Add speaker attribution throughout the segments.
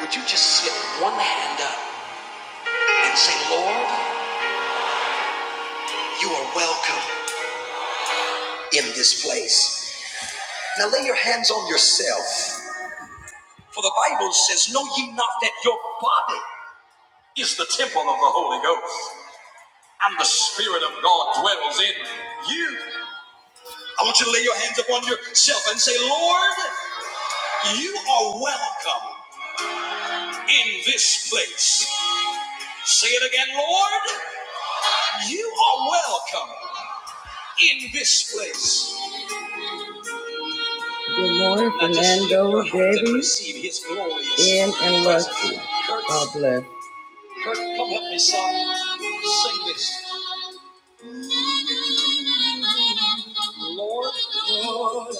Speaker 1: Would you just slip one hand up and say, Lord, you are welcome in this place? Now lay your hands on yourself. For the Bible says, Know ye not that your body is the temple of the Holy Ghost, and the Spirit of God dwells in you. I want you to lay your hands upon yourself and say, Lord, you are welcome in this place. Say it again, Lord, you are welcome in this place. Good morning, Fernando, Debbie, Ian, and Rusty. God bless. Kurt, come help me song. Sing this. Lord, Lord, you are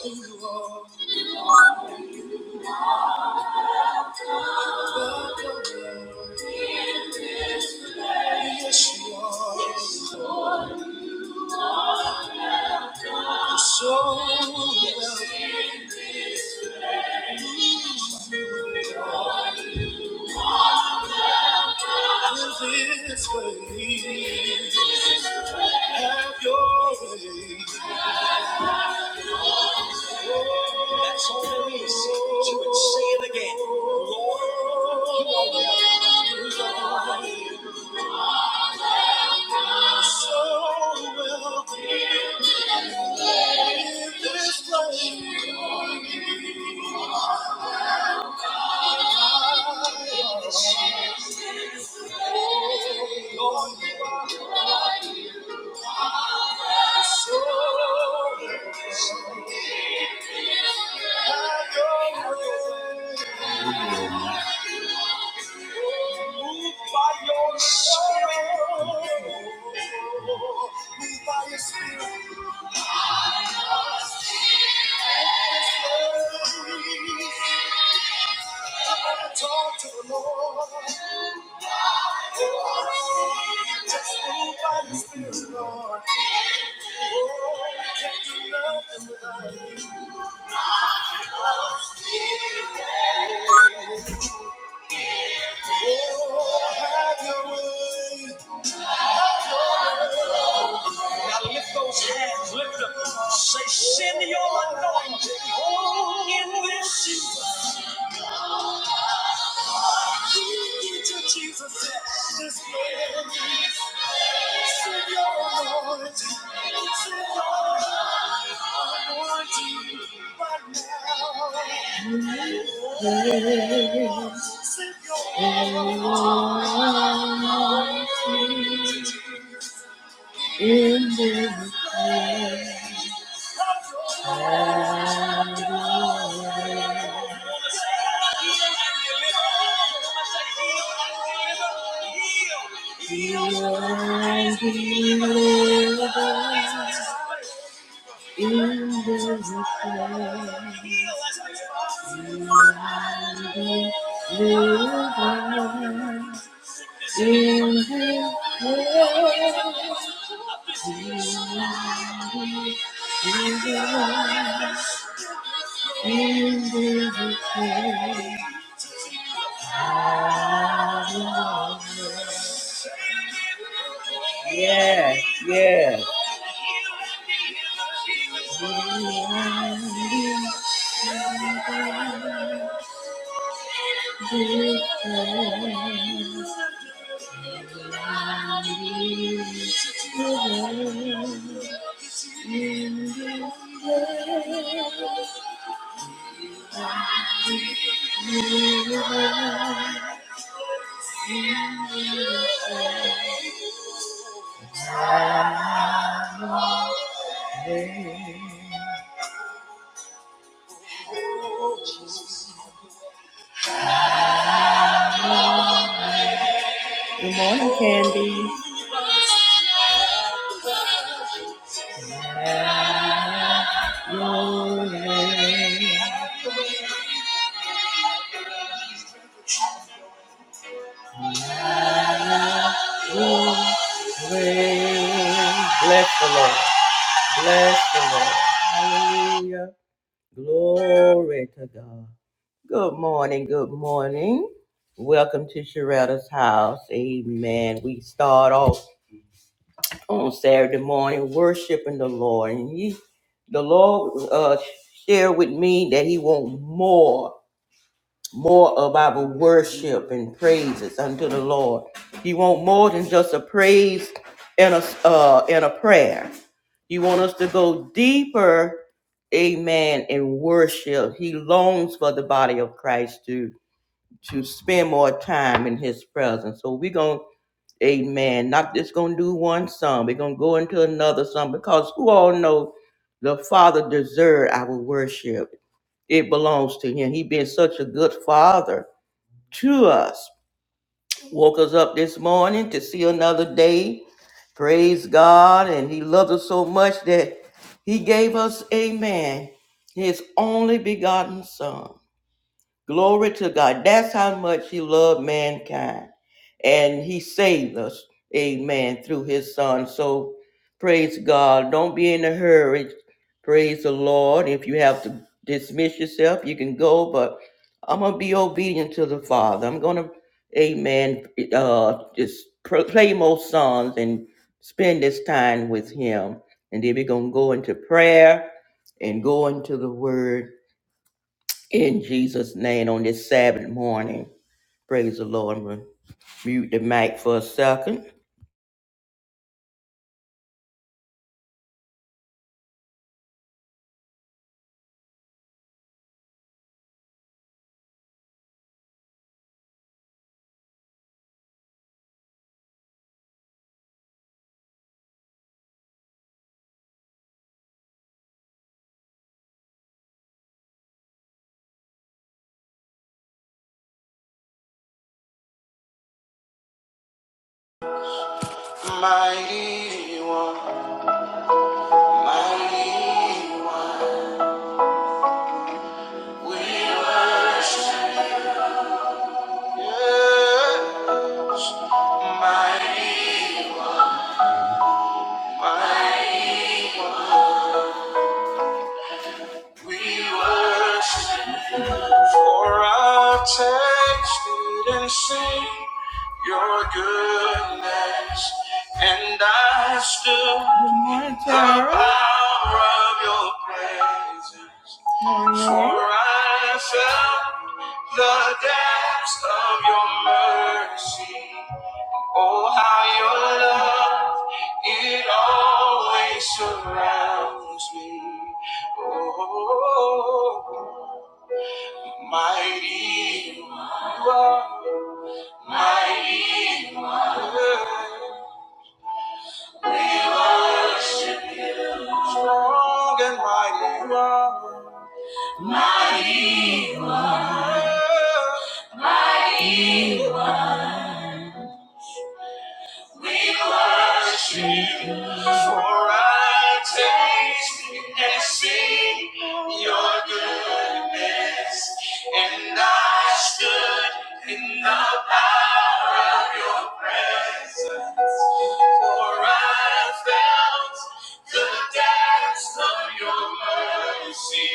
Speaker 1: Yes, you are. You're So in this way. Have your way. That's all She would say it again. Lord, you are worthy. So welcome in this place. Lord, you are so welcome. Have your way. Move by your spirit. Move by your spirit. I'm to Talk to the Lord. Just move by your spirit, Lord. Oh, I can't do nothing without you. Oh, have your way. Shift you. Jesus, this place. Send your anointing. Send your anointing right now. Send your anointing. In the valley, heal, heal, heal, heal. In this Yeah, yeah. Good morning, Candy. Your way, your Bless the Lord. Bless the Lord. Hallelujah. Glory to God. Good morning. Good morning. Welcome to Sharetta's house. Amen. We start off on Saturday morning worshiping the Lord. And he, the Lord uh, shared with me that He wants more, more of our worship and praises unto the Lord. He wants more than just a praise and a, uh, and a prayer. He wants us to go deeper, amen, in worship. He longs for the body of Christ to to spend more time in his presence. So we're going to Amen. Not just gonna do one song. We're gonna go into another song because who all know the Father deserves our worship. It belongs to Him. He been such a good Father to us. Woke us up this morning to see another day. Praise God, and He loved us so much that He gave us, Amen, His only begotten Son. Glory to God. That's how much he loved mankind. And he saved us, amen, through his son. So praise God. Don't be in a hurry. Praise the Lord. If you have to dismiss yourself, you can go, but I'm going to be obedient to the Father. I'm going to, amen, uh, just pr- play more songs and spend this time with him. And then we're going to go into prayer and go into the word in Jesus' name on this Sabbath morning. Praise the Lord. I'm going to mute the mic for a second. Mighty one, mighty one, we are yours. mighty, mighty, we worship you. For I've tasted and seen your goodness, and I stood the power of your presence. For I felt the depths of your mercy. Oh, how your love, it always surrounds me. Oh, mighty you are, mighty you are. We worship you. Strong and mighty you are. For I taste and see your goodness, and I stood in the power of your presence. For I felt the depths of your mercy,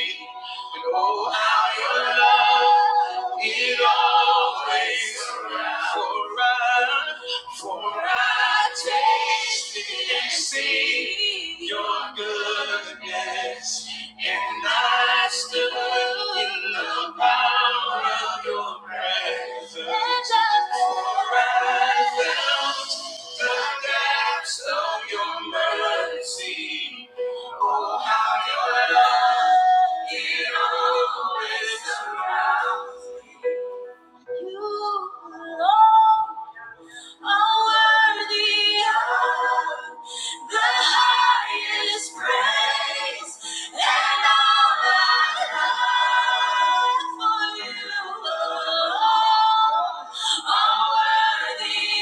Speaker 1: oh, how your love it always surrounds. For I, for I tasted and seen your goodness, and I stood in the power of your presence. For I felt depths of your mercy. Oh, how your love, it always surrounds me. You alone are worthy of the highest praise. And all I have for you alone are worthy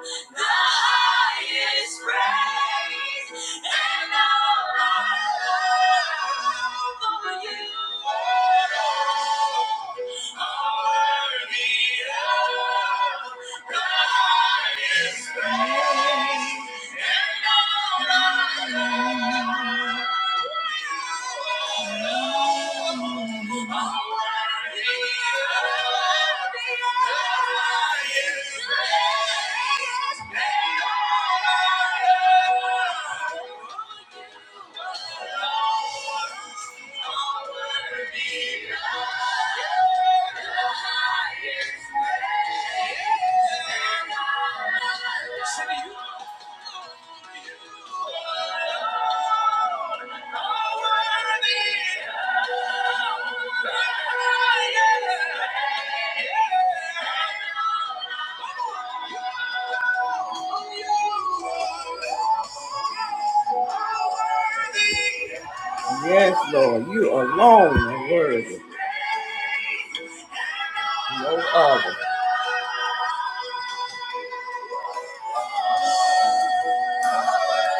Speaker 1: of the highest praise and all I love for you. Worthy of the highest praise and all I love. Thank you. are. are You are, Yes, Lord, you alone are worthy. No other. Thank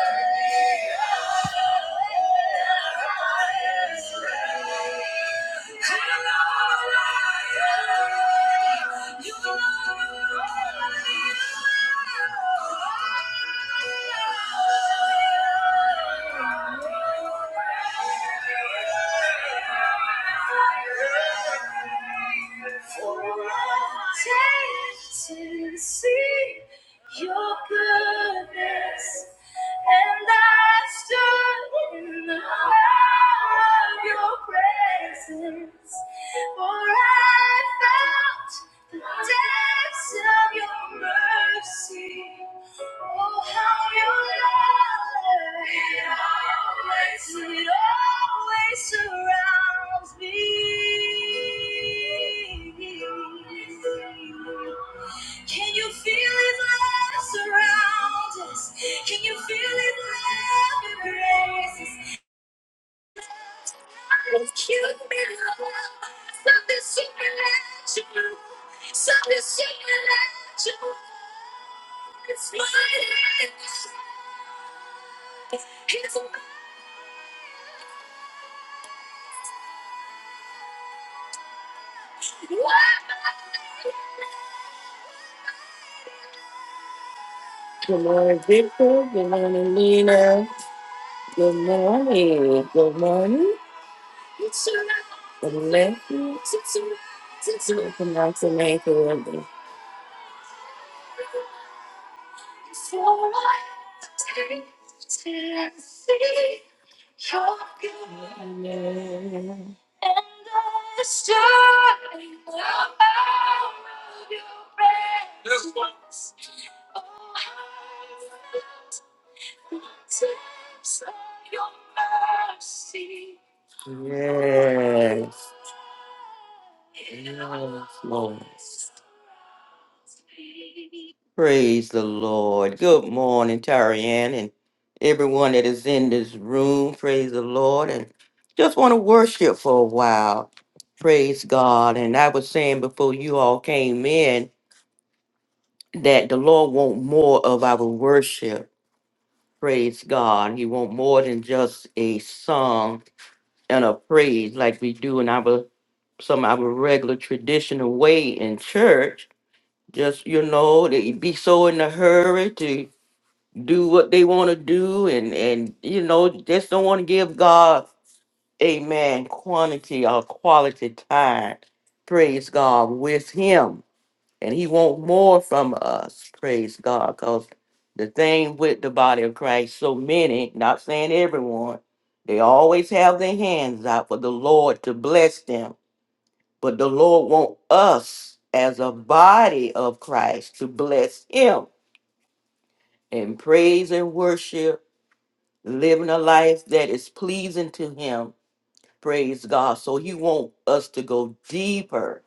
Speaker 1: you to see your goodness, and I stood in the awe of your presence, for I felt the depths of your mercy mercy. Oh, how you love me. It always, it always surrounds me. Can you feel His love surround us? Can you feel His love embrace us? Good morning, Victor. Good morning, Lena. Good morning. Good morning. Good morning. Pronounce your name correctly. Yes. Yes, Lord. Praise the Lord. Good morning, Tarianne, and everyone that is in this room. Praise the Lord. And just want to worship for a while. Praise God. And I was saying before you all came in that the Lord want more of our worship. Praise God. He want more than just a song and a praise like we do in our some of our regular traditional way in church. Just you know, they be so in a hurry to do what they want to do and and you know, just don't want to give God amen quantity or quality time. Praise God with him and he want more from us praise god because the thing with the body of christ so many not saying everyone they always have their hands out for the lord to bless them but the lord want us as a body of christ to bless him in praise and worship living a life that is pleasing to him praise god so he want us to go deeper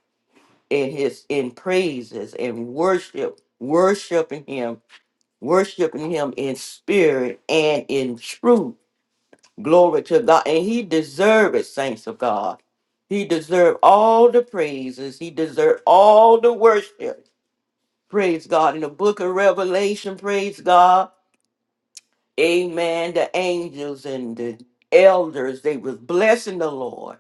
Speaker 1: in his in praises and worship worshiping him worshiping him in spirit and in truth. Glory to God. And he deserved it, saints of God. He deserved all the praises. He deserved all the worship. Praise God. In the book of Revelation, praise God. Amen. The angels and the elders, they was blessing the Lord.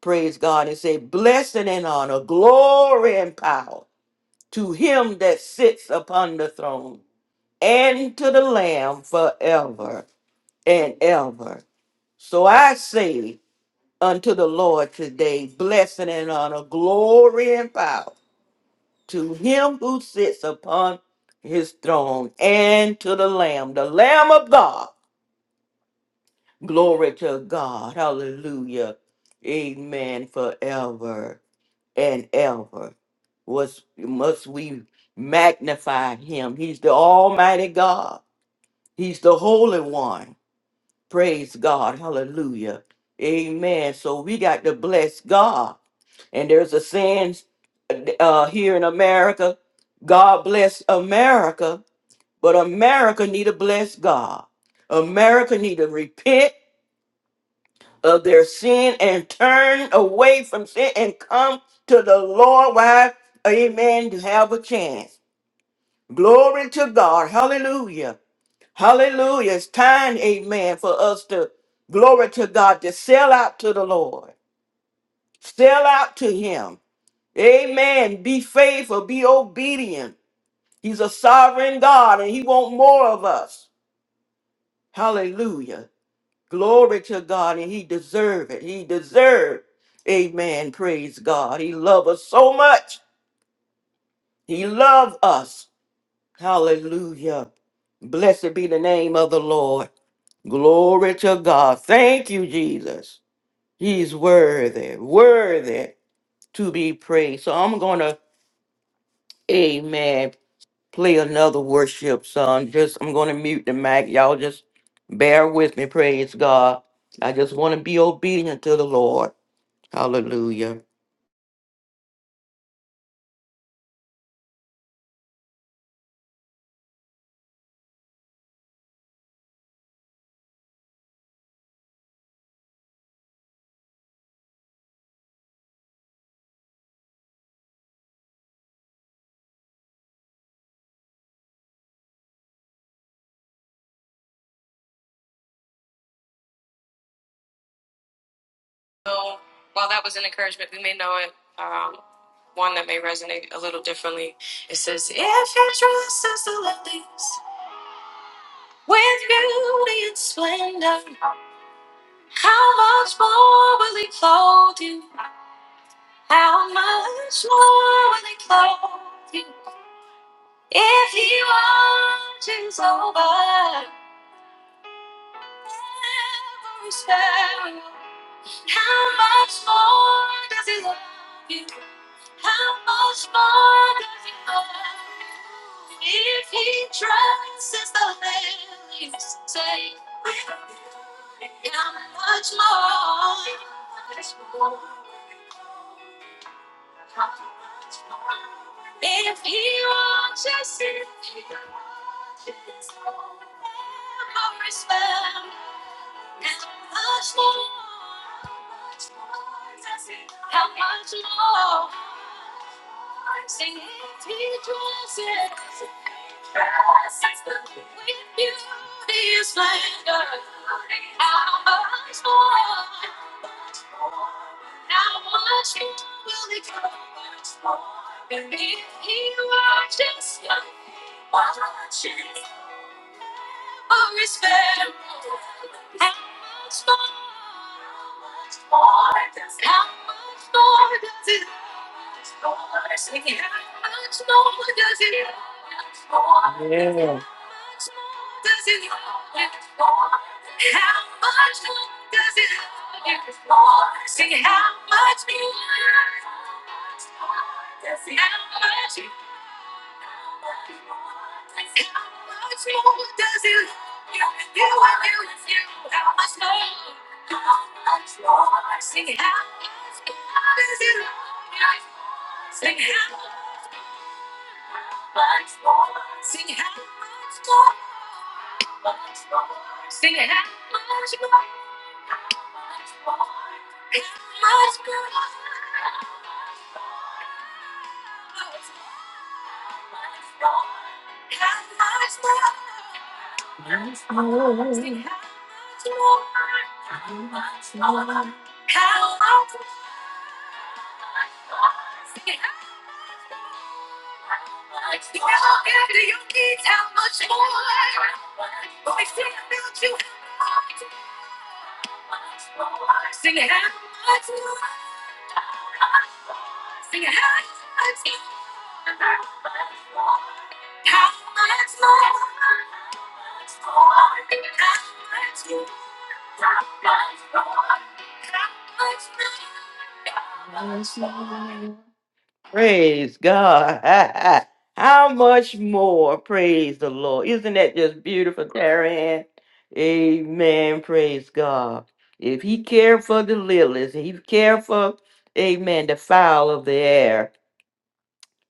Speaker 1: Praise God. And say, blessing and honor, glory and power to him that sits upon the throne and to the Lamb forever. and ever. So I say unto the Lord today, blessing and honor, glory and power to him who sits upon his throne and to the Lamb, the Lamb of God. Glory to God. Hallelujah. Amen. Forever and ever. Was must we magnify him? He's the Almighty God. He's the Holy One. Praise God. Hallelujah. Amen. So we got to bless God. And there's a saying uh, here in America, God bless America, but America need to bless God. America need to repent of their sin and turn away from sin and come to the Lord. Why? Amen. To have a chance. Glory to God. Hallelujah. Hallelujah. It's time, amen, for us to glory to God, to sell out to the Lord, sell out to Him. Amen. Be faithful, be obedient. He's a sovereign God and He wants more of us. Hallelujah. Glory to God, and He deserves it. He deserves. Amen. Praise God. He loves us so much. He loves us. Hallelujah. Blessed be the name of the Lord. Glory to God. Thank you, Jesus. He's worthy, worthy to be praised. So I'm gonna, amen, play another worship song. Just I'm gonna mute the mic. Y'all just bear with me, praise God. I just wanna be obedient to the Lord. Hallelujah. So while that was an encouragement, we may know it. Um one that may resonate a little differently. It says, If your trust is the lilies, with beauty and splendor, how much more will he clothe you? How much more will it call you if he watches over every sparrow? How much more does he love you? How much more does he love you? If he dresses the lilies, say, how much more? If he wants us, if he wants us, forever is how much more? How much more? Sing it, he dresses with beauty and splendor. How much more? How much more will he cover? If he watches you, yeah. You, you and you, you. How much more? How much more? See how much more? How much more? See how much more? How much more? How much more? How much more? Praise God. How much more? Praise the Lord. Isn't that just beautiful, Taryn? Amen. Praise God. If he cared for the lilies, he cared for, amen, the fowl of the air.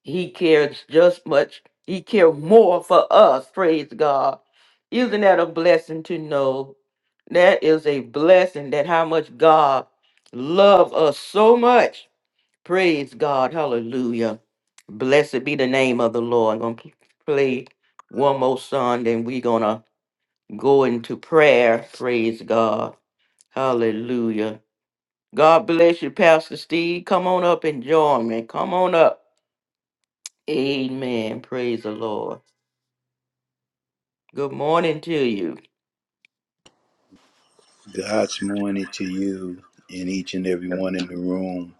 Speaker 1: He cares just much. He cared more for us. Praise God. Isn't that a blessing to know? That is a blessing that how much God loved us so much Praise God. Hallelujah. Blessed be the name of the Lord. I'm going to play one more song, then we're going to go into prayer. Praise God. Hallelujah. God bless you, Pastor Steve. Come on up and join me. Come on up. Amen. Praise the Lord. Good morning to you.
Speaker 2: God's morning to you and each and every one in the room.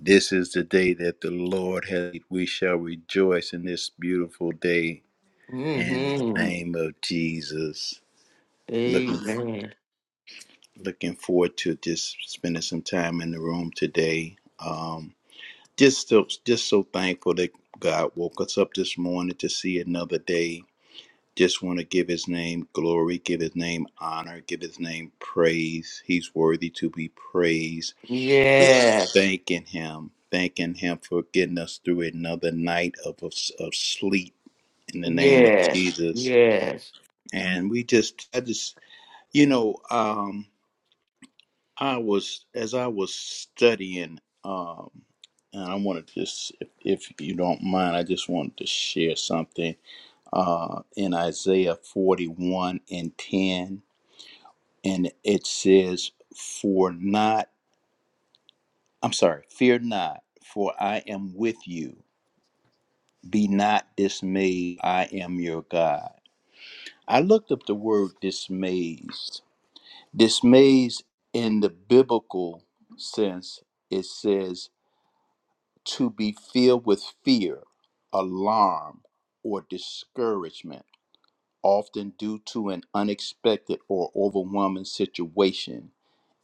Speaker 2: This is the day that the Lord has. made. We shall rejoice in this beautiful day in the
Speaker 1: Mm-hmm.
Speaker 2: name of Jesus. Looking
Speaker 1: Amen.
Speaker 2: looking forward to just spending some time in the room today. Um, just so, just so thankful that God woke us up this morning to see another day. Just want to give His name glory, give His name honor, give His name praise. He's worthy to be praised.
Speaker 1: Yeah.
Speaker 2: Just thanking Him, thanking Him for getting us through another night of, of, of sleep in the name of
Speaker 1: Yes.
Speaker 2: Jesus.
Speaker 1: Yes.
Speaker 2: And we just, I just, you know, um, I was, as I was studying, um, and I want to just, if, if you don't mind, I just wanted to share something uh, in Isaiah 41 and 10. And it says, For not, I'm sorry, fear not, for I am with you. Be not dismayed, I am your God. I looked up the word dismayed. Dismayed in the biblical sense, it says to be filled with fear, alarm, or discouragement, often due to an unexpected or overwhelming situation.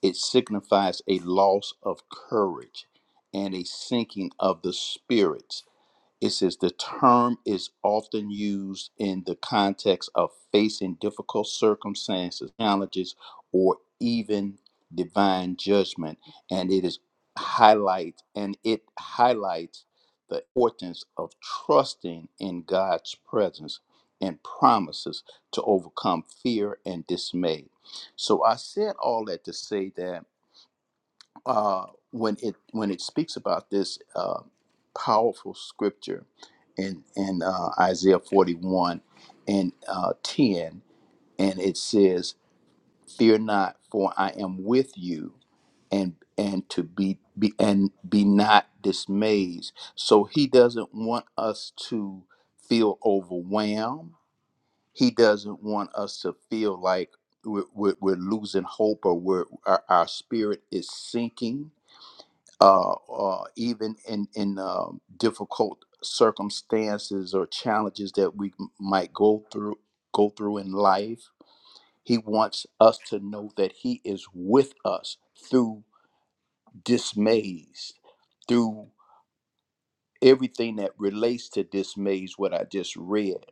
Speaker 2: It signifies a loss of courage and a sinking of the spirit. It says the term is often used in the context of facing difficult circumstances, challenges, or even divine judgment, and it is highlight and it highlights the importance of trusting in God's presence and promises to overcome fear and dismay. So I said all that to say that uh, when it when it speaks about this uh, powerful scripture in in uh, Isaiah 41 and uh, 10, and it says, "Fear not, for I am with you, and and to be, be and be not dismayed." So he doesn't want us to feel overwhelmed. He doesn't want us to feel like we're, we're, we're losing hope or we're, our, our spirit is sinking uh, uh, even in in um, difficult circumstances or challenges that we m- might go through go through in life. He wants us to know that He is with us through dismays, through everything that relates to dismays. What I just read,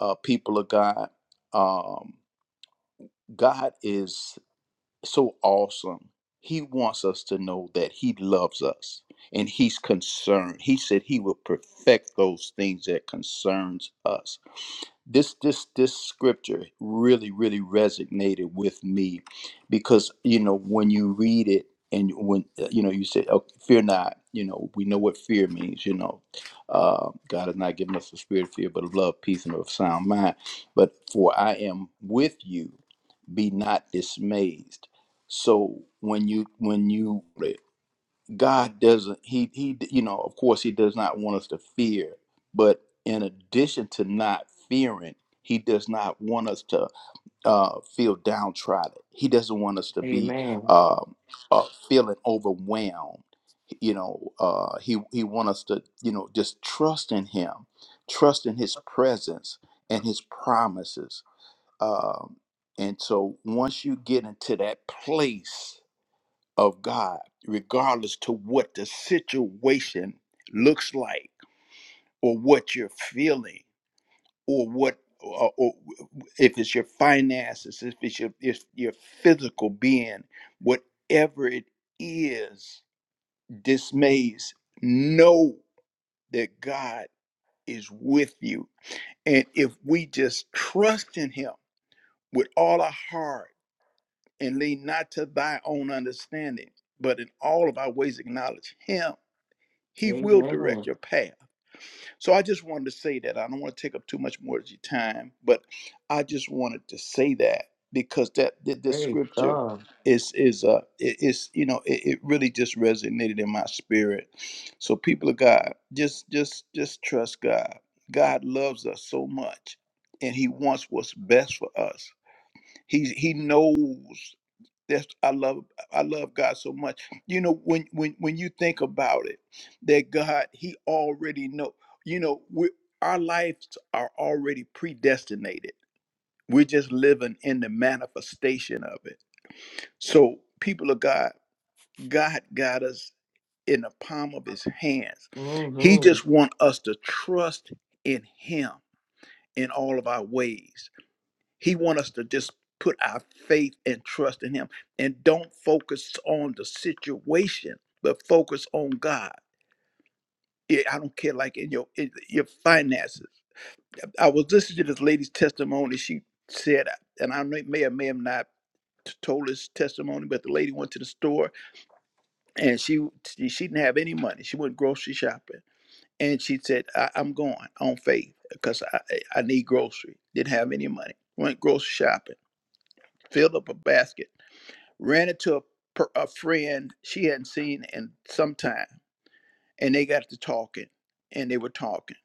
Speaker 2: uh, people of God, um, God is. so awesome. He wants us to know that He loves us and He's concerned. He said He will perfect those things that concerns us. This this this scripture really really resonated with me because you know when you read it and when uh, you know you say oh, fear not you know we know what fear means you know uh, god has not given us a spirit of fear but of love peace and of sound mind but for i am with you be not dismayed so when you when you god doesn't he he you know of course he does not want us to fear but in addition to not fearing he does not want us to uh, feel downtrodden he doesn't want us to be
Speaker 1: Amen.
Speaker 2: um, uh, feeling overwhelmed you know uh, he he want us to you know just trust in him trust in his presence and his promises um, and so once you get into that place of God, regardless to what the situation looks like or what you're feeling or what or, or if it's your finances, if it's your if your physical being, whatever it is, dismays, know that God is with you. And if we just trust in him with all our heart, and lean not to thy own understanding, but in all of our ways acknowledge him. He will direct
Speaker 1: Amen.
Speaker 2: your path. So I just wanted to say that. I don't want to take up too much more of your time, but I just wanted to say that because that, that this
Speaker 1: Praise
Speaker 2: scripture
Speaker 1: God.
Speaker 2: is is uh it is you know it, it really just resonated in my spirit. So people of God, just just just trust God. God loves us so much and he wants what's best for us. He he knows that's I love I love God so much. You know, when when when you think about it, that God He already know. You know, we our lives are already predestinated. We're just living in the manifestation of it. So, people of God, God got us in the palm of His hands. He
Speaker 1: Mm-hmm.
Speaker 2: just want us to trust in Him in all of our ways. He wants us to just put our faith and trust in Him and don't focus on the situation, but focus on God. Yeah, I don't care, like in your in your finances. I was listening to this lady's testimony. She said, and I may may or may have not t- told this testimony, but the lady went to the store and she she she didn't have any money. She went grocery shopping, and she said, I, "I'm going on faith because I I I need grocery." Didn't have any money. Went grocery shopping, filled up a basket ran into a, per- a friend she hadn't seen in some time, and they got to talking, and they were talking,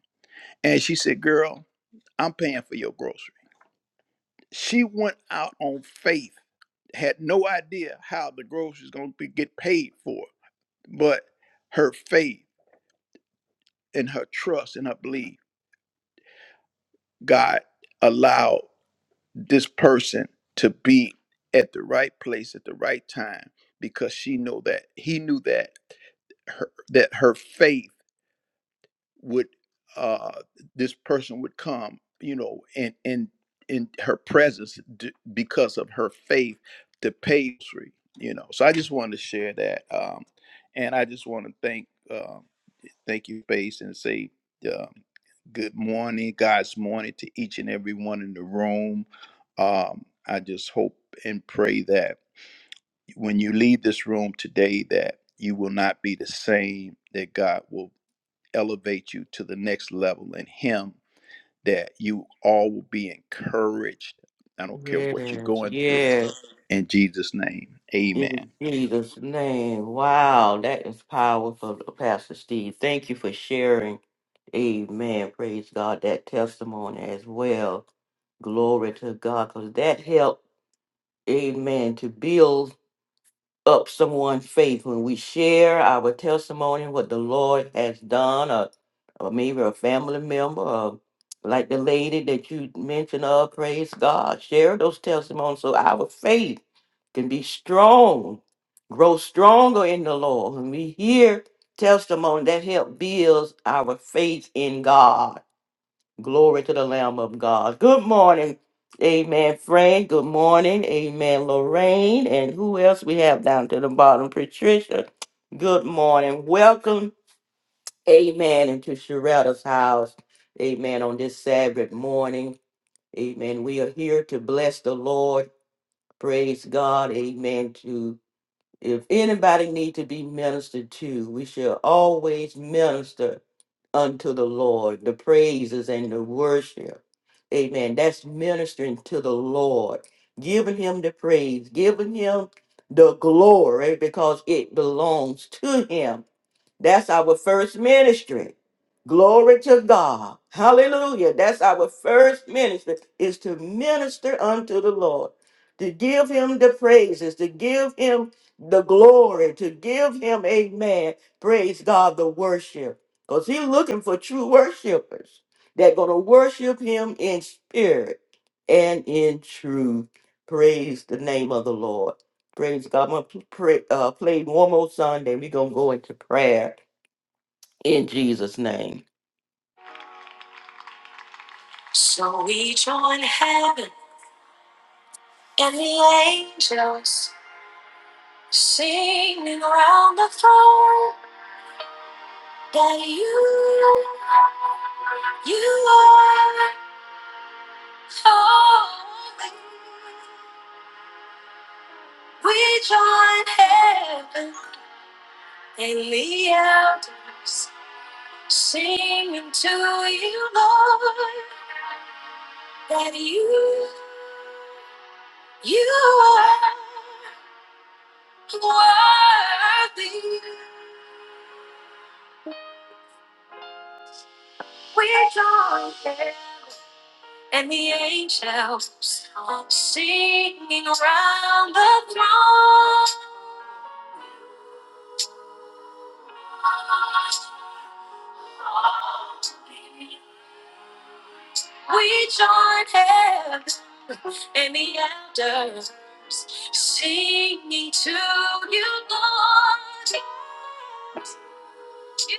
Speaker 2: and she said, "Girl, I'm paying for your grocery." She went out on faith, had no idea how the groceries going to be, get paid for, but her faith and her trust and her belief, God allowed this person to be at the right place at the right time because she know that he knew that her that her faith would uh, this person would come, you know, and and in her presence d- because of her faith to pastry, you know. So I just wanted to share that, um, and I just want to thank uh, thank you, Faith, and say um, good morning, God's morning to each and every one in the room. Um, I just hope and pray that when you leave this room today, that you will not be the same. That God will elevate you to the next level in Him, that you all will be encouraged. I don't care what you're
Speaker 1: Yes,
Speaker 2: going through.
Speaker 1: yes,
Speaker 2: In Jesus' name, amen.
Speaker 1: in Jesus' name. Wow, that is powerful, Pastor Steve. Thank you for sharing. Amen. Praise God, that testimony as well. Glory to God, because that helped, amen, to build up someone's faith when we share our testimony, what the Lord has done, or, or maybe a family member, or like the lady that you mentioned of, praise God. Share those testimonies so our faith can be strong, grow stronger in the Lord. When we hear testimony, that help builds our faith in God Glory to the Lamb of God. Good morning. Amen, Fran. Good morning. Amen, Lorraine. And who else we have down to the bottom? Patricia. Good morning. Welcome. Amen. Into Sharetta's house. Amen. On this Sabbath morning. Amen. We are here to bless the Lord. Praise God. Amen. To if anybody need to be ministered to, we shall always minister unto the Lord, the praises and the worship. Amen. That's ministering to the Lord, giving him the praise, giving him the glory because it belongs to him. That's our first ministry. Glory to God. Hallelujah. That's our first ministry is to minister unto the Lord, to give him the praises, to give him the glory, to give him, amen, praise God, the worship. Because he's looking for true worshipers that going to worship him in spirit and in truth. Praise the name of the Lord. Praise God. I'm going to play, uh, one more Sunday. We're going to go into prayer in Jesus' name. And the angels singing around the throne that you, you are holy. We join heaven and the elders singing to you, Lord, that you, you are worthy. We join heaven. and the angels singing around the throne. We join hands and the elders singing to you, Lord. You,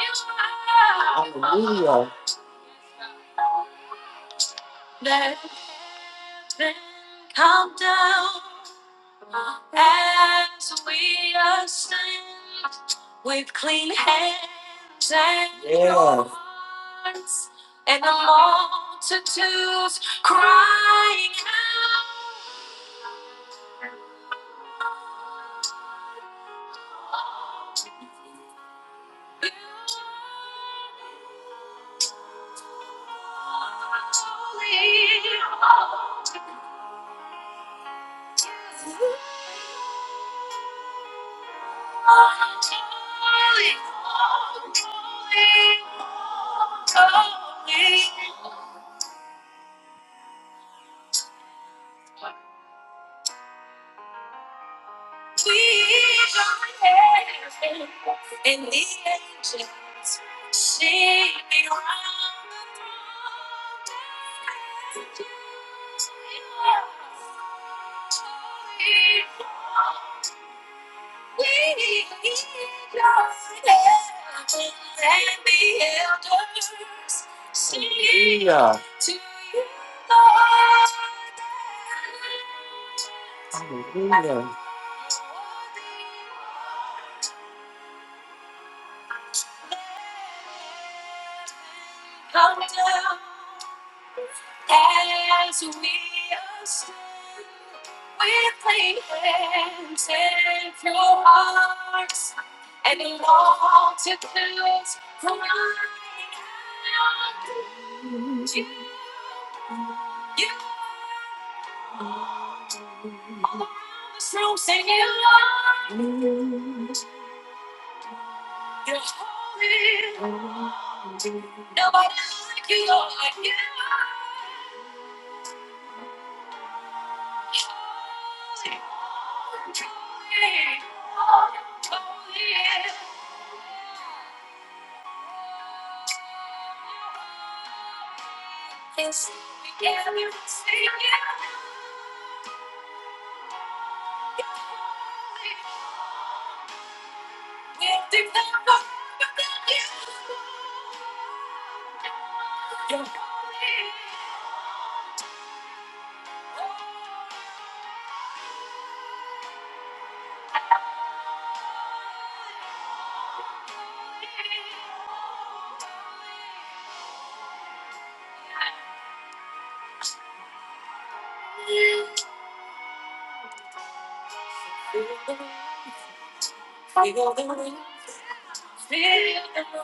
Speaker 1: you are. Hallelujah. Let heaven come down As we ascend with clean hands and yeah. hearts, and the multitudes crying out. "You are holy." And the angels sing around the throne. Hallelujah. Hallelujah. As we are standing with clean hands and pure hearts, and the multitudes crying out to you. You all around this room singing, Lord, you're holy. Nobody like you, Lord. You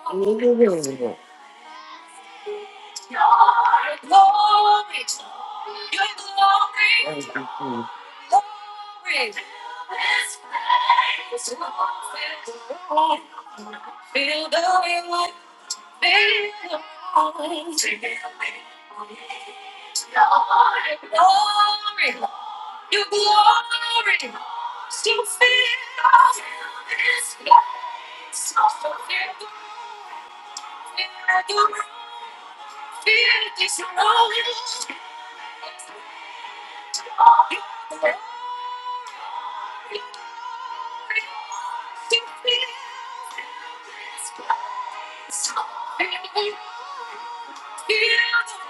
Speaker 1: Hallelujah. I'm gonna like you. No No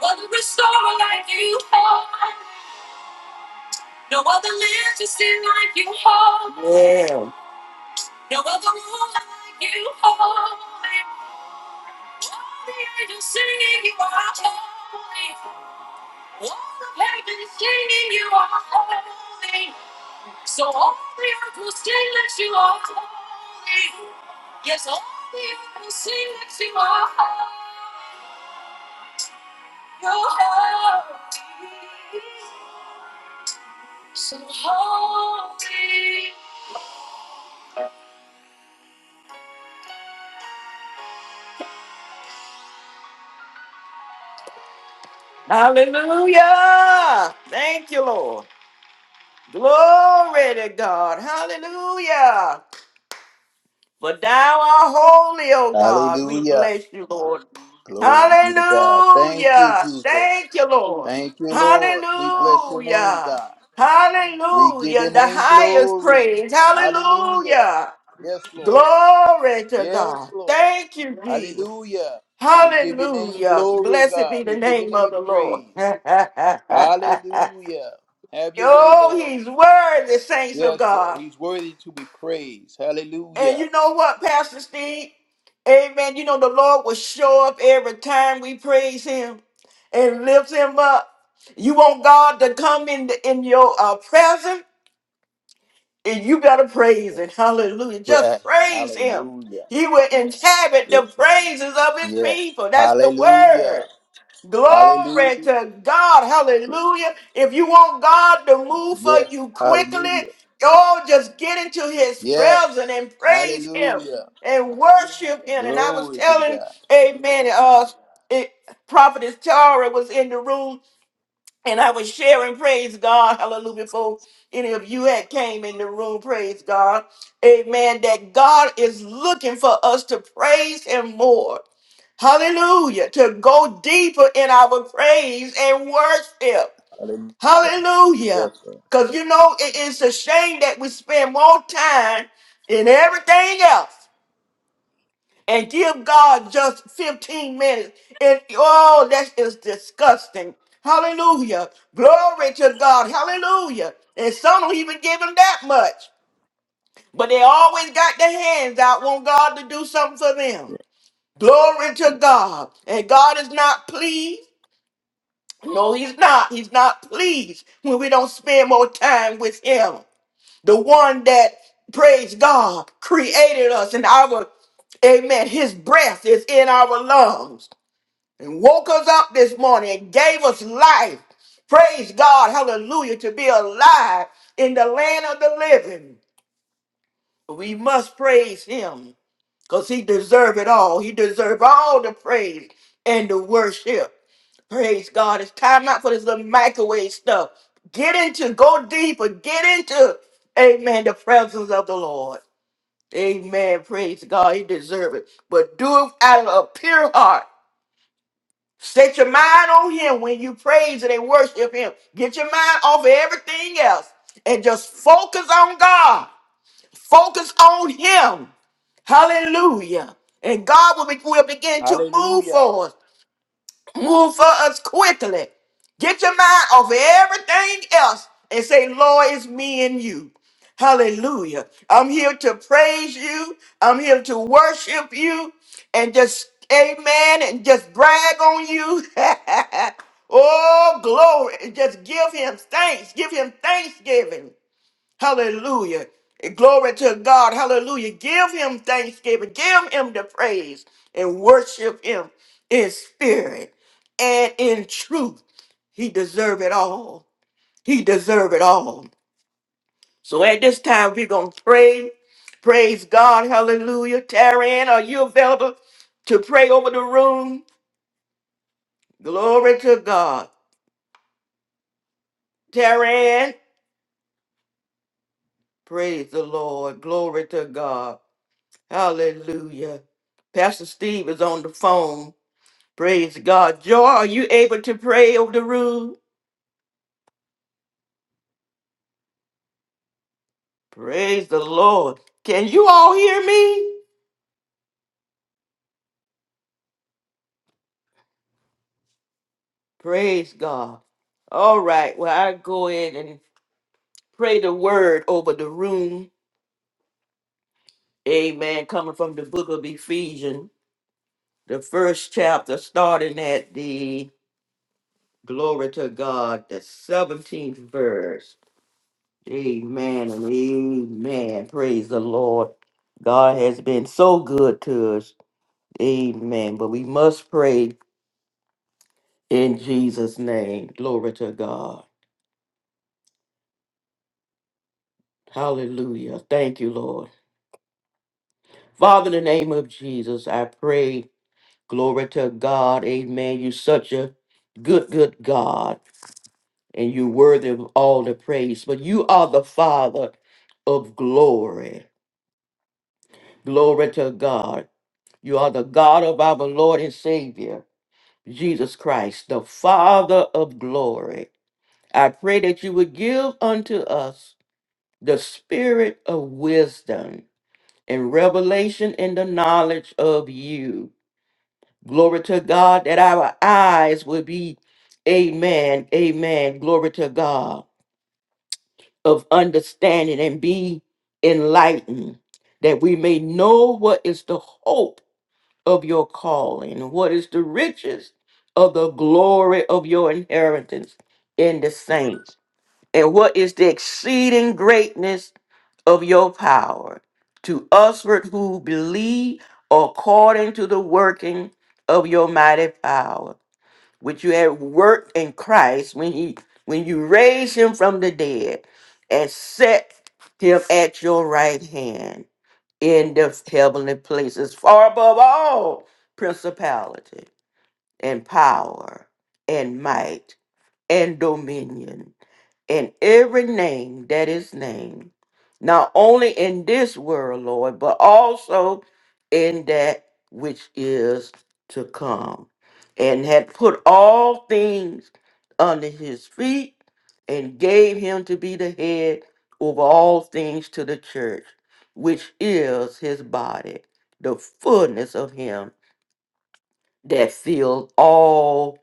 Speaker 1: other restorer like you home. No other legacy like you home. Yeah. No other ruler like you home. Only you Yeah. All of heaven's singing you are holy. So all the earth will sing that you are holy. Yes, all the earth will sing that you are holy. You're holy. So holy. Hallelujah. Thank you, Lord. Glory to God. Hallelujah. For thou art holy, O God. We
Speaker 2: Hallelujah.
Speaker 1: bless you, Lord.
Speaker 2: Glory be to God. Thank you,
Speaker 1: Hallelujah.
Speaker 2: Jesus.
Speaker 1: Thank you, Lord.
Speaker 2: Thank you, Lord. We bless your name,
Speaker 1: Hallelujah.
Speaker 2: God. We give
Speaker 1: Hallelujah.
Speaker 2: your
Speaker 1: The
Speaker 2: name
Speaker 1: highest
Speaker 2: glory.
Speaker 1: praise.
Speaker 2: Hallelujah.
Speaker 1: Hallelujah.
Speaker 2: Yes, Lord.
Speaker 1: Glory to
Speaker 2: Yes,
Speaker 1: God.
Speaker 2: Lord.
Speaker 1: Thank you, Jesus.
Speaker 2: Hallelujah. We give your name
Speaker 1: Hallelujah.
Speaker 2: glory,
Speaker 1: Blessed be
Speaker 2: God.
Speaker 1: the
Speaker 2: We give your
Speaker 1: name of
Speaker 2: name
Speaker 1: the Lord.
Speaker 2: praise. Hallelujah. Have your way,
Speaker 1: oh,
Speaker 2: Lord.
Speaker 1: he's worthy, saints of
Speaker 2: Yes, Lord.
Speaker 1: God.
Speaker 2: He's worthy to be praised.
Speaker 1: And
Speaker 2: Hallelujah.
Speaker 1: you know what, Pastor Steve? Amen. You know, the Lord will show up every time we praise Him and lift Him up. You want God to come in, in your uh, presence, and you better praise
Speaker 2: Yeah.
Speaker 1: Him. Hallelujah. Just
Speaker 2: Pra-
Speaker 1: praise Him.
Speaker 2: Hallelujah.
Speaker 1: He will inhabit the
Speaker 2: Yes.
Speaker 1: praises of His
Speaker 2: yes.
Speaker 1: people. That's the
Speaker 2: Hallelujah.
Speaker 1: word. Glory
Speaker 2: Hallelujah.
Speaker 1: to God. Hallelujah. If you want God to move for
Speaker 2: Yes.
Speaker 1: you quickly,
Speaker 2: Hallelujah.
Speaker 1: oh, just get into his presence
Speaker 2: Yes.
Speaker 1: and praise him
Speaker 2: Hallelujah.
Speaker 1: and worship him. And I was
Speaker 2: Glory be to
Speaker 1: telling,
Speaker 2: God.
Speaker 1: amen, uh, it, Prophetess Tara was in the room and I was sharing, praise God, hallelujah, before any of you had came in the room, praise God, amen, that God is looking for us to praise Him more, hallelujah, to go deeper in our praise and worship,
Speaker 2: Hallelujah. Yes,
Speaker 1: hallelujah,
Speaker 2: Lord.
Speaker 1: because you know it is a shame that we spend more time in everything else and give God just 15 minutes. And oh, that is disgusting. Hallelujah. Glory to God. Hallelujah. And some don't even give him that much. But they always got their hands out, want God to do something for them. Glory to God. And God is not pleased. No, he's not. He's not pleased when we don't spend more time with him. The one that, praise God, created us and our Amen. His breath is in our lungs. and woke us up this morning and gave us life. Praise God, hallelujah, to be alive in the land of the living. We must praise him because he deserves it all. He deserves all the praise and the worship. Praise God. It's time out for this little microwave stuff. Get into, go deeper, get into, amen, the presence of the Lord. Amen. Praise God. He deserves it. But do it out of a pure heart Set your mind on him when you praise and worship him. Get your mind off of everything else and just focus on God. Focus on him. Hallelujah. And God will, be, will begin to move
Speaker 2: Hallelujah.
Speaker 1: for us. Move for us quickly. Get your mind off of everything else and say, Lord, it's me and you. Hallelujah. I'm here to praise you. I'm here to worship you and just, amen, and just brag on you. oh, glory. Just give him thanks. Give him thanksgiving. Hallelujah. Glory to God. Hallelujah. Give him thanksgiving. Give him the praise and worship him in spirit and in truth. He deserve it all. He deserve it all. So at this time, we're going to pray. Praise God. Hallelujah. Taryn, are you available to pray over the room? Glory to God. Taryn, praise the Lord. Glory to God. Hallelujah. Pastor Steve is on the phone. Praise God. Joy, are you able to pray over the room? Praise the Lord. Can you all hear me? Praise God. All right. Well, I go in and pray the word over the room. Amen. Coming from the book of Ephesians, the first chapter, starting at the glory to God, the 17th verse. Amen and amen. Praise the Lord. God has been so good to us. Amen. But we must pray in Jesus' name. Glory to God. Hallelujah. Thank you, Lord. Father, in the name of Jesus, I pray. Glory to God. Amen. You're such a good, good God, and you're worthy of all the praise. But you are the Father of glory. Glory to God. You are the God of our Lord and Savior. Jesus Christ, the Father of glory. I pray that you would give unto us the spirit of wisdom and revelation in the knowledge of you. Glory to God that our eyes would be, amen, amen, glory to God, of understanding and be enlightened, that we may know what is the hope of your calling? What is the riches of the glory of your inheritance in the saints? And what is the exceeding greatness of your power to usward who believe according to the working of your mighty power, which you have worked in Christ when he when you raised him from the dead and set him at your right hand in the heavenly places, far above all principality and power and might and dominion in every name that is named, not only in this world, Lord, but also in that which is to come, and had put all things under his feet and gave him to be the head over all things to the church, which is his body, the fullness of him that fills all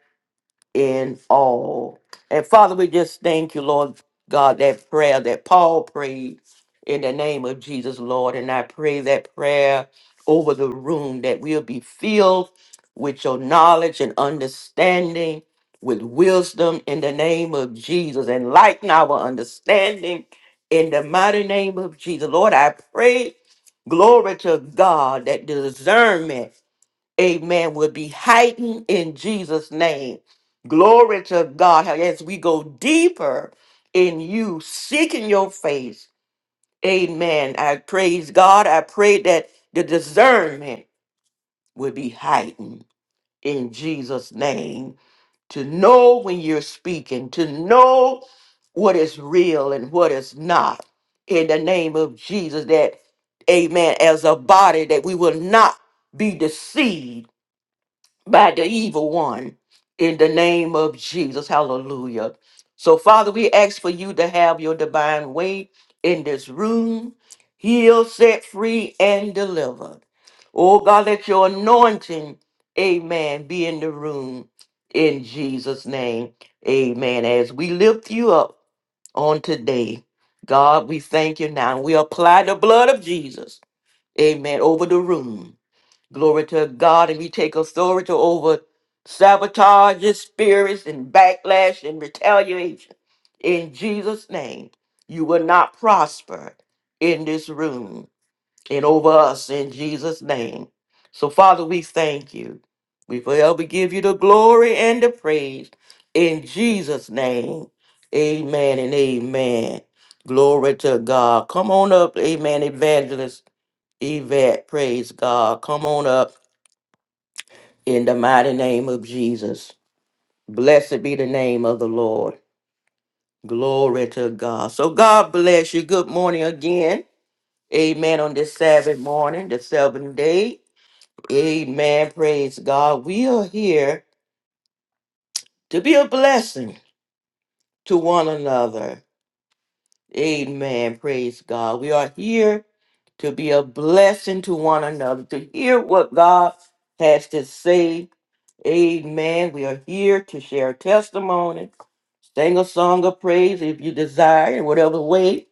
Speaker 1: in all. And Father, we just thank you, Lord God, that prayer that Paul prayed in the name of Jesus, Lord. And I pray that prayer over the room that we'll be filled with your knowledge and understanding, with wisdom in the name of Jesus, and lighten our understanding in the mighty name of Jesus. Lord, I pray, glory to God, that discernment amen, will be heightened in Jesus' name. Glory to God. As we go deeper in you, seeking your face, amen. I praise God. I pray that the discernment will be heightened in Jesus' name to know when you're speaking, to know what is real and what is not. In the name of Jesus, that, amen, as a body, that we will not be deceived by the evil one in the name of Jesus. Hallelujah. So, Father, we ask for you to have your divine way in this room, heal, set free, and deliver. Oh, God, let your anointing, amen, be in the room in Jesus' name. Amen. As we lift you up on today, God, we thank you now. We apply the blood of Jesus, amen, over the room. Glory to God. And we take authority over sabotages, spirits, and backlash and retaliation. In Jesus' name, you will not prosper in this room and over us in Jesus' name. So, Father, we thank you. We forever give you the glory and the praise in Jesus' name. Amen and amen. Glory to God. Come on up, amen, evangelist Yvette. Praise God. Come on up in the mighty name of Jesus. Blessed be the name of the Lord. Glory to God. So God bless you. Good morning again. Amen. On this Sabbath morning, the seventh day. Amen. Praise God. We are here to be a blessing to one another. Amen. Praise God. We are here to be a blessing to one another, to hear what God has to say Amen. We are here to share testimony, sing a song of praise if you desire, in whatever way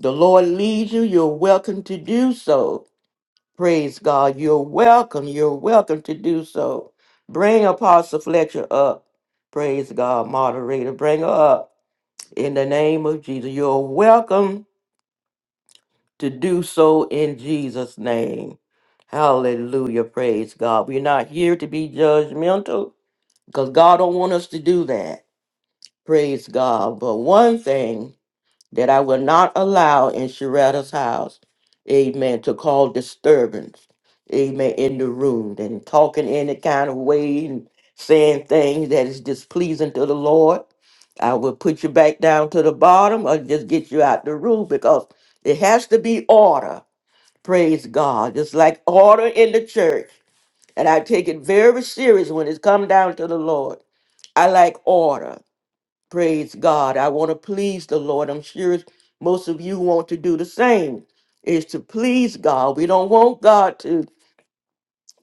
Speaker 1: the Lord leads you, you're welcome to do so. Praise God. You're welcome. You're welcome to do so. Bring Apostle Fletcher up. Praise God, moderator. Bring her up in the name of Jesus. You're welcome to do so in Jesus' name. Hallelujah. Praise God. We're not here to be judgmental because God don't want us to do that. Praise God. But one thing that I will not allow in Sharetta's house, amen, to call disturbance, amen, in the room and talking any kind of way and saying things that is displeasing to the Lord. I will put you back down to the bottom or just get you out the room because it has to be order. Praise God. Just like order in the church. And I take it very serious when it's come down to the Lord. I like order. Praise God. I want to please the Lord. I'm sure most of you want to do the same, is to please God. We don't want God to,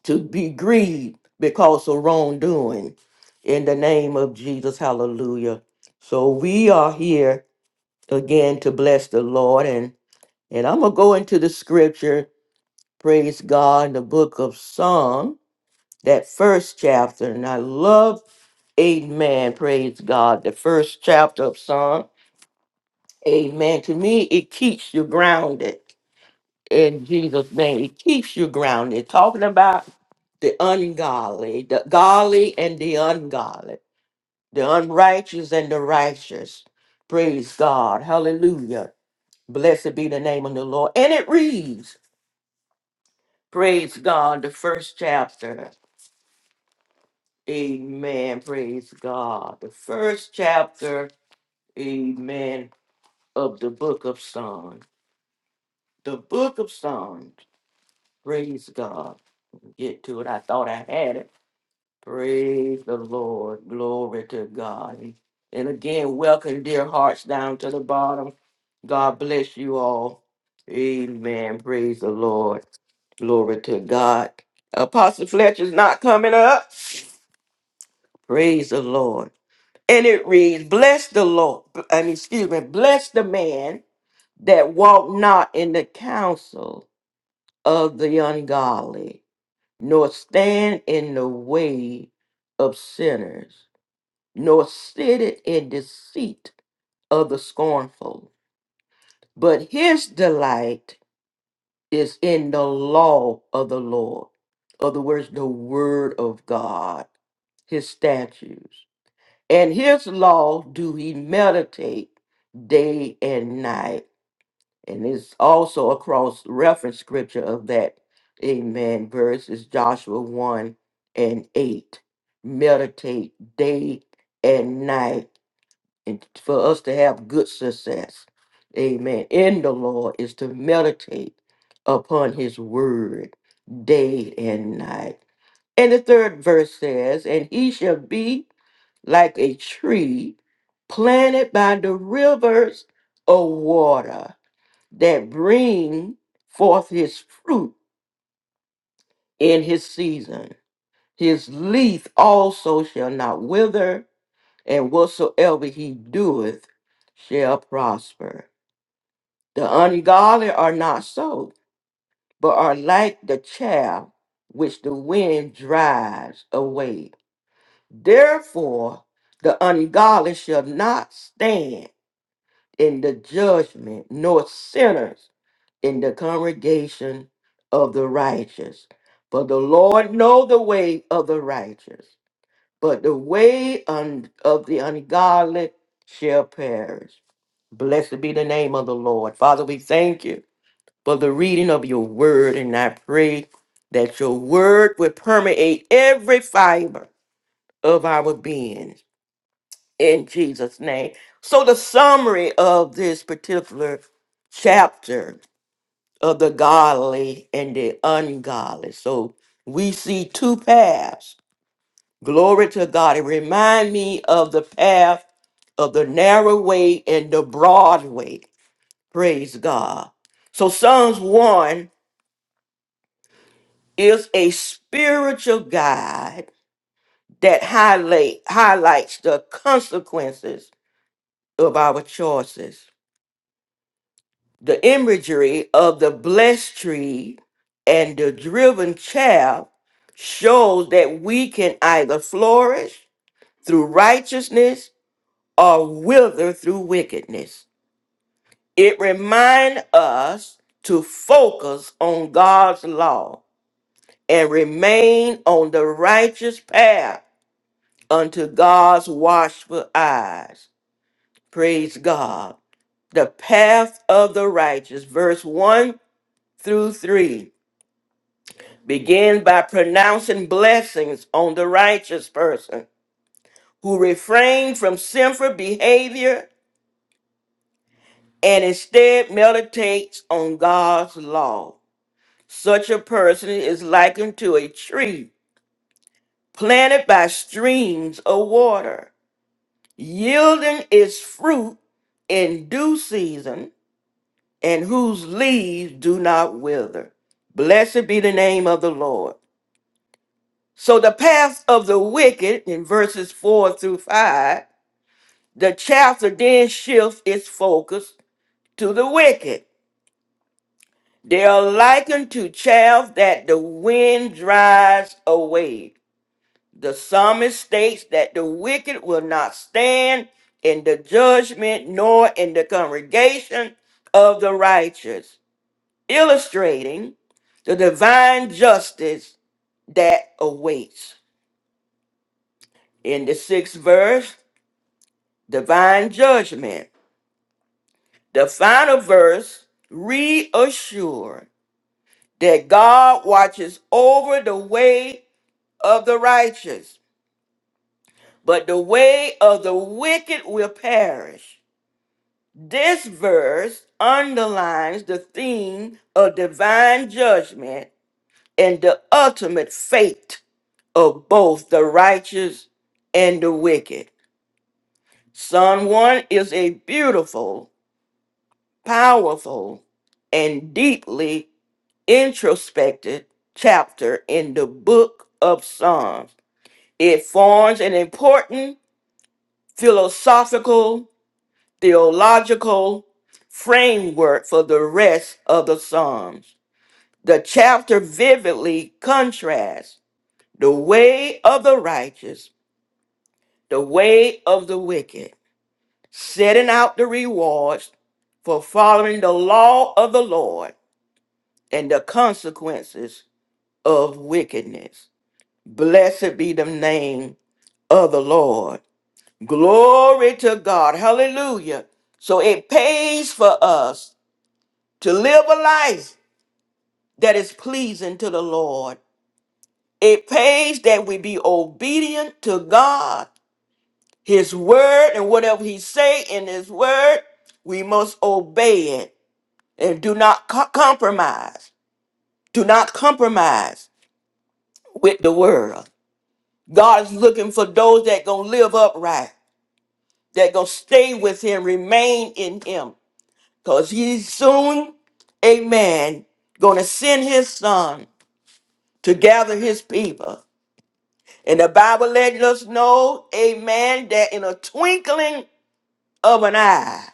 Speaker 1: to be grieved because of wrongdoing. In the name of Jesus, hallelujah. So we are here again to bless the Lord. And, and I'm going to go into the scripture, praise God, in the book of Psalm, that first chapter. And I love Amen. Praise God. The first chapter of Psalm. Amen. To me, it keeps you grounded in Jesus' name. It keeps you grounded. Talking about the ungodly, the godly and the ungodly, the unrighteous and the righteous. Praise God. Hallelujah. Blessed be the name of the Lord. And it reads, Praise God, the first chapter. Amen. Praise God. The first chapter, amen, of the book of Psalms. The book of Psalms. Praise God. get to it. I thought I had it. Praise the Lord. Glory to God. And again, welcome, dear hearts, down to the bottom. God bless you all. Amen. Praise the Lord. Glory to God. Apostle Fletcher's not coming up. Praise the Lord. And it reads, Bless the Lord. I mean, excuse me, bless the man that walk not in the counsel of the ungodly nor stand in the way of sinners, nor sit in deceit of the scornful. But his delight is in the law of the Lord. Other words, the word of God, his statutes. And his law do he meditate day and night. And it's also a cross reference scripture of that, amen, verse is Joshua 1 and 8. Meditate day and night. And for us to have good success, amen, in the Lord is to meditate upon his word day and night. And the third verse says, And he shall be like a tree planted by the rivers of water that bring forth his fruit in his season. His leaf also shall not wither, and whatsoever he doeth shall prosper. The ungodly are not so, but are like the chaff which the wind drives away. Therefore, the ungodly shall not stand in the judgment, nor sinners in the congregation of the righteous. For the Lord know the way of the righteous, but the way un- of the ungodly shall perish. Blessed be the name of the Lord. Father, we thank you for the reading of your word, and I pray that your word would permeate every fiber of our being in Jesus' name. So, the summary of this particular chapter of the godly and the ungodly. So we see two paths. Glory to God. It remind me of the path of the narrow way and the broad way. Praise God. So Psalms 1 is a spiritual guide that highlight highlights the consequences of our choices. the imagery of the blessed tree and the driven chaff shows that we can either flourish through righteousness or wither through wickedness. It reminds us to focus on God's law and remain on the righteous path unto God's watchful eyes. Praise God. The path of the righteous, verse 1 through 3 Begin by pronouncing blessings on the righteous person who refrains from sinful behavior and instead meditates on God's law. Such a person is likened to a tree planted by streams of water, yielding its fruit in due season and whose leaves do not wither. Blessed be the name of the Lord. So the paths of the wicked in verses four through five, the chapter then shifts its focus to the wicked. They are likened to chaff that the wind drives away. The psalmist states that the wicked will not stand in the judgment nor in the congregation of the righteous, illustrating the divine justice that awaits. In the sixth verse, divine judgment. The final verse reassured that God watches over the way of the righteous, but the way of the wicked will perish. This verse underlines the theme of divine judgment and the ultimate fate of both the righteous and the wicked. Psalm 1 is a beautiful, powerful, and deeply Introspective chapter in the book of Psalms. It forms an important philosophical, theological framework for the rest of the Psalms. The chapter vividly contrasts the way of the righteous, the way of the wicked, setting out the rewards for following the law of the Lord and the consequences of wickedness. Blessed be the name of the Lord. Glory to God. Hallelujah. So it pays for us to live a life that is pleasing to the Lord. It pays that we be obedient to God, His word, and whatever He say in His word, we must obey it and do not co- compromise. Do not compromise with the world. God is looking for those that gonna live upright that gonna stay with him, remain in him. Cause he's soon, amen, gonna send his son to gather his people. And the Bible let us know, amen, that in a twinkling of an eye,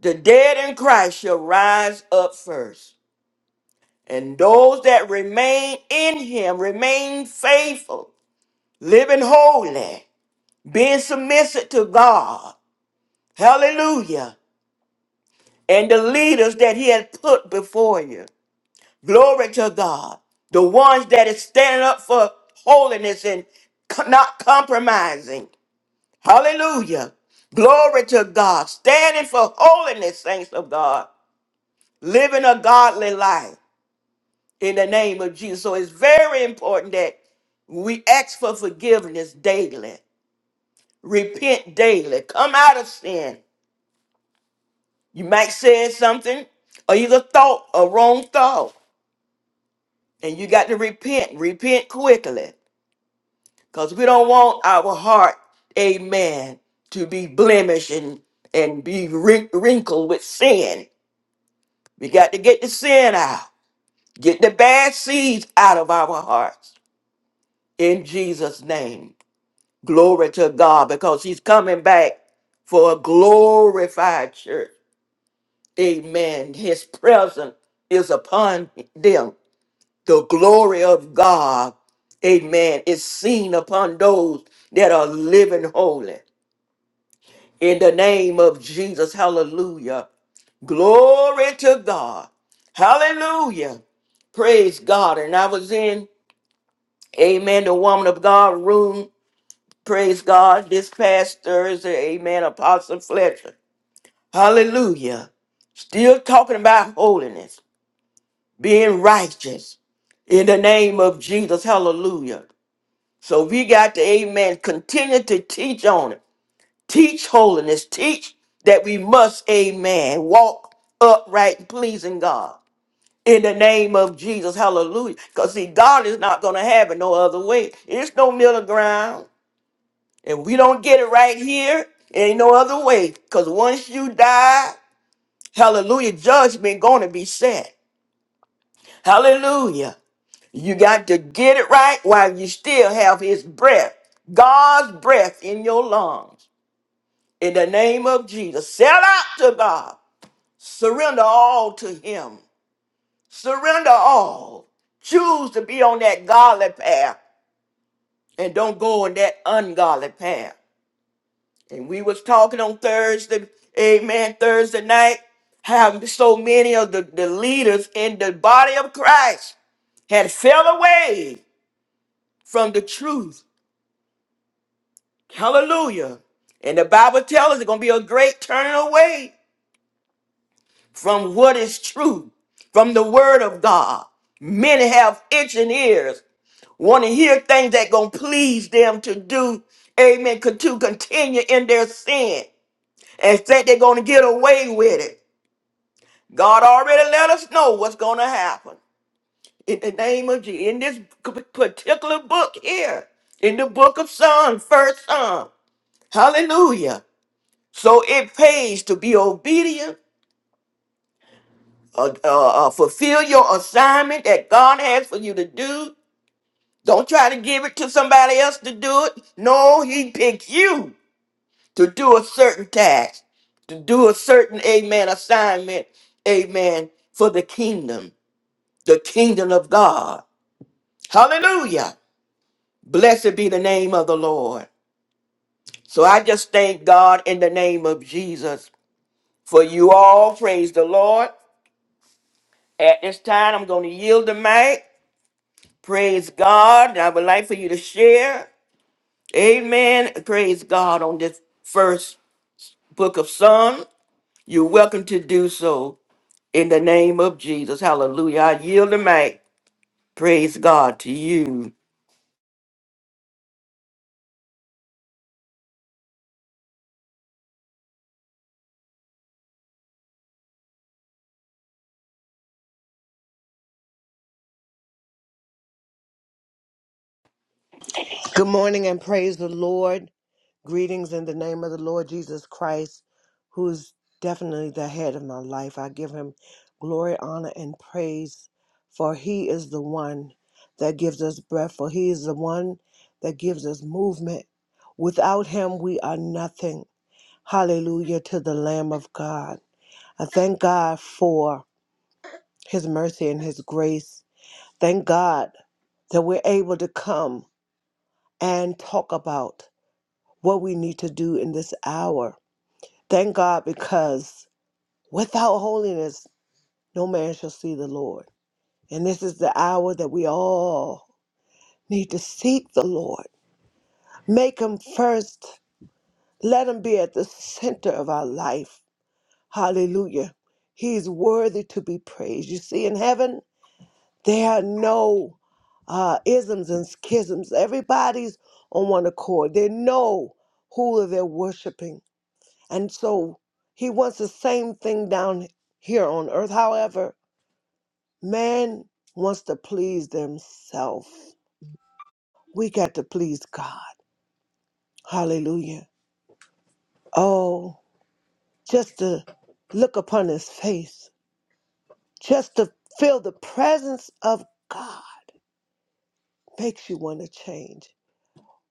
Speaker 1: the dead in Christ shall rise up first. And those that remain in him remain faithful, living holy, being submissive to God. Hallelujah and the leaders that he has put before you. Glory to God. The ones that is standing up for holiness and co- not compromising. Hallelujah. Glory to God. Standing for holiness, saints of God. Living a godly life in the name of Jesus. So it's very important that we ask for forgiveness daily. Repent daily. Come out of sin. You might say something or either thought a wrong thought. And you got to repent, repent quickly, because we don't want our heart, amen, to be blemished and, and be wrin- wrinkled with sin. We got to get the sin out, get the bad seeds out of our hearts in Jesus' name. Glory to God, because He's coming back for a glorified church. Amen. His presence is upon them. the glory of God, amen, is seen upon those that are living holy. In the name of Jesus, hallelujah. Glory to God. Hallelujah. Praise God. And I was in, amen, the woman of God room. Praise God. This past Thursday, amen, Apostle Fletcher. Hallelujah. Still talking about holiness, being righteous in the name of Jesus. Hallelujah. So we got to, amen, continue to teach on it. Teach holiness. Teach that we must, amen, walk upright and pleasing God. In the name of Jesus, hallelujah. Because see, God is not going to have it no other way. It's no middle ground. And we don't get it right here. Ain't no other way. Because once you die, hallelujah, judgment going to be set. Hallelujah. You got to get it right while you still have his breath, God's breath in your lungs. In the name of Jesus, sell out to God. Surrender all to him. Surrender all. Choose to be on that godly path and don't go on that ungodly path. And we was talking on Thursday, amen, Thursday night, how so many of the, the leaders in the body of Christ had fell away from the truth Hallelujah. And the Bible tells us it's going to be a great turning away from what is true, from the word of God. Many have itching ears, want to hear things that going to please them to do, amen, con- to continue in their sin and think they're going to get away with it. God already let us know what's going to happen. In the name of Jesus, in this c- particular book here, in the book of Psalms, first Psalm, hallelujah. So it pays to be obedient, uh, uh, uh, fulfill your assignment that God has for you to do. Don't try to give it to somebody else to do it. No, He picked you to do a certain task, to do a certain, amen, assignment, amen, for the kingdom, the kingdom of God. Hallelujah. Blessed be the name of the Lord. So I just thank God in the name of Jesus for you all. Praise the Lord. At this time, I'm going to yield the mic. Praise God. I would like for you to share. Amen. Praise God on this first book of Psalm. You're welcome to do so in the name of Jesus. Hallelujah. I yield the mic. Praise God to you.
Speaker 3: Good morning and praise the Lord. Greetings in the name of the Lord Jesus Christ, who is definitely the head of my life. I give him glory, honor, and praise, for he is the one that gives us breath, for he is the one that gives us movement. Without him, we are nothing. Hallelujah to the Lamb of God. I thank God for his mercy and his grace. Thank God that we're able to come and talk about. what we need to do in this hour. Thank God because without holiness, no man shall see the Lord. And this is the hour that we all need to seek the Lord. Make him first. Let him be at the center of our life. Hallelujah. He's worthy to be praised. You see, in heaven, there are no uh, isms and schisms. Everybody's on one accord. They know who they're worshiping. And so he wants the same thing down here on earth. However, man wants to please themselves. We got to please God. Hallelujah. Oh, just to look upon his face, just to feel the presence of God makes you want to change.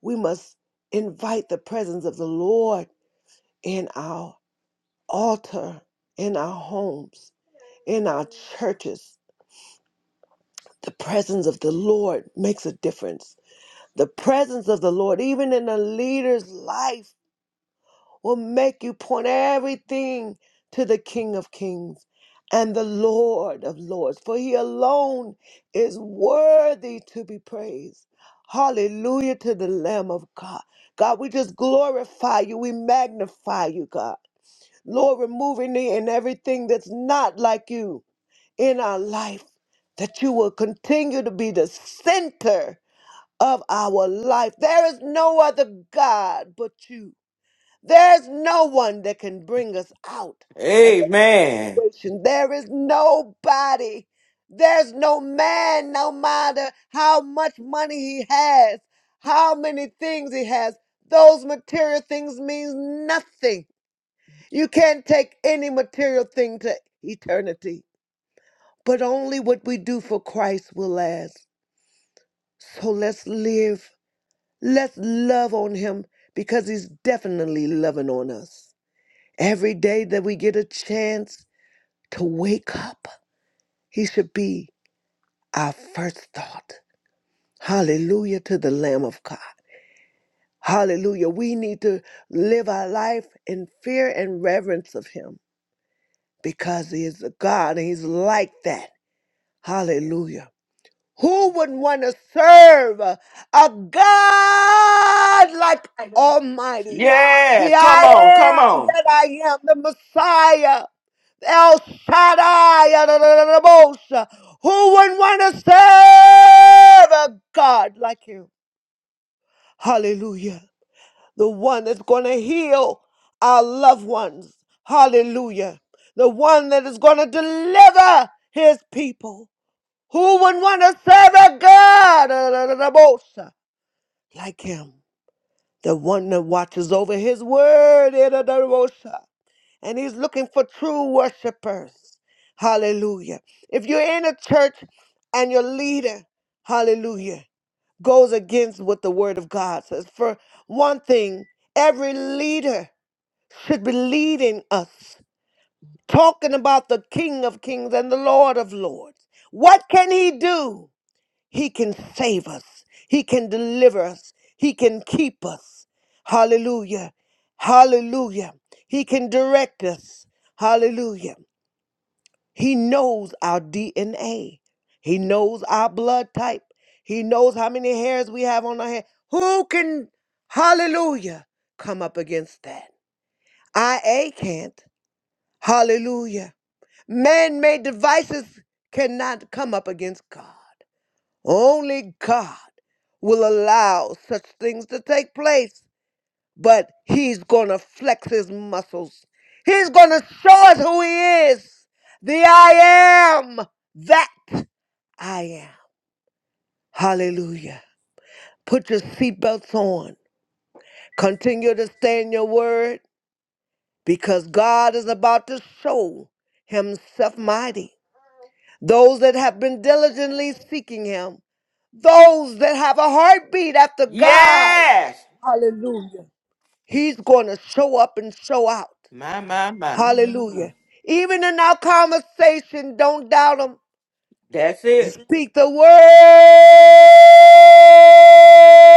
Speaker 3: We must invite the presence of the Lord in our altar, in our homes, in our churches. The presence of the Lord makes a difference. The presence of the Lord, even in a leader's life, will make you point everything to the King of Kings and the Lord of Lords, for he alone is worthy to be praised. Hallelujah to the Lamb of God. God, we just glorify you. We magnify you, God. Lord, remove me and everything that's not like you in our life, that you will continue to be the center of our life. There is no other God but you. There's no one that can bring us out. of the
Speaker 1: Amen.
Speaker 3: situation. There is nobody. There's no man, no matter how much money he has, how many things he has. Those material things means nothing. You can't take any material thing to eternity. But only what we do for Christ will last. So let's live. Let's love on him because he's definitely loving on us. Every day that we get a chance to wake up, he should be our first thought. Hallelujah to the Lamb of God. Hallelujah. We need to live our life in fear and reverence of him because he is a God and he's like that. Hallelujah. Who would want to serve a God like Almighty?
Speaker 1: Yes.
Speaker 3: The
Speaker 1: Come
Speaker 3: I
Speaker 1: on. Come
Speaker 3: am
Speaker 1: on.
Speaker 3: that I am, the Messiah, El Shaddai, Adonai. who wouldn't want to serve a God like him? Hallelujah. The one that's going to heal our loved ones. Hallelujah. The one that is going to deliver his people. Who would want to serve a God uh, da, da, da, bosa, like him? The one that watches over his word. eh, da, da, da, bosa. And he's looking for true worshipers. Hallelujah. If you're in a church and your leader, hallelujah, goes against what the word of God says, for one thing, every leader should be leading us, talking about the King of Kings and the Lord of Lords. What can he do? He can save us. He can deliver us. He can keep us. Hallelujah. Hallelujah. He can direct us. Hallelujah. He knows our DNA. He knows our blood type. He knows how many hairs we have on our head. Who can, hallelujah, come up against that? IA can't. Hallelujah. Man made devices cannot come up against God. Only God will allow such things to take place, but He's going to flex His muscles. He's going to show us who He is the I am that I am. Hallelujah. Put your seatbelts on. Continue to stay in your word because God is about to show Himself mighty. Those that have been diligently seeking Him, those that have a heartbeat after God.
Speaker 1: Yes.
Speaker 3: Hallelujah. He's going to show up and show out.
Speaker 1: My, my, my.
Speaker 3: Hallelujah. Even in our conversation, don't doubt him.
Speaker 1: That's it.
Speaker 3: Speak the word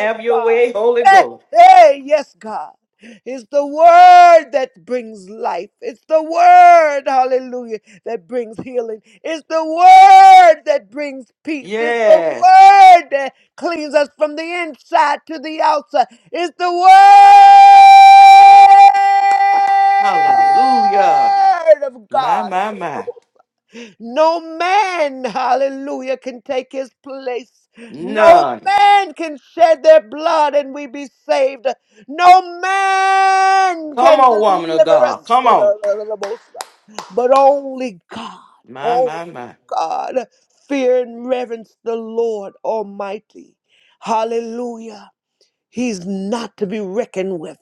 Speaker 3: of
Speaker 1: your
Speaker 3: God.
Speaker 1: way, Holy
Speaker 3: Hey,
Speaker 1: Ghost.
Speaker 3: hey, yes, God. It's the word that brings life. It's the word, hallelujah, that brings healing. It's the word that brings peace. It's the
Speaker 1: Yes.
Speaker 3: word that cleans us from the inside to the outside. It's the
Speaker 1: Hallelujah.
Speaker 3: word of
Speaker 1: My,
Speaker 3: God.
Speaker 1: my, my.
Speaker 3: No man, hallelujah, can take his place. No
Speaker 1: None.
Speaker 3: man can shed their blood and we be saved. No man
Speaker 1: Come
Speaker 3: can
Speaker 1: on, woman of
Speaker 3: deliver
Speaker 1: God.
Speaker 3: us.
Speaker 1: Come on.
Speaker 3: But only God,
Speaker 1: My,
Speaker 3: only
Speaker 1: my, my.
Speaker 3: God, fear and reverence the Lord Almighty. Hallelujah. He's not to be reckoned with.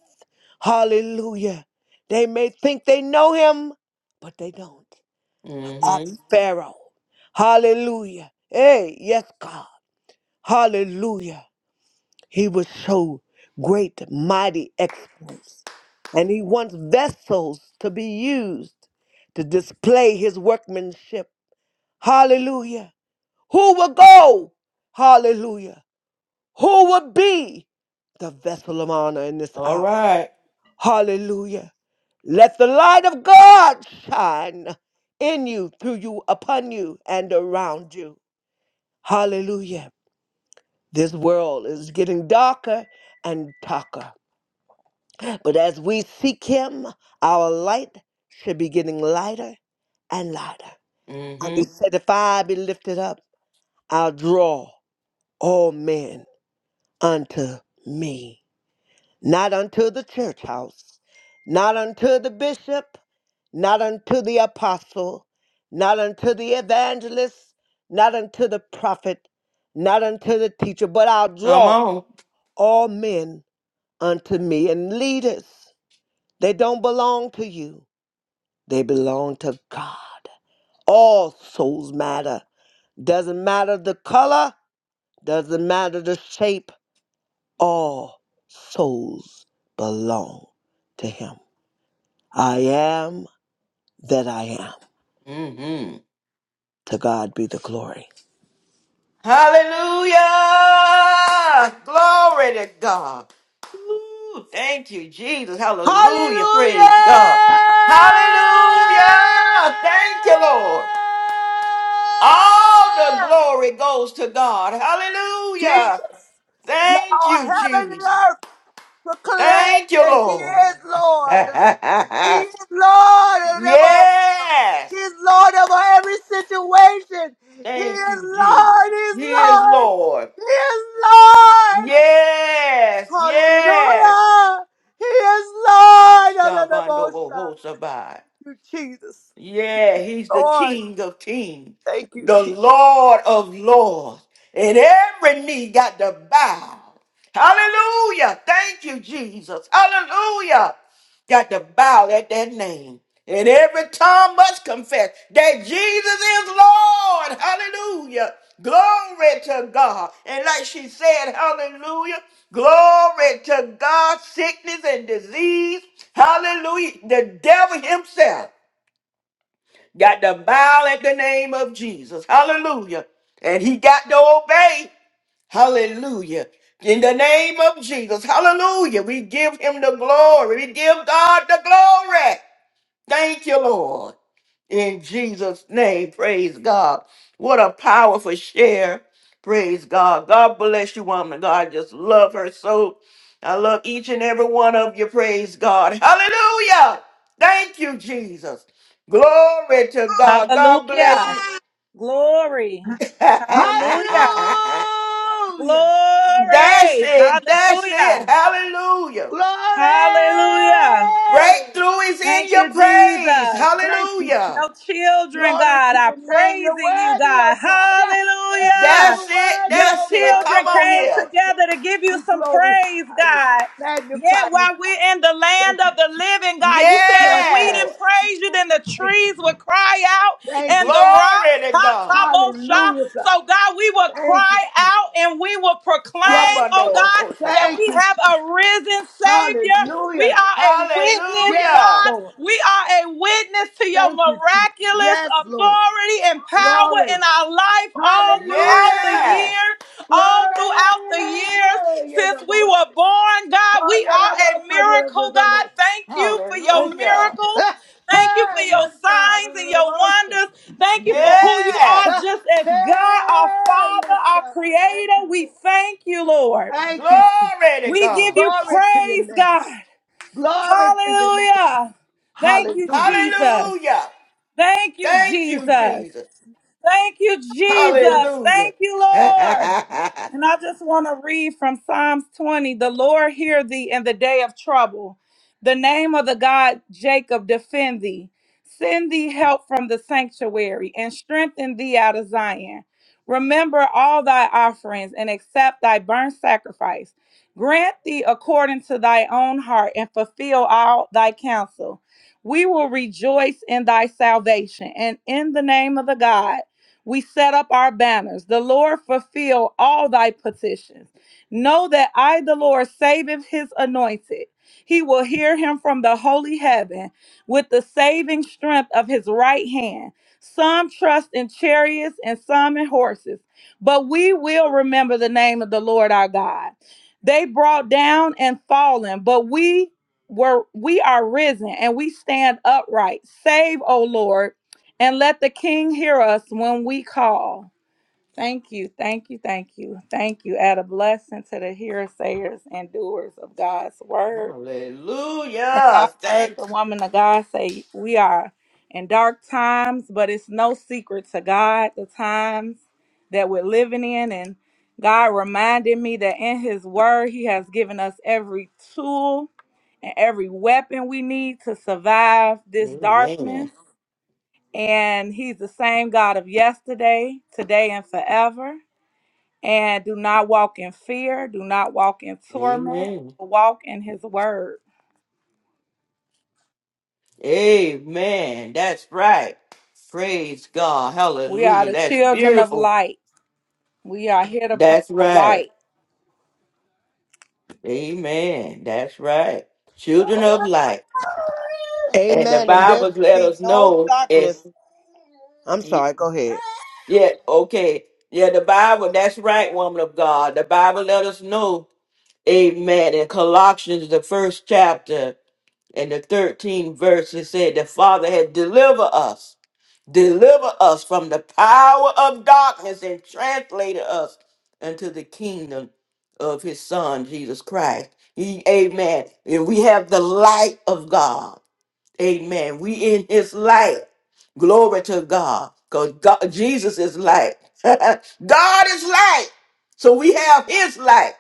Speaker 3: Hallelujah. They may think they know him, but they don't at
Speaker 1: Mm-hmm.
Speaker 3: Pharaoh. Hallelujah. Hey, yes, God. Hallelujah. He would show great, mighty exploits. And he wants vessels to be used to display his workmanship. Hallelujah. Who will go? Hallelujah. Who will be the vessel of honor in this
Speaker 1: All
Speaker 3: hour?
Speaker 1: right.
Speaker 3: Hallelujah. Let the light of God shine in you, through you, upon you, and around you. Hallelujah. This world is getting darker and darker. But as we seek Him, our light should be getting lighter and lighter. And He
Speaker 1: Mm-hmm.
Speaker 3: said, If I be lifted up, I'll draw all men unto me. Not unto the church house, not unto the bishop, not unto the apostle, not unto the evangelist, not unto the prophet, not unto the teacher, but I'll
Speaker 1: Come
Speaker 3: draw.
Speaker 1: on.
Speaker 3: all men unto me and leaders. They don't belong to you, they belong to God. All souls matter. Doesn't matter the color, doesn't matter the shape, all souls belong to Him. I am that I am.
Speaker 1: Mm-hmm.
Speaker 3: To God be the glory.
Speaker 1: Hallelujah. Glory to God. Ooh, thank you, Jesus. Hallelujah.
Speaker 3: Hallelujah!
Speaker 1: Praise God. Hallelujah. Thank you, Lord. All the glory goes to God. Hallelujah.
Speaker 3: Let
Speaker 1: Thank
Speaker 3: all
Speaker 1: you,
Speaker 3: heaven and
Speaker 1: Jesus.
Speaker 3: earth proclaim
Speaker 1: Thank you,
Speaker 3: that He
Speaker 1: Lord.
Speaker 3: is Lord. He is Lord of them all.
Speaker 1: yes.
Speaker 3: He is Lord of every situation. He
Speaker 1: Thank
Speaker 3: is
Speaker 1: you, Jesus.
Speaker 3: Lord. He is
Speaker 1: He is
Speaker 3: Lord.
Speaker 1: Lord.
Speaker 3: He is Lord.
Speaker 1: Yes. Yes.
Speaker 3: Hallelujah. He is Lord. of the
Speaker 1: Shabando
Speaker 3: Most High.
Speaker 1: boho
Speaker 3: Thank you, Jesus.
Speaker 1: Yeah, he's the
Speaker 3: Lord,
Speaker 1: King of kings,
Speaker 3: thank you,
Speaker 1: the
Speaker 3: Jesus.
Speaker 1: Lord of lords, and every knee got to bow. Hallelujah. Thank you, Jesus. Hallelujah. Got to bow at that name. And every tongue must confess that Jesus is Lord. Hallelujah. Glory to God. And like she said, hallelujah. Glory to God. Sickness and disease. Hallelujah. The devil himself got to bow at the name of Jesus. Hallelujah. And he got to obey. Hallelujah. In the name of Jesus. Hallelujah. We give him the glory. We give God the glory. Thank you, Lord. In Jesus' name, praise God. What a powerful share. Praise God. God bless you, woman. of God, I just love her so. I love each and every one of you. Praise God. Hallelujah. Thank you, Jesus. Glory to God. God bless
Speaker 4: Hallelujah.
Speaker 1: you.
Speaker 4: Glory. Hallelujah.
Speaker 1: That's
Speaker 3: Hallelujah.
Speaker 4: Glory.
Speaker 1: it. That's it.
Speaker 4: Hallelujah.
Speaker 1: Hallelujah.
Speaker 3: Glory.
Speaker 4: Hallelujah.
Speaker 1: Breakthrough is in
Speaker 4: Thank
Speaker 1: your
Speaker 4: you,
Speaker 1: praise.
Speaker 4: Jesus.
Speaker 3: Thank you,
Speaker 1: Hallelujah.
Speaker 4: Your children,
Speaker 3: Glory
Speaker 4: God,
Speaker 3: to
Speaker 4: are
Speaker 3: your name. You're
Speaker 4: praising you,
Speaker 3: worthy,
Speaker 4: God.
Speaker 3: oh God. Yeah, Yeah,
Speaker 4: Hallelujah.
Speaker 3: you're
Speaker 1: That's it.
Speaker 3: worthy,
Speaker 4: Your
Speaker 1: That's
Speaker 3: oh
Speaker 1: it.
Speaker 3: God.
Speaker 1: Come
Speaker 4: children
Speaker 1: on
Speaker 4: came
Speaker 1: here.
Speaker 3: Hallelujah.
Speaker 4: together to give you
Speaker 3: We
Speaker 4: some
Speaker 3: glorify
Speaker 4: praise,
Speaker 3: you,
Speaker 4: God. Yeah,
Speaker 3: magnify you,
Speaker 4: while
Speaker 3: God.
Speaker 4: we're in the
Speaker 3: Thank
Speaker 4: land
Speaker 3: you,
Speaker 4: of the
Speaker 3: Jesus.
Speaker 4: living, God, you said
Speaker 3: Yes,
Speaker 4: if we
Speaker 1: Yes.
Speaker 4: didn't
Speaker 3: Lord.
Speaker 4: praise you, then the
Speaker 3: Thank you.
Speaker 4: trees would cry out
Speaker 3: Thank
Speaker 4: and
Speaker 3: you.
Speaker 4: the
Speaker 1: Glory
Speaker 4: rocks,
Speaker 1: to
Speaker 4: ha,
Speaker 1: God.
Speaker 4: ta, bo, sha.
Speaker 3: Hallelujah, God.
Speaker 4: So, God, we will
Speaker 3: Thank you,
Speaker 4: cry
Speaker 3: Jesus.
Speaker 4: out and we will
Speaker 3: Yes,
Speaker 4: proclaim,
Speaker 1: shabbat
Speaker 4: oh
Speaker 3: Lord.
Speaker 4: God,
Speaker 1: o
Speaker 4: that
Speaker 3: Thank
Speaker 4: we
Speaker 3: you,
Speaker 4: have
Speaker 3: Jesus.
Speaker 4: a risen Savior. We
Speaker 3: Hallelujah.
Speaker 4: are a witness,
Speaker 3: Yes,
Speaker 1: Hallelujah.
Speaker 4: God.
Speaker 3: Lord.
Speaker 4: We are a witness to your
Speaker 3: Thank you, Jesus.
Speaker 4: miraculous
Speaker 3: Yes, Lord.
Speaker 4: authority and power
Speaker 3: Glory.
Speaker 4: in our life all throughout the
Speaker 3: Hallelujah.
Speaker 4: year,
Speaker 1: Yes.
Speaker 4: all throughout the years since we
Speaker 3: Glory.
Speaker 4: were born, God.
Speaker 3: Oh,
Speaker 4: We
Speaker 3: yeah, that
Speaker 4: are
Speaker 3: was
Speaker 4: a
Speaker 3: my dear of the
Speaker 4: miracle, God.
Speaker 3: devil.
Speaker 4: Thank you for
Speaker 3: Thank
Speaker 4: your
Speaker 3: you,
Speaker 1: Hallelujah.
Speaker 3: Jesus.
Speaker 4: miracles.
Speaker 3: Ah,
Speaker 4: Thank you for
Speaker 3: Hey,
Speaker 4: your
Speaker 3: yes, God. of
Speaker 4: signs and
Speaker 3: the
Speaker 4: your
Speaker 3: devotion.
Speaker 4: wonders. Thank you
Speaker 3: Thank
Speaker 4: for
Speaker 3: you,
Speaker 4: who you
Speaker 3: Jesus.
Speaker 4: are,
Speaker 1: Yes.
Speaker 3: Ah,
Speaker 4: just as God, our
Speaker 3: Hey,
Speaker 4: Father,
Speaker 3: yes,
Speaker 4: our
Speaker 3: God. Thank you,
Speaker 4: Creator. We
Speaker 3: Lord.
Speaker 4: thank you, Lord.
Speaker 3: Thank you, Jesus.
Speaker 1: Glory to
Speaker 4: We give
Speaker 1: God.
Speaker 4: you
Speaker 3: Glory to your
Speaker 4: praise,
Speaker 3: name.
Speaker 4: God.
Speaker 3: Glory to your name.
Speaker 4: Hallelujah. Thank you,
Speaker 3: Hallelujah.
Speaker 4: Jesus.
Speaker 1: Hallelujah.
Speaker 4: Thank you,
Speaker 1: Thank you,
Speaker 4: Jesus.
Speaker 1: Jesus.
Speaker 4: Thank you,
Speaker 3: Thank you,
Speaker 4: Jesus.
Speaker 1: Hallelujah.
Speaker 4: Thank you, Lord. And I just want to read from Psalms 20 The Lord hear thee in the day of trouble. The name of the God Jacob defend thee. Send thee help from the sanctuary and strengthen thee out of Zion. Remember all thy offerings and accept thy burnt sacrifice. Grant thee according to thy own heart and fulfill all thy counsel. We will rejoice in thy salvation and in the name of the God. We set up our banners. The Lord fulfill all thy petitions. Know that I, the Lord, saveth his anointed. He will hear him from the holy heaven with the saving strength of his right hand. Some trust in chariots and some in horses, but we will remember the name of the Lord our God. They brought down and fallen, but we were we are risen and we stand upright. Save, O Lord and let the King hear us when we call. Thank you, thank you, thank you, thank you. Add a blessing to the hearsayers and doers of God's word. And I
Speaker 1: Hallelujah.
Speaker 4: heard
Speaker 1: Thank
Speaker 4: the woman of God say, We are in dark times, but it's no secret to God the times that we're living in. And God reminded me that in His word, He has given us every tool and every weapon we need to survive
Speaker 1: you.
Speaker 4: this
Speaker 1: Amen.
Speaker 4: darkness. And he's the same God of yesterday, today, and forever. And do not walk in fear, do not walk in torment,
Speaker 1: Amen.
Speaker 4: but walk in his word.
Speaker 1: Amen. That's right. Praise God.
Speaker 4: We are
Speaker 1: Hallelujah.
Speaker 4: the
Speaker 1: That's
Speaker 4: children of
Speaker 1: beautiful.
Speaker 4: light. We are here to bring
Speaker 1: That's
Speaker 4: the
Speaker 1: right.
Speaker 4: light.
Speaker 1: Amen. That's right. Children of light.
Speaker 3: Jesus.
Speaker 1: And the
Speaker 3: Amen. And there
Speaker 1: Bible
Speaker 3: should
Speaker 1: let
Speaker 3: be
Speaker 1: us
Speaker 3: no
Speaker 1: know if
Speaker 3: darkness. I'm sorry, go ahead.
Speaker 1: yeah, okay. Yeah, the Bible, that's right, woman of God. The Bible let us know, amen. In Colossians, the first chapter and the 13th verse, it said, The Father had delivered us Deliver us from the power of darkness and translated us into the kingdom of his son, Jesus Christ. He, amen. And we have the light of God. Amen. We in his light. Glory to God. Because Jesus is light. God is light. So we have his light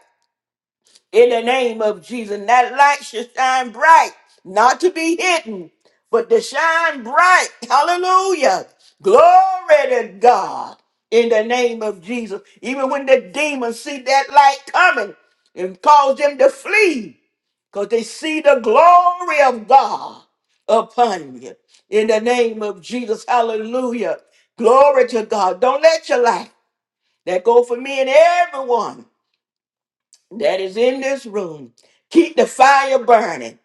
Speaker 1: in the name of Jesus. And that light should shine bright, not to be hidden, but to shine bright. Hallelujah. Glory to God in the name of Jesus. Even when the demons see that light coming it cause them to flee because they see the glory of God upon you in the name of Jesus. Hallelujah. Glory to God. Don't let your light that go for me and everyone that is in this room. Keep the fire burning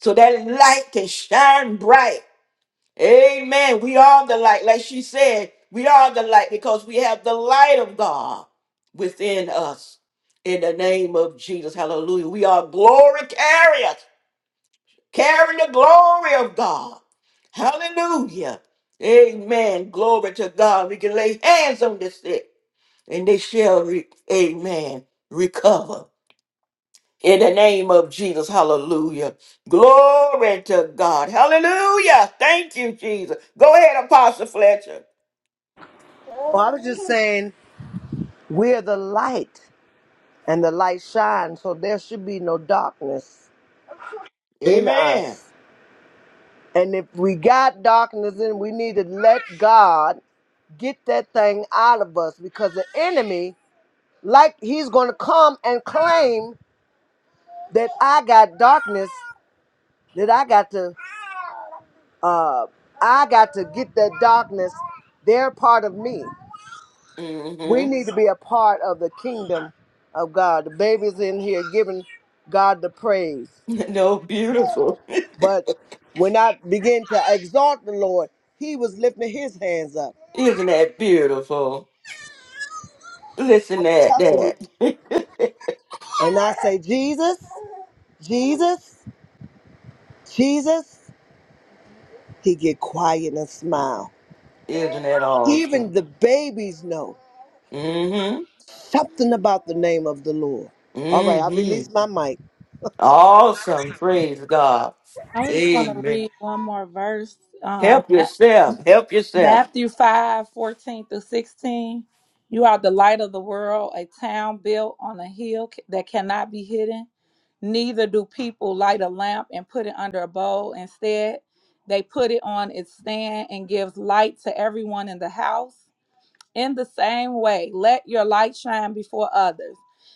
Speaker 1: so that light can shine bright. Amen. We are the light. Like she said, we are the light because we have the light of God within us. In the name of Jesus. Hallelujah. We are glory carriers, carrying the glory of God. Hallelujah. Amen. Glory to God. We can lay hands on the sick and they shall, re- amen, recover. In the name of Jesus, hallelujah. Glory to God. Hallelujah. Thank you, Jesus. Go ahead, Apostle Fletcher.
Speaker 3: Oh, I was just saying, we're the light, and the light shines, so there should be no darkness in
Speaker 1: Amen.
Speaker 3: us. And if we got darkness in, we need to let God get that thing out of us because the enemy, like he's going to come and claim that I got darkness, that I got to, uh, I got to get that darkness. They're part of me. We
Speaker 1: Mm-hmm.
Speaker 3: need to be a part of the kingdom of God. The baby's in here giving God the praise,
Speaker 1: No, beautiful.
Speaker 3: but when I begin to exalt the Lord, He was lifting His hands up.
Speaker 1: Isn't that beautiful? Listen
Speaker 3: I'm
Speaker 1: at
Speaker 3: telling you,
Speaker 1: that.
Speaker 3: and I say, Jesus. Jesus, Jesus, he get quiet and smile.
Speaker 1: Isn't that
Speaker 3: Even
Speaker 1: awesome?
Speaker 3: the babies know
Speaker 1: Mm-hmm.
Speaker 3: something about the name of the Lord. All right, I
Speaker 1: Mm-hmm.
Speaker 3: release my mic.
Speaker 1: Awesome. Praise God.
Speaker 4: I was just want to
Speaker 1: Amen.
Speaker 4: read one more verse. Um,
Speaker 1: Help yourself. Help yourself.
Speaker 4: Matthew five fourteen 14 through 16. You are the light of the world, a town built on a hill c- that cannot be hidden. Neither do people light a lamp and put it under a bowl. Instead, they put it on its stand and gives light to everyone in the house. In the same way, let your light shine before others,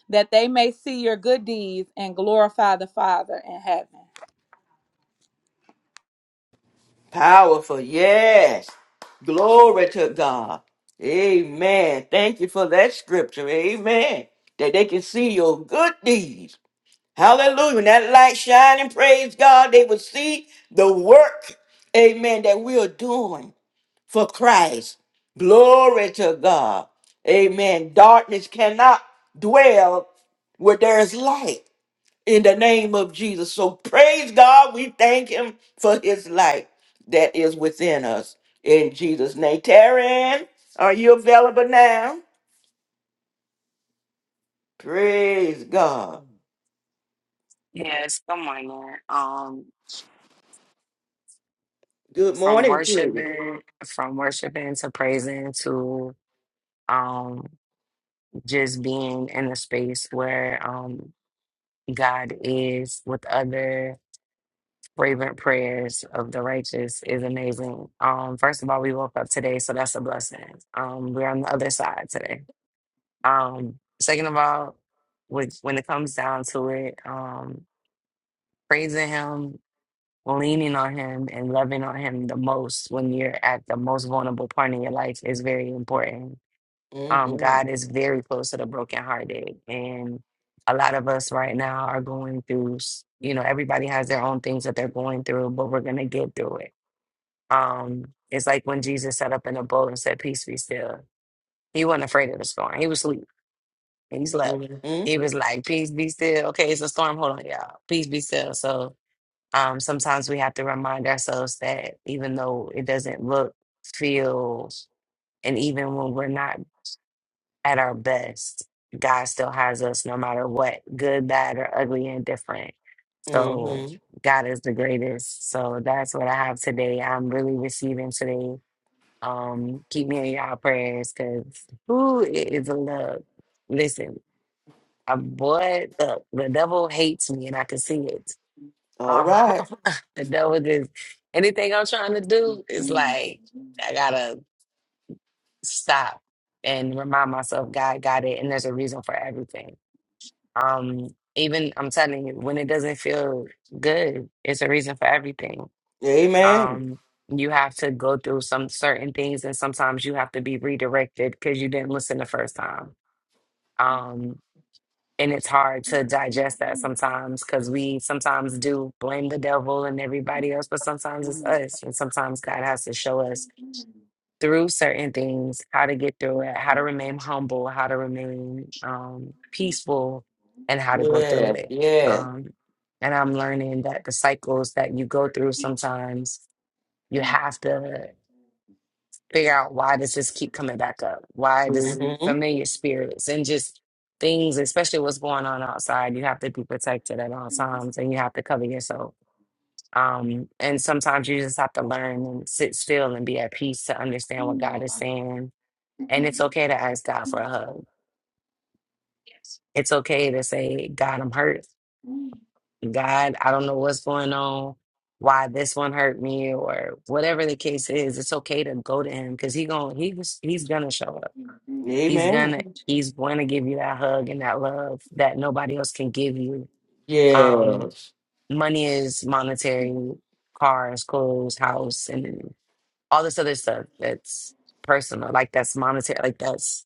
Speaker 4: that they may see your good deeds and glorify the Father in heaven.
Speaker 1: Powerful. Yes. Glory to God. Amen. Thank you for that scripture. Amen. That they can see your good deeds. Hallelujah. When that light shining, praise God, they will see the work, amen, that we are doing. for Christ. Glory to God. Amen. Darkness cannot dwell where there is light in the name of Jesus. So praise God. We thank him for his light that is within us in Jesus' name. Taryn, are you available now? Praise God.
Speaker 5: Yes, come on, morning. Um,
Speaker 1: Good
Speaker 5: from
Speaker 1: morning to you.
Speaker 5: worshiping, from worshiping to praising to um, just being in a space where um, God is with other fervent prayers of the righteous is amazing. Um, first of all, we woke up today, so that's a blessing. Um, we're on the other side today. Um, second of all, when when it comes down to it, um, praising Him. leaning on him and loving on him the most when you're at the most vulnerable part in your life is very important. Um,
Speaker 1: Mm-hmm,
Speaker 5: God is very close to the brokenhearted, and a lot of us right now are going through. s- You know, everybody has their own things that they're going through, but we're gonna get through it. Um, it's like when Jesus sat up in a boat and said, "Peace be still." He wasn't afraid of the storm. He was asleep. He slept.
Speaker 1: mm-hmm,
Speaker 5: He was like, "Peace be still." Okay, it's a storm. Hold on, y'all. Peace be still. So um, sometimes we have to remind ourselves that even though it doesn't look, feel, and even when we're not at our best, God still has us no matter what, good, bad, or ugly, and different. So
Speaker 1: mm-hmm.
Speaker 5: God is the greatest. So that's what I have today. I'm really receiving today. Um, keep me in y'all prayers because who is a love? Listen, I boy, the, the devil hates me and I can see it.
Speaker 1: All
Speaker 5: Uh-huh.
Speaker 1: right.
Speaker 5: The devil just anything I'm trying to do is like I gotta stop and remind myself God got it and there's a reason for everything. Um even I'm telling you, when it doesn't feel good, it's a reason for everything.
Speaker 1: Amen.
Speaker 5: Um you have to go through some certain things and sometimes you have to be redirected because you didn't listen the first time. Um, and it's hard to digest that sometimes because we sometimes do blame the devil and everybody else, but sometimes it's us. And sometimes God has to show us through certain things how to get through it, how to remain humble, how to remain um, peaceful, and how to go through
Speaker 1: Yes,
Speaker 5: it.
Speaker 1: yes.
Speaker 5: Um, and I'm learning that the cycles that you go through sometimes you have to figure out why does this keep coming back up? Why does
Speaker 1: Mm-hmm.
Speaker 5: familiar spirits and just things, especially what's going on outside, you have to be protected at all times and you have to cover yourself. Um, and sometimes you just have to learn and sit still and be at peace to understand what God is saying. And it's okay to ask God for a hug. It's okay to say, God, I'm hurt. God, I don't know what's going on. Why this one hurt me, or whatever the case is, it's okay to go to him because he going he he's gonna show up He's
Speaker 1: Amen.
Speaker 5: gonna he's gonna give you that hug and that love that nobody else can give you. Um,
Speaker 1: Yes.
Speaker 5: money is monetary, cars, clothes, house, and all this other stuff that's personal. Like that's monetary. Like that's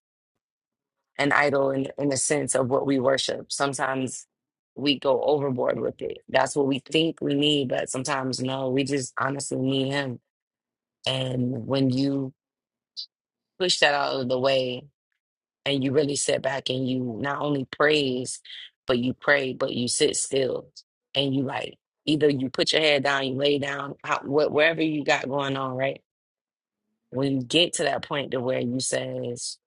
Speaker 5: an idol in in the sense of what we worship. Sometimes we go overboard with it. That's what we think we need, but sometimes no. We just honestly need Him. And when you push that out of the way and you really sit back and you not only praise, but you pray, but you sit still and you like either you put your head down, you lay down, how, wh- wherever you got going on, right? When you get to that point to where you says,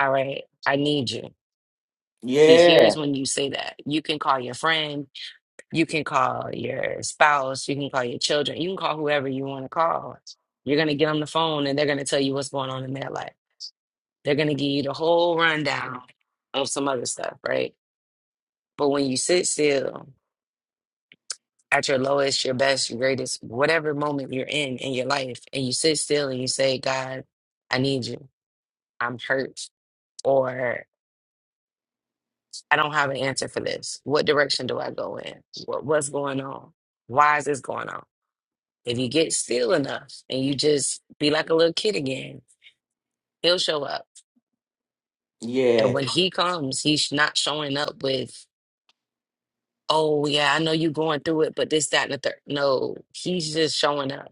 Speaker 5: "All right, I need you." He
Speaker 1: Yeah.
Speaker 5: hears when you say that. You can call your friend, you can call your spouse, you can call your children, you can call whoever you want to call. You're gonna get on the phone and they're gonna tell you what's going on in their life. They're gonna give you the whole rundown of some other stuff, right? But when you sit still at your lowest, your best, your greatest, whatever moment you're in in your life, and you sit still and you say, God, I need you. I'm hurt, or I don't have an answer for this. What direction do I go in? What, what's going on? Why is this going on? If you get still enough and you just be like a little kid again, he'll show up. And
Speaker 1: Yes.
Speaker 5: when he comes, he's not showing up with, oh, yeah, I know you're going through it, but this, that, and the third. No, he's just showing up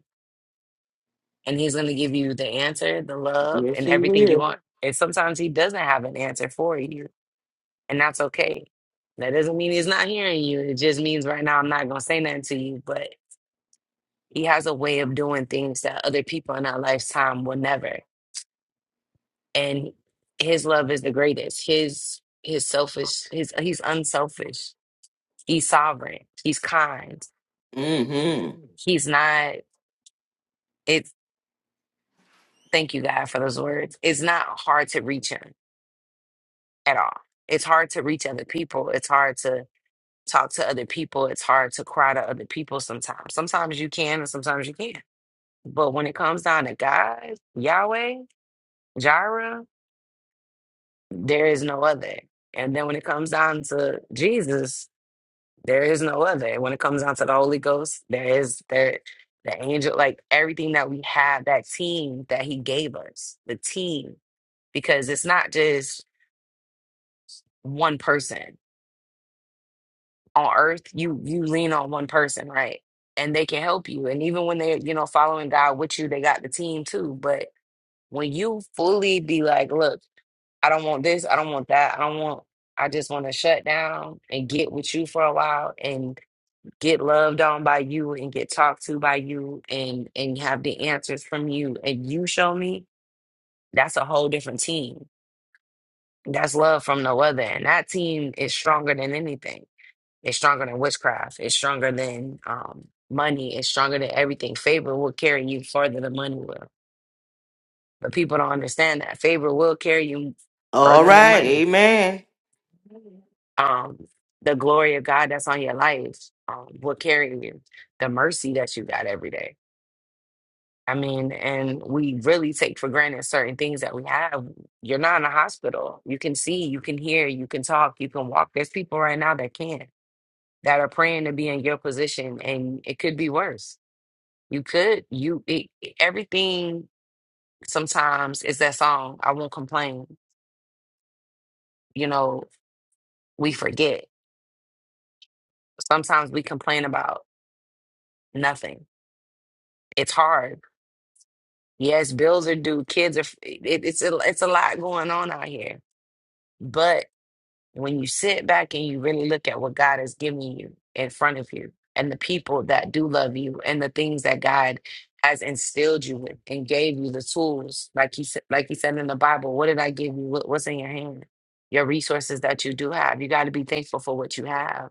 Speaker 5: and he's going to give you the answer, the love,
Speaker 1: Yes,
Speaker 5: and
Speaker 1: he
Speaker 5: everything you
Speaker 1: will.
Speaker 5: want. And sometimes he doesn't have an answer for you, and that's okay. That doesn't mean he's not hearing you. It just means right now I'm not going to say nothing to you, but he has a way of doing things that other people in our lifetime will never. And his love is the greatest. His his selfish, his he's unselfish. He's sovereign. He's kind.
Speaker 1: Mm-hmm.
Speaker 5: He's not it's thank you God for those words. It's not hard to reach him at all. It's hard to reach other people. It's hard to talk to other people. It's hard to cry to other people sometimes. Sometimes you can and sometimes you can't. But when it comes down to God, Yahweh, Jireh, there is no other. And then when it comes down to Jesus, there is no other. When it comes down to the Holy Ghost, there is there the angel, like everything that we have, that team that he gave us, the team. Because it's not just one person. on earth, you you lean on one person, right? And they can help you. And even when they're, you know, following God with you, they got the team too. But when you fully be like, look, I don't want this, I don't want that, I don't want I just want to shut down and get with you for a while and get loved on by you and get talked to by you and and have the answers from you and you show me, that's a whole different team. That's love from no other. And that team is stronger than anything. It's stronger than witchcraft. It's stronger than um, money. It's stronger than everything. Favor will carry you further than money will. But people don't understand that. Favor will carry you
Speaker 1: All
Speaker 5: further than
Speaker 1: right.
Speaker 5: money.
Speaker 1: Amen.
Speaker 5: Um, the glory of God that's on your life um, will carry you. The mercy that you got every day. I mean, and we really take for granted certain things that we have. You're not in a hospital. You can see, you can hear, you can talk, you can walk. There's people right now that can't that are praying to be in your position and it could be worse you could you it, everything sometimes is that song i won't complain you know we forget sometimes we complain about nothing it's hard yes bills are due kids are it, it's a, it's a lot going on out here When you sit back and you really look at what God has given you in front of you and the people that do love you and the things that God has instilled you with and gave you the tools, like he said, like he said in the Bible, what did I give you? What- What's in your hand? Your resources that you do have. You got to be thankful for what you have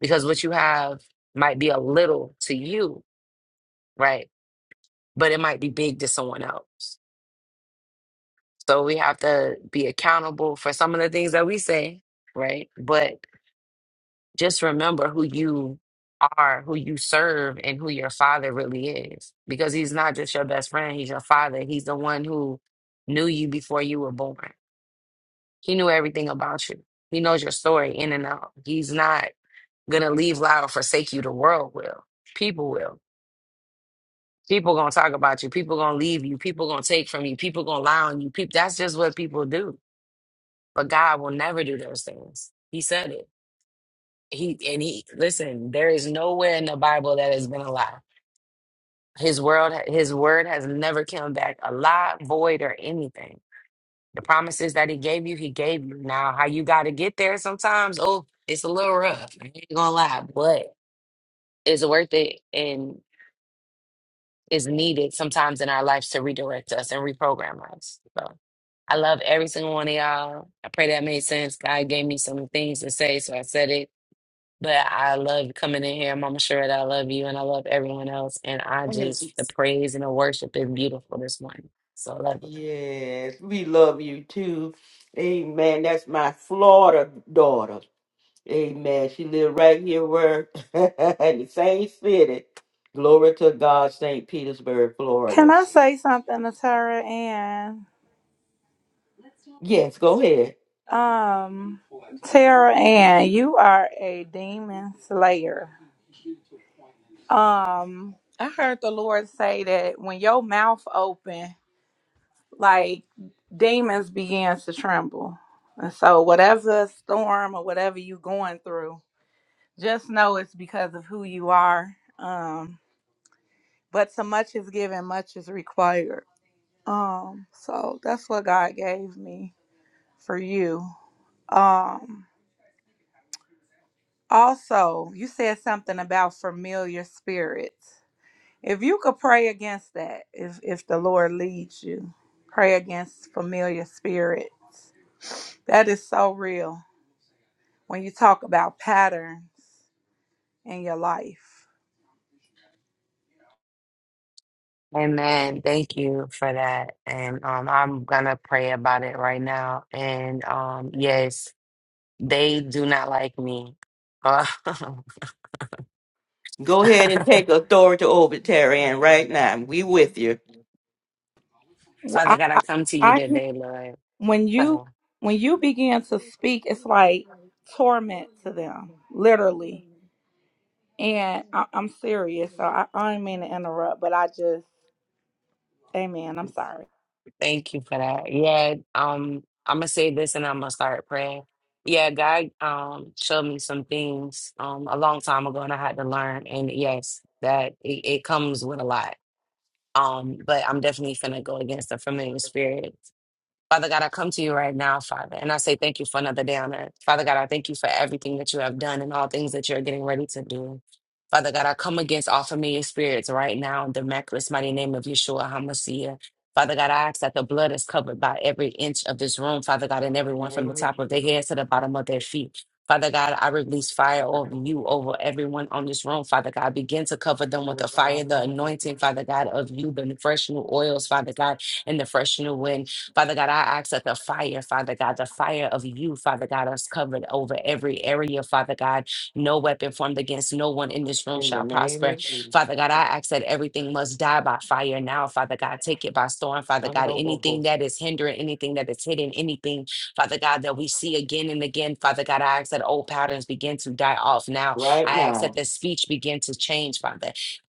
Speaker 5: because what you have might be a little to you, right? But it might be big to someone else. So we have to be accountable for some of the things that we say, right? But just remember who you are, who you serve, and who your father really is. Because he's not just your best friend, he's your father. He's the one who knew you before you were born. He knew everything about you, he knows your story in and out. He's not going to leave loud, or forsake you. The world will, people will. People gonna talk about you. People gonna leave you. People gonna take from you. People gonna lie on you. People, that's just what people do. But God will never do those things. He said it he and he listen there is nowhere in the bible that has been a lie His world, his word has never come back alive, void, or anything. The promises that he gave you, he gave you. Now, how you got to get there sometimes, oh, it's a little rough. I ain't gonna lie, but it's worth it and is needed sometimes in our lives to redirect us and reprogram us. So I love every single one of y'all. I pray that made sense. God gave me some things to say, so I said it. But I love coming in here, Mama Sherrod. I love you, and I love everyone else. And I just the praise and the worship is beautiful this morning. So I love it.
Speaker 1: Yes. We love you too. Amen. That's my Florida daughter. Amen. She lived right here where in the same city. Glory to God, St. Petersburg,
Speaker 4: Can
Speaker 1: Florida.
Speaker 4: I say something to Tara Ann?
Speaker 1: Yes, go ahead.
Speaker 4: Um, Tara Ann, you are a demon slayer. Um, I heard the Lord say that when your mouth open, like demons begins to tremble. And so whatever storm or whatever you going through, just know it's because of who you are. Um, but so much is given, much is required. Um, so that's what God gave me for you. Um. Also, you said something about familiar spirits. If you could pray against that, if if the Lord leads you, pray against familiar spirits. That is so real when you talk about patterns in your life.
Speaker 5: Amen. Thank you for that. And um, I'm gonna pray about it right now. And um, yes, they do not like me. Uh,
Speaker 1: Go ahead and take authority over Terry Ann right now. We with you.
Speaker 4: Wh- I,
Speaker 5: Father God, I
Speaker 4: I,
Speaker 5: come to you
Speaker 4: I hear
Speaker 5: today, Lord.
Speaker 4: when you
Speaker 5: Uh,
Speaker 4: when you begin to speak, it's like torment to them, literally. And I, I'm serious, so I, I don't mean to interrupt, but I just, Amen. I'm sorry.
Speaker 5: Thank you for that. Yeah, um, I'm gonna say this and I'm gonna start praying. Yeah, God um showed me some things um a long time ago and I had to learn. And yes, that it, it comes with a lot. Um, but I'm definitely gonna go against the familiar spirit Father God, I come to you right now, Father, and I say thank you for another day on earth. Father God, I thank you for everything that you have done and all things that you're getting ready to do. Father God, I come against all familiar spirits right now in the miraculous mighty name of Yeshua HaMashiach. Father God, I ask that the blood is covered by every inch of this room, Father God, and everyone from the top of their heads to the bottom of their feet. Father God, I release fire over you, over everyone on this room, Father God. Begin to cover them with the fire, the anointing, Father God, of you, the fresh new oils, Father God, and the fresh new wind. Father God, I ask that the fire, Father God, the fire of you, Father God, us covered over every area, Father God. No weapon formed against no one in this room
Speaker 1: In the
Speaker 5: shall
Speaker 1: name
Speaker 5: prosper.
Speaker 1: of Jesus.
Speaker 5: Father God, I ask that everything must die by fire now, Father God. Take it by storm, Father God. Anything that is hindering, anything that is hidden, anything, Father God, that we see again and again, Father God, I ask that old patterns begin to die off now.
Speaker 1: right
Speaker 5: I ask
Speaker 1: now.
Speaker 5: that the speech begin to change, Father.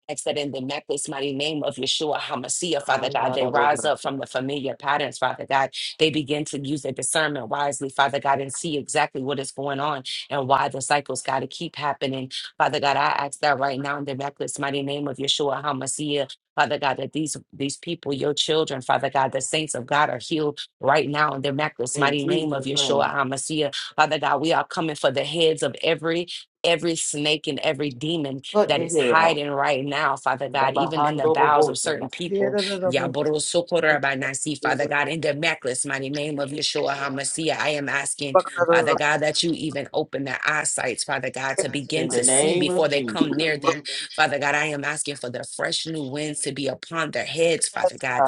Speaker 5: Ask that in the necklace, mighty name of Yeshua HaMashiach, Father
Speaker 1: I'm
Speaker 5: God,
Speaker 1: not
Speaker 5: they
Speaker 1: out of
Speaker 5: rise
Speaker 1: work.
Speaker 5: up from the familiar patterns, Father God. They begin to use their discernment wisely, Father God, and see exactly what is going on and why the cycles got to keep happening. Father God, I ask that right now in the necklace, mighty name of Yeshua HaMashiach. Father God, that these these people, your children, Father God, the saints of God are healed right now in the necklace,
Speaker 1: In
Speaker 5: mighty name of
Speaker 1: Jesus'
Speaker 5: Yeshua
Speaker 1: name,
Speaker 5: HaMashiach. Father God, we are coming for the heads of every every snake and every demon
Speaker 1: cut
Speaker 5: that
Speaker 1: the
Speaker 5: is
Speaker 1: head off.
Speaker 5: hiding right now, Father
Speaker 1: In the
Speaker 5: God, even in
Speaker 1: behind
Speaker 5: the
Speaker 1: of a
Speaker 5: bowels of certain people. Yaborosokorobanasi, Father God, in the necklace, mighty name of Yeshua HaMashiach, I am asking, Father God, that you even open their eyesights, Father God, to begin
Speaker 1: In the
Speaker 5: to see
Speaker 1: name
Speaker 5: before
Speaker 1: of
Speaker 5: they
Speaker 1: Jesus.
Speaker 5: come near them. Father God, I am asking for the fresh new winds to be upon their heads, Father God.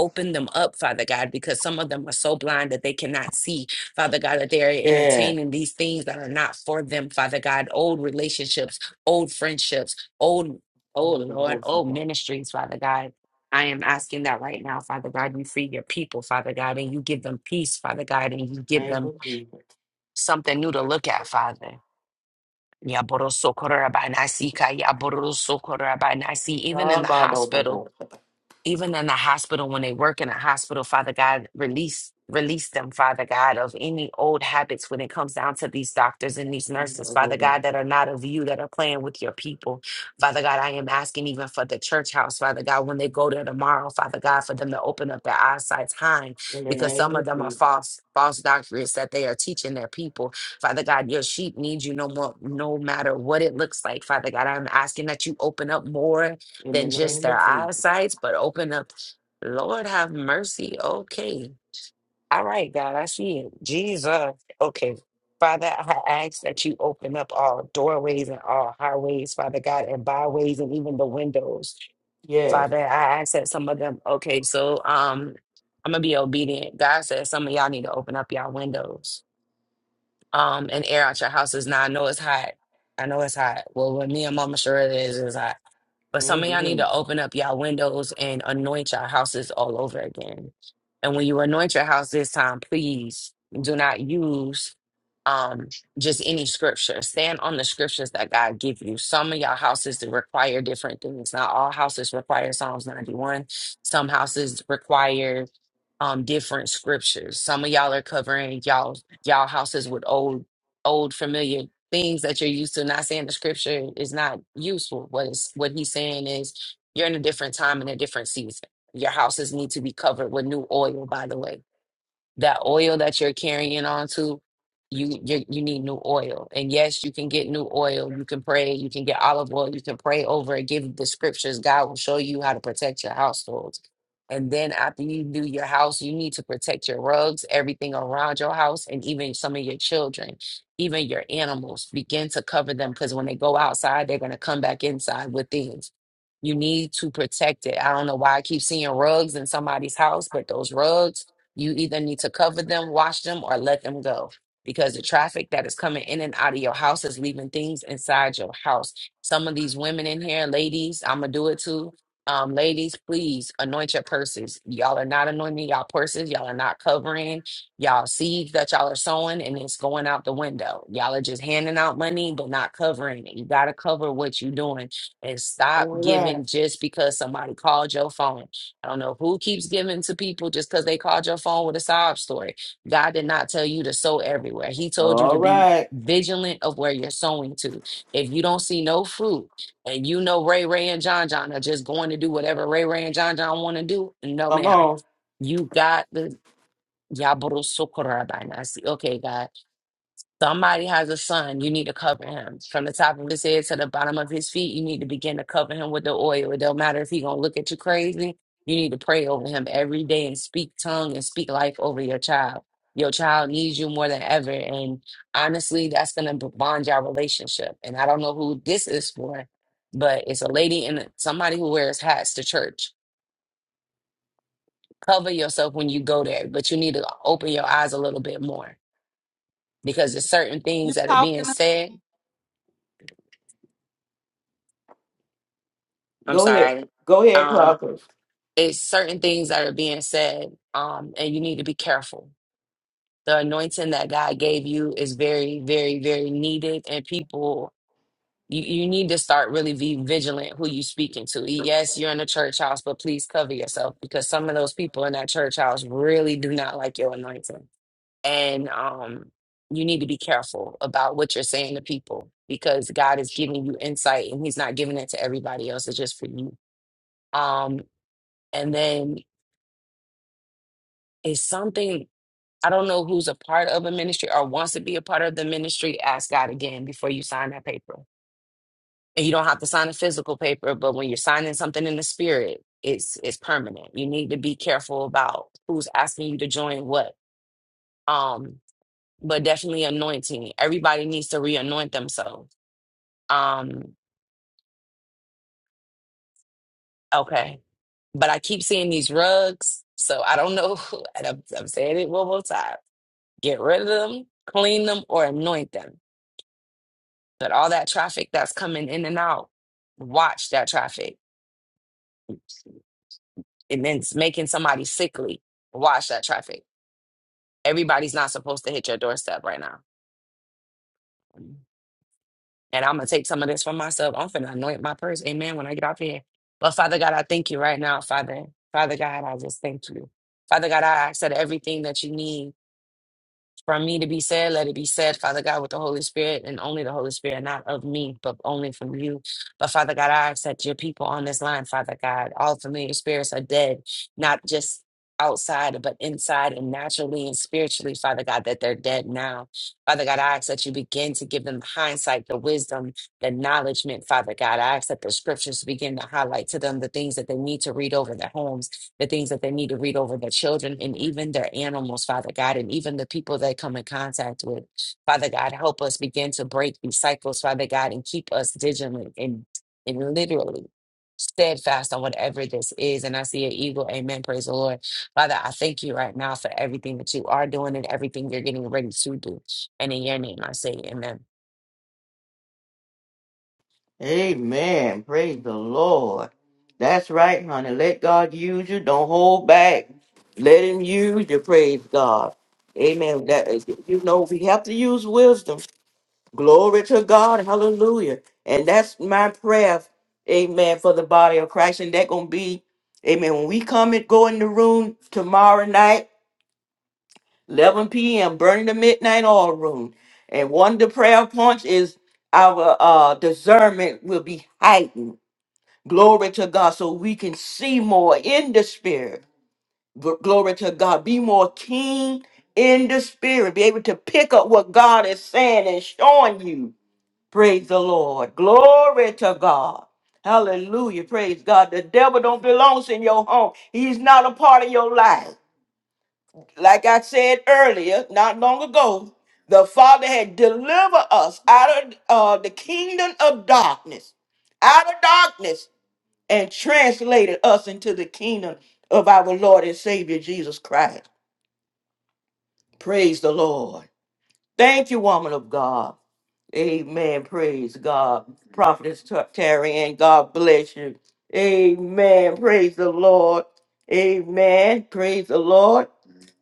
Speaker 5: Open them up, Father God, because some of them are so blind that they cannot see. Father God, that they are
Speaker 1: Yes.
Speaker 5: entertaining these things that are not for them, Father God, old relationships old friendships, old,
Speaker 1: In
Speaker 5: oh
Speaker 1: the
Speaker 5: Lord,
Speaker 1: horse,
Speaker 5: old
Speaker 1: Lord.
Speaker 5: ministries, Father God. I am asking that right now, Father God, you free your people, Father God, and you give them peace, Father God, and you
Speaker 1: In the
Speaker 5: give
Speaker 1: name
Speaker 5: them
Speaker 1: of Jesus.
Speaker 5: something new to look at, Father. Yaborosokorabanasika, yaborosokorabanasi. Even in
Speaker 1: Down
Speaker 5: the
Speaker 1: by the
Speaker 5: hospital,
Speaker 1: horse.
Speaker 5: even in the hospital when they work in a hospital father god release release them father god of any old habits when it comes down to these doctors and these
Speaker 1: Down by
Speaker 5: nurses
Speaker 1: the
Speaker 5: father god
Speaker 1: horse.
Speaker 5: that are not of you that are playing with your people father god i am asking even for the church house father god when they go there tomorrow father god for them to open up their eyesight time
Speaker 1: In the
Speaker 5: because
Speaker 1: name
Speaker 5: some
Speaker 1: of
Speaker 5: of them are
Speaker 1: Jesus.
Speaker 5: false false doctrines that they are teaching their people father god your sheep needs you no more no matter what it looks like father god i'm asking that you open up more
Speaker 1: In the
Speaker 5: than just
Speaker 1: name of
Speaker 5: their
Speaker 1: Jesus.
Speaker 5: eyesights, but open up. Lord have mercy. Okay. All right, God, I see it. Jesus. Okay. Father, I ask that you open up all doorways and all highways, Father God, and byways and even the windows.
Speaker 1: Yes.
Speaker 5: Father, I ask that some of them, okay, so um I'm gonna be obedient. God says some of y'all need to open up y'all windows um and air out your houses. Now I know it's hot. I know it's hot. Well, when me and Mama sure it is, it's hot. But some of y'all need
Speaker 1: Mm-hmm.
Speaker 5: to open up y'all windows and anoint your houses all over again. And when you anoint your house this time, please do not use um just any scripture. Stand on the scriptures that God give you. Some of y'all houses that require different things. Not all houses require Psalms 91. Some houses require um different scriptures. Some of y'all are covering y'all y'all houses with old old familiar things that you're used to. Not saying the scripture is not useful. What is what he's saying is you're in a different time and a different season. Your houses need to be covered with new oil, by the way that oil that you're carrying on to you, you you need new oil and yes you can get new oil you can pray you can get olive oil you can pray over it give the scriptures god will show you how to protect your household and then after you do your house you need to protect your rugs everything around your house and even some of your children even your animals begin to cover them because when they go outside they're going to come back inside with things you need to protect it i don't know why i keep seeing rugs in somebody's house but those rugs you either need to cover them, wash them, or let them go because the traffic that is coming in and out of your house is leaving things inside your house. Some of these women in here, ladies, I'm going to do it too. Um, ladies, please anoint your purses. Y'all are not anointing y'all purses. Y'all are not covering y'all seeds that y'all are sowing, and it's going out the window. Y'all are just handing out money, but not covering it. You got to cover what you're doing and stop
Speaker 1: All right.
Speaker 5: giving just because somebody called your phone. I don't know who keeps giving to people just because they called your phone with a sob story. God did not tell you to sow everywhere. He told you to
Speaker 1: All
Speaker 5: be
Speaker 1: right.
Speaker 5: vigilant of where you're sowing to. If you don't see no fruit and you know Ray Ray and John John are just going to do whatever Ray Ray and John John want to do, no,
Speaker 1: Come
Speaker 5: ma'am.
Speaker 1: on.
Speaker 5: You got the. Okay, God. Somebody has a son, you need to cover him. From the top of his head to the bottom of his feet, you need to begin to cover him with the oil. It don't matter if he gonna look at you crazy. You need to pray over him every day and speak tongue and speak life over your child. Your child needs you more than ever. And honestly, that's gonna b- bond your relationship. And I don't know who this is for, but it's a lady and somebody who wears hats to church. Cover yourself when you go there, but you need to open your eyes a little bit more because there's certain
Speaker 4: You
Speaker 5: things that are being
Speaker 4: talking
Speaker 5: said I'm
Speaker 1: Go ahead.
Speaker 5: sorry.
Speaker 1: Go ahead,
Speaker 5: Um,
Speaker 1: prophet.
Speaker 5: it's certain things that are being said, um, and you need to be careful. The anointing that God gave you is very, very, very needed, and people, you, you need to start really be vigilant who you speaking to. Yes, you're in a church house, but please cover yourself because some of those people in that church house really do not like your anointing, and um, you need to be careful about what you're saying to people because God is giving you insight, and He's not giving it to everybody else. It's just for you Um, and then it's something I don't know who's a part of a ministry or wants to be a part of the ministry. Ask God again before you sign that paper, and you don't have to sign a physical paper. But when you're signing something in the spirit, it's it's permanent. You need to be careful about who's asking you to join what. Um, but definitely anointing. Everybody needs to re-anoint themselves. Um, okay, but I keep seeing these rugs, so I don't know. And I'm, I'm saying it one more time: get rid of them, clean them, or anoint them But all that traffic that's coming in and out, watch that traffic. And then it's making somebody sickly, watch that traffic. Everybody's not supposed to hit your doorstep right now. And I'm going to take some of this for myself. I'm finna anoint my purse. Amen. When I get off here. But Father God, I thank you right now, Father. Father God, I just thank you. Father God, I ask that everything that you need. From me to be said, let it be said, Father God, with the Holy Spirit and only the Holy Spirit, not of me, but only from you. But Father God, I ask that your people on this line, Father God, all familiar spirits are dead, not just outside, but inside and naturally and spiritually, Father God, that they're dead now. Father God, I ask that you begin to give them the hindsight, the wisdom, the knowledgement, Father God. I ask that the scriptures begin to highlight to them the things that they need to read over their homes the things that they need to read over their children and even their animals, Father God, and even the people they come in contact with. Father God, help us begin to break these cycles, Father God, and keep us vigilant and, and literally steadfast on whatever this is. And I see an eagle. Amen. Praise the Lord. Father, I thank you right now for everything that you are doing and everything you're getting ready to do. And in your name, I say amen.
Speaker 1: Amen. Praise the Lord. That's right, honey. Let God use you. Don't hold back. Let Him use you. Praise God. Amen. That you know we have to use wisdom. Glory to God. Hallelujah. And that's my prayer. Amen. For the body of Christ, and that gonna be. Amen. When we come and go in the room tomorrow night, 11 p.m., burning the midnight oil room, and one of the prayer points is our uh, discernment will be heightened Glory to God, so we can see more in the spirit. Gl- Glory to God. Be more keen in the spirit. Be able to pick up what God is saying and showing you. Praise the Lord. Glory to God. Hallelujah. Praise God. The devil don't belongs in your home. He's not a part of your life. Like I said earlier, not long ago, the Father had delivered us out of uh, the kingdom of darkness. Out of darkness and translated us into the kingdom of our Lord and Savior Jesus Christ. Praise the Lord. Thank you, woman of God. Amen. Praise God. Prophetess Ta- Terry, and God bless you. Amen. Praise the Lord. Amen. Praise the Lord.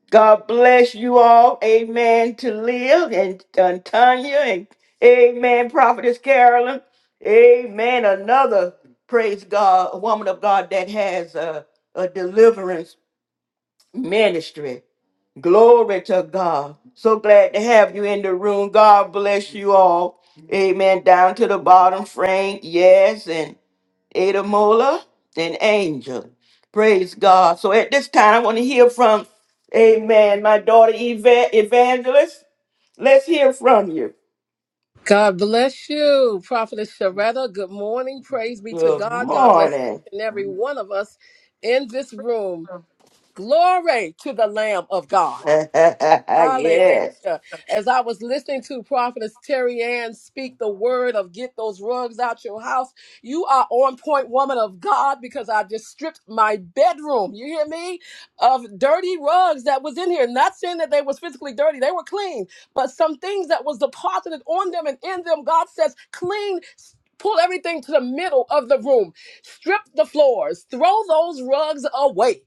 Speaker 1: God bless you all. Amen. To live and, and Tanya and Amen. Prophetess Carolyn. Amen. Another praise God, woman of God that has a, a deliverance ministry. Glory to God. So glad to have you in the room. God bless you all. Amen. Down to the bottom, Frank. Yes. Ada Mola, then Angel. Praise God. So at this time, I want to hear from, amen, my daughter Eva- Evangelist. Let's hear from you.
Speaker 6: God bless you, Prophetess Sharetta. Good morning. Praise be to
Speaker 1: Good
Speaker 6: God. God bless each
Speaker 1: morning.
Speaker 6: and every one of us in this room. Glory to the Lamb of God.
Speaker 1: yes.
Speaker 6: Hallelujah. As I was listening to Prophetess Terry Ann speak the word of get those rugs out your house, you are on point, woman of God, because I just stripped my bedroom, you hear me, of dirty rugs that was in here. Not saying that they was physically dirty, they were clean, but some things that was deposited on them and in them, God says, clean. s- Pull everything to the middle of the room. Strip the floors. Throw those rugs away.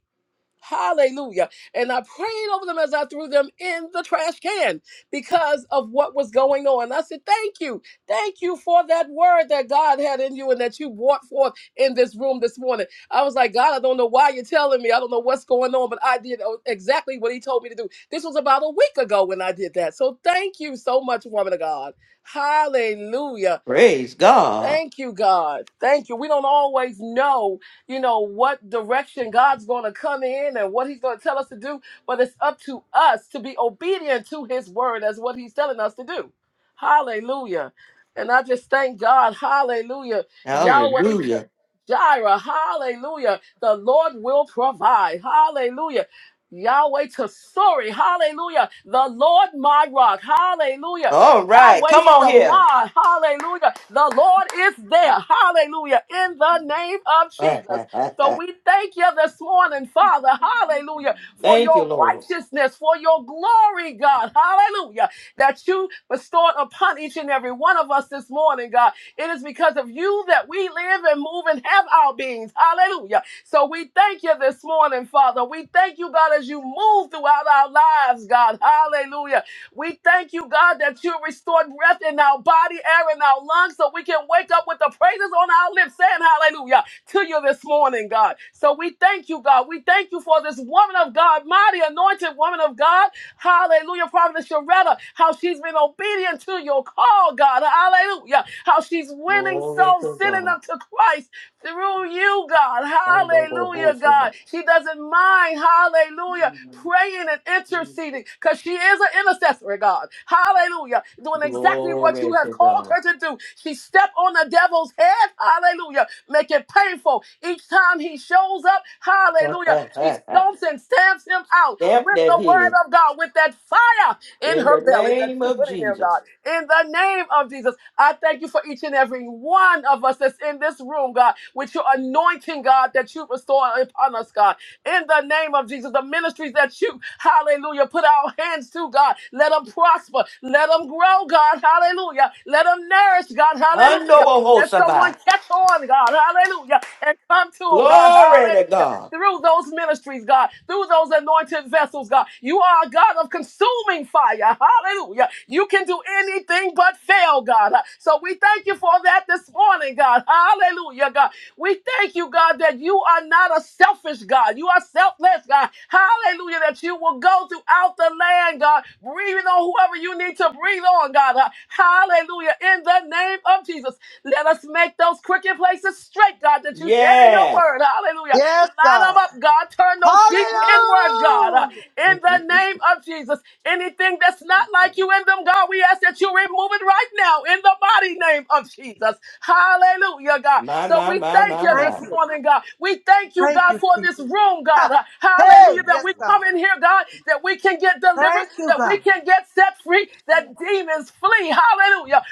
Speaker 6: Hallelujah. And I prayed over them as I threw them in the trash can because of what was going on. I said, Thank you. Thank you for that word that God had in you and that you brought forth in this room this morning. I was like, God, I don't know why you're telling me. I don't know what's going on, but I did exactly what He told me to do. This was about a week ago when I did that. So thank you so much, woman of God. Hallelujah.
Speaker 1: Praise God.
Speaker 6: Thank you, God. Thank you. We don't always know, you know, what direction God's going to come in and what He's going to tell us to do, but it's up to us to be obedient to His word as what He's telling us to do. Hallelujah. And I just thank God. Hallelujah. Yahweh J-
Speaker 1: Hallelujah.
Speaker 6: Jireh. Hallelujah. The Lord will provide. Hallelujah. Yahweh Tesori, hallelujah. The Lord my rock, hallelujah.
Speaker 1: All right.
Speaker 6: Yahweh
Speaker 1: Come on here.
Speaker 6: Shammah. Hallelujah. The Lord is there. Hallelujah. In the name of Jesus. So we thank you this morning, Father. Hallelujah. For
Speaker 1: Thank you,
Speaker 6: your
Speaker 1: Lord.
Speaker 6: righteousness, for your glory, God. Hallelujah. That you bestowed upon each and every one of us this morning, God. It is because of you that we live and move and have our beings. Hallelujah. So we thank you this morning, Father. We thank you, God, as you move throughout our lives, God. Hallelujah we thank you, God, that you restored breath in our body, air in our lungs, so we can wake up with the praises on our lips saying hallelujah to you this morning, God. So we thank you, God. We thank you for this woman of God, mighty anointed woman of God. Hallelujah, Prophetess Sharetta, how she's been obedient to your call, God. Hallelujah. How she's winning
Speaker 1: Glory
Speaker 6: souls,
Speaker 1: to
Speaker 6: sending
Speaker 1: God.
Speaker 6: them to Christ through you, God. Hallelujah, God. She doesn't mind, hallelujah, praying and interceding because she is an intercessor, God. Hallelujah. Doing exactly what you
Speaker 1: Glory
Speaker 6: have called
Speaker 1: to
Speaker 6: her to do. She stepped on the devil's head, hallelujah. Make it painful. Each time he shows up, hallelujah, she
Speaker 1: God.
Speaker 6: stomps and stamps him out
Speaker 1: Yep,
Speaker 6: with the
Speaker 1: that
Speaker 6: word
Speaker 1: is.
Speaker 6: of God, with that fire in
Speaker 1: In the
Speaker 6: her belly that
Speaker 1: name
Speaker 6: you
Speaker 1: of
Speaker 6: put in there, God
Speaker 1: Jesus.
Speaker 6: in the name of Jesus. I thank you for each and every one of us that's in this room, God, with your anointing, God, that you restore upon us, God. In the name of Jesus, the ministries that you, hallelujah, put our hands to, God, let them prosper, let them grow, God, hallelujah, let them nourish, God, hallelujah. Let
Speaker 1: Handobohosaba.
Speaker 6: someone catch on, God, hallelujah, and come to him, God,
Speaker 1: Glory
Speaker 6: hallelujah
Speaker 1: to God.
Speaker 6: through those ministries, God, through those anointed vessels, God. You are a God of consuming fire. Hallelujah. You can do anything but fail, God. So we thank you for that this morning, God. Hallelujah, God. We thank you, God, that you are not a selfish God. You are selfless, God. Hallelujah, that you will go throughout the land, God, breathing on whoever you need to breathe on, God. Hallelujah. In the name of Jesus, let us make those crooked places straight, God, that you said in your
Speaker 1: Yeah.
Speaker 6: word. Hallelujah.
Speaker 3: Yes,
Speaker 6: Line
Speaker 3: God.
Speaker 6: them up, God. Turn those feet inward, God. Uh,
Speaker 3: Hallelujah.
Speaker 6: In the name of Jesus. Anything that's not like you in them, God, we ask that you remove it right now in the body name of Jesus. Hallelujah, God.
Speaker 1: My,
Speaker 6: So
Speaker 1: my,
Speaker 6: we
Speaker 1: my,
Speaker 6: thank
Speaker 1: my,
Speaker 6: you
Speaker 3: Thank
Speaker 6: this
Speaker 1: my.
Speaker 3: you.
Speaker 6: morning, God. We thank you,
Speaker 3: Thank
Speaker 6: God,
Speaker 3: you,
Speaker 6: for
Speaker 3: Jesus.
Speaker 6: this room, God.
Speaker 3: Ah,
Speaker 6: Uh,
Speaker 3: hey,
Speaker 6: Hallelujah, that
Speaker 3: yes,
Speaker 6: we
Speaker 3: God.
Speaker 6: come in here, God, that we can get delivered,
Speaker 3: Thank you,
Speaker 6: that we
Speaker 3: God.
Speaker 6: can get set free, that demons flee. Hallelujah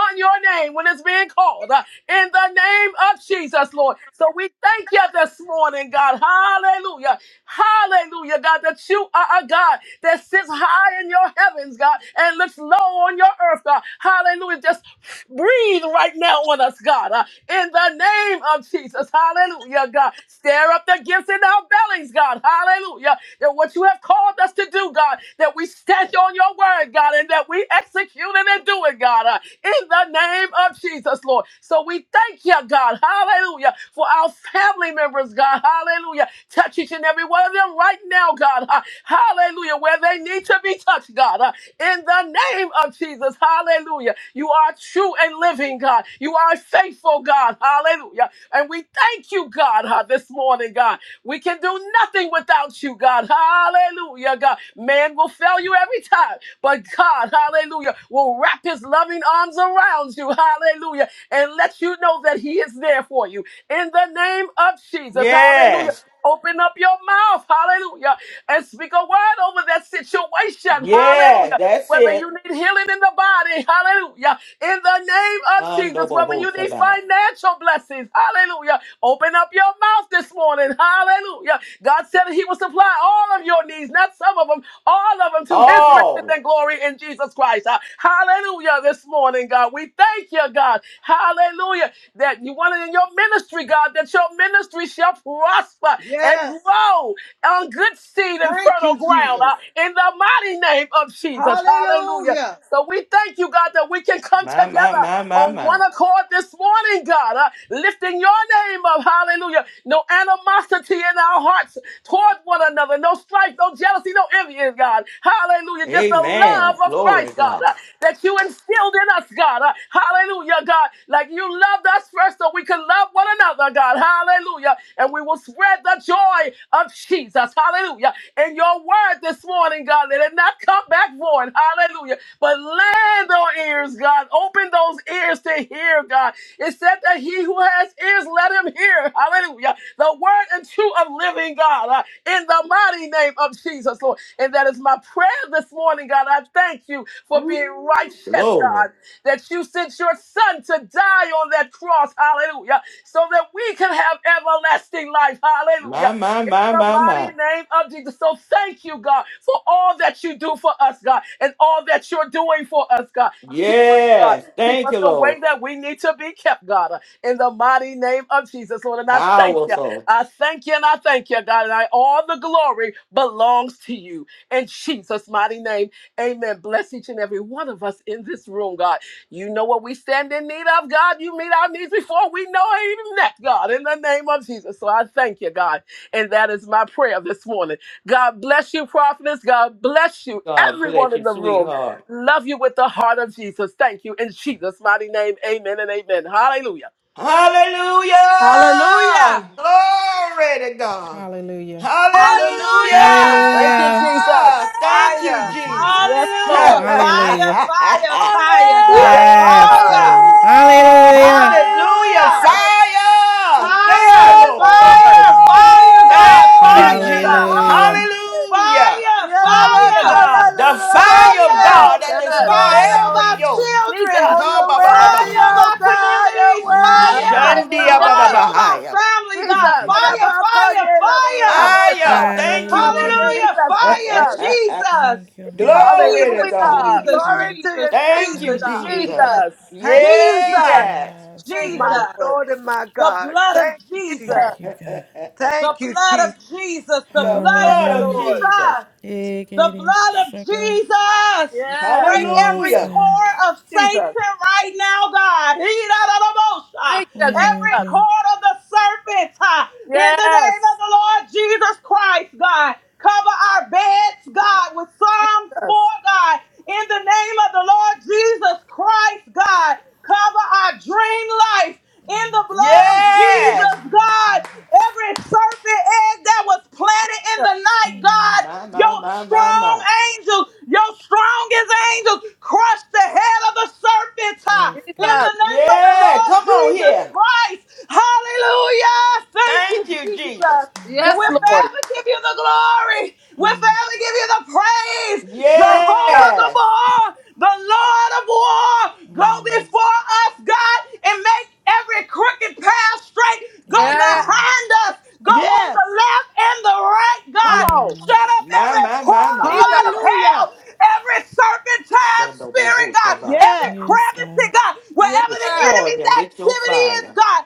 Speaker 6: upon your name when it's being called uh, in the name of Jesus, Lord. So we thank you this morning, God. Hallelujah. Hallelujah, God, that you are a God that sits high in your heavens, God, and looks low on your earth, God. Hallelujah. Just breathe right now on us, God, uh, in the name of Jesus. Hallelujah, God. Stir up the gifts in our bellies, God. Hallelujah. That what you have called called us to do, God, that we stand on your word, God, and that we execute it and do it, God, uh, in the name of Jesus, Lord. So we thank you, God, hallelujah, for our family members, God, hallelujah. Touch each and every one of them right now, God, uh, hallelujah, where they need to be touched, God, uh, in the name of Jesus, hallelujah. You are true and living, God. You are faithful, God, hallelujah. And we thank you, God, uh, this morning, God. We can do nothing without you, God. Hallelujah, God. Man will fail you every time, but God, hallelujah, will wrap his loving arms around you, hallelujah, and let you know that he is there for you. In the name of Jesus, hallelujah.
Speaker 1: Yes.
Speaker 6: Open up your mouth, hallelujah, and speak a word over that situation,
Speaker 1: Yes.
Speaker 6: hallelujah.
Speaker 1: That's
Speaker 6: Whether
Speaker 1: it.
Speaker 6: you need healing in the body, hallelujah. In the name of Jesus, whether you need
Speaker 1: Handobohosaba.
Speaker 6: financial blessings, hallelujah. Open up your mouth this morning, hallelujah. God said that He will supply all of your needs, not some of them, all of them to His riches
Speaker 1: All.
Speaker 6: and glory in Jesus Christ. Uh, Hallelujah this morning, God. We thank you, God. Hallelujah. That you want it in your ministry, God, that your ministry ministry shall prosper and
Speaker 3: Yes.
Speaker 6: grow on good seed and
Speaker 3: Thank you,
Speaker 6: fertile ground
Speaker 3: Jesus.
Speaker 6: uh, in the mighty name of Jesus. Hallelujah.
Speaker 3: Hallelujah.
Speaker 6: So we thank you, God, that we can come
Speaker 1: My, my,
Speaker 6: together
Speaker 1: my, my,
Speaker 6: on one
Speaker 1: my.
Speaker 6: accord this morning, God, uh, lifting your name up. Hallelujah. No animosity in our hearts toward one another, no strife, no jealousy, no envy, God. Hallelujah. Just the love
Speaker 1: Amen.
Speaker 6: of Christ.
Speaker 1: Glory to
Speaker 6: Christ, God,
Speaker 1: God.
Speaker 6: uh, that you instilled in us, God. uh, Hallelujah, God. Like you loved us first so we could love one another, God. Hallelujah. And we will spread the joy of Jesus. Hallelujah. In your word this morning, God, let it not come back void. Hallelujah. But land on ears, God. Open those ears to hear, God. It said that he who has ears, let him hear. Hallelujah. The word and truth of living God uh, in the mighty name of Jesus, Lord. And that is my prayer this morning, God. I thank you for
Speaker 1: Ooh,
Speaker 6: being righteous,
Speaker 1: Glory.
Speaker 6: God, that you sent your son to die on that cross, hallelujah, so that we can have everlasting life,
Speaker 1: My,
Speaker 6: hallelujah.
Speaker 1: my,
Speaker 6: In
Speaker 1: my,
Speaker 6: the
Speaker 1: my, my.
Speaker 6: mighty name of Jesus. So thank you, God, for all that you do for us, God, and all that you're doing for us, God. Keep us, God.
Speaker 1: Yes.
Speaker 6: Keep
Speaker 1: Thank
Speaker 6: us
Speaker 1: you,
Speaker 6: the way
Speaker 1: Lord.
Speaker 6: that we need to be kept, God, uh, in the mighty name of Jesus, Lord. And I thank you.
Speaker 1: Powerful.
Speaker 6: I thank you and I thank you, God. And I, all the glory belongs to you. In Jesus' mighty name, amen. Bless each and every one of us in this room, God. You know what we stand in need of, God. You meet our needs before we know it even that, God, in the name of Jesus. So I thank you, God. And that is my prayer this morning. God bless you, prophetess. God bless you,
Speaker 1: God
Speaker 6: everyone
Speaker 1: bless you,
Speaker 6: in the room.
Speaker 1: sweetheart.
Speaker 6: Love you with the heart of Jesus. Thank you. In Jesus' mighty name, amen and amen. Hallelujah.
Speaker 1: Hallelujah!
Speaker 4: Hallelujah.
Speaker 1: Glory to God.
Speaker 7: Hallelujah.
Speaker 4: Hallelujah.
Speaker 6: Thank you,
Speaker 7: Hallelujah.
Speaker 6: Jesus.
Speaker 1: Hallelujah! Thank
Speaker 7: Thank
Speaker 1: you,
Speaker 7: you,
Speaker 4: Fire.
Speaker 1: Jesus.
Speaker 6: Yes,
Speaker 7: Jesus.
Speaker 3: Hallelujah.
Speaker 4: Hallelujah.
Speaker 6: Lord.
Speaker 4: Fire,
Speaker 7: Hallelujah.
Speaker 4: fire, fire,
Speaker 1: Woo!
Speaker 4: God.
Speaker 6: Yes,
Speaker 3: Oh,
Speaker 7: Yes,
Speaker 6: God.
Speaker 4: Fire.
Speaker 7: God. Hallelujah.
Speaker 1: Hallelujah!
Speaker 4: Hallelujah.
Speaker 6: Yes,
Speaker 1: Fire! Thank you,
Speaker 4: Fire,
Speaker 6: yes
Speaker 1: Lord.
Speaker 7: Thank
Speaker 6: Lord.
Speaker 7: you,
Speaker 4: fire,
Speaker 7: Lord.
Speaker 4: fire, God.
Speaker 1: Thank
Speaker 6: Yes,
Speaker 1: you,
Speaker 4: Fire in our
Speaker 1: Jesus.
Speaker 6: Jesus.
Speaker 4: home.
Speaker 7: Hallelujah.
Speaker 1: Hallelujah!
Speaker 4: Fire,
Speaker 7: Thank you,
Speaker 6: Hallelujah,
Speaker 4: fire,
Speaker 6: God.
Speaker 1: The
Speaker 7: Jesus.
Speaker 1: fire of
Speaker 4: fire,
Speaker 1: God that
Speaker 6: Yes.
Speaker 1: destroy
Speaker 4: fire of
Speaker 1: every
Speaker 4: our
Speaker 1: yoke.
Speaker 7: Hallelujah.
Speaker 4: children.
Speaker 1: Come,
Speaker 6: Jesus.
Speaker 3: you're
Speaker 1: ba ba
Speaker 7: Thank
Speaker 3: worthy,
Speaker 7: you,
Speaker 4: Fire of
Speaker 3: oh
Speaker 4: our
Speaker 7: Jesus.
Speaker 3: God, you're
Speaker 4: communities.
Speaker 3: worthy, oh
Speaker 4: Fire,
Speaker 1: Shandia
Speaker 3: God.
Speaker 4: fire
Speaker 6: Hallelujah.
Speaker 4: of our family, God.
Speaker 7: Thank you,
Speaker 6: Jesus.
Speaker 4: Fire,
Speaker 7: Jesus.
Speaker 4: fire, fire.
Speaker 6: Thank you,
Speaker 1: Fire.
Speaker 6: God.
Speaker 1: Thank you,
Speaker 7: Hallelujah.
Speaker 1: Jesus.
Speaker 4: Hallelujah.
Speaker 6: Jesus,
Speaker 4: Fire,
Speaker 6: Jesus.
Speaker 4: Jesus.
Speaker 7: Thank you,
Speaker 1: Glory
Speaker 7: Lord.
Speaker 1: to
Speaker 4: Jesus,
Speaker 1: God.
Speaker 6: Hallelujah.
Speaker 7: Yes,
Speaker 4: Jesus,
Speaker 3: Glory
Speaker 7: God.
Speaker 3: to
Speaker 4: Jesus,
Speaker 3: your name,
Speaker 1: Thank you,
Speaker 4: Jesus,
Speaker 3: God.
Speaker 1: Jesus.
Speaker 4: Jesus,
Speaker 7: Hashay.
Speaker 6: Jesus.
Speaker 3: Thank you, Jesus.
Speaker 4: Jesus,
Speaker 1: Yes.
Speaker 7: Yes,
Speaker 6: Thank you,
Speaker 3: My
Speaker 7: God.
Speaker 4: Jesus.
Speaker 6: Lord.
Speaker 3: Lord and my
Speaker 4: The
Speaker 3: God.
Speaker 4: blood of
Speaker 3: Thank you, Jesus.
Speaker 6: Jesus.
Speaker 4: Jesus.
Speaker 7: Thank you, God.
Speaker 1: the
Speaker 4: The
Speaker 3: Thank you,
Speaker 4: blood
Speaker 3: Jesus.
Speaker 4: of Jesus. The
Speaker 6: Thank
Speaker 4: blood of
Speaker 6: you,
Speaker 1: blood of
Speaker 7: Hallelujah.
Speaker 6: Lord.
Speaker 4: Jesus.
Speaker 1: Jesus.
Speaker 7: Yeah,
Speaker 4: The
Speaker 7: Katie.
Speaker 4: blood of
Speaker 7: Sugar.
Speaker 4: Jesus.
Speaker 6: Yes.
Speaker 4: Break every
Speaker 7: Yes,
Speaker 1: Hallelujah.
Speaker 7: God.
Speaker 4: core of
Speaker 6: Jesus.
Speaker 4: Satan right now, God. He da da da bo- sha.
Speaker 6: Thank you,
Speaker 7: Yeah,
Speaker 4: Every
Speaker 6: Jesus.
Speaker 7: God.
Speaker 4: cord of the serpent. ha. In the
Speaker 6: Yes.
Speaker 4: name of the Lord Jesus Christ, God. Cover our beds, God, with Psalms 4,
Speaker 6: Jesus.
Speaker 4: God. In the name of the Lord Jesus Christ, God. Cover our dream life in the
Speaker 7: Yes,
Speaker 4: blood of
Speaker 7: God. In
Speaker 1: Yes.
Speaker 7: the
Speaker 4: Jesus,
Speaker 7: name of
Speaker 4: God.
Speaker 7: Jesus.
Speaker 4: Every serpent egg that was planted in the night,
Speaker 7: Mm.
Speaker 4: God.
Speaker 1: My, my,
Speaker 4: Your
Speaker 1: my, my,
Speaker 4: strong
Speaker 1: my.
Speaker 4: angels, your strongest angels, crush the head of the serpent. ah,
Speaker 7: Yes,
Speaker 4: In
Speaker 7: God.
Speaker 6: Jesus.
Speaker 4: the name of the
Speaker 1: Yeah.
Speaker 4: Lord
Speaker 1: Come on
Speaker 4: Jesus
Speaker 1: here.
Speaker 4: Christ. Hallelujah. Thank you,
Speaker 1: Thank you,
Speaker 4: Jesus.
Speaker 1: Jesus.
Speaker 4: And
Speaker 7: Yes,
Speaker 6: Yes,
Speaker 4: we'll
Speaker 7: God.
Speaker 6: Lord.
Speaker 4: forever give you the glory. We'll
Speaker 7: Mm.
Speaker 4: forever give you the praise.
Speaker 6: Thank you,
Speaker 4: Jehovah
Speaker 6: God.
Speaker 1: Yes.
Speaker 4: Gabor, the Lord of war. Go
Speaker 7: Mm.
Speaker 4: before us, God, and make every crooked path straight. Go
Speaker 7: Yes,
Speaker 6: Yes.
Speaker 7: God.
Speaker 4: behind us. Go on
Speaker 3: Yes.
Speaker 4: the left and the right,
Speaker 6: Come
Speaker 4: God.
Speaker 6: on.
Speaker 4: Shut up
Speaker 1: My,
Speaker 4: every
Speaker 1: my, my,
Speaker 4: portal,
Speaker 1: my.
Speaker 4: God of
Speaker 6: Jesus.
Speaker 4: hell,
Speaker 3: Hallelujah.
Speaker 4: every serpentine
Speaker 1: Shundo
Speaker 4: spirit, God, every
Speaker 3: Yes.
Speaker 7: Yes,
Speaker 4: crevice,
Speaker 7: God.
Speaker 4: God,
Speaker 6: Yes.
Speaker 4: wherever the
Speaker 1: Destroy
Speaker 4: enemy's
Speaker 1: them with your
Speaker 4: activity is,
Speaker 1: fire.
Speaker 4: God,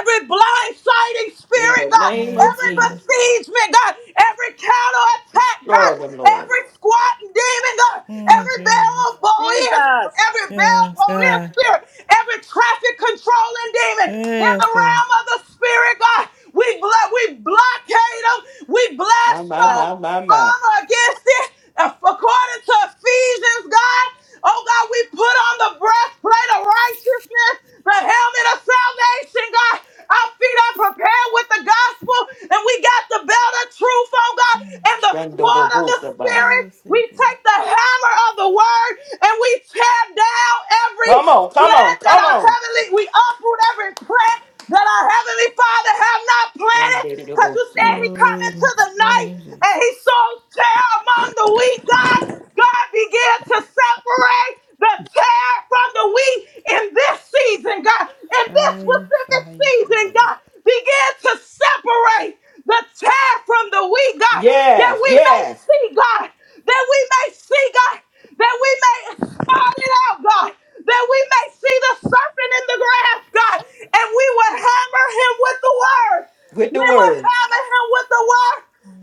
Speaker 4: every blindsiding
Speaker 1: In the
Speaker 4: spirit, God,
Speaker 1: name of
Speaker 7: Yes,
Speaker 4: every
Speaker 7: God.
Speaker 1: Jesus.
Speaker 4: besiegement, God, every counterattack, God,
Speaker 1: Destroy them, Lord.
Speaker 4: every squatting demon, God,
Speaker 7: Mm,
Speaker 4: every bell of
Speaker 7: Jesus.
Speaker 4: Boeing,
Speaker 6: Jesus.
Speaker 4: every bell
Speaker 7: Yes, God. Yes,
Speaker 4: police
Speaker 7: God.
Speaker 4: spirit, every traffic controlling demon, in the realm of the spirit, God, we blo- we blockade them, we
Speaker 1: My, my,
Speaker 6: Yes.
Speaker 4: blast
Speaker 1: my, my, my.
Speaker 4: armor against it. Uh, According to Ephesians, God, oh God, we put on the breastplate of righteousness, the helmet of salvation, God. Our feet are prepared with the gospel, and we got the belt of truth, oh God, and the sword of the
Speaker 1: Shandobobosaba.
Speaker 4: spirit.
Speaker 7: Yes,
Speaker 4: We
Speaker 7: God.
Speaker 4: take the hammer of the word and we tear down every
Speaker 1: Come on, come on,
Speaker 4: plant that
Speaker 1: come
Speaker 4: our
Speaker 1: on.
Speaker 4: heavenly, we uproot every plant that our heavenly father have not planted. Because you said he
Speaker 1: Shandadidobosia.
Speaker 4: come
Speaker 7: Glory
Speaker 4: into
Speaker 7: be to
Speaker 4: the
Speaker 7: your
Speaker 4: night
Speaker 7: name,
Speaker 4: and he
Speaker 7: Jesus.
Speaker 4: sows tear among the wheat, God, God began to separate the tear from the wheat in this season, God. In this
Speaker 7: Fire,
Speaker 4: specific
Speaker 7: fire,
Speaker 4: season,
Speaker 7: fire.
Speaker 4: God, began to separate the tear from the wheat, God, that
Speaker 1: Yes,
Speaker 4: we may
Speaker 1: yes.
Speaker 4: see, God, that we may see, God, that we may spot it out, God, that we may see the serpent in the grass, God, and we would hammer him with the word.
Speaker 1: With
Speaker 4: We
Speaker 1: the
Speaker 4: would
Speaker 1: word.
Speaker 4: hammer him with the word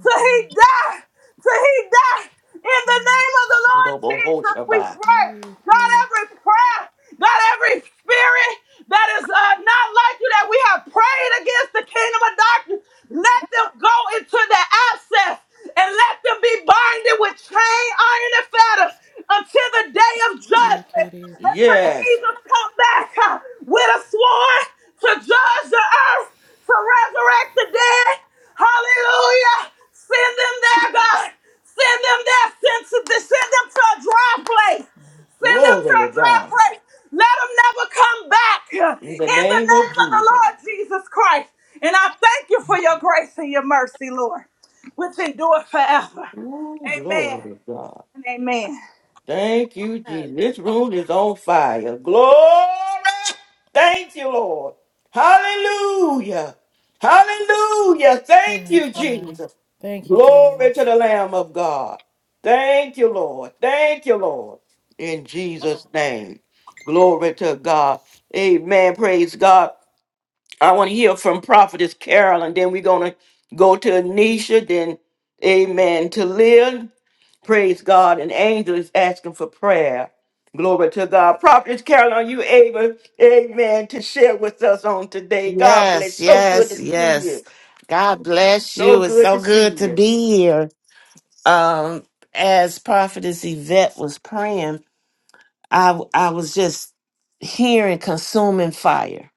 Speaker 4: so he died. So he died In the name of the
Speaker 7: Yes.
Speaker 4: Lord Jesus, we
Speaker 1: Shandobobosaba.
Speaker 4: pray. God,
Speaker 7: Yes,
Speaker 4: every prayer, God, every spirit that is uh, not like you, that we have prayed against the kingdom of darkness, let them go into their abscess and let them be binded with chain, iron, and fetter until the day of
Speaker 7: Yeah,
Speaker 4: judgment.
Speaker 7: kid, it goes.
Speaker 4: Until
Speaker 1: Yes.
Speaker 4: Jesus come back uh, with a sword to judge the earth, to resurrect the dead. Hallelujah. Send them there, God. Send them there. Send, send them to a dry place. Send them to
Speaker 1: Glory
Speaker 4: a
Speaker 1: to
Speaker 4: dry
Speaker 1: God.
Speaker 4: place. Let them never come back.
Speaker 1: In the
Speaker 4: In the
Speaker 1: name of
Speaker 4: name of the
Speaker 1: Jesus.
Speaker 4: Lord Jesus Christ. And I thank you for your grace and your mercy, Lord, which endure forever.
Speaker 1: Ooh, glory
Speaker 4: Amen
Speaker 1: to God.
Speaker 4: and amen.
Speaker 1: Thank you, Jesus. This room is on fire. Glory. Thank you, Lord. Hallelujah. Hallelujah. Thank
Speaker 7: Yes,
Speaker 1: you,
Speaker 7: God.
Speaker 1: Jesus.
Speaker 7: Thank you,
Speaker 1: Glory to
Speaker 7: Jesus.
Speaker 1: the Lamb of God. Thank you, Lord. Thank you, Lord. In Jesus' name. Glory to God. Amen. Praise God. I want to hear from Prophetess Carol, and then we're going to go to Anisha, then, amen, to Lynn. Praise God. An angel is asking for prayer. Glory to God. Prophetess Carol, are you able, amen, to share with us on today? God bless.
Speaker 8: Yes,
Speaker 1: So good
Speaker 8: yes,
Speaker 1: to see
Speaker 8: yes.
Speaker 1: you.
Speaker 8: God bless
Speaker 1: So
Speaker 8: you. It's
Speaker 1: good
Speaker 8: so
Speaker 1: to see
Speaker 8: good to
Speaker 1: you.
Speaker 8: be here. Um, as Prophetess Yvette was praying, I I was just hearing consuming fire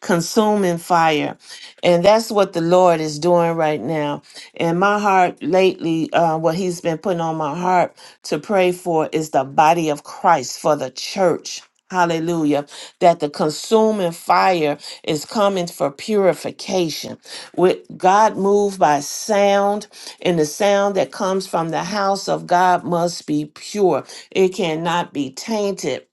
Speaker 8: consuming fire. And that's what the Lord is doing right now. And my heart lately, uh, what He's been putting on my heart to pray for is the body of Christ for the church. Hallelujah. That the consuming fire is coming for purification. With God moved by sound, and the sound that comes from the house of God must be pure. It cannot be tainted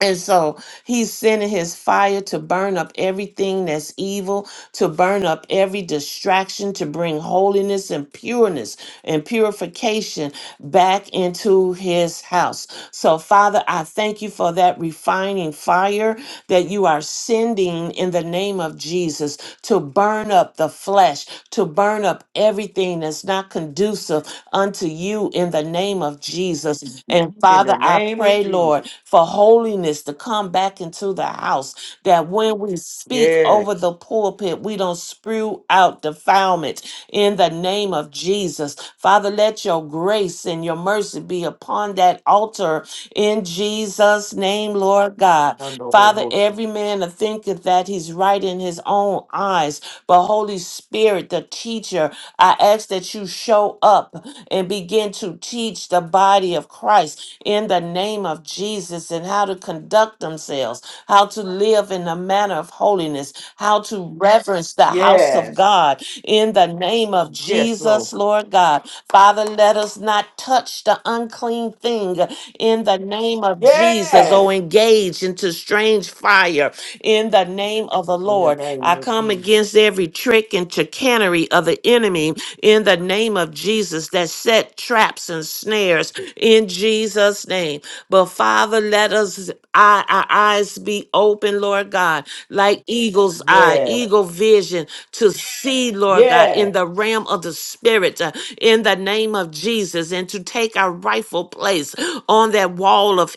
Speaker 8: and so he's sending his fire to burn up everything that's evil, to burn up every distraction, to bring holiness and pureness and purification back into his house. So, Father, I thank you for that refining fire that you are sending in the name of Jesus to burn up the flesh, to burn up everything that's not conducive unto you in the name of Jesus. And
Speaker 1: In the
Speaker 8: Father, I
Speaker 1: name of
Speaker 8: pray,
Speaker 1: Jesus.
Speaker 8: Lord, for holiness to come back into the house that when we speak
Speaker 1: Yes.
Speaker 8: over the pulpit, we don't spew out defilement in the name of Jesus. Father, let your grace and your mercy be upon that altar in Jesus' name, Lord God. Father,
Speaker 1: Shandobohosa.
Speaker 8: every man that thinketh that he's right in his own eyes, but Holy Spirit, the teacher, I ask that you show up and begin to teach the body of Christ in the name of Jesus and how to conduct themselves, how to live in the manner of holiness, how to Yes. reverence the house of
Speaker 1: Yes.
Speaker 8: God in the name of
Speaker 1: Yes,
Speaker 8: Jesus,
Speaker 1: Lord.
Speaker 8: Lord God. Father, let us not touch the unclean thing in the name of Jesus. Jesus, oh,
Speaker 1: Yes.
Speaker 8: engage into strange fire in the name of the
Speaker 1: In the
Speaker 8: Lord.
Speaker 1: name
Speaker 8: I
Speaker 1: of
Speaker 8: come
Speaker 1: Jesus.
Speaker 8: against every trick and chicanery of the enemy in the name of Jesus that set traps and snares in Jesus' name. But Father, let us eye, our eyes be open, Lord God, like eagle's eye,
Speaker 1: Yes.
Speaker 8: eagle vision to see, Lord God, in
Speaker 1: Yes.
Speaker 8: the realm of the spirit, uh, in the name of Jesus, and to take our rightful place on on that wall of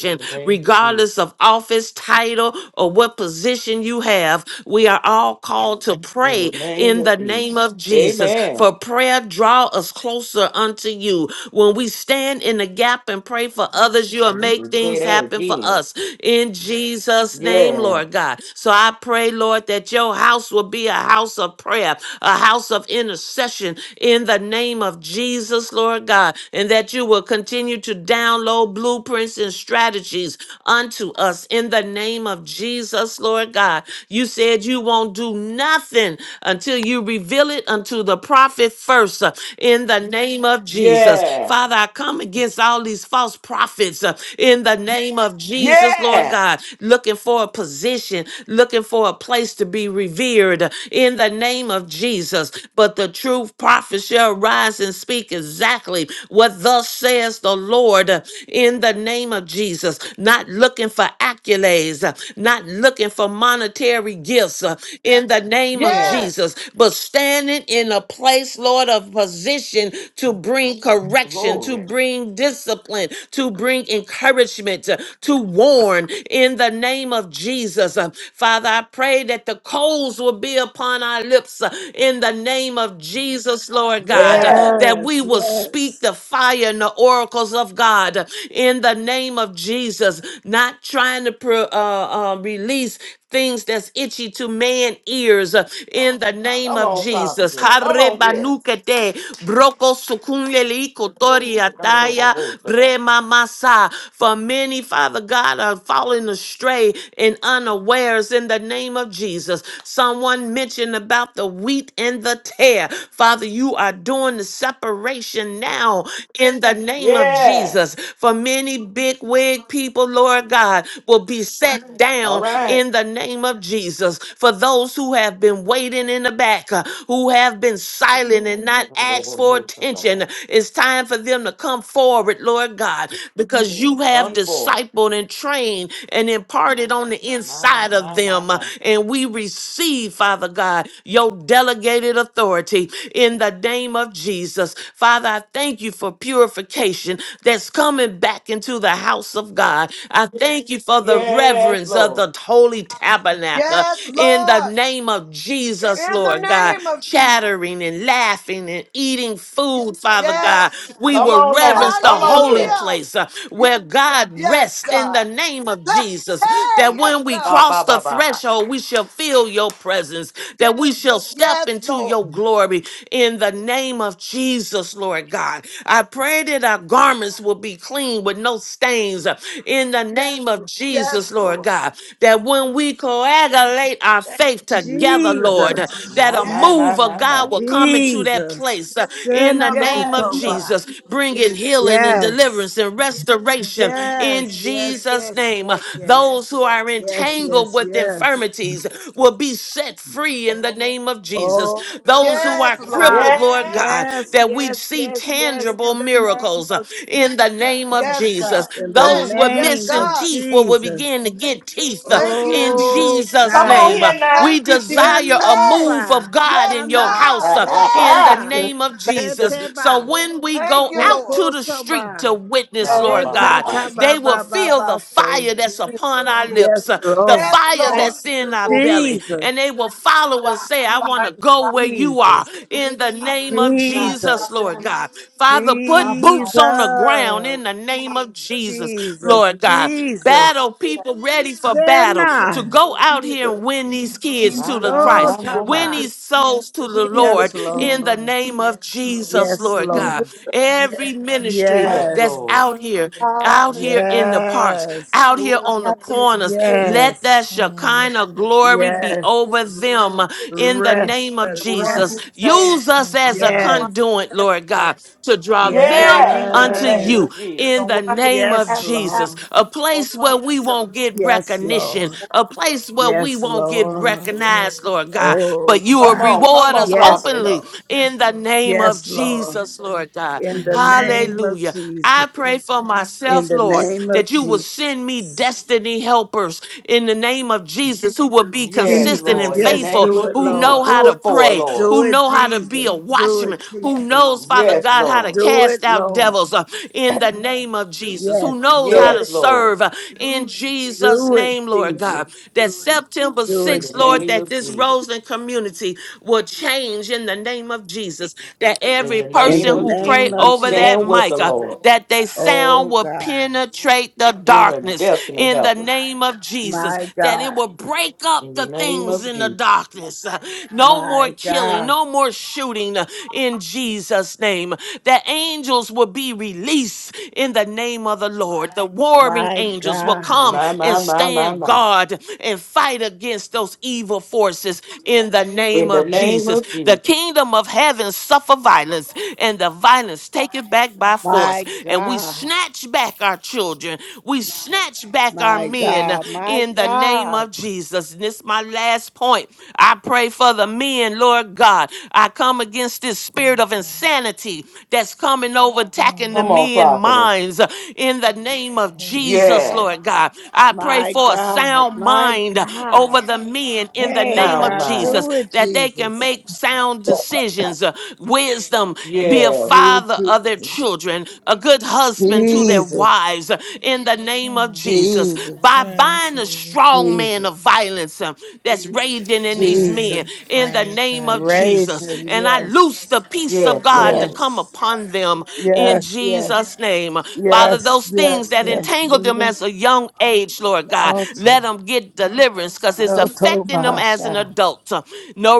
Speaker 1: In the name of
Speaker 8: regardless
Speaker 1: Jesus.
Speaker 8: of office, title, or what position you have. We are all called to
Speaker 1: In
Speaker 8: pray
Speaker 1: the name
Speaker 8: in
Speaker 1: of
Speaker 8: the
Speaker 1: Jesus.
Speaker 8: name of Jesus.
Speaker 1: Amen.
Speaker 8: For prayer draw us closer unto you. When we stand in the gap and pray for others, you'll
Speaker 1: And you
Speaker 8: make
Speaker 1: can say
Speaker 8: things
Speaker 1: that
Speaker 8: happen for
Speaker 1: again.
Speaker 8: us. In Jesus' name,
Speaker 1: Yeah.
Speaker 8: Lord God. So I pray, Lord, that your house will be a house of prayer, a house of intercession in the name of Jesus, Lord God and that you will continue to download blueprints and strategies unto us in the name of Jesus, Lord God. You said you won't do nothing until you reveal it unto the prophet first uh, in the name of Jesus.
Speaker 1: Yeah.
Speaker 8: Father, I come against all these false prophets uh, in the name of Jesus, Lord
Speaker 1: Yeah.
Speaker 8: God, looking for a position, looking for a place to be revered uh, in the name of Jesus. But the true prophet shall rise rise and speak exactly what thus says the Lord uh, in the name of Jesus. Not looking for accolades, uh, not looking for monetary gifts uh, in the name of
Speaker 3: Yes.
Speaker 1: Yeah.
Speaker 8: Jesus, but standing in a place, Lord, of position to bring correction, to
Speaker 1: Glory.
Speaker 8: bring discipline, to bring encouragement, uh, to warn in the name of Jesus. Uh, Father, I pray that the coals will be upon our lips uh, in the name of name of Jesus, Lord God,
Speaker 1: Yeah.
Speaker 8: that we
Speaker 9: Yes,
Speaker 8: will speak
Speaker 9: yes.
Speaker 8: the fire and the oracles of God in the name of Jesus, not trying to pro- uh, uh, release things that's itchy to man ears uh, in the name
Speaker 1: Come
Speaker 8: of
Speaker 1: on,
Speaker 8: Jesus.
Speaker 1: prophetess. Come on here.
Speaker 8: Harebanukete, broko sukunleli kotoria
Speaker 1: Thunder
Speaker 8: taya, brema masa. For many, Father God, are falling astray and unawares in the name of Jesus. Someone mentioned about about the wheat and the tear. Father, you are doing the separation now in the name of
Speaker 1: Yeah.
Speaker 8: Jesus. For many big wig people, Lord God, will be set
Speaker 1: All
Speaker 8: down
Speaker 1: right.
Speaker 8: in the name of Jesus. For those who have been waiting in the back, uh, who have been silent and not asked for
Speaker 1: Thunder
Speaker 8: attention, it's time for them to come forward, Lord God, because you have
Speaker 1: Come forward.
Speaker 8: discipled and trained and imparted on the
Speaker 1: My, my,
Speaker 8: inside of
Speaker 1: my, my,
Speaker 8: them. uh,
Speaker 1: my.
Speaker 8: And we receive, Father God, your delegated authority in the name of Jesus. Father, I thank you for purification that's coming back into the house of God. I thank you for the
Speaker 1: Yes,
Speaker 8: reverence of
Speaker 1: Lord.
Speaker 8: the holy tabernacle
Speaker 3: Yes,
Speaker 8: in the
Speaker 3: Lord.
Speaker 8: name of Jesus,
Speaker 3: In the
Speaker 8: Lord God.
Speaker 3: name of Jesus.
Speaker 8: Chattering and laughing and eating food, Father God.
Speaker 3: Yes.
Speaker 8: We
Speaker 1: Come
Speaker 8: will
Speaker 1: on now.
Speaker 8: reverence the
Speaker 1: Come on
Speaker 8: holy
Speaker 1: here.
Speaker 3: Hallelujah.
Speaker 8: place uh, where God
Speaker 3: Yes,
Speaker 8: rests in
Speaker 3: God.
Speaker 8: the name of Jesus.
Speaker 3: Ah, Hey,
Speaker 8: That
Speaker 3: yes,
Speaker 8: when we cry,
Speaker 3: God.
Speaker 1: God, ba,
Speaker 8: cross the
Speaker 1: ba, ba.
Speaker 8: threshold, we shall feel your presence, that we shall step
Speaker 3: Yes,
Speaker 8: into
Speaker 3: Lord.
Speaker 8: your glory in the name of Jesus, Lord God. I pray that our garments will be clean with no stains uh, in the name of
Speaker 3: Yes,
Speaker 8: Jesus, Lord
Speaker 3: Lord.
Speaker 8: God. That when we coagulate our
Speaker 3: Thank
Speaker 8: faith together, Lord, uh, that
Speaker 1: My,
Speaker 3: you.
Speaker 8: a
Speaker 9: Jesus,
Speaker 1: my,
Speaker 3: Yes.
Speaker 1: my,
Speaker 8: move of
Speaker 1: my, my.
Speaker 8: God will come into that
Speaker 9: Jesus.
Speaker 8: place uh, in
Speaker 9: Send
Speaker 8: the
Speaker 9: out those
Speaker 8: name of
Speaker 3: Yes, God.
Speaker 8: Jesus,
Speaker 9: somebody.
Speaker 8: bringing healing and deliverance
Speaker 9: Yes,
Speaker 8: and restoration in
Speaker 9: yes, yes,
Speaker 8: Jesus'
Speaker 9: yes,
Speaker 8: name.
Speaker 9: yes, yes,
Speaker 8: Those who are
Speaker 9: yes,
Speaker 8: entangled
Speaker 9: yes,
Speaker 8: with
Speaker 9: yes.
Speaker 8: infirmities will be set free in the name of Jesus.
Speaker 9: Oh
Speaker 8: Those
Speaker 9: my
Speaker 8: who are
Speaker 3: Yes, Lord.
Speaker 8: crippled,
Speaker 9: God.
Speaker 8: Lord
Speaker 1: Yes.
Speaker 8: God,
Speaker 9: Yes,
Speaker 8: that we
Speaker 9: yes,
Speaker 8: see
Speaker 9: yes, yes. In
Speaker 8: tangible
Speaker 9: the name
Speaker 8: miracles uh,
Speaker 9: of
Speaker 8: in the
Speaker 9: Jesus.
Speaker 8: name of
Speaker 3: Yes, God.
Speaker 8: Jesus.
Speaker 9: In the
Speaker 8: Those
Speaker 3: Hey,
Speaker 8: with
Speaker 3: yes,
Speaker 9: name
Speaker 8: missing
Speaker 9: of
Speaker 3: God.
Speaker 8: teeth will, will begin
Speaker 9: Jesus.
Speaker 8: to get teeth uh,
Speaker 3: Thank you,
Speaker 8: in
Speaker 3: Jesus.
Speaker 9: Oh
Speaker 8: Jesus'
Speaker 1: Come on
Speaker 8: name.
Speaker 9: God.
Speaker 8: Uh,
Speaker 1: here now.
Speaker 8: We
Speaker 3: Thank you, Jesus.
Speaker 8: desire a
Speaker 3: Hey!
Speaker 8: move of
Speaker 9: Yenoba,
Speaker 8: God
Speaker 3: Yes,
Speaker 8: in your
Speaker 9: Shana,
Speaker 8: house
Speaker 3: God.
Speaker 1: Ha,
Speaker 8: uh,
Speaker 1: ha,
Speaker 3: Hey!
Speaker 8: in the
Speaker 1: ha.
Speaker 9: Sotoba,
Speaker 4: Thank
Speaker 8: name of
Speaker 4: you,
Speaker 8: Jesus. So
Speaker 9: Seteba,
Speaker 8: when we
Speaker 3: Thank
Speaker 8: go
Speaker 3: you,
Speaker 8: out
Speaker 3: Lord.
Speaker 8: to the street to
Speaker 9: Bekosoba,
Speaker 8: witness,
Speaker 1: God,
Speaker 4: thank
Speaker 1: ba,
Speaker 8: Lord
Speaker 1: ba,
Speaker 4: you,
Speaker 1: ba,
Speaker 8: God,
Speaker 4: Lord
Speaker 1: ha.
Speaker 8: they
Speaker 9: Etataba,
Speaker 8: will
Speaker 9: Baba, Baba,
Speaker 8: feel the
Speaker 9: Bashe.
Speaker 8: fire that's upon our
Speaker 9: Yes,
Speaker 8: lips, uh, the
Speaker 9: Lord.
Speaker 3: Yes,
Speaker 8: fire
Speaker 3: Lord.
Speaker 8: that's in our belly,
Speaker 9: Jesus,
Speaker 8: and they will follow and say, I want to go where you are
Speaker 9: Jesus,
Speaker 8: in the name of Jesus,
Speaker 9: Jesus,
Speaker 8: Lord God. Father, put boots on the ground
Speaker 9: Jesus,
Speaker 8: in the name of Jesus,
Speaker 9: Jesus,
Speaker 8: Lord God.
Speaker 4: God.
Speaker 9: Jesus.
Speaker 8: Battle people ready for battle to
Speaker 9: Shena,
Speaker 8: go out here and win these kids
Speaker 4: Jesus,
Speaker 8: to
Speaker 1: My,
Speaker 8: the
Speaker 1: my, my,
Speaker 8: Christ,
Speaker 1: my, my.
Speaker 8: win
Speaker 9: Sotaba.
Speaker 8: these souls to the
Speaker 9: Yes,
Speaker 4: Jesus,
Speaker 8: Lord in the
Speaker 9: Lord.
Speaker 4: Jesus,
Speaker 8: name of Jesus,
Speaker 9: Yes,
Speaker 8: Lord God.
Speaker 4: Jesus,
Speaker 9: Lord.
Speaker 4: the magnificent
Speaker 8: Every ministry
Speaker 1: Yes,
Speaker 4: mercy.
Speaker 8: that's
Speaker 9: Yes.
Speaker 8: that's
Speaker 1: Lord.
Speaker 8: out here, out
Speaker 4: Hallelujah.
Speaker 8: here in the parks,
Speaker 9: Yes.
Speaker 8: out
Speaker 4: The one
Speaker 8: here on the
Speaker 4: after me
Speaker 8: corners.
Speaker 4: is
Speaker 8: Let
Speaker 4: a
Speaker 8: that
Speaker 9: Yes.
Speaker 7: Mm,
Speaker 8: Shekinah glory be
Speaker 9: Yes.
Speaker 8: over them in the
Speaker 9: Rest.
Speaker 8: name of
Speaker 9: Let
Speaker 4: the one
Speaker 8: Jesus.
Speaker 4: who
Speaker 9: rest.
Speaker 4: saves,
Speaker 8: Use us
Speaker 7: thank you,
Speaker 8: as a
Speaker 4: the
Speaker 7: God.
Speaker 9: Yes.
Speaker 4: one
Speaker 8: conduit,
Speaker 4: who sets
Speaker 8: Lord
Speaker 4: free,
Speaker 8: God, to draw
Speaker 4: Jesus,
Speaker 8: them
Speaker 1: Yes, in
Speaker 4: Jesus,
Speaker 1: the
Speaker 8: unto
Speaker 1: name
Speaker 9: Yes.
Speaker 8: you
Speaker 4: Jesus,
Speaker 1: of Jesus.
Speaker 8: in
Speaker 4: the
Speaker 8: the
Speaker 4: one who
Speaker 8: name of
Speaker 9: Yes,
Speaker 4: casts out,
Speaker 8: Jesus.
Speaker 9: Lord.
Speaker 8: A
Speaker 4: the
Speaker 8: place
Speaker 4: one
Speaker 8: where we
Speaker 4: who
Speaker 8: won't get
Speaker 4: delivers.
Speaker 9: Yes,
Speaker 8: recognition,
Speaker 9: Lord.
Speaker 8: a place where we
Speaker 9: Yes,
Speaker 8: won't get
Speaker 9: Lord.
Speaker 8: recognized, Lord God,
Speaker 9: Oh,
Speaker 8: but you will
Speaker 1: Come
Speaker 9: God.
Speaker 1: on, come
Speaker 8: reward
Speaker 1: on,
Speaker 8: us
Speaker 9: Yes,
Speaker 1: prophet.
Speaker 8: openly
Speaker 9: Lord.
Speaker 8: in the name of
Speaker 9: Yes, Lord.
Speaker 8: Jesus, Lord God.
Speaker 9: In the
Speaker 7: Yes, God.
Speaker 9: name of
Speaker 8: Hallelujah. I
Speaker 9: Jesus.
Speaker 8: pray for
Speaker 9: In
Speaker 8: myself,
Speaker 9: the
Speaker 8: Lord,
Speaker 9: name of
Speaker 8: that you will
Speaker 9: Jesus.
Speaker 8: send me destiny helpers in the name of Jesus who will be
Speaker 1: Yes,
Speaker 8: consistent
Speaker 9: Jesus.
Speaker 8: and
Speaker 1: Lord, in the
Speaker 9: Yes,
Speaker 8: faithful,
Speaker 1: name
Speaker 9: do
Speaker 1: of
Speaker 9: it,
Speaker 8: who
Speaker 1: Jesus.
Speaker 8: know
Speaker 9: Lord.
Speaker 8: how
Speaker 1: Do
Speaker 8: to
Speaker 1: it for, her,
Speaker 8: pray,
Speaker 1: Lord.
Speaker 9: Do
Speaker 8: who
Speaker 9: it,
Speaker 8: know how to be
Speaker 9: Jesus.
Speaker 8: a
Speaker 9: Do
Speaker 8: watchman,
Speaker 9: it,
Speaker 8: who
Speaker 9: Jesus.
Speaker 8: knows, Father
Speaker 1: Yes,
Speaker 8: God, how to
Speaker 1: Lord.
Speaker 9: Do it,
Speaker 8: cast out
Speaker 9: Lord.
Speaker 8: devils uh, in the name of Jesus,
Speaker 9: Yes,
Speaker 8: who knows how
Speaker 9: do
Speaker 1: Yes,
Speaker 8: to
Speaker 9: it.
Speaker 1: Lord.
Speaker 8: serve uh, in Jesus'
Speaker 9: Do it,
Speaker 8: name, Lord
Speaker 9: Jesus.
Speaker 8: God. That September
Speaker 9: Do
Speaker 1: In the
Speaker 9: it,
Speaker 8: 6th, Lord,
Speaker 1: name
Speaker 8: that
Speaker 1: of
Speaker 8: this
Speaker 9: Jesus.
Speaker 1: Jesus.
Speaker 8: Roseland community will change in the name of Jesus. that
Speaker 1: In
Speaker 8: every
Speaker 1: the
Speaker 9: In
Speaker 1: name
Speaker 9: the
Speaker 8: person
Speaker 1: of
Speaker 8: who
Speaker 1: Jesus,
Speaker 8: pray
Speaker 9: name
Speaker 1: we
Speaker 9: of
Speaker 8: over that
Speaker 1: stand with
Speaker 9: Jesus.
Speaker 1: the
Speaker 8: mic, uh,
Speaker 1: Lord
Speaker 8: that they sound
Speaker 9: Oh
Speaker 8: will
Speaker 9: God,
Speaker 8: penetrate the
Speaker 1: in her
Speaker 8: darkness
Speaker 1: death and
Speaker 8: in the
Speaker 1: help us.
Speaker 8: name of Jesus,
Speaker 9: my
Speaker 8: that it
Speaker 9: God,
Speaker 8: will break up
Speaker 1: In the
Speaker 8: the
Speaker 1: name
Speaker 8: things
Speaker 1: of
Speaker 8: in the
Speaker 1: Jesus.
Speaker 8: darkness. uh, no more
Speaker 9: my
Speaker 8: killing,
Speaker 9: God,
Speaker 8: no more shooting uh, in Jesus' name. The angels will be released in the name of the Lord. The warring
Speaker 9: my
Speaker 8: angels will
Speaker 9: God,
Speaker 8: come
Speaker 1: My,
Speaker 8: and
Speaker 1: my, my, my,
Speaker 8: stand
Speaker 1: my.
Speaker 8: guard and fight against those evil forces in the
Speaker 1: In
Speaker 8: name
Speaker 1: the
Speaker 8: of
Speaker 1: name
Speaker 8: Jesus.
Speaker 1: of
Speaker 8: The
Speaker 1: Jesus.
Speaker 8: kingdom of heaven suffer violence, and the violence taken back by force.
Speaker 9: my
Speaker 8: And we
Speaker 9: God,
Speaker 8: snatch back our children. We snatch back our
Speaker 9: my
Speaker 8: men
Speaker 9: God, my
Speaker 8: in the name
Speaker 9: God,
Speaker 8: of Jesus. And this is my last point. I pray for the men, Lord God. I come against this spirit of
Speaker 7: Yes, God.
Speaker 8: insanity that's coming over, attacking the
Speaker 1: Come on,
Speaker 8: men
Speaker 1: prophetess.
Speaker 8: minds uh, in the name of
Speaker 7: Yes,
Speaker 8: Jesus,
Speaker 7: God.
Speaker 1: Yes.
Speaker 8: Lord God. I pray
Speaker 9: my
Speaker 8: for a
Speaker 9: God,
Speaker 8: sound
Speaker 9: my
Speaker 8: mind uh,
Speaker 9: God.
Speaker 8: over the men in the
Speaker 9: Hey
Speaker 8: name
Speaker 1: Sound
Speaker 8: of
Speaker 9: God,
Speaker 8: Jesus
Speaker 1: mind.
Speaker 9: do
Speaker 8: themselves
Speaker 9: it,
Speaker 8: that they can
Speaker 9: Jesus.
Speaker 8: make sound decisions. Uh, wisdom, be a
Speaker 1: Yes.
Speaker 9: Do it,
Speaker 8: father of their
Speaker 9: Jesus.
Speaker 8: children, a good husband to their
Speaker 9: Jesus,
Speaker 8: wives uh, in the name of
Speaker 7: Mm.
Speaker 8: Jesus.
Speaker 9: Jesus,
Speaker 8: By
Speaker 7: Yes,
Speaker 8: buying a
Speaker 7: Jesus.
Speaker 8: strong man of
Speaker 9: Jesus,
Speaker 8: violence uh, that's raging in these men
Speaker 7: Fire,
Speaker 9: Jesus.
Speaker 8: in the
Speaker 7: fire,
Speaker 8: name of
Speaker 7: fire.
Speaker 8: Jesus.
Speaker 9: Raging,
Speaker 8: And I loose the
Speaker 9: yes,
Speaker 8: peace
Speaker 1: Yes,
Speaker 8: of God to
Speaker 1: Lord.
Speaker 8: come
Speaker 9: yes.
Speaker 8: upon them in
Speaker 9: Yes, yes,
Speaker 8: Jesus' name. Father,
Speaker 9: yes,
Speaker 8: those things
Speaker 9: yes,
Speaker 8: that
Speaker 9: yes.
Speaker 8: entangled
Speaker 9: Lead
Speaker 8: them
Speaker 9: us
Speaker 8: as
Speaker 9: to
Speaker 8: a young age, Lord
Speaker 9: the
Speaker 8: God,
Speaker 9: altar.
Speaker 8: let them get deliverance because it's
Speaker 9: No
Speaker 8: affecting correcting them as an
Speaker 9: Tomasha.
Speaker 8: adult. Uh, No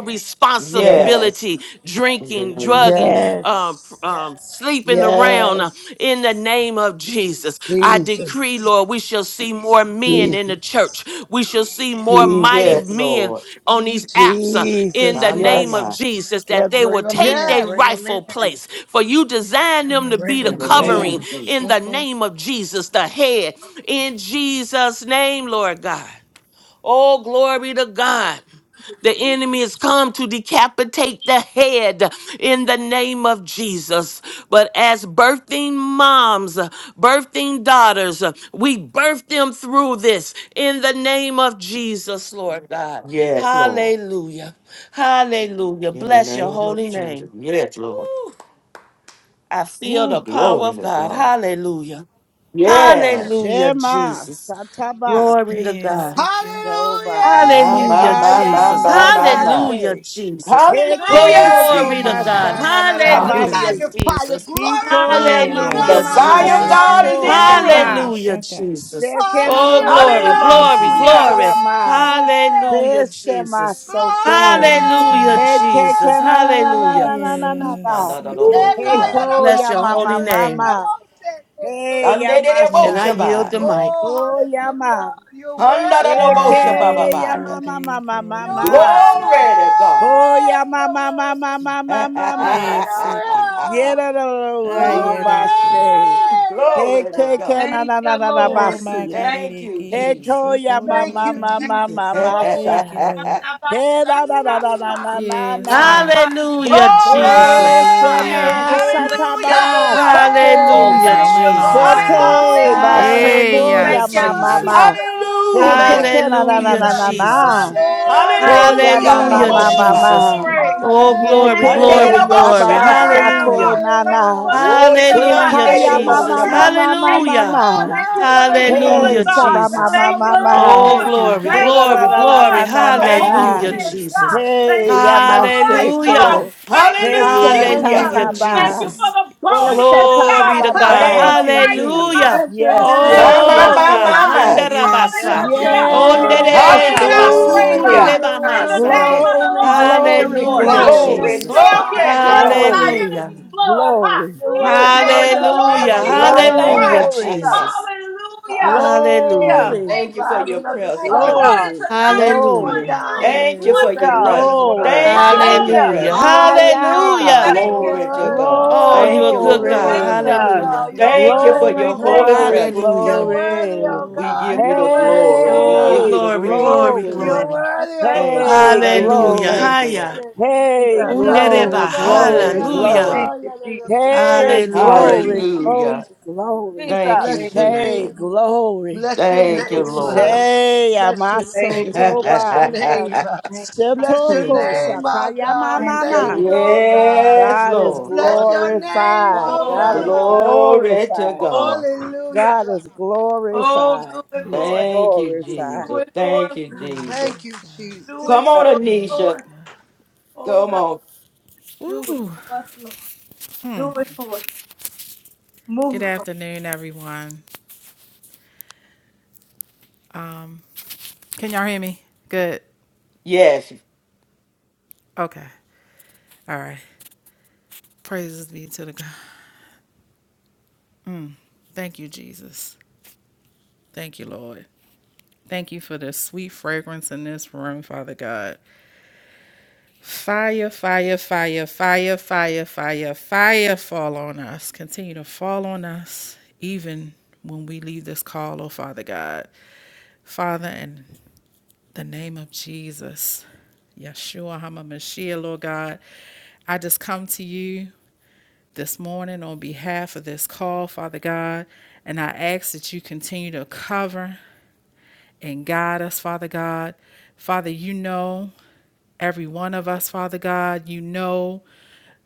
Speaker 1: Yes.
Speaker 9: Yes,
Speaker 8: responsibility,
Speaker 1: In the
Speaker 8: drinking,
Speaker 1: name of
Speaker 8: drugging,
Speaker 1: Jesus.
Speaker 8: um, pr-
Speaker 9: yes,
Speaker 8: um, sleeping around. uh,
Speaker 9: yes.
Speaker 8: In the name of Jesus, I decree,
Speaker 9: Jesus,
Speaker 8: Lord, we shall see more men in the
Speaker 9: Jesus,
Speaker 8: church. We shall see more mighty
Speaker 1: Yes,
Speaker 9: Jesus,
Speaker 8: men
Speaker 1: Lord.
Speaker 8: on these apps uh, in
Speaker 9: Jesus.
Speaker 8: the
Speaker 1: My, my,
Speaker 8: name of
Speaker 9: Yes.
Speaker 1: my.
Speaker 8: Jesus
Speaker 9: Yeah,
Speaker 8: that they will
Speaker 9: bring them
Speaker 8: take
Speaker 9: in.
Speaker 8: their
Speaker 3: Yes.
Speaker 9: Bring them in.
Speaker 8: rightful place. For you designed them to
Speaker 7: Yes,
Speaker 9: Bring
Speaker 8: be the
Speaker 7: say
Speaker 1: In
Speaker 7: it
Speaker 1: the
Speaker 9: them
Speaker 1: name
Speaker 7: again.
Speaker 8: covering
Speaker 9: in.
Speaker 1: of
Speaker 8: in
Speaker 1: Jesus.
Speaker 8: the
Speaker 7: Shoko.
Speaker 8: name of Jesus, the head. In Jesus' name, Lord God. Oh, glory to God. The enemy has come to decapitate the head in the name of Jesus. But as birthing moms, birthing daughters, we birth them through this in the name of Jesus, Lord God.
Speaker 1: Yes, Lord.
Speaker 8: Hallelujah. Hallelujah.
Speaker 1: In the
Speaker 8: Bless your
Speaker 1: name of
Speaker 8: holy
Speaker 1: Jesus.
Speaker 8: name.
Speaker 1: Yes, Lord.
Speaker 8: Woo. I feel
Speaker 1: Ooh,
Speaker 8: the power
Speaker 1: glory
Speaker 8: of
Speaker 1: to
Speaker 8: God.
Speaker 1: God.
Speaker 8: Hallelujah.
Speaker 1: Yes.
Speaker 8: Hallelujah,
Speaker 9: Shema,
Speaker 8: Jesus.
Speaker 9: Sataba,
Speaker 8: Glory to
Speaker 7: Yes,
Speaker 8: God.
Speaker 7: sick. Thank
Speaker 3: Hallelujah!
Speaker 9: Joba,
Speaker 1: My, my,
Speaker 8: Hallelujah,
Speaker 7: you,
Speaker 1: my, my,
Speaker 8: Jesus.
Speaker 1: my,
Speaker 7: Jesus.
Speaker 1: my, my.
Speaker 8: Hallelujah,
Speaker 9: Sekayana,
Speaker 8: Jesus.
Speaker 3: Thank
Speaker 9: Heke
Speaker 1: Hallelujah!
Speaker 7: Yeah,
Speaker 3: you,
Speaker 9: koko
Speaker 7: sound
Speaker 8: Glory
Speaker 7: the
Speaker 8: to
Speaker 3: Jesus.
Speaker 8: God.
Speaker 7: alarm.
Speaker 9: mashana na
Speaker 8: Hallelujah,
Speaker 7: Hallelujah.
Speaker 9: rabasi.
Speaker 3: Magnify you.
Speaker 8: Jesus.
Speaker 9: Hiko
Speaker 3: Glorify
Speaker 9: ya
Speaker 7: Oh,
Speaker 3: you,
Speaker 9: mama
Speaker 1: The
Speaker 8: Hallelujah,
Speaker 7: yes.
Speaker 3: God.
Speaker 9: mama
Speaker 1: fire of
Speaker 8: Jesus.
Speaker 7: Eke,
Speaker 1: God
Speaker 3: Hey,
Speaker 1: is
Speaker 9: shako
Speaker 1: in
Speaker 7: koko,
Speaker 1: the
Speaker 3: hey,
Speaker 1: room.
Speaker 7: reke,
Speaker 9: saba.
Speaker 3: God.
Speaker 8: Hallelujah,
Speaker 7: shaka.
Speaker 8: Jesus.
Speaker 9: Sheke na
Speaker 8: Oh,
Speaker 9: roro
Speaker 8: glory,
Speaker 3: Hallelujah!
Speaker 7: Thank you,
Speaker 8: glory,
Speaker 9: basika
Speaker 1: Hallelujah!
Speaker 9: ya
Speaker 8: glory.
Speaker 7: Jesus.
Speaker 9: ma.
Speaker 8: Hallelujah,
Speaker 9: Pese
Speaker 8: Jesus.
Speaker 9: masoko.
Speaker 7: Yes,
Speaker 8: Hallelujah,
Speaker 7: God.
Speaker 9: Heke
Speaker 8: Jesus.
Speaker 9: kana na na na
Speaker 8: Hallelujah.
Speaker 3: Glory!
Speaker 9: na na na na na.
Speaker 7: Yes, Eke.
Speaker 8: Woo.
Speaker 1: Shandadadoboshabai.
Speaker 9: Heko
Speaker 8: Bless
Speaker 9: ya
Speaker 8: your
Speaker 9: mama
Speaker 8: holy name.
Speaker 9: mama. Hey ya
Speaker 8: And I
Speaker 7: Yes,
Speaker 9: masha.
Speaker 7: Eke
Speaker 8: yield
Speaker 1: Shandadadaboshabai.
Speaker 8: the
Speaker 7: Debo.
Speaker 8: mic.
Speaker 3: Oh,
Speaker 9: Oh ya
Speaker 3: hallelujah.
Speaker 9: ma.
Speaker 3: You're worthy. You're
Speaker 9: Heke
Speaker 7: Materere
Speaker 9: ya
Speaker 1: Handadadoboshabababai.
Speaker 9: mama
Speaker 3: worthy.
Speaker 7: Gori
Speaker 9: mama
Speaker 3: You're
Speaker 7: Kirwagari
Speaker 9: mama.
Speaker 3: worthy.
Speaker 7: Seke.
Speaker 1: Glory to God.
Speaker 9: Oh ya
Speaker 7: Thank you,
Speaker 3: You're
Speaker 9: mama
Speaker 3: worthy.
Speaker 9: mama
Speaker 7: Jesus.
Speaker 9: mama mama.
Speaker 7: Hey, Seke.
Speaker 9: Yeah,
Speaker 3: Hallelujah.
Speaker 9: no, no, no, no, no,
Speaker 3: Glory.
Speaker 7: Ayere
Speaker 9: bashe.
Speaker 7: Gosh.
Speaker 1: Ooh,
Speaker 3: Yes,
Speaker 9: Hey,
Speaker 1: glory to
Speaker 9: ke, ke,
Speaker 3: God.
Speaker 1: God.
Speaker 9: na,
Speaker 4: Thank
Speaker 9: na, na,
Speaker 4: you,
Speaker 9: na, na,
Speaker 7: Oh,
Speaker 3: Thank
Speaker 4: Lord.
Speaker 3: you,
Speaker 7: my
Speaker 9: basi.
Speaker 7: God,
Speaker 4: Thank
Speaker 3: Jesus.
Speaker 1: Thank
Speaker 4: you,
Speaker 1: you,
Speaker 9: Hey,
Speaker 7: Eke.
Speaker 9: ko,
Speaker 4: Jesus.
Speaker 1: Jesus.
Speaker 9: ya, ma,
Speaker 3: Thank
Speaker 7: Shokoro
Speaker 9: ma,
Speaker 3: you,
Speaker 7: again.
Speaker 9: ma,
Speaker 4: Thank
Speaker 9: ma,
Speaker 3: Jesus.
Speaker 9: ma,
Speaker 4: you,
Speaker 9: ma,
Speaker 4: Lord.
Speaker 7: Thank you,
Speaker 9: sha.
Speaker 7: Lord.
Speaker 9: Hey, na, na, na, na, na, na,
Speaker 4: Anabashakata,
Speaker 9: na,
Speaker 7: Yes,
Speaker 9: na.
Speaker 7: God.
Speaker 1: Glory!
Speaker 8: Hallelujah,
Speaker 4: rakandiata.
Speaker 8: Jesus.
Speaker 9: Oh,
Speaker 3: Thank
Speaker 7: Hallelujah.
Speaker 9: shema,
Speaker 3: you,
Speaker 4: Oh, thank
Speaker 3: Jesus.
Speaker 4: you,
Speaker 3: Ha!
Speaker 9: sataba,
Speaker 4: Lord.
Speaker 1: Hallelujah!
Speaker 4: Oh,
Speaker 7: Tina, the
Speaker 9: shako.
Speaker 8: Hallelujah,
Speaker 4: thank
Speaker 7: silent
Speaker 4: you,
Speaker 7: alarm,
Speaker 4: God.
Speaker 8: Jesus.
Speaker 7: guys.
Speaker 9: Shete,
Speaker 1: Hallelujah!
Speaker 3: Hey!
Speaker 4: Hallelujah.
Speaker 7: Hey,
Speaker 9: basiko,
Speaker 7: yeah,
Speaker 8: Hallelujah,
Speaker 4: Thank
Speaker 9: ya,
Speaker 4: you,
Speaker 9: ma, ma,
Speaker 8: Jesus.
Speaker 9: ma.
Speaker 7: Seke.
Speaker 4: Jesus.
Speaker 9: Hey,
Speaker 4: Thank
Speaker 9: ke,
Speaker 1: Hallelujah!
Speaker 4: you,
Speaker 9: ke, na, na,
Speaker 3: Hallelujah.
Speaker 9: na,
Speaker 8: Hallelujah,
Speaker 9: na,
Speaker 7: Thank
Speaker 9: na,
Speaker 4: Jesus.
Speaker 7: you,
Speaker 9: na.
Speaker 7: my
Speaker 8: Jesus.
Speaker 7: day.
Speaker 3: Hallelujah!
Speaker 9: Oh,
Speaker 4: Glory,
Speaker 9: ya,
Speaker 1: Hallelujah!
Speaker 9: ma,
Speaker 1: Da do
Speaker 9: ma,
Speaker 8: Hallelujah,
Speaker 1: bo
Speaker 9: ma,
Speaker 7: Yes,
Speaker 9: ma, ma.
Speaker 7: Seke
Speaker 8: Jesus.
Speaker 1: shabaya.
Speaker 7: Debo.
Speaker 4: glory,
Speaker 8: Oh, glory,
Speaker 4: Thank
Speaker 1: Kande
Speaker 4: you
Speaker 1: de
Speaker 8: glory,
Speaker 9: Yeke
Speaker 4: for
Speaker 1: do
Speaker 3: Hallelujah!
Speaker 4: the
Speaker 1: bo
Speaker 8: glory.
Speaker 9: yaba
Speaker 1: shaba.
Speaker 4: turnaround,
Speaker 9: shako
Speaker 4: God.
Speaker 8: Hallelujah.
Speaker 4: Thank you
Speaker 9: nana.
Speaker 4: for
Speaker 3: Hallelujah!
Speaker 4: the
Speaker 1: Woti
Speaker 9: Hey,
Speaker 4: shift, God.
Speaker 1: ande
Speaker 8: Hallelujah,
Speaker 4: Thank
Speaker 1: de
Speaker 9: Hekaya
Speaker 4: you
Speaker 1: do
Speaker 4: for
Speaker 1: bo
Speaker 4: the
Speaker 8: Jesus.
Speaker 9: mama
Speaker 3: Hallelujah!
Speaker 1: shaba.
Speaker 9: mama mama
Speaker 4: purification.
Speaker 8: Hallelujah.
Speaker 9: mama.
Speaker 4: Thank you for the
Speaker 3: Hallelujah!
Speaker 9: Hey,
Speaker 4: healing,
Speaker 8: Hallelujah,
Speaker 1: Mm.
Speaker 4: God.
Speaker 9: saba
Speaker 3: Thou
Speaker 8: Jesus.
Speaker 9: mama
Speaker 4: Thank
Speaker 3: art
Speaker 4: you,
Speaker 3: worthy,
Speaker 8: Oh,
Speaker 9: mama.
Speaker 7: Yes,
Speaker 4: Lord.
Speaker 1: Thank
Speaker 7: God.
Speaker 1: you,
Speaker 3: O
Speaker 8: glory,
Speaker 9: Hey,
Speaker 4: Thank
Speaker 9: na
Speaker 1: Jesus.
Speaker 4: you,
Speaker 9: na
Speaker 8: glory,
Speaker 3: God!
Speaker 9: na
Speaker 4: Lord,
Speaker 8: glory.
Speaker 9: na na
Speaker 4: for
Speaker 9: na
Speaker 4: the
Speaker 9: na.
Speaker 3: Thank
Speaker 1: Thank
Speaker 9: na.
Speaker 3: you,
Speaker 1: you,
Speaker 8: Hallelujah,
Speaker 3: Jesus.
Speaker 4: wholeness,
Speaker 7: Yes,
Speaker 1: Jesus.
Speaker 7: God.
Speaker 4: God.
Speaker 8: Jesus.
Speaker 4: Thank
Speaker 9: Hey,
Speaker 4: you for your light,
Speaker 3: Thank you.
Speaker 4: God.
Speaker 8: Hallelujah.
Speaker 9: yamaseko.
Speaker 4: Thank you,
Speaker 9: Hey,
Speaker 7: Sick it in my
Speaker 3: Thank
Speaker 1: Hallelujah!
Speaker 3: you,
Speaker 4: Jesus.
Speaker 8: Hallelujah,
Speaker 7: quarter,
Speaker 3: Jesus.
Speaker 4: Thank
Speaker 7: God.
Speaker 4: you
Speaker 9: sheltataba.
Speaker 4: for
Speaker 8: Jesus.
Speaker 4: the
Speaker 9: Oh,
Speaker 3: Bless your
Speaker 4: boldness,
Speaker 3: name,
Speaker 9: sataba
Speaker 8: Glory
Speaker 4: God.
Speaker 8: to
Speaker 9: baba
Speaker 3: Lord.
Speaker 4: huh,
Speaker 8: God.
Speaker 4: For
Speaker 9: baba.
Speaker 1: Thank
Speaker 4: the
Speaker 1: you,
Speaker 4: righteous are
Speaker 8: Hallelujah.
Speaker 1: Jesus.
Speaker 4: as
Speaker 3: Bless your
Speaker 4: bold
Speaker 9: Yes,
Speaker 3: name,
Speaker 4: as a
Speaker 1: My,
Speaker 9: yes,
Speaker 3: O
Speaker 1: my,
Speaker 8: Oh
Speaker 9: yes,
Speaker 4: lion,
Speaker 1: my,
Speaker 8: God.
Speaker 1: my,
Speaker 3: God.
Speaker 9: yes,
Speaker 4: God.
Speaker 1: my.
Speaker 9: yes.
Speaker 7: Yes,
Speaker 6: Yes,
Speaker 8: Handarabasa.
Speaker 7: sick
Speaker 3: Bless
Speaker 7: it
Speaker 3: your
Speaker 4: Hallelujah.
Speaker 7: in my
Speaker 3: name,
Speaker 4: We
Speaker 3: O
Speaker 4: shall
Speaker 7: quarter,
Speaker 8: Onderere
Speaker 9: Yes,
Speaker 4: eat our
Speaker 3: God.
Speaker 7: quarter.
Speaker 4: prey,
Speaker 7: I
Speaker 4: God.
Speaker 1: Hallelujah!
Speaker 9: glory.
Speaker 7: get.
Speaker 6: Jesus.
Speaker 3: You're
Speaker 4: In the
Speaker 3: worthy, O
Speaker 4: name
Speaker 8: abasukurebamasande.
Speaker 4: of the
Speaker 9: Glory,
Speaker 4: Lord
Speaker 3: God.
Speaker 6: Thank you,
Speaker 4: Jesus
Speaker 9: glory,
Speaker 7: Thank
Speaker 6: Lord.
Speaker 7: you.
Speaker 8: Hallelujah,
Speaker 3: Bless
Speaker 4: Christ,
Speaker 3: your
Speaker 9: glory,
Speaker 4: we
Speaker 1: Glory,
Speaker 3: name,
Speaker 8: Jesus.
Speaker 3: O
Speaker 4: shall get
Speaker 1: glory to
Speaker 4: drunk with
Speaker 1: God.
Speaker 4: our
Speaker 9: glory,
Speaker 8: Hallelujah.
Speaker 3: God.
Speaker 4: enemy's blood. Ha!
Speaker 9: glory,
Speaker 3: You're
Speaker 4: In the
Speaker 6: Woo,
Speaker 3: worthy, O
Speaker 4: name
Speaker 6: glory
Speaker 4: of
Speaker 6: to
Speaker 4: the
Speaker 6: the
Speaker 3: God, of
Speaker 6: Lamb
Speaker 4: Lord
Speaker 8: Hallelujah.
Speaker 6: of
Speaker 3: the
Speaker 7: Yes,
Speaker 4: Jesus
Speaker 6: God.
Speaker 1: Thank
Speaker 3: Lord,
Speaker 7: God.
Speaker 6: Thank you,
Speaker 8: Hallelujah,
Speaker 4: Christ.
Speaker 9: glory.
Speaker 6: Jesus.
Speaker 8: Jesus.
Speaker 4: Hallelujah.
Speaker 6: Hallelujah.
Speaker 8: Hallelujah.
Speaker 9: Glory,
Speaker 3: the
Speaker 4: Thank
Speaker 1: you
Speaker 4: you,
Speaker 1: for your
Speaker 3: rising
Speaker 4: Jesus.
Speaker 3: of the
Speaker 6: Thank
Speaker 1: presence,
Speaker 6: you,
Speaker 3: sun
Speaker 7: God.
Speaker 1: Lord.
Speaker 4: According
Speaker 6: God.
Speaker 4: to
Speaker 9: glory,
Speaker 3: to the
Speaker 4: Numbers
Speaker 3: going
Speaker 8: Hallelujah.
Speaker 9: glory,
Speaker 3: down of
Speaker 4: 23
Speaker 3: the
Speaker 4: and
Speaker 1: Thank you
Speaker 7: Yes, sick
Speaker 4: 20.
Speaker 1: for
Speaker 6: Woo,
Speaker 7: it
Speaker 1: your
Speaker 3: same
Speaker 7: is
Speaker 3: of
Speaker 6: God.
Speaker 3: the
Speaker 1: presence.
Speaker 7: getting my
Speaker 9: glory.
Speaker 3: worthy.
Speaker 1: Thank you
Speaker 7: quarter.
Speaker 1: for
Speaker 6: Thank
Speaker 7: I
Speaker 1: your
Speaker 6: you,
Speaker 8: Hallelujah.
Speaker 7: get
Speaker 3: You're
Speaker 1: presence.
Speaker 4: Hallelujah.
Speaker 7: shit.
Speaker 3: worthy, O
Speaker 6: Jesus.
Speaker 9: Higher,
Speaker 8: Hallelujah.
Speaker 3: God.
Speaker 4: Thank
Speaker 3: You're
Speaker 4: you.
Speaker 7: Yes,
Speaker 4: Jesus.
Speaker 1: Glory to
Speaker 7: sick
Speaker 3: worthy, O
Speaker 7: it.
Speaker 1: God.
Speaker 8: Oh,
Speaker 3: God.
Speaker 8: you're
Speaker 1: Thank
Speaker 8: a
Speaker 1: you,
Speaker 8: good
Speaker 3: You're
Speaker 1: Lord.
Speaker 8: God.
Speaker 4: Thank,
Speaker 9: glory,
Speaker 3: worthy, O
Speaker 6: Jesus.
Speaker 7: Yeah,
Speaker 8: Hallelujah.
Speaker 3: God.
Speaker 7: get
Speaker 3: You're
Speaker 1: Thank you
Speaker 7: it
Speaker 1: for
Speaker 3: worthy,
Speaker 7: go.
Speaker 9: glory,
Speaker 1: your
Speaker 3: O
Speaker 4: thank
Speaker 1: holy
Speaker 4: you,
Speaker 3: God.
Speaker 9: glory,
Speaker 4: Jesus.
Speaker 1: presence.
Speaker 3: You're
Speaker 8: Hallelujah.
Speaker 3: worthy,
Speaker 9: glory.
Speaker 3: O
Speaker 1: We
Speaker 3: God.
Speaker 7: Oh,
Speaker 1: give
Speaker 4: Thank
Speaker 1: you
Speaker 3: You're
Speaker 1: the
Speaker 4: you.
Speaker 3: worthy,
Speaker 1: glory.
Speaker 3: O
Speaker 1: We
Speaker 8: Oh,
Speaker 1: give
Speaker 3: God.
Speaker 1: you
Speaker 9: Hey,
Speaker 1: the
Speaker 8: glory,
Speaker 1: praise.
Speaker 4: Glory
Speaker 8: glory,
Speaker 4: to
Speaker 7: I
Speaker 4: the
Speaker 9: glory,
Speaker 4: name
Speaker 3: You're
Speaker 7: did
Speaker 8: glory.
Speaker 7: go.
Speaker 6: We
Speaker 3: worthy,
Speaker 6: Thank
Speaker 3: O
Speaker 1: Thank you.
Speaker 9: hey,
Speaker 1: Thank you.
Speaker 3: God. of
Speaker 8: Hallelujah.
Speaker 3: us
Speaker 9: glory,
Speaker 1: Thank you,
Speaker 8: Haya.
Speaker 1: Lord.
Speaker 3: seeking.
Speaker 6: you,
Speaker 9: hey,
Speaker 4: of
Speaker 6: Jesus.
Speaker 4: the
Speaker 7: Yeah,
Speaker 3: Because
Speaker 4: Lord.
Speaker 7: get
Speaker 9: glory,
Speaker 8: Undereba.
Speaker 3: of
Speaker 7: it go.
Speaker 3: us, say,
Speaker 9: glory,
Speaker 3: of us, of
Speaker 8: Hallelujah.
Speaker 9: glory.
Speaker 1: Hallelujah.
Speaker 4: Thank you, Jesus.
Speaker 6: Yes,
Speaker 9: Hey,
Speaker 6: Lord.
Speaker 3: Thank
Speaker 8: Hallelujah.
Speaker 3: you,
Speaker 9: glory,
Speaker 4: Thank you,
Speaker 1: Hallelujah.
Speaker 3: Jesus.
Speaker 4: Jesus.
Speaker 9: glory, glory.
Speaker 1: Thank you,
Speaker 6: Jesus.
Speaker 3: Bless
Speaker 4: Thank
Speaker 3: your
Speaker 4: you.
Speaker 9: Hey,
Speaker 1: Jesus.
Speaker 3: name.
Speaker 9: glory.
Speaker 3: Bless your
Speaker 4: Thank
Speaker 1: Thank you,
Speaker 4: you,
Speaker 3: name.
Speaker 4: Jesus.
Speaker 3: uh,
Speaker 1: Lord.
Speaker 7: Yes.
Speaker 9: Shea,
Speaker 3: Bless
Speaker 9: my
Speaker 3: your
Speaker 4: Thank
Speaker 9: soul,
Speaker 4: you.
Speaker 3: name. Bless
Speaker 9: toba.
Speaker 3: your
Speaker 6: Jesus. Thank
Speaker 3: name. uh,
Speaker 4: Thank,
Speaker 3: Bless your
Speaker 1: praise
Speaker 9: Shetoko
Speaker 1: God.
Speaker 3: name, oh
Speaker 7: Yes.
Speaker 9: Sakaya
Speaker 3: God.
Speaker 4: thank
Speaker 3: Thank
Speaker 4: you,
Speaker 9: Mama.
Speaker 3: you,
Speaker 7: Get
Speaker 3: oh
Speaker 7: my
Speaker 3: God.
Speaker 7: mind
Speaker 1: Yes,
Speaker 7: out
Speaker 9: God
Speaker 7: of
Speaker 9: is
Speaker 1: Lord.
Speaker 3: Bless
Speaker 4: Lord.
Speaker 7: the
Speaker 3: your name,
Speaker 6: you,
Speaker 9: glorified.
Speaker 3: oh
Speaker 4: Oh, do
Speaker 9: God is
Speaker 4: it.
Speaker 6: Lord.
Speaker 3: God.
Speaker 1: Glory to
Speaker 9: glorified.
Speaker 4: Oh,
Speaker 1: God.
Speaker 3: Hallelujah,
Speaker 9: God
Speaker 3: God.
Speaker 9: is
Speaker 4: oh,
Speaker 9: glorified.
Speaker 4: do it,
Speaker 9: He's
Speaker 7: Thank you,
Speaker 4: Lord.
Speaker 1: Thank you,
Speaker 7: Jesus.
Speaker 9: glorified.
Speaker 4: Do
Speaker 1: Jesus.
Speaker 4: it for
Speaker 1: Thank
Speaker 4: us.
Speaker 1: you,
Speaker 4: God.
Speaker 1: Jesus.
Speaker 3: Thank you,
Speaker 7: Yes, God.
Speaker 4: Do
Speaker 3: Jesus.
Speaker 4: it
Speaker 1: Come
Speaker 4: for
Speaker 1: on,
Speaker 4: us,
Speaker 7: Yes,
Speaker 1: Anisha.
Speaker 4: Lord.
Speaker 7: God.
Speaker 4: Oh,
Speaker 1: Come
Speaker 4: God,
Speaker 1: on.
Speaker 4: do it
Speaker 7: Ooh.
Speaker 4: for us, Lord. Do it for us.
Speaker 7: Good
Speaker 4: Move for
Speaker 7: afternoon, everyone. Um, can y'all hear me? Good.
Speaker 1: Yes.
Speaker 7: Okay. All right. Praises be to the God. Mm. Thank you, Jesus. Thank you, Lord. Thank you for the sweet fragrance in this room, Father God. Fire, fire, fire, fire, fire, fire, fire fall on us. Continue to fall on us even when we leave this call, oh Father God. Father, in the name of Jesus, Yeshua HaMashiach, Lord God, I just come to you this morning on behalf of this call, Father God, and I ask that you continue to cover and guide us, Father God. Father, you know every one of us, Father God. You know,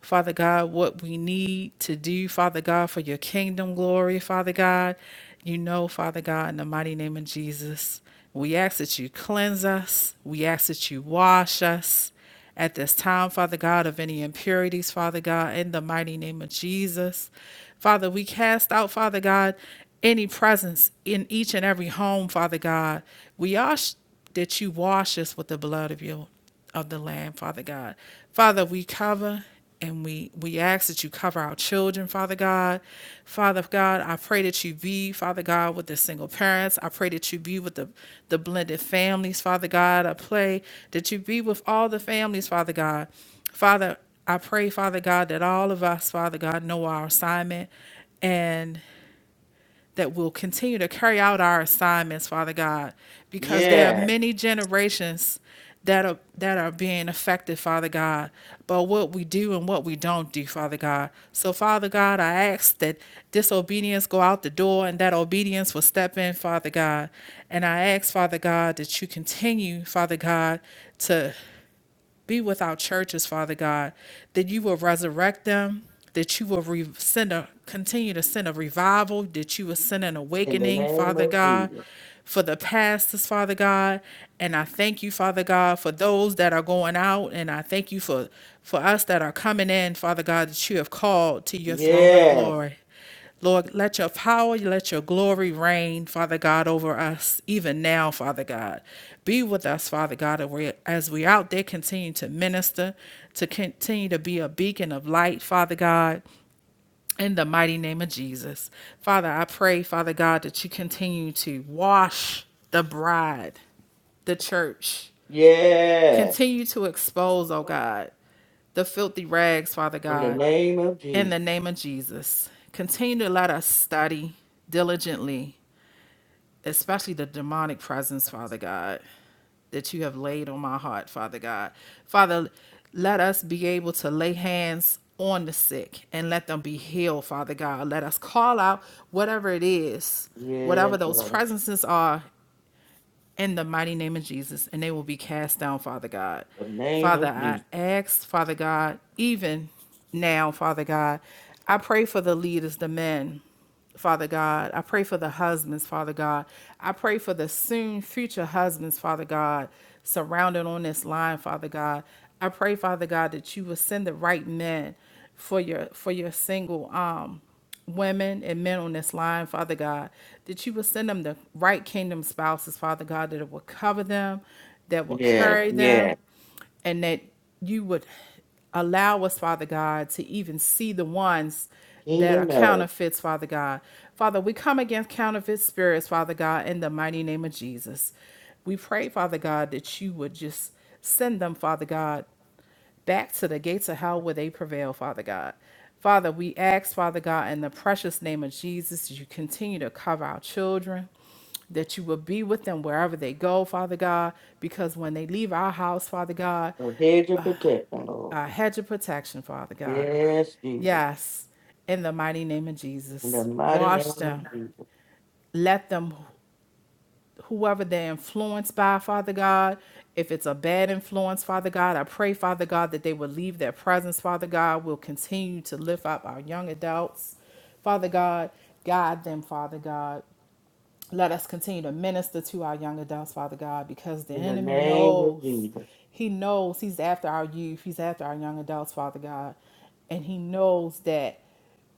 Speaker 7: Father God, what we need to do, Father God, for your kingdom glory, Father God. You know, Father God, in the mighty name of Jesus, we ask that you cleanse us, we ask that you wash us at this time, Father God, of any impurities, Father God, in the mighty name of Jesus. Father, we cast out, Father God, any presence in each and every home, Father God. We ask that you wash us with the blood of your of the Lamb, Father God. Father, we cover and we, we ask that you cover our children, Father God. Father God, I pray that you be, Father God, with the single parents. I pray that you be with the, the blended families, Father God. I pray that you be with all the families, Father God. Father, I pray, Father God, that all of us, Father God, know our assignment and that will continue to carry out our assignments, Father God, because there are
Speaker 1: Yes.
Speaker 7: many generations that are that are being affected, Father God, by what we do and what we don't do, Father God. So, Father God, I ask that disobedience go out the door and that obedience will step in, Father God. And I ask, Father God, that you continue, Father God, to be with our churches, Father God, that you will resurrect them, that you will re- send a, continue to send a revival, that you will send an
Speaker 1: In the
Speaker 7: awakening,
Speaker 1: name
Speaker 7: Father
Speaker 1: of
Speaker 7: God,
Speaker 1: Jesus.
Speaker 7: for the pastors, Father God. And I thank you, Father God, for those that are going out, and I thank you for, for us that are coming in, Father God, that you have called to your throne of
Speaker 1: Yes.
Speaker 7: glory. Lord, let your power, let your glory reign, Father God, over us even now, Father God. Be with us, Father God, as we- out there continue to minister, to continue to be a beacon of light, Father God. In the mighty name of Jesus. Father, I pray, Father God, that you continue to wash the bride, the church,
Speaker 1: Yes.
Speaker 7: Continue to expose, oh God, the filthy rags, Father
Speaker 1: In the
Speaker 7: God,
Speaker 1: name of
Speaker 7: in the
Speaker 1: Jesus.
Speaker 7: name of Jesus. Continue to let us study diligently, especially the demonic presence, Father God, that you have laid on my heart, Father God. Father, let us be able to lay hands on the sick and let them be healed, Father God. Let us call out whatever it is,
Speaker 1: Yes,
Speaker 7: whatever those
Speaker 1: Lord. In
Speaker 7: presences are in the mighty name of Jesus, and they will be cast down, Father God.
Speaker 1: the name
Speaker 7: Father,
Speaker 1: of
Speaker 7: I
Speaker 1: Jesus.
Speaker 7: ask, Father God, even now, Father God, I pray for the leaders, the men, Father God. I pray for the husbands, Father God. I pray for the soon future husbands, Father God, surrounded on this line, Father God. I pray, Father God, that you will send the right men for your for your single um women and men on this line, Father God, that you will send them the right kingdom spouses, Father God, that it will cover them, that will
Speaker 1: Yes.
Speaker 7: carry
Speaker 1: Yes.
Speaker 7: them, and that you would allow us, Father God, to even see the ones that are
Speaker 1: Kingdom earth.
Speaker 7: counterfeits, Father God. Father, we come against counterfeit spirits, Father God, in the mighty name of Jesus. We pray, Father God, that you would just send them, Father God, back to the gates of hell where they prevail, Father God. Father, we ask, Father God, in the precious name of Jesus, that you continue to cover our children, that you will be with them wherever they go, Father God, because when they leave our house, Father God,
Speaker 1: The hedge of protection, Lord.
Speaker 7: a hedge of protection, Father God.
Speaker 1: Yes, Jesus.
Speaker 7: Yes, in the mighty name of
Speaker 1: In the
Speaker 7: Jesus.
Speaker 1: mighty name
Speaker 7: Wash
Speaker 1: of
Speaker 7: them.
Speaker 1: Jesus.
Speaker 7: Let them whoever they're influenced by, Father God. If it's a bad influence, Father God, I pray, Father God, that they will leave their presence, Father God. We'll continue to lift up our young adults, Father God. Guide them, Father God. Let us continue to minister to our young adults, Father God, because the
Speaker 1: In the
Speaker 7: enemy
Speaker 1: name of
Speaker 7: knows.
Speaker 1: Jesus.
Speaker 7: He knows he's after our youth. He's after our young adults, Father God. And he knows that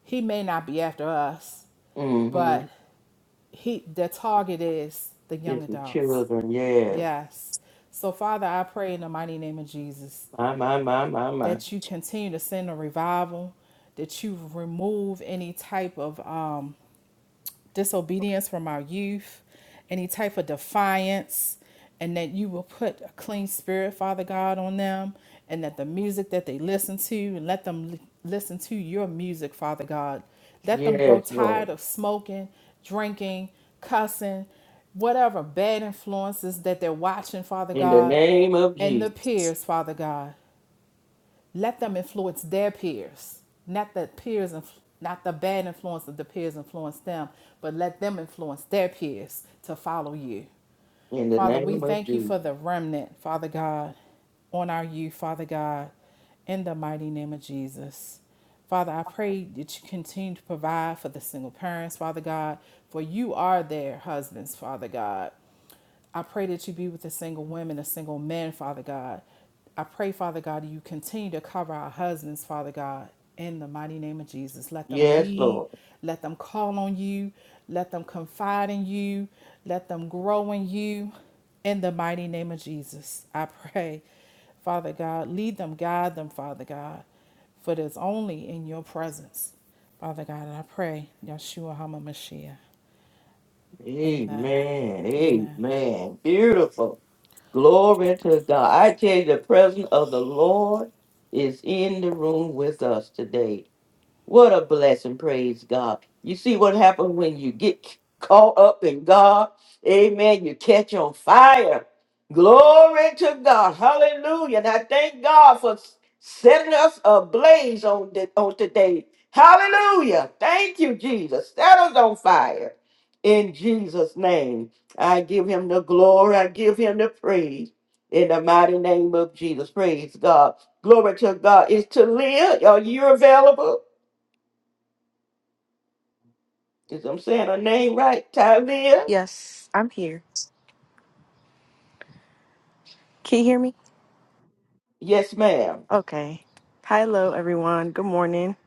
Speaker 7: he may not be after us,
Speaker 1: Mm-hmm.
Speaker 7: but he the target is the young
Speaker 1: It's the
Speaker 7: adults.
Speaker 1: children, yes.
Speaker 7: Yes. So, Father, I pray in the mighty name of Jesus
Speaker 1: My, my, my, my, my.
Speaker 7: that you continue to send a revival, that you remove any type of um, disobedience from our youth, any type of defiance, and that you will put a clean spirit, Father God, on them, and that the music that they listen to, and let them li- listen to your music, Father God. Let them grow
Speaker 1: Yes, Lord.
Speaker 7: tired of smoking, drinking, cussing, whatever bad influences that they're watching, Father
Speaker 1: In the
Speaker 7: God,
Speaker 1: name of
Speaker 7: and the
Speaker 1: Jesus.
Speaker 7: peers, Father God. Let them influence their peers, not the peers, inf- not the bad influence of the peers influence them, but let them influence their peers to follow you.
Speaker 1: In the
Speaker 7: Father, we
Speaker 1: name of
Speaker 7: thank you
Speaker 1: Jesus.
Speaker 7: for the remnant, Father God, on our youth, Father God, in the mighty name of Jesus. Father, I pray that you continue to provide for the single parents, Father God, for you are their husbands, Father God. I pray that you be with the single women, the single men, Father God. I pray, Father God, that you continue to cover our husbands, Father God, in the mighty name of Jesus. Let them
Speaker 1: Yes,
Speaker 7: lead.
Speaker 1: Lord.
Speaker 7: Let them call on you. Let them confide in you. Let them grow in you. In the mighty name of Jesus, I pray, Father God, lead them, guide them, Father God, for it is only in your presence, Father God. And I pray, Yeshua HaMashiach. Amen.
Speaker 1: Amen.
Speaker 7: Amen.
Speaker 1: Amen. Beautiful. Glory to God. I tell you, the presence of the Lord is in the room with us today. What a blessing, praise God. You see what happens when you get caught up in God? Amen. You catch on fire. Glory to God. Hallelujah. And I thank God for setting us ablaze on, the, on today. Hallelujah. Thank you, Jesus. Set us on fire. In Jesus' name, I give him the glory. I give him the praise. In the mighty name of Jesus. Praise God. Glory to God. Is to live. Are you available? Is I'm saying her name right, Tylia?
Speaker 10: Yes, I'm here. Can you hear me?
Speaker 1: Yes, ma'am.
Speaker 10: Okay. Hi, Hello, everyone. Good morning.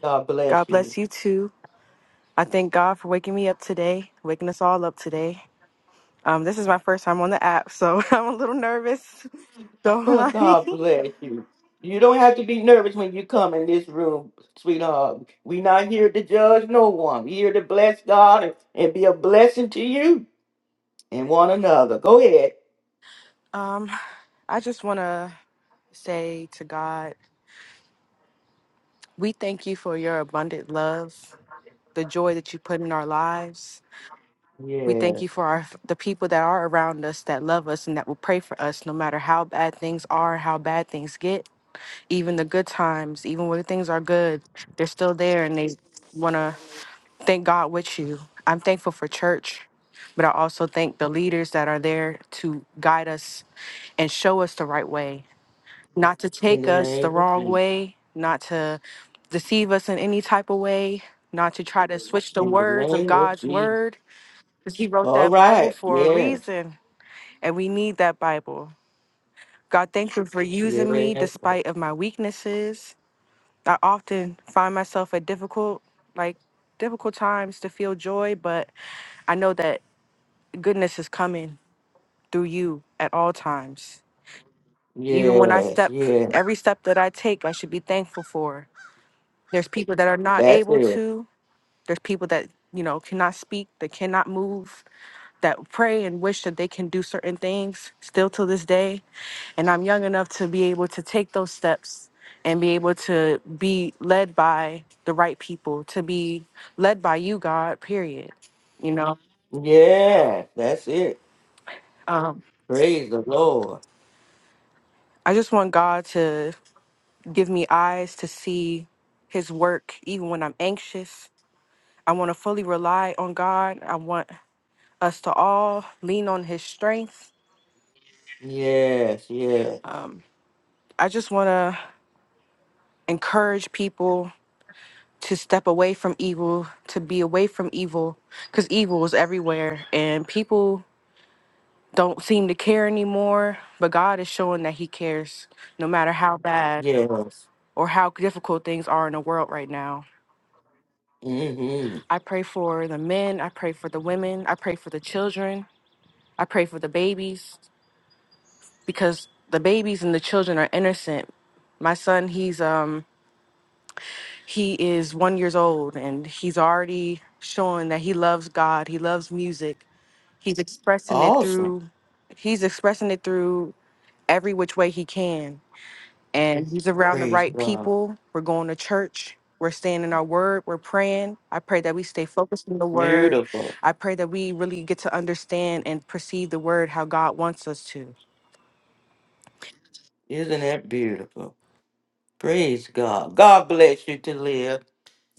Speaker 1: God bless
Speaker 10: God
Speaker 1: you.
Speaker 10: bless you too. I thank God for waking me up today, waking us all up today. Um, this is my first time on the app, so I'm a little nervous. Don't
Speaker 1: Well,
Speaker 10: mind me.
Speaker 1: God bless you. You don't have to be nervous when you come in this room, sweetheart. we not here to judge no one. we here to bless God and, and be a blessing to you and one another. Go ahead.
Speaker 10: Um, I just want to say to God, we thank you for your abundant love, the joy that you put in our lives. We thank you
Speaker 1: Yes.
Speaker 10: for our, the people that are around us that love us and that will pray for us no matter how bad things are, how bad things get. even the good times, even when things are good, they're still there and they want to thank God with you. I'm thankful for church, but I also thank the leaders that are there to guide us and show us the right way, not to
Speaker 1: In
Speaker 10: take
Speaker 1: the
Speaker 10: us the
Speaker 1: name of
Speaker 10: wrong
Speaker 1: Jesus.
Speaker 10: way, not to deceive us in any type of way, not to try to switch the
Speaker 1: In the
Speaker 10: words of
Speaker 1: name of
Speaker 10: God's
Speaker 1: Jesus.
Speaker 10: word, because He wrote
Speaker 1: All
Speaker 10: that Bible
Speaker 1: right.
Speaker 10: for a
Speaker 1: Yes.
Speaker 10: reason, and we need that Bible. God, thank you for using me
Speaker 1: Yes.
Speaker 10: despite of my weaknesses. I often find myself at difficult, like difficult times to feel joy, but I know that goodness is coming through you at all times. Even when I
Speaker 1: Yes.
Speaker 10: step,
Speaker 1: Yes.
Speaker 10: every step that I take, I should be thankful for. There's people that are not
Speaker 1: That's
Speaker 10: able
Speaker 1: it.
Speaker 10: to, there's people that, you know, cannot speak, that cannot move, that pray and wish that they can do certain things still to this day. and I'm young enough to be able to take those steps and be able to be led by the right people, to be led by you, God, period. You know,
Speaker 1: Yes. That's it.
Speaker 10: um,
Speaker 1: Praise the Lord.
Speaker 10: I just want God to give me eyes to see his work even when I'm anxious. I want to fully rely on God. I want us to all lean on his strength.
Speaker 1: Yes, yes,
Speaker 10: Um, I just want to encourage people to step away from evil, to be away from evil, because evil is everywhere and people don't seem to care anymore. But God is showing that He cares no matter how bad
Speaker 1: yes.
Speaker 10: or how difficult things are in the world right now.
Speaker 1: Mm-hmm.
Speaker 10: I pray for the men, I pray for the women, I pray for the children, I pray for the babies, because the babies and the children are innocent. My son, he's um he is one years old and he's already showing that he loves God, he loves music He's expressing it
Speaker 1: Awesome.
Speaker 10: through he's expressing it through every which way he can. And he's around the
Speaker 1: Praise
Speaker 10: right
Speaker 1: God.
Speaker 10: people. We're going to church. We're staying in our word. We're praying. I pray that we stay focused on the word.
Speaker 1: Beautiful.
Speaker 10: I pray that we really get to understand and perceive the word how God wants us to.
Speaker 1: Isn't that beautiful? Praise God. God bless you to live.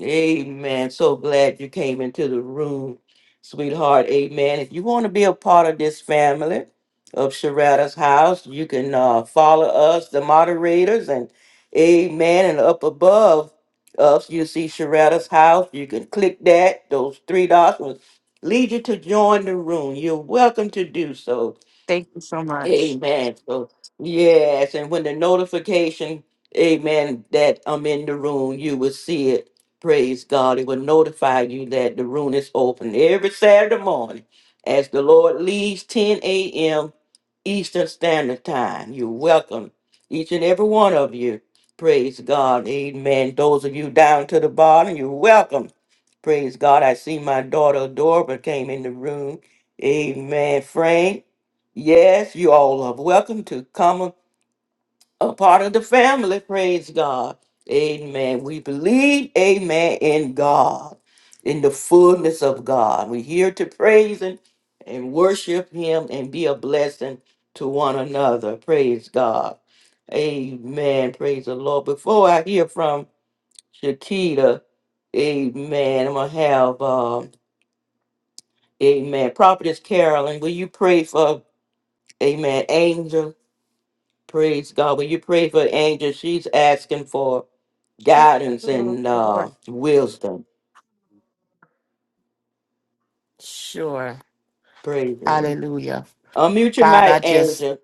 Speaker 1: Amen. So glad you came into the room, sweetheart. Amen. If you want to be a part of this family of Sharada's house, you can uh, follow us, the moderators, and amen. And up above us, you see Sharada's house. You can click that. Those three dots will lead you to join the room. You're welcome to do so.
Speaker 10: Thank you so much.
Speaker 1: Amen. So yes, and when the notification, amen, that I'm in the room, you will see it. Praise God. It will notify you that the room is open every Saturday morning as the Lord leads, 10 a.m. Eastern Standard Time. You're welcome, each and every one of you. Praise God. Amen. Those of you down to the bottom, you're welcome. Praise God. I see my daughter Adora came in the room. Amen. Frank. Yes, you all are welcome to come a part of the family. Praise God. Amen. We believe, amen, in God, in the fullness of God. We're here to praise Him and worship Him and be a blessing to one another. Praise God. Amen. Praise the Lord. Before I hear from Shakita, amen, I'm going to have, um, amen, Prophetess Carolyn, will you pray for, amen, Angel? Praise God. When you pray for Angel, she's asking for guidance and uh,
Speaker 8: Sure.
Speaker 1: wisdom.
Speaker 8: Sure.
Speaker 1: Praise God.
Speaker 8: Hallelujah.
Speaker 1: Unmute your
Speaker 8: Father, I
Speaker 1: mic,
Speaker 8: just,
Speaker 1: Angel.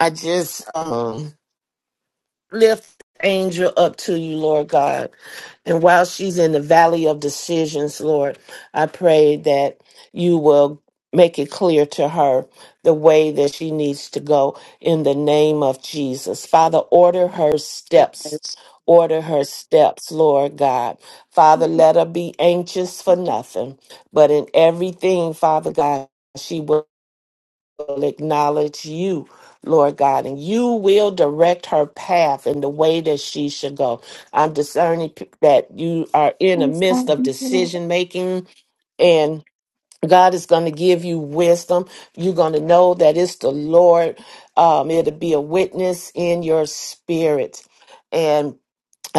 Speaker 8: I just, um, lift angel up to you, Lord God. And while she's in the valley of decisions, Lord, I pray that you will make it clear to her the way that she needs to go in the name of Jesus. Father, order her steps.
Speaker 11: Yes.
Speaker 8: Order her steps, Lord God. Father, let her be anxious for nothing, but in everything, Father God, she will will acknowledge you, Lord God, and you will direct her path in the way that she should go. I'm discerning p- that you are in the
Speaker 11: Yes,
Speaker 8: midst
Speaker 11: Lord.
Speaker 8: of
Speaker 11: Thank you, Lord.
Speaker 8: decision making and God is going to give you wisdom. You're going to know that it's the Lord. Um, it'll be a witness in your spirit. And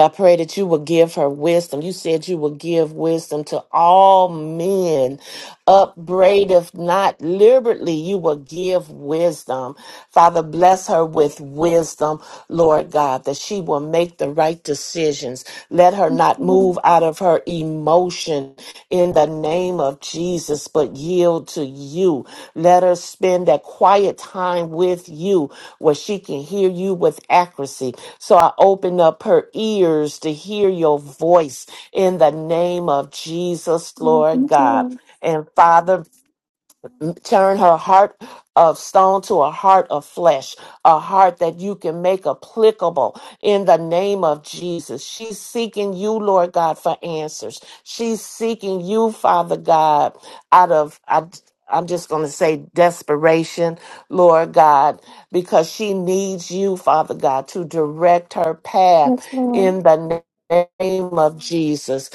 Speaker 8: I pray that you will give her wisdom. You said you will give wisdom to all men. Upbraideth not liberally, you will give wisdom. Father, bless her with wisdom, Lord God, that she will make the right decisions. Let her
Speaker 11: Thank
Speaker 8: not
Speaker 11: you, Lord.
Speaker 8: move out of her emotion in the name of Jesus, but yield to you. Let her spend that quiet time with you where she can hear you with accuracy. So I open up her ears to hear your voice in the name of
Speaker 11: Yes,
Speaker 8: Jesus,
Speaker 11: Lord.
Speaker 8: Lord
Speaker 11: Thank you,
Speaker 8: God.
Speaker 11: Lord.
Speaker 8: And Father, turn her heart of stone to a heart of flesh, a heart that you can make applicable in the name of Jesus. She's seeking you, Lord God, for answers. She's seeking you, Father God, out of, I, I'm just going to say desperation, Lord God, because she needs you, Father God, to direct her path
Speaker 11: Yes, Lord.
Speaker 8: in the name of Jesus.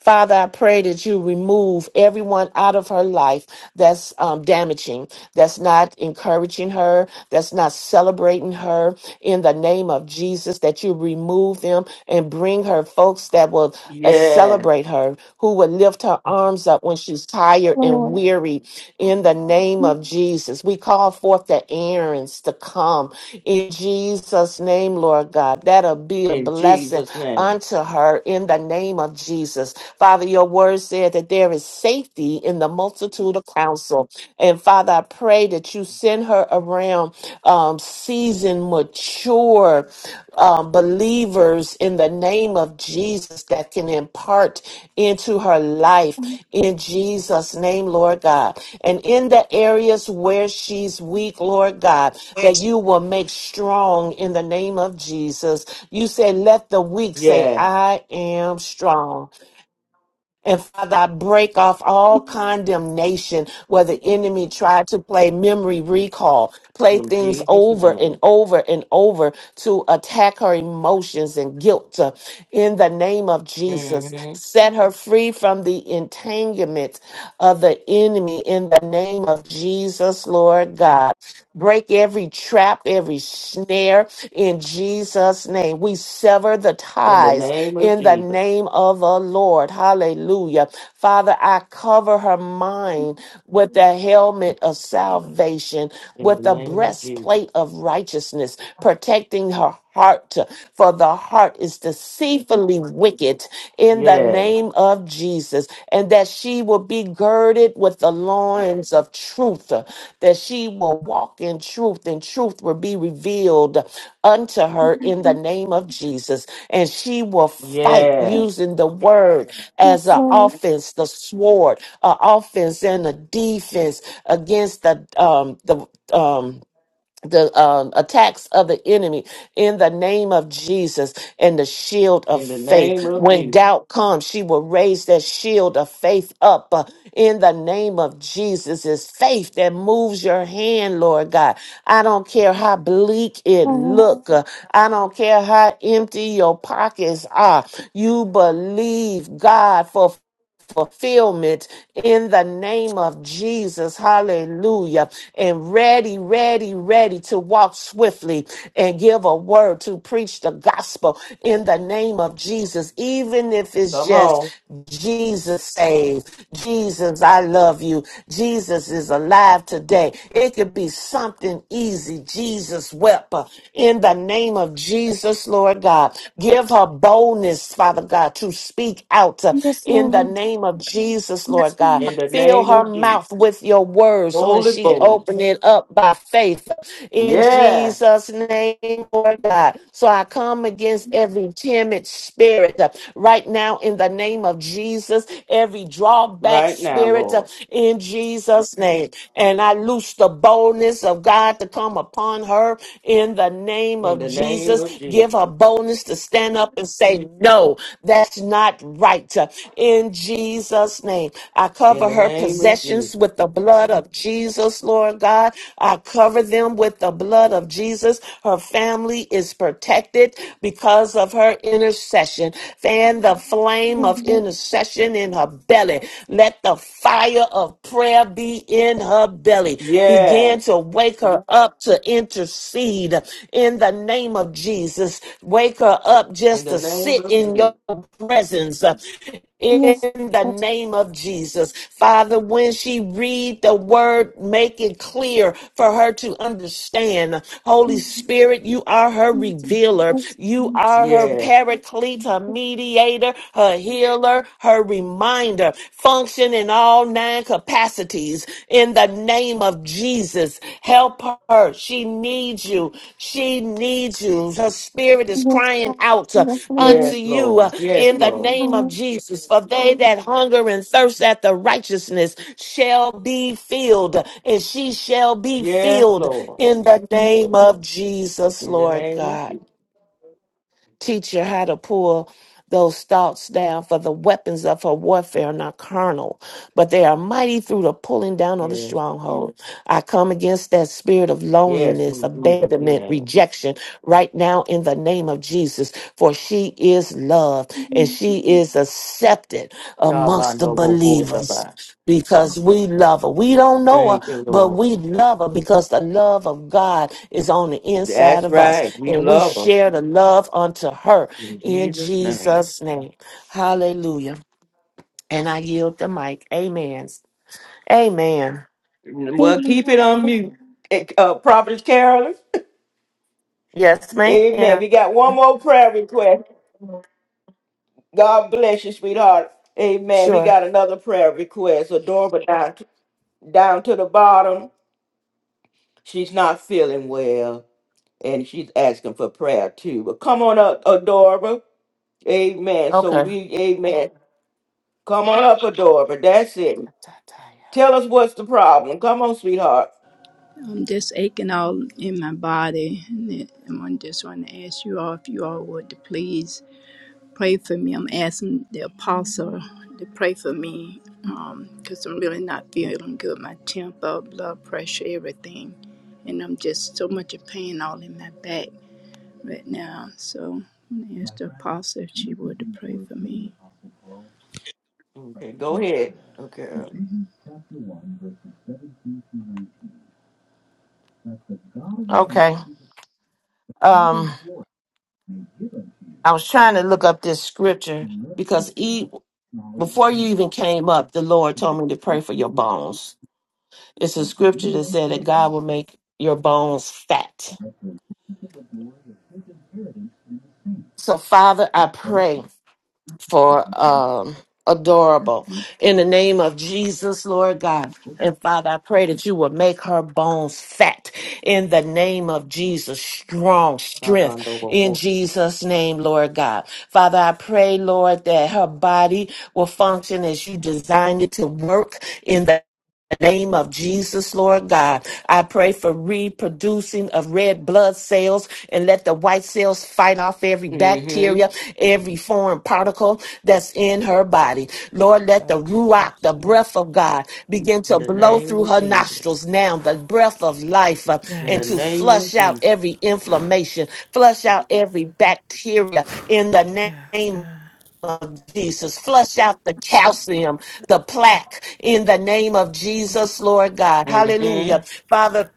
Speaker 8: Father, I pray that you remove everyone out of her life that's um, damaging, that's not encouraging her, that's not celebrating her. In the name of Jesus, that you remove them and bring her folks that will uh,
Speaker 1: Yes,
Speaker 8: celebrate her, who will lift her arms up when she's tired and
Speaker 11: Lord.
Speaker 8: weary. In the name of
Speaker 11: Amen.
Speaker 8: Jesus, we call forth the errands to come. In Jesus' name, Lord God, that'll be a
Speaker 1: in
Speaker 8: blessing
Speaker 1: Jesus' name.
Speaker 8: unto her in the name of Jesus. Jesus. Father, your word said that there is safety in the multitude of counsel. And Father, I pray that you send her around um, seasoned, mature um, believers in the name of Jesus that can impart into her life
Speaker 11: Amen.
Speaker 8: in Jesus' name, Lord God. And in the areas where she's weak, Lord God, that you will make strong in the name of Jesus. You said, Let the weak say,
Speaker 1: Yes,
Speaker 8: I am strong. And Father, I break off all condemnation where the enemy tried to play memory recall, play
Speaker 1: in
Speaker 8: things
Speaker 1: Jesus'
Speaker 8: over and
Speaker 1: name.
Speaker 8: over and over to attack her emotions and guilt. Uh, In the name of Jesus,
Speaker 1: hmm
Speaker 8: set her free from the entanglement of the enemy in the name of Jesus, Lord God. Break every trap, every snare in Jesus' name. We sever the
Speaker 1: In the
Speaker 8: ties
Speaker 1: name of
Speaker 8: in the
Speaker 1: Jesus.
Speaker 8: name of the Lord. Hallelujah. Father, I cover her mind with the helmet of salvation,
Speaker 1: In the
Speaker 8: with the
Speaker 1: name of Jesus.
Speaker 8: breastplate of righteousness, protecting her heart, for the heart is deceitfully wicked in the
Speaker 1: Yeah,
Speaker 8: name of Jesus, and that she will be girded with the loins of truth, that she will walk in truth, and truth will be revealed unto her in the name of Jesus, and she will fight
Speaker 1: yeah.
Speaker 8: using the word as
Speaker 11: Yes,
Speaker 8: an
Speaker 11: Lord.
Speaker 8: offense, the sword, an offense and a defense against the um the um the um, attacks of the enemy in the name of Jesus and the shield of
Speaker 1: In the name
Speaker 8: faith.
Speaker 1: of
Speaker 8: When
Speaker 1: Jesus.
Speaker 8: doubt comes, she will raise that shield of faith up uh, in the name of Jesus. It's faith that moves your hand, Lord God. I don't care how bleak it
Speaker 11: Lord.
Speaker 8: look. uh, I don't care how empty your pockets are. You believe God for fulfillment in the name of Jesus. Hallelujah. And ready, ready, ready to walk swiftly and give a word to preach the gospel in the name of Jesus, even if it's
Speaker 1: Come
Speaker 8: just
Speaker 1: on.
Speaker 8: Jesus saved. Jesus, I love you. Jesus is alive today. It could be something easy. Jesus wept uh, in the name of Jesus, Lord God. Give her boldness, Father God, to speak out uh,
Speaker 11: Yes,
Speaker 8: in the
Speaker 11: Lord.
Speaker 8: name of Jesus,
Speaker 11: Yes,
Speaker 8: Lord God.
Speaker 1: In
Speaker 11: Lord.
Speaker 1: the
Speaker 8: Fill
Speaker 1: name
Speaker 8: her
Speaker 1: of Jesus.
Speaker 8: mouth with your words when she
Speaker 1: Holy
Speaker 8: Yes.
Speaker 1: boldness.
Speaker 8: open it up by faith in
Speaker 1: Yes,
Speaker 8: Jesus' name, Lord God. So I come against every timid spirit uh, right now in the name of Jesus, every drawback
Speaker 1: right now,
Speaker 8: spirit uh,
Speaker 1: Lord.
Speaker 8: in Jesus' name. And I loose the boldness of God to come upon upon her in the name
Speaker 1: In
Speaker 8: of
Speaker 1: the name
Speaker 8: Jesus.
Speaker 1: of Jesus.
Speaker 8: Give her boldness to stand up and say, No, that's not right. In Jesus' name, I
Speaker 1: In
Speaker 8: cover
Speaker 1: the
Speaker 8: her
Speaker 1: name of Jesus.
Speaker 8: possessions with the blood of Jesus, Lord God. I cover them with the blood of Jesus. Her family is protected because of her intercession. Fan the
Speaker 11: Lord. Yes, Lord. Yes,
Speaker 8: flame of
Speaker 11: Lord. Yes,
Speaker 8: intercession in her belly. Let the fire of prayer prayer be in her belly. Begin
Speaker 1: Yes.
Speaker 8: to wake her up to intercede in the name of Jesus. Wake her up
Speaker 1: In
Speaker 8: just
Speaker 1: the
Speaker 8: to
Speaker 1: name
Speaker 8: sit
Speaker 1: of
Speaker 8: in
Speaker 1: Jesus.
Speaker 8: your presence uh,
Speaker 11: Lord.
Speaker 8: in the name of Jesus. Father, when she read the word, make it clear for her to understand. Holy Spirit, you are her revealer. You are her
Speaker 1: Yes.
Speaker 8: paraclete, her mediator, her her healer, her reminder. Function in all nine capacities in the name of Jesus. Help her. She needs you. She needs you. Her spirit is crying out uh,
Speaker 11: Yes,
Speaker 8: unto
Speaker 1: Yes,
Speaker 11: Lord.
Speaker 8: you uh,
Speaker 1: Lord. Yes,
Speaker 8: in the
Speaker 1: Lord.
Speaker 8: name of
Speaker 11: Lord.
Speaker 8: Jesus. For they that hunger and thirst after righteousness shall be filled, and she shall be
Speaker 1: Yes,
Speaker 8: filled
Speaker 1: Lord.
Speaker 8: in the name of Jesus,
Speaker 1: In the
Speaker 8: Lord
Speaker 1: name of
Speaker 8: God.
Speaker 1: Jesus.
Speaker 8: Teach her how to pull those thoughts down, for the weapons of her warfare are not carnal, but they are mighty through the pulling down of the
Speaker 1: Yes.
Speaker 8: stronghold. I come against that spirit of
Speaker 1: Yes,
Speaker 8: loneliness,
Speaker 1: in Jesus'
Speaker 8: abandonment,
Speaker 1: name.
Speaker 8: rejection right now in the name of Jesus, for she is loved and she is accepted amongst the believers
Speaker 1: Shabbat.
Speaker 8: because we love her. We don't know her,
Speaker 1: Thank you,
Speaker 8: but
Speaker 1: Lord.
Speaker 8: we love her because the love of God is on the inside
Speaker 1: That's
Speaker 8: of us
Speaker 1: right. We
Speaker 8: and we
Speaker 1: love us.
Speaker 8: share the love unto her
Speaker 1: In
Speaker 8: in
Speaker 1: Jesus' name.
Speaker 8: Jesus' name. Hallelujah. And I yield the mic. Amen. Amen.
Speaker 1: Well, keep it on mute.
Speaker 11: Amen.
Speaker 1: Eh, Uh, Prophetess Carolyn.
Speaker 8: Yes, ma'am.
Speaker 1: Amen. We got one more prayer request. God bless you, sweetheart. Amen. We
Speaker 8: Sure.
Speaker 1: got another prayer request. Adorable down to the bottom. She's not feeling well, and she's asking for prayer too. But come on up, Adora. Amen. So
Speaker 8: Okay.
Speaker 1: we, amen. Come on up, Adora. That's it. Tell us what's the problem. Come on, sweetheart.
Speaker 12: I'm just aching all in my body, and it- and I just want to ask you all if you all would to please pray for me. I'm asking the apostle to pray for me because I'm really not feeling good. My temper, blood pressure, everything, and I'm just so much of pain all in my back right now. So I'm gonna ask the apostle if she would to pray for me.
Speaker 1: Okay, go ahead. Okay.
Speaker 8: Okay. Um,
Speaker 12: may give unto you,
Speaker 8: I was trying to look up this scripture
Speaker 12: and your
Speaker 8: because
Speaker 12: wisdom
Speaker 8: e
Speaker 12: knowledge
Speaker 8: before
Speaker 12: of
Speaker 8: you
Speaker 12: him,
Speaker 8: even came up, the Lord told me to pray for your bones. It's
Speaker 12: that
Speaker 8: a scripture
Speaker 12: you
Speaker 8: that
Speaker 12: may
Speaker 8: said that
Speaker 12: know
Speaker 8: God will make your bones fat.
Speaker 12: that the riches of the glory of his inheritance in the saints.
Speaker 8: So, Father, I
Speaker 12: But it
Speaker 8: pray.
Speaker 12: is
Speaker 8: for
Speaker 12: written for the
Speaker 8: um, adorable. In the name of Jesus, Lord God.
Speaker 12: support
Speaker 8: And Father, I pray that you will make her bones fat in the name of Jesus, strong
Speaker 1: Mm-hmm.
Speaker 8: strength in Jesus' name, Lord God. Father, I pray, Lord, that her body will function as you designed it to work in the the name of Jesus, Lord God. I pray for reproducing of red blood cells and let the white cells fight off every
Speaker 1: In
Speaker 8: bacteria, every foreign particle that's in her body. Lord, let the
Speaker 7: Touch,
Speaker 8: ruach,
Speaker 7: touch,
Speaker 8: the breath
Speaker 7: touch.
Speaker 8: of God, begin to
Speaker 1: the
Speaker 8: blow
Speaker 1: name
Speaker 8: through
Speaker 1: of
Speaker 8: her
Speaker 1: Jesus.
Speaker 8: nostrils now, the breath of life, uh,
Speaker 1: In
Speaker 8: and
Speaker 1: the
Speaker 8: to
Speaker 7: Yes.
Speaker 1: name of
Speaker 8: flush out
Speaker 1: Jesus.
Speaker 8: every inflammation, flush out every bacteria in the
Speaker 7: Yes,
Speaker 8: name
Speaker 7: God.
Speaker 8: of Jesus. Flush out the calcium, the plaque in the name of Jesus, Lord God.
Speaker 1: Mm-hmm.
Speaker 8: Hallelujah. Father,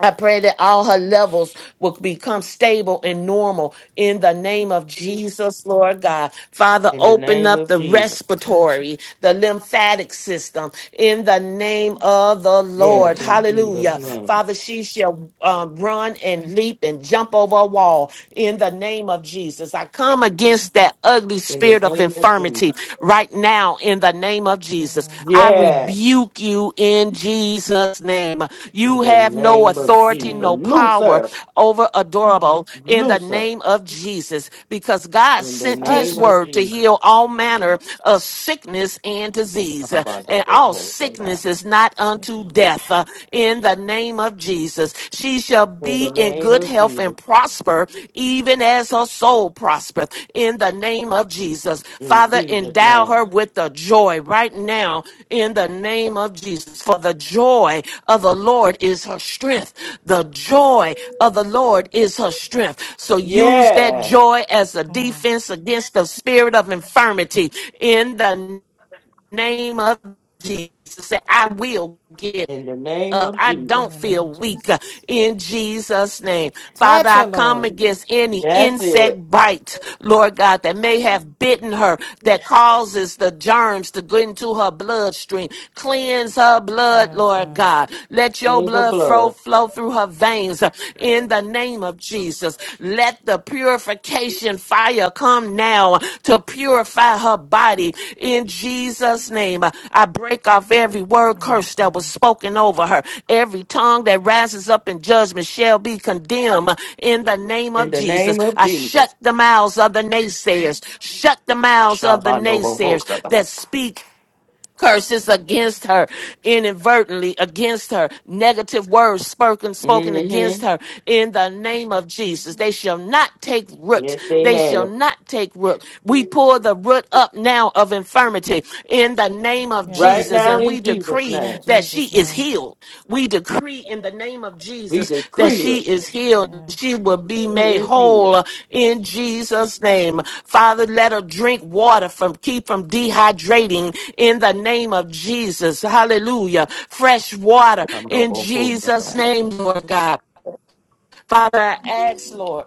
Speaker 8: I pray that all her levels
Speaker 7: Touch.
Speaker 8: will become stable and normal in the name of Jesus, Lord God. Father,
Speaker 1: In the
Speaker 8: open
Speaker 1: name
Speaker 8: up
Speaker 1: of
Speaker 8: the
Speaker 1: Jesus.
Speaker 7: Touch. her.
Speaker 8: respiratory, the lymphatic system in the name of the Lord.
Speaker 1: Yes,
Speaker 7: Touch
Speaker 1: in
Speaker 7: her,
Speaker 1: Jesus'
Speaker 8: Hallelujah.
Speaker 7: Jesus.
Speaker 1: name.
Speaker 8: Father, she shall um, run and leap and jump over a wall in the name of Jesus. I come against that ugly
Speaker 1: In the
Speaker 8: spirit of
Speaker 1: name of Jesus.
Speaker 8: infirmity right now in the name of Jesus.
Speaker 7: Yes,
Speaker 8: I
Speaker 7: my God.
Speaker 1: Yes.
Speaker 8: rebuke you in Jesus' name.
Speaker 1: In
Speaker 8: You
Speaker 1: the
Speaker 8: have no
Speaker 1: name of
Speaker 7: Jesus'
Speaker 8: authority,
Speaker 1: Jesus.
Speaker 7: name.
Speaker 8: no power
Speaker 1: Luther.
Speaker 8: over
Speaker 7: Mm.
Speaker 8: adorable in the
Speaker 1: Luther.
Speaker 8: name of Jesus because God
Speaker 1: In the
Speaker 8: sent his
Speaker 7: Touch
Speaker 1: name
Speaker 7: her.
Speaker 1: of
Speaker 8: word to
Speaker 1: Jesus.
Speaker 8: heal all manner of sickness and disease. And all
Speaker 1: Shabbat-o-bo-ho-shabbat.
Speaker 8: sickness is not unto
Speaker 7: Sneaky.
Speaker 8: death uh, in the name of Jesus. She shall
Speaker 1: In
Speaker 8: be
Speaker 1: the
Speaker 8: in
Speaker 1: name
Speaker 8: good
Speaker 1: of
Speaker 8: health
Speaker 1: Jesus.
Speaker 8: and prosper, even as her soul prospereth, in the name of Jesus.
Speaker 1: In
Speaker 8: Father,
Speaker 1: Jesus'
Speaker 8: endow
Speaker 1: name.
Speaker 8: her with the joy right now, in the name of Jesus. For the joy of the Lord is her strength. The joy of the Lord is her strength. So use that
Speaker 1: Yes.
Speaker 8: joy as a defense against the spirit of infirmity, in the name of Jesus. Say, I will get
Speaker 1: In the name
Speaker 8: up.
Speaker 1: of
Speaker 8: I
Speaker 1: Jesus.
Speaker 7: In
Speaker 8: don't
Speaker 7: the name
Speaker 8: feel
Speaker 7: of
Speaker 8: weak uh,
Speaker 7: Jesus.
Speaker 8: in Jesus' name. Father,
Speaker 7: Touch
Speaker 8: I
Speaker 7: her,
Speaker 8: come
Speaker 7: Lord.
Speaker 8: against any
Speaker 1: That's it.
Speaker 8: insect bite, Lord God, that may have bitten her, that causes the germs to go into her bloodstream. Cleanse her blood,
Speaker 7: Yes,
Speaker 8: Lord
Speaker 7: God.
Speaker 8: God. Let your
Speaker 1: Cleanse the
Speaker 8: blood flow,
Speaker 1: blood.
Speaker 8: flow through her veins uh, in the name of Jesus. Let the pure purification fire come now to purify her body in Jesus' name. I break off every word
Speaker 7: Yes,
Speaker 8: curse that was
Speaker 7: God.
Speaker 8: spoken over her. Every tongue that rises up in judgment shall be condemned in the name
Speaker 1: In
Speaker 8: of
Speaker 1: the
Speaker 8: Jesus.
Speaker 1: name of
Speaker 8: I shut
Speaker 1: Jesus.
Speaker 8: the mouths of the naysayers, shut the mouths of the naysayers
Speaker 1: Shabbat-o-bo-ho-shabbat.
Speaker 8: that speak curses against her inadvertently against her negative words spoken spoken
Speaker 1: Mm-hmm.
Speaker 8: against her in the name of jesus they shall not take root
Speaker 1: Yes, they
Speaker 8: they shall
Speaker 1: have.
Speaker 8: not take root we pull the root up now of infirmity in the name of
Speaker 1: Right
Speaker 7: Yes,
Speaker 8: jesus
Speaker 1: now
Speaker 7: God.
Speaker 8: and we
Speaker 1: in Jesus'
Speaker 8: decree
Speaker 7: In
Speaker 1: name.
Speaker 8: that she
Speaker 7: Jesus'
Speaker 8: is healed
Speaker 7: name.
Speaker 8: healed. We decree in the name of
Speaker 1: We
Speaker 8: Jesus that
Speaker 1: decree
Speaker 8: she
Speaker 1: it.
Speaker 8: is healed.
Speaker 7: Yes.
Speaker 8: She will be
Speaker 1: He
Speaker 8: made
Speaker 1: is healed.
Speaker 8: whole in Jesus' name. Father, let her drink water from keep from dehydrating in the name of Jesus. Hallelujah. Fresh water in Jesus'
Speaker 1: Shabbat-o-bo-ho-shabbat.
Speaker 8: name, Lord God. Father, I ask, Lord.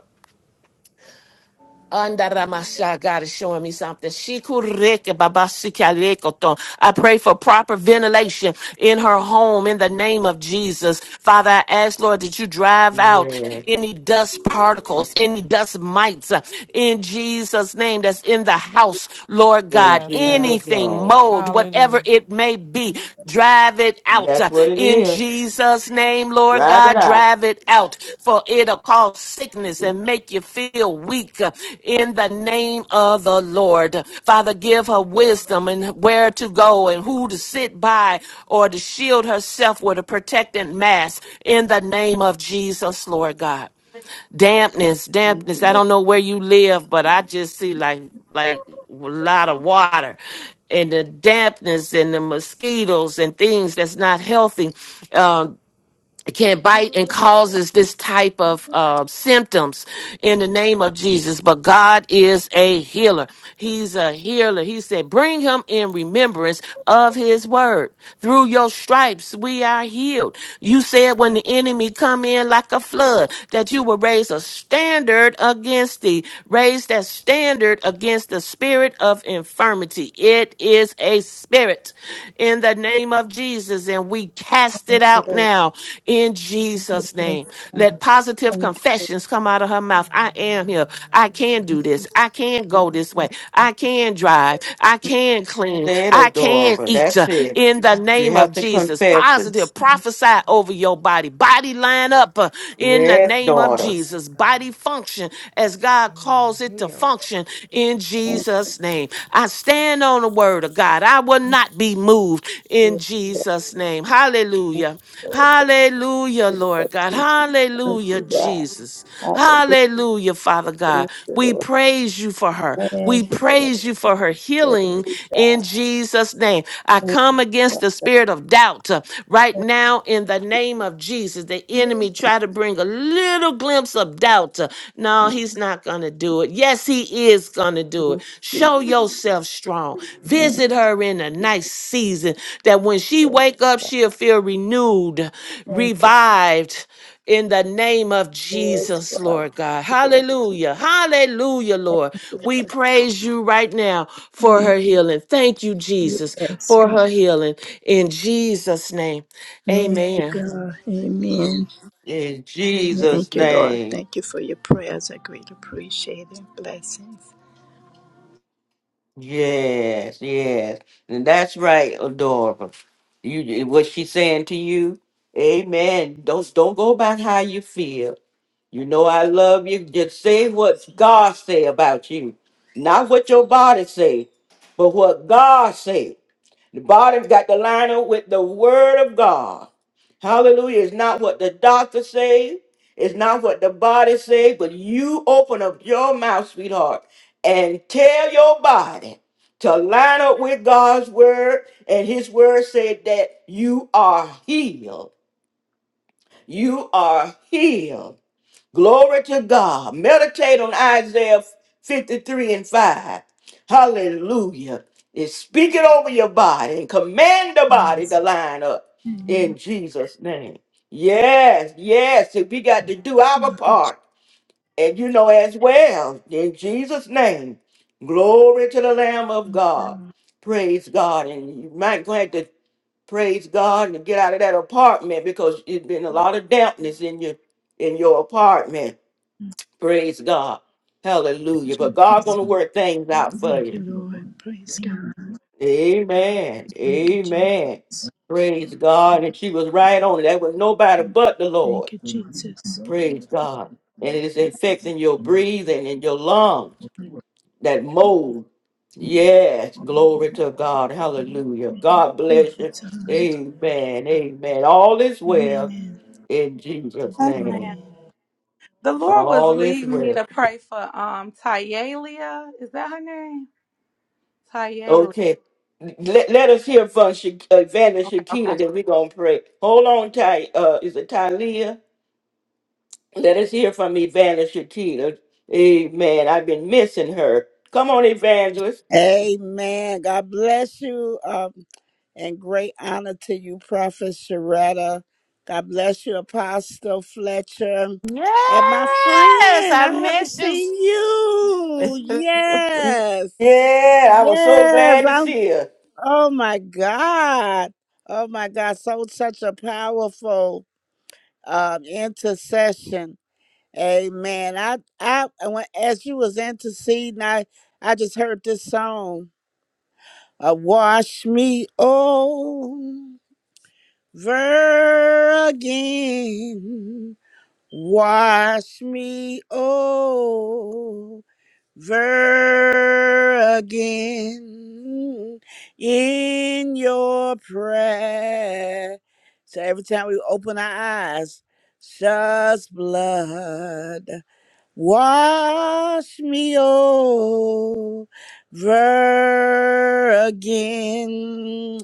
Speaker 8: Andaramasha, God is showing me something. Shikureke babasikarekoto. I pray for proper ventilation in her home in the name of Jesus. Father, I ask, Lord, that you drive out
Speaker 1: Yes.
Speaker 8: any dust particles, any dust mites uh, in Jesus' name that's in the house, Lord
Speaker 1: In
Speaker 8: God.
Speaker 7: Yes,
Speaker 1: Jesus'
Speaker 7: God.
Speaker 8: Anything,
Speaker 1: name.
Speaker 8: mold,
Speaker 7: Hallelujah.
Speaker 8: whatever it may be be. Drive it out
Speaker 1: That's
Speaker 8: uh,
Speaker 1: what it
Speaker 8: in
Speaker 1: is.
Speaker 8: Jesus' name, Lord
Speaker 1: Rather
Speaker 8: God.
Speaker 1: I
Speaker 8: Drive it out, for it'll cause sickness and make you feel weak uh, in the name of the Lord. Father, give her wisdom and where to go and who to sit by or to shield herself with a protecting mask in the name of Jesus, Lord God dampness,
Speaker 12: Thank
Speaker 8: dampness.
Speaker 12: you,
Speaker 8: I
Speaker 12: Lord,
Speaker 8: don't know where you live, but I just see like like a lot of water and the dampness and the mosquitoes and things that's not healthy. Uh, can bite and causes this type of uh, symptoms in the name of Jesus. But God is a healer. He's a healer. He said, bring him in remembrance of his word. Through your stripes, we are healed. You said when the enemy come in like a flood, that you will raise a standard against thee. Raise that standard against the spirit of infirmity. It is a spirit in the name of Jesus. And we cast it
Speaker 12: for
Speaker 8: out
Speaker 12: the
Speaker 8: now in Jesus' name.
Speaker 12: words.
Speaker 8: Let positive
Speaker 12: Thank
Speaker 8: confessions come out of her mouth. I
Speaker 7: In the
Speaker 8: am
Speaker 7: mighty
Speaker 8: here.
Speaker 7: name of
Speaker 8: I can do
Speaker 7: Jesus.
Speaker 8: this. I can go this way. I can drive. I can clean.
Speaker 1: said,
Speaker 8: I
Speaker 1: or
Speaker 8: can
Speaker 1: daughter.
Speaker 8: eat uh,
Speaker 1: That's it.
Speaker 8: in the
Speaker 1: You
Speaker 8: name of
Speaker 1: have to
Speaker 8: Jesus.
Speaker 1: confess it.
Speaker 8: Positive prophesy over your body. Body line up uh, in the
Speaker 1: Yes,
Speaker 8: name of
Speaker 1: daughter.
Speaker 7: Yes,
Speaker 8: Jesus.
Speaker 7: God.
Speaker 8: Body function as God calls
Speaker 7: You are
Speaker 8: cause it to
Speaker 7: healed.
Speaker 8: function in Jesus' name. I stand on the word of God. I will not be moved in
Speaker 12: you,
Speaker 8: Jesus' name.
Speaker 12: thank
Speaker 8: Hallelujah. Hallelujah,
Speaker 12: you, Lord
Speaker 8: Lord God.
Speaker 12: Jesus. Thank
Speaker 8: Hallelujah,
Speaker 12: you, God.
Speaker 8: Jesus.
Speaker 12: Hallelujah.
Speaker 8: Hallelujah, Father God.
Speaker 12: Thank you,
Speaker 8: We
Speaker 12: Lord.
Speaker 8: praise you for her. We
Speaker 12: Thank you, Lord.
Speaker 8: praise you for her
Speaker 12: Praise
Speaker 8: healing
Speaker 12: you, God.
Speaker 8: in Jesus' name. I
Speaker 12: Thank
Speaker 8: come against the spirit of doubt uh, right
Speaker 12: you,
Speaker 8: now in the name of Jesus pieces. The enemy try to bring a little glimpse of doubt. uh, No, he's not going to do it. Yes, he is going to do it. Show yourself strong.
Speaker 12: man.
Speaker 8: Visit her in a nice season that when she wake up, she'll feel renewed,
Speaker 12: Thank
Speaker 8: revived in the name of
Speaker 12: you, yes.
Speaker 8: Jesus, Lord God. Hallelujah. Hallelujah, Lord. We praise you right now for
Speaker 12: Thank
Speaker 8: her healing. Thank you,
Speaker 12: you,
Speaker 8: Jesus,
Speaker 12: yes,
Speaker 8: for
Speaker 12: God.
Speaker 8: her healing. In Jesus' name,
Speaker 12: Thank you,
Speaker 8: amen.
Speaker 12: God. Amen.
Speaker 1: In Jesus'
Speaker 12: Thank you, Lord.
Speaker 1: name.
Speaker 12: Thank you for your prayers. I greatly appreciate and blessings.
Speaker 1: Yes, yes. And that's right, Adora. You what she's saying to you? Amen. Don't don't go about how you feel. You know I love you. Just say what God say about you. Not what your body say, but what God say. The body's got to line up with the word of God. Hallelujah. It's not what the doctor say. It's not what the body say, but you open up your mouth, sweetheart, and tell your body to line up with God's word. And his word said that you are healed. You are healed. Glory to God. Meditate on Isaiah 53 and 5. Hallelujah. And speak it over your body and command the body to
Speaker 12: Yes.
Speaker 1: line up
Speaker 12: Amen.
Speaker 1: in Jesus' name. Yes, yes. If we got to do our
Speaker 12: Thank you, Je-
Speaker 1: part, and you know as well, in Jesus' name. Glory to the Lamb of God. Praise God. And you might go ahead to praise God and get out of that apartment because it's been a lot of dampness in your in your apartment Praise God. Hallelujah. But God gonna work things out for
Speaker 12: thank
Speaker 1: you.
Speaker 12: you, Lord. Praise God.
Speaker 1: Amen.
Speaker 12: Thank you,
Speaker 1: Amen.
Speaker 12: Jesus.
Speaker 1: Praise God. And she was right on it. That was nobody but the Lord.
Speaker 12: Thank you, Jesus. Thank you, Jesus.
Speaker 1: Praise God. And it is infecting your breathing and your lungs. That mold. Yes. Glory to God. Hallelujah. God
Speaker 12: Thank
Speaker 1: bless
Speaker 12: you
Speaker 1: you.
Speaker 12: so much.
Speaker 1: Amen. Amen. All is well
Speaker 12: Amen.
Speaker 1: in Jesus'
Speaker 4: us,
Speaker 1: name.
Speaker 4: man.
Speaker 12: Amen.
Speaker 4: The Lord was
Speaker 1: All is
Speaker 4: leading me
Speaker 1: well.
Speaker 4: to pray for um Tyalia. Is that her name? Tyalia.
Speaker 1: Okay. Let, let us hear from Sha- Evangelist
Speaker 4: Okay, okay.
Speaker 1: Shakina, then we're going to pray. Hold on, Ty. Uh, is it Talia? Let us hear from Evangelist Shakina. Amen. I've been missing her. Come on, Evangelist.
Speaker 9: Amen. God bless you. Um, and great honor to you, Prophet Sharetta. God bless you, Apostle Fletcher. And my
Speaker 8: Yes,
Speaker 9: friend,
Speaker 8: I
Speaker 9: I haven't
Speaker 8: miss you so
Speaker 9: seen you.
Speaker 1: Yeah,
Speaker 9: Yes.
Speaker 1: I was so
Speaker 9: Yes,
Speaker 1: glad to
Speaker 9: I'm
Speaker 1: see her.
Speaker 9: Oh my God. Oh my God. So such a powerful um intercession. Amen. I I when as you was interceding, I I just heard this song. Uh, wash me over again. Wash me over ever again in your prayer. So every time we open our eyes, such blood wash me over again.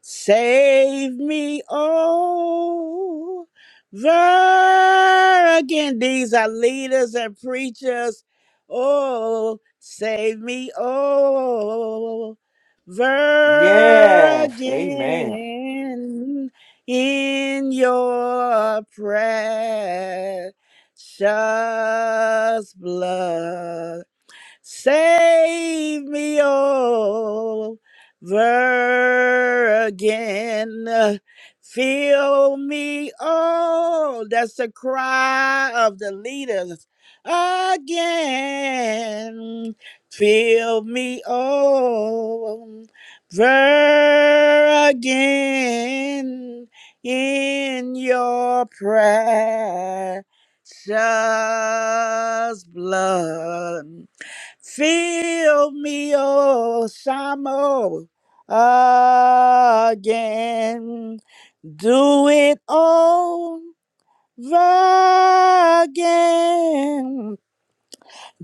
Speaker 9: Save me over again. These are leaders and preachers. Oh, save me over
Speaker 1: Yes. Amen.
Speaker 9: again in your precious blood. Save me over again. Fill me, oh, that's the cry of the leaders again. Fill me over again in your precious blood. Fill me, oh Samo, again. Do it over again.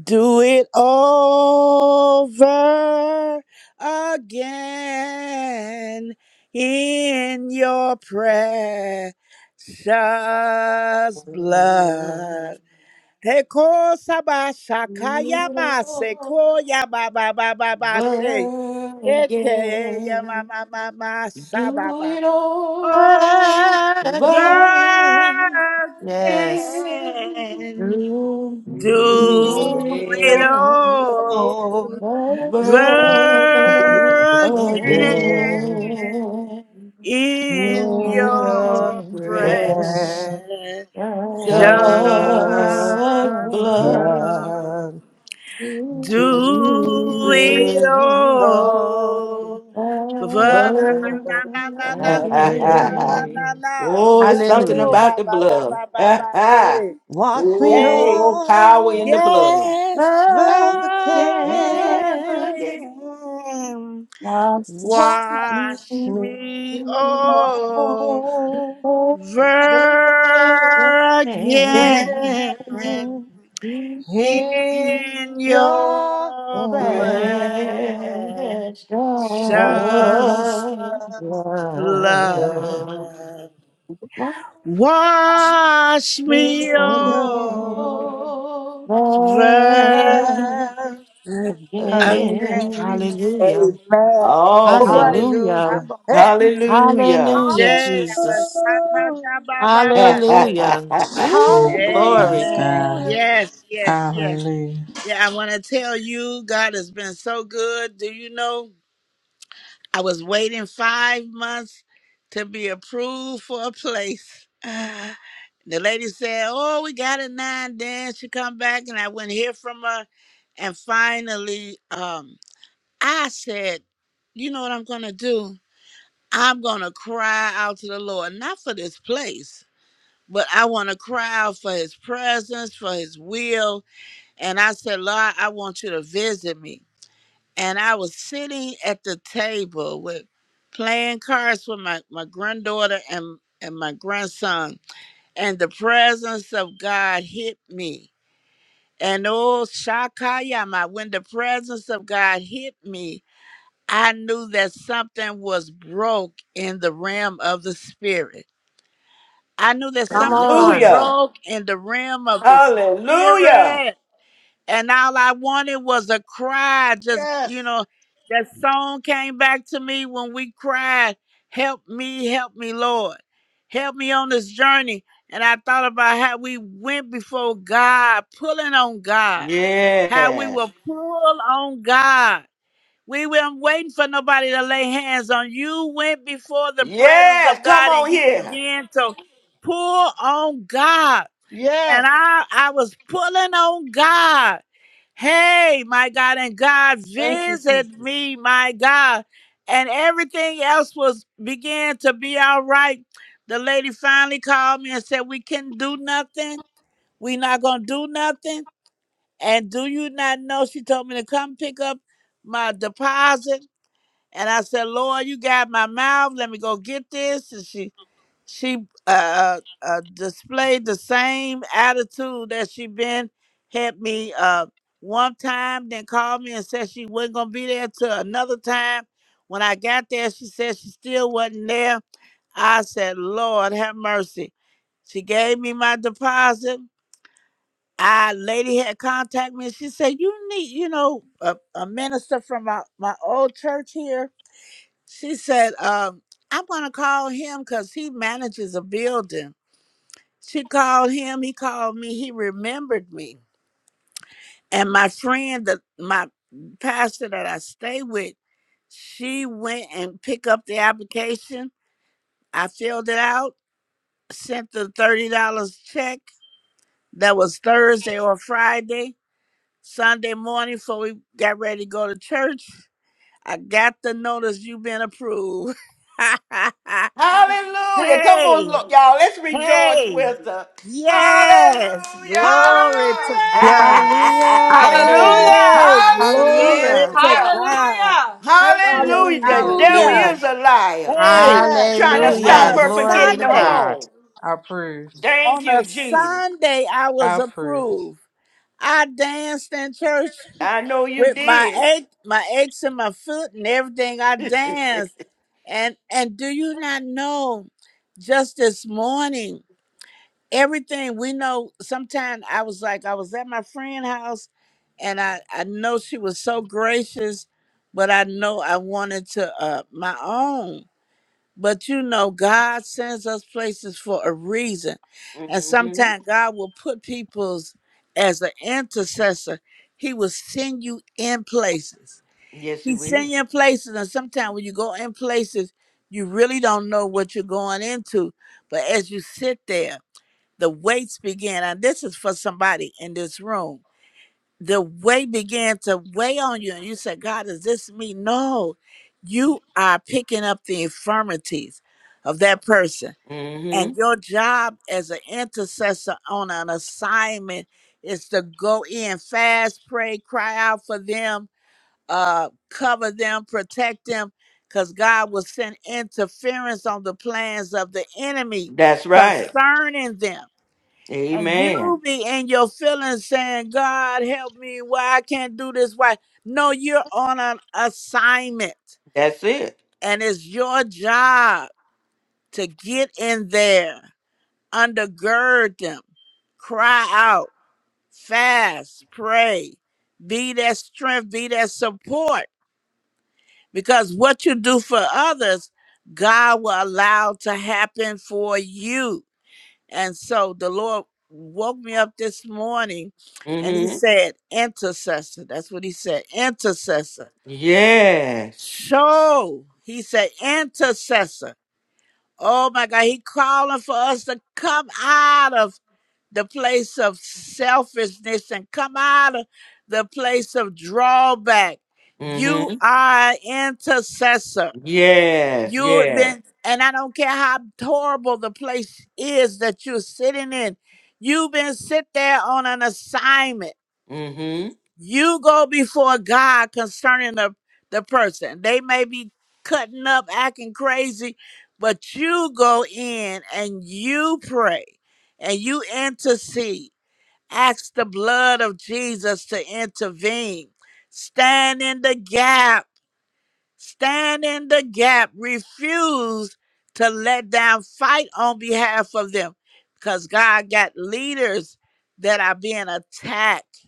Speaker 9: Do it over again in your precious blood.
Speaker 1: But
Speaker 9: Teko saba shakaya ma ya ba ba ba ba ba she keke ya ma
Speaker 1: again,
Speaker 9: ma ma ma shaba
Speaker 1: do
Speaker 9: ba
Speaker 1: it
Speaker 9: ba.
Speaker 1: all
Speaker 9: Oh,
Speaker 1: Love
Speaker 8: again. Yes.
Speaker 1: can
Speaker 9: virgin,
Speaker 1: do
Speaker 9: do
Speaker 1: it
Speaker 9: it
Speaker 3: Yeah,
Speaker 9: all,
Speaker 1: all
Speaker 3: Oh,
Speaker 1: over
Speaker 9: virgin,
Speaker 3: yeah,
Speaker 1: again.
Speaker 9: in
Speaker 3: in
Speaker 8: Your
Speaker 1: Don't
Speaker 3: your
Speaker 9: your
Speaker 1: fret,
Speaker 8: justice.
Speaker 9: prayer. Just
Speaker 3: precious
Speaker 1: just blood.
Speaker 9: blood.
Speaker 3: blood do
Speaker 9: Do
Speaker 1: Do it
Speaker 9: it
Speaker 3: it
Speaker 9: all.
Speaker 3: all.
Speaker 9: For na na na
Speaker 1: over.
Speaker 9: na na na
Speaker 1: Ha, ha,
Speaker 9: na
Speaker 1: ha,
Speaker 9: na
Speaker 1: ha.
Speaker 8: again.
Speaker 9: na
Speaker 3: again.
Speaker 9: na.
Speaker 1: Oh, it's something
Speaker 9: Shanoro
Speaker 8: Hallelujah.
Speaker 1: about
Speaker 9: ba
Speaker 1: the
Speaker 9: ba ba
Speaker 1: blood.
Speaker 9: ba ba
Speaker 1: Ha,
Speaker 9: ba.
Speaker 1: ha.
Speaker 9: Say,
Speaker 3: Wash me
Speaker 9: hey,
Speaker 1: Oh, power in the
Speaker 3: over
Speaker 1: blood.
Speaker 9: yes,
Speaker 3: again.
Speaker 8: Again,
Speaker 1: Again,
Speaker 9: again.
Speaker 8: must
Speaker 3: Wash
Speaker 8: you
Speaker 9: Wash
Speaker 8: open
Speaker 3: me
Speaker 9: me over
Speaker 3: over
Speaker 1: the
Speaker 9: again.
Speaker 3: again. In
Speaker 9: in
Speaker 3: your
Speaker 9: your
Speaker 3: presence,
Speaker 9: precious
Speaker 1: precious
Speaker 8: just
Speaker 1: blood
Speaker 8: love,
Speaker 9: blood. Wash
Speaker 3: me
Speaker 9: me
Speaker 3: over
Speaker 9: over again.
Speaker 8: love
Speaker 3: again.
Speaker 8: again.
Speaker 1: again.
Speaker 8: Hallelujah.
Speaker 9: Amen. You know what?
Speaker 1: Awesome.
Speaker 8: Hallelujah.
Speaker 3: Hallelujah.
Speaker 9: I'm going
Speaker 3: Hey.
Speaker 9: to tell you
Speaker 1: Hallelujah.
Speaker 8: Hallelujah,
Speaker 9: today. I'm a
Speaker 8: Jesus.
Speaker 9: ta ta
Speaker 3: Hallelujah.
Speaker 9: ta ba ba ba shit.
Speaker 8: Hallelujah. Ooh,
Speaker 7: Yes,
Speaker 8: glory.
Speaker 9: Amen.
Speaker 7: God.
Speaker 3: Hallelujah.
Speaker 9: Yes, yes, yes.
Speaker 7: Hallelujah.
Speaker 9: Yeah, I want to tell you, God has been so good. Do you know? I was waiting five months to be approved for a place. Ah, The lady said, "Oh, we got it now." And then she come back, and I wouldn't hear from her. And finally, um, I said, "You know what I'm gonna do? I'm gonna cry out to the Lord, not for this place, but I want to cry out for His presence, for His will." And I said, "Lord, I want you to visit me." and I was sitting at the table with playing cards with my, my granddaughter and, and my grandson, and the presence of God hit me. And oh, Shakayama, when the presence of God hit me, I knew that something was broke in the realm of the spirit. I knew that
Speaker 8: Come
Speaker 9: something was
Speaker 8: on.
Speaker 1: Hallelujah.
Speaker 9: broke in the realm of the
Speaker 1: Hallelujah.
Speaker 9: spirit and all I wanted was a cry. Just
Speaker 3: Yes.
Speaker 9: you know, that song came back to me when we cried, "Help me, help me, Lord, help me on this journey." And I thought about how we went before God, pulling on God, how we
Speaker 1: Yes.
Speaker 9: will pull on God. We weren't waiting for nobody to lay hands on you. Went before the presence
Speaker 1: Yes.
Speaker 9: of
Speaker 1: Come
Speaker 9: God,
Speaker 1: on
Speaker 9: and you
Speaker 1: here.
Speaker 9: began to pull on God
Speaker 3: Yes.
Speaker 9: and I I was pulling on God. Hey, my God, and God visited me, my God, and everything else was began to be all right. The lady finally called me and said, "We can do nothing. we not gonna do nothing." And do you not know? She told me to come pick up my deposit, and I said, "Lord, you got my mouth. Let me go get this." And she she uh, uh displayed the same attitude that she been had me uh one time then called me and said she wasn't gonna be there till another time when i got there she said she still wasn't there i said lord have mercy she gave me my deposit I lady had contacted me she said you need you know a, a minister from my, my old church here she said um, i'm gonna call him because he manages a building she called him, he called me, he remembered me. And my friend, the, my pastor that I stay with, she went and picked up the application. I filled it out, sent the $30 check. That was Thursday or Friday. Sunday morning, before we got ready to go to church, I got the notice you've been approved.
Speaker 1: Hallelujah. Come on,
Speaker 9: hey,
Speaker 1: look, y'all. Let's rejoice
Speaker 9: hey,
Speaker 1: with the
Speaker 9: yes,
Speaker 1: hallelujah.
Speaker 9: glory to
Speaker 3: Hallelujah.
Speaker 9: God.
Speaker 7: Yes.
Speaker 10: Hallelujah.
Speaker 7: Hallelujah.
Speaker 4: Hallelujah.
Speaker 9: Hey,
Speaker 7: Yes.
Speaker 9: glory
Speaker 10: Hallelujah.
Speaker 9: to
Speaker 1: Hallelujah.
Speaker 9: God.
Speaker 4: Hallelujah.
Speaker 3: Thank you,
Speaker 1: Hallelujah.
Speaker 3: Jesus.
Speaker 1: The
Speaker 10: Hallelujah.
Speaker 1: devil
Speaker 7: Hallelujah.
Speaker 9: Hallelujah.
Speaker 1: is a liar.
Speaker 7: Thank
Speaker 9: Hey,
Speaker 7: you,
Speaker 3: Yes.
Speaker 1: Trying
Speaker 7: Jesus.
Speaker 1: to
Speaker 9: hey, on
Speaker 1: stop
Speaker 8: Hallelujah.
Speaker 9: a
Speaker 10: Amen.
Speaker 1: her from
Speaker 8: Glory
Speaker 1: getting
Speaker 8: to
Speaker 1: her
Speaker 9: Sunday,
Speaker 8: God.
Speaker 1: home.
Speaker 7: Approved.
Speaker 1: Thank
Speaker 9: on
Speaker 1: you,
Speaker 9: a
Speaker 1: Jesus.
Speaker 9: Sunday, I was
Speaker 7: Approved.
Speaker 9: approved. I danced in church
Speaker 1: I know you
Speaker 9: with my
Speaker 1: did.
Speaker 9: ache, my aches in my foot and everything. I danced. And and do you not know just this morning everything we know sometimes i was like i was at my friend's house and i i know she was so gracious but i know i wanted to uh my own but you know god sends us places for a reason and
Speaker 1: hmm
Speaker 9: sometimes god will put people's as an intercessor he will send you in places
Speaker 1: Yes,
Speaker 9: he
Speaker 1: it
Speaker 9: send
Speaker 1: will.
Speaker 9: you in places and sometimes when you go in places you really don't know what you're going into but as you sit there the weights began, and this is for somebody in this room, the weight began to weigh on you, and you said, God, is this me? No, you are picking up the infirmities of that person.
Speaker 1: hmm
Speaker 9: And your job as an intercessor on an assignment is to go in fast, pray, cry out for them, uh, cover them, protect them, because God will send interference on the plans of the enemy
Speaker 1: That's right.
Speaker 9: concerning them and
Speaker 1: Amen.
Speaker 9: you be in your feelings saying, God help me, why I can't do this, why? No, you're on an assignment
Speaker 1: That's it.
Speaker 9: and it's your job to get in there, undergird them, cry out, fast, pray, be that strength, be that support. Because what you do for others, God will allow to happen for you. And so the Lord woke me up this morning and he
Speaker 1: hmm
Speaker 9: said, intercessor. That's what he said, intercessor.
Speaker 1: Yes.
Speaker 9: So he said, intercessor. Oh my God, he calling for us to come out of the place of selfishness and come out of the place of drawback. You
Speaker 1: hmm
Speaker 9: are an intercessor.
Speaker 1: Yes.
Speaker 9: You
Speaker 1: Yeah.
Speaker 9: then, and I don't care how horrible the place is that you're sitting in. You've been sit there on an assignment.
Speaker 1: hmm
Speaker 9: You go before God concerning the the person. They may be cutting up, acting crazy, but you go in and you pray and you intercede. Ask the blood of Jesus to intervene. Stand in the gap Stand in the gap. Refuse to let down. Fight on behalf of them. Because God got leaders that are being attacked.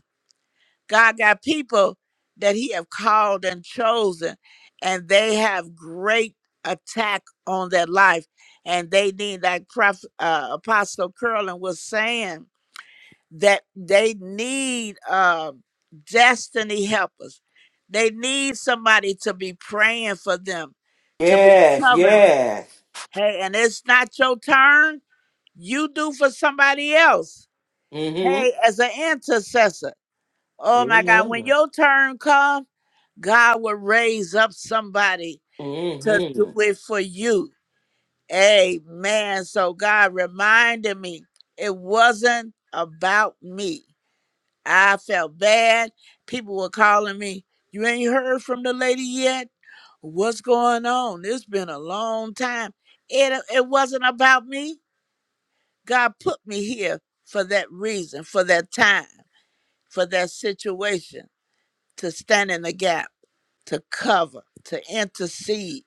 Speaker 9: God got people that He have called and chosen, and they have great attack on their life. And they need, like Prophet, uh, Apostle Curlin was saying, that they need um, destiny helpers. They need somebody to be praying for them, to be
Speaker 1: Yes.
Speaker 9: covering.
Speaker 1: Yes.
Speaker 9: Hey, and it's not your turn. You do for somebody else.
Speaker 1: hmm
Speaker 9: Hey, as an intercessor. Oh my God, when
Speaker 1: Amen.
Speaker 9: your turn comes, God will raise up somebody to do
Speaker 1: hmm
Speaker 9: it for you. Amen. So God reminded me it wasn't about me I felt bad. People were calling me, You ain't heard from the lady yet? What's going on? It's been a long time. It, uh, it wasn't about me. God put me here for that reason, for that time, for that situation, to stand in the gap, to cover, to intercede,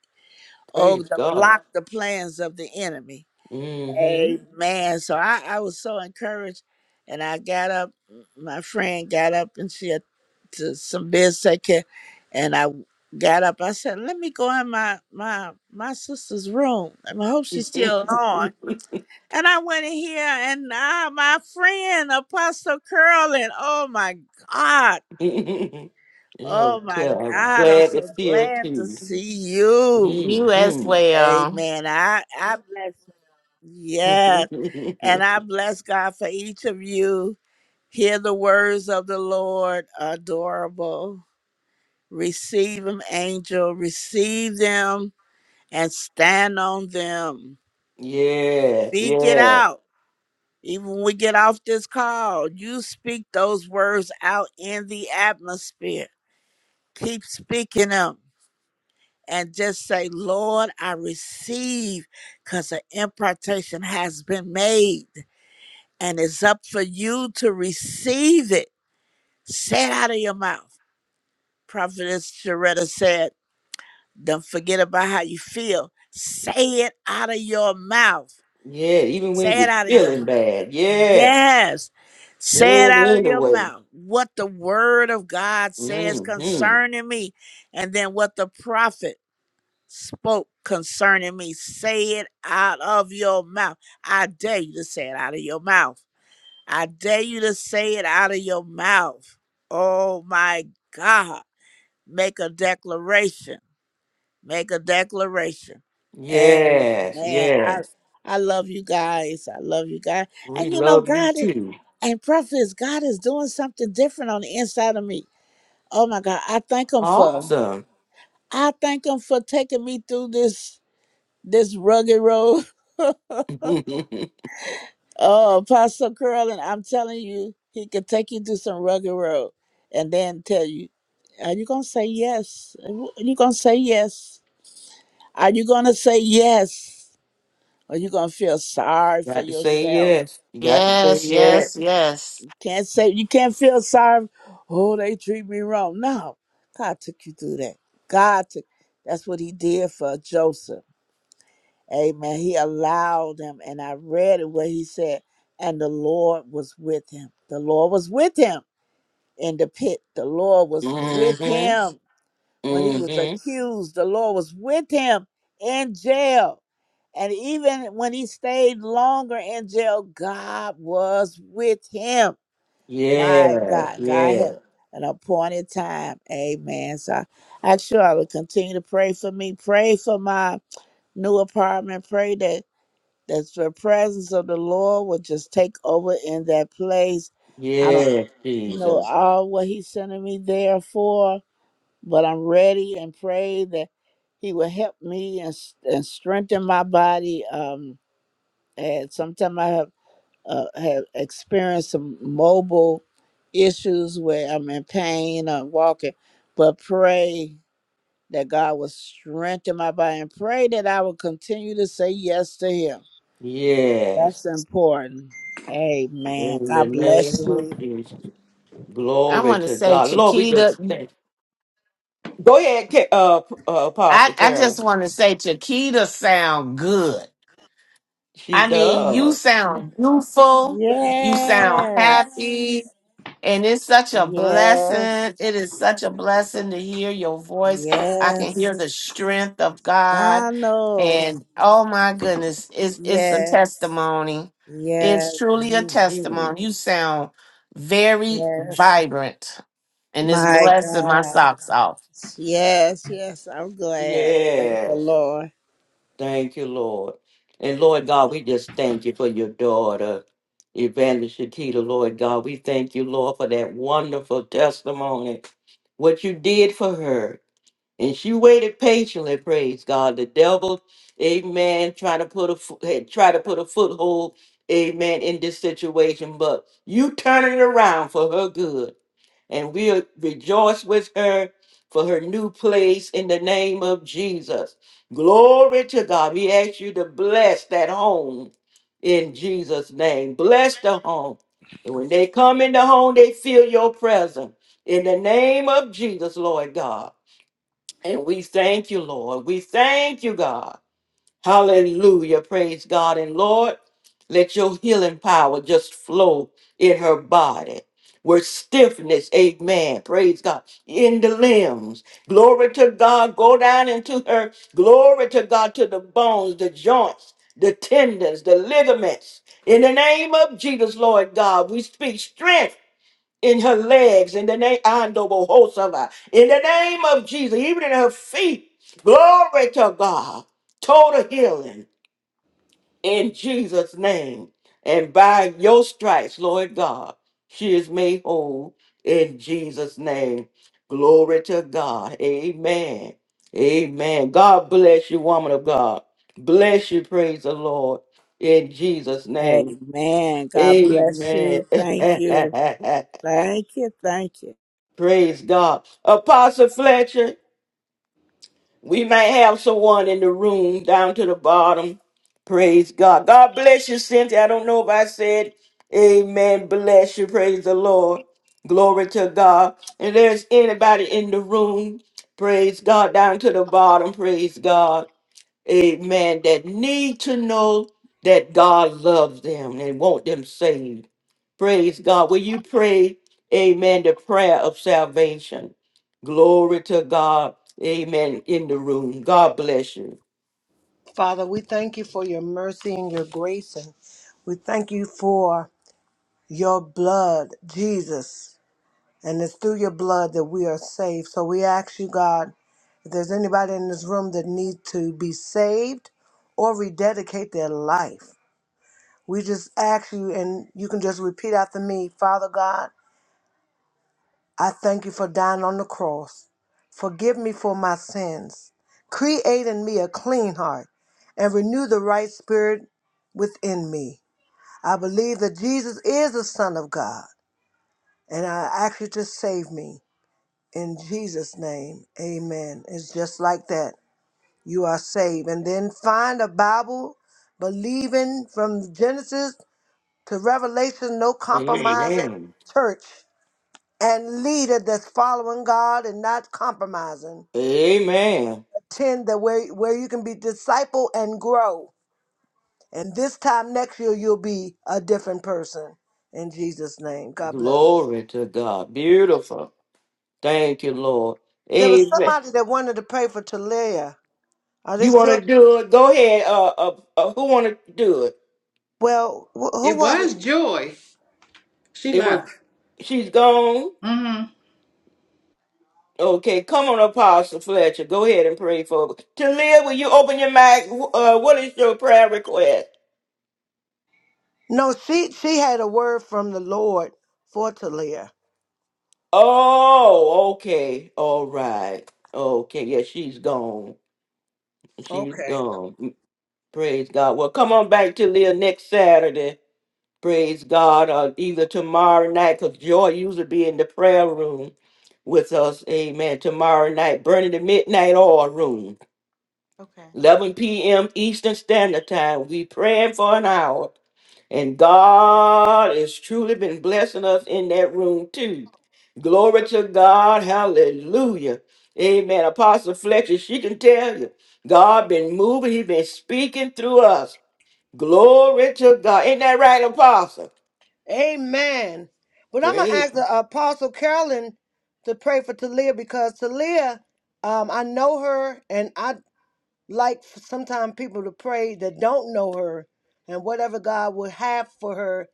Speaker 9: or
Speaker 1: Praise
Speaker 9: to
Speaker 1: God.
Speaker 9: block the plans of the enemy.
Speaker 1: Mm-hmm.
Speaker 9: Amen. So I, I was so encouraged, and I got up. My friend got up, and she had to some biz take care, and I got up. I said, "Let me go in my my my sister's room. and I hope she's still on." And I went in here, and ah, my friend Apostle Curlin. Oh my God!
Speaker 1: yeah,
Speaker 9: Oh my
Speaker 1: yeah, I'm
Speaker 9: God! I'm
Speaker 1: glad
Speaker 9: so
Speaker 1: it's here
Speaker 9: glad to
Speaker 1: too.
Speaker 9: see you.
Speaker 8: You as
Speaker 1: Mm-hmm.
Speaker 8: well.
Speaker 9: Amen. I I bless. Yes. And I bless God for each of you. Hear the words of the Lord, adorable. Receive them, angel. Receive them and stand on them.
Speaker 1: yeah,
Speaker 9: Speak it
Speaker 1: yeah,
Speaker 9: out. Even when we get off this call, you speak those words out in the atmosphere. Keep speaking them and just say, Lord, I receive because the impartation has been made and it's up for you to receive it Say it out of your mouth. Prophetess Sharetta said, Don't forget about how you feel. Say it out of your mouth.
Speaker 1: yeah. Even when
Speaker 9: Say it
Speaker 1: you're
Speaker 9: out of your
Speaker 1: feeling
Speaker 9: mouth.
Speaker 1: bad, yeah.
Speaker 9: Yes.
Speaker 1: Say
Speaker 9: Say
Speaker 1: it
Speaker 9: it out of your
Speaker 1: anyway.
Speaker 9: mouth. What the word of God says
Speaker 1: Mm-hmm.
Speaker 9: concerning me, and then what the prophet spoke concerning me. Say it out of your mouth. I dare you to say it out of your mouth. I dare you to say it out of your mouth. Oh my God. make a declaration. Make a declaration. Amen.
Speaker 1: Yes,
Speaker 9: I
Speaker 1: yes.
Speaker 9: I love you guys. I love you guys.
Speaker 1: We
Speaker 9: And you know,
Speaker 1: love you
Speaker 9: God is
Speaker 1: too.
Speaker 9: and prophets, God is doing something different on the inside of me. Oh my God. I thank him for
Speaker 1: Awesome.
Speaker 9: I thank him for taking me through this this rugged road. Oh, Apostle Curlin, I'm telling you, he could take you through some rugged road and then tell you, are you gonna say yes? Are you gonna say yes? Are you going to say yes? Or you going to feel sorry for
Speaker 1: got to say
Speaker 9: yourself?
Speaker 1: yes. You got to say
Speaker 8: Yes,
Speaker 1: yes.
Speaker 8: yes, yes.
Speaker 9: You can't say, you can't feel sorry. Oh, they treat me wrong. No, God took you through that. God took, that's what he did for Joseph. Amen. He allowed him. And I read it where he said, and the Lord was with him. The Lord was with him in the pit. The Lord was with
Speaker 1: Mm-hmm.
Speaker 9: him. when he was
Speaker 1: Mm-hmm.
Speaker 9: accused, the Lord was with him in jail. And even when he stayed longer in jail, God was with him. My
Speaker 1: Yes,
Speaker 9: God, God
Speaker 1: yes.
Speaker 9: had an appointed time. Amen. So I I sure I would continue to pray for me. Pray for my new apartment. Pray that, that the presence of the Lord will just take over in that place. I don't
Speaker 1: Yes, Jesus.
Speaker 9: know all what he's sending me there for but I'm ready and pray that He will help me and, s- and strengthen my body. Um, and sometimes I have uh, have experienced some mobile issues where I'm in pain or walking, but pray that God will strengthen my body and pray that I will continue to say yes to Him.
Speaker 1: Yes,
Speaker 9: That's important. Amen.
Speaker 1: in the
Speaker 9: God bless
Speaker 1: name of
Speaker 9: you.
Speaker 1: Jesus.
Speaker 8: I
Speaker 1: Glory
Speaker 8: want to
Speaker 1: to
Speaker 8: say
Speaker 1: God. Lord, we
Speaker 8: Chiquita.
Speaker 1: just thank. Go ahead, Ca- uh, P- uh, Apostle
Speaker 8: I, I
Speaker 1: Carolyn.
Speaker 8: just want to say Chiquita sound good.
Speaker 1: She
Speaker 8: I mean, you
Speaker 1: does.
Speaker 8: sound beautiful. You sound happy.
Speaker 9: Yes.
Speaker 8: And it's such a blessing.
Speaker 9: Yes.
Speaker 8: It is such a blessing to hear your voice. I can
Speaker 9: Yes.
Speaker 8: hear the strength of God.
Speaker 9: I know.
Speaker 8: And oh my goodness, it's it's a
Speaker 9: Yes,
Speaker 8: testimony. It's
Speaker 9: yes,
Speaker 8: truly a
Speaker 1: Mhm.
Speaker 8: testimony. You sound very
Speaker 9: yes.
Speaker 8: vibrant. And it's
Speaker 9: My
Speaker 8: blessing my
Speaker 9: God.
Speaker 8: socks off.
Speaker 9: Yes, yes. I'm glad. Thank the
Speaker 1: Yes.
Speaker 9: Lord.
Speaker 1: Thank you, Lord. And Lord God, we just thank you for your daughter, Evangelist Shakita. Lord God, we thank you, Lord, for that wonderful testimony. What you did for her And she waited patiently, praise God. The devil, amen, trying to put a fo- had tried to put a foothold, amen, in this situation, but you turn it around for her good. And we'll rejoice with her for her new place in the name of Jesus. Glory to God. We ask you to bless that home in Jesus' name. Bless the home. And when they come in the home, they feel your presence. In the name of Jesus, Lord God. And we thank you, Lord. We thank you, God. Hallelujah. Praise God. And Lord, let your healing power just flow in her body. Where stiffness, amen. Praise God. In the limbs. Glory to God. Go down into her. Glory to God to the bones, the joints, the tendons, the ligaments. In the name of Jesus, Lord God, we speak strength in her legs, in the name Andobo Hosava, in the name of Jesus, even in her feet. Glory to God. Total healing in Jesus' name. And by your stripes, Lord God, she is made whole in Jesus' name. Glory to God. Amen. Amen. God bless you, woman of God. Bless you, praise the Lord, in Jesus' name.
Speaker 9: Amen. God bless
Speaker 1: Amen.
Speaker 9: you. Thank you. Thank you. Thank you.
Speaker 1: Praise God. Apostle Fletcher, we may have someone in the room down to the bottom. Praise God. God bless you, Cynthia. I don't know if I said amen. Bless you. Praise the Lord. Glory to God. And there's anybody in the room. Praise God down to the bottom. Praise God amen, that need to know that God loves them and want them saved. Praise God. Will you pray, amen, the prayer of salvation? Glory to God, amen, in the room. God bless you.
Speaker 3: Father, we thank you for your mercy and your grace. And we thank you for your blood, Jesus. And it's through your blood that we are saved. So we ask you, God, if there's anybody in this room that needs to be saved or rededicate their life. We just ask you, and you can just repeat after me Father God, I thank you for dying on the cross. Forgive me for my sins. Create in me a clean heart and renew the right spirit within me. I believe that Jesus is the Son of God, and I ask you to save me. In Jesus' name, amen. It's just like that. You are saved. And then find a Bible believing from Genesis to Revelation, no compromise
Speaker 1: Amen.
Speaker 3: church and leader that's following God and not compromising.
Speaker 1: Amen.
Speaker 3: Attend the where where you can be disciple and grow. And this time next year you'll be a different person. In Jesus' name. God bless you.
Speaker 1: Glory to God. Beautiful. Thank you, Lord.
Speaker 3: There was
Speaker 1: Amen.
Speaker 3: somebody that wanted to pray for Talia. Are they
Speaker 1: You want
Speaker 3: still
Speaker 1: to do it? Go ahead. Uh, uh, uh, who want to do it?
Speaker 3: well wh- who
Speaker 7: It
Speaker 3: was it?
Speaker 7: was Joy. She
Speaker 1: It was,
Speaker 7: left.
Speaker 1: she's gone.
Speaker 7: hmm
Speaker 1: Okay, come on, Apostle Fletcher. Go ahead and pray for To live, will you open your mic? Uh, what is your prayer request?
Speaker 3: No, she she had a word from the Lord for Talia.
Speaker 1: Oh, okay. All right. Okay, yeah, she's gone. She's
Speaker 3: Okay.
Speaker 1: gone. Mm, Praise God. Well, come on back to Leah next Saturday. Praise God. Or either tomorrow night, because Joy usually be in the prayer room with us. Amen. Tomorrow night, burning the midnight oil room.
Speaker 10: Okay.
Speaker 1: 11 p.m. Eastern Standard Time. We praying for an hour. And God has truly been blessing us in that room too. Glory to God. Hallelujah. Amen. Apostle Fletcher, she can tell you. God been moving. He been speaking through us. Glory to God. Ain't that right, Apostle?
Speaker 3: Amen. But I'm gonna
Speaker 1: Praise.
Speaker 3: ask the Apostle Carolyn to pray for Talia because Talia, um, I know her, and I like sometimes people to pray that don't know her, and whatever God would have for her.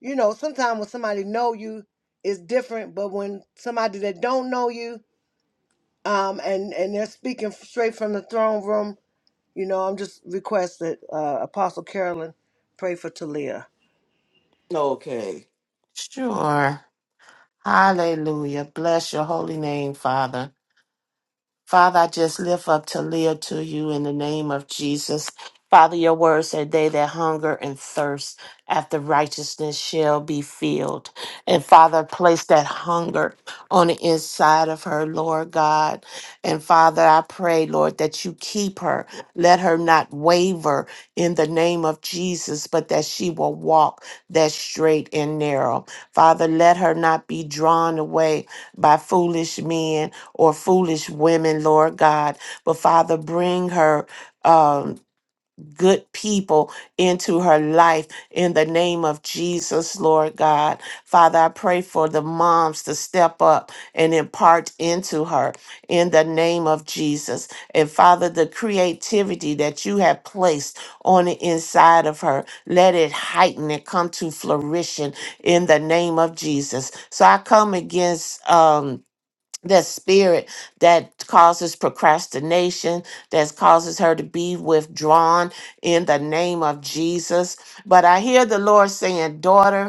Speaker 3: You know, sometimes when somebody know you, it's different. But when somebody that don't know you, um, and and they're speaking straight from the throne room, you know, I'm just requested uh, Apostle Carolyn pray for Talia.
Speaker 1: Okay.
Speaker 8: Sure. Hallelujah. Bless your holy name, Father. Father, I just lift up Talia to you in the name of Jesus. Father, your word said, They that hunger and thirst after righteousness shall be filled. And Father, place that hunger on the inside of her, Lord God. And Father, I pray, Lord, that you keep her. Let her not waver in the name of Jesus, but that she will walk that straight and narrow. Father, let her not be drawn away by foolish men or foolish women, Lord God. But Father, bring her um, good people into her life in the name of Jesus, Lord God. Father, I pray for the moms to step up and impart into her in the name of Jesus. And Father, the creativity that you have placed on the inside of her, let it heighten and come to flourishing in the name of Jesus. So I come against. Um, that spirit that causes procrastination, that causes her to be withdrawn in the name of Jesus. But I hear the Lord saying, daughter,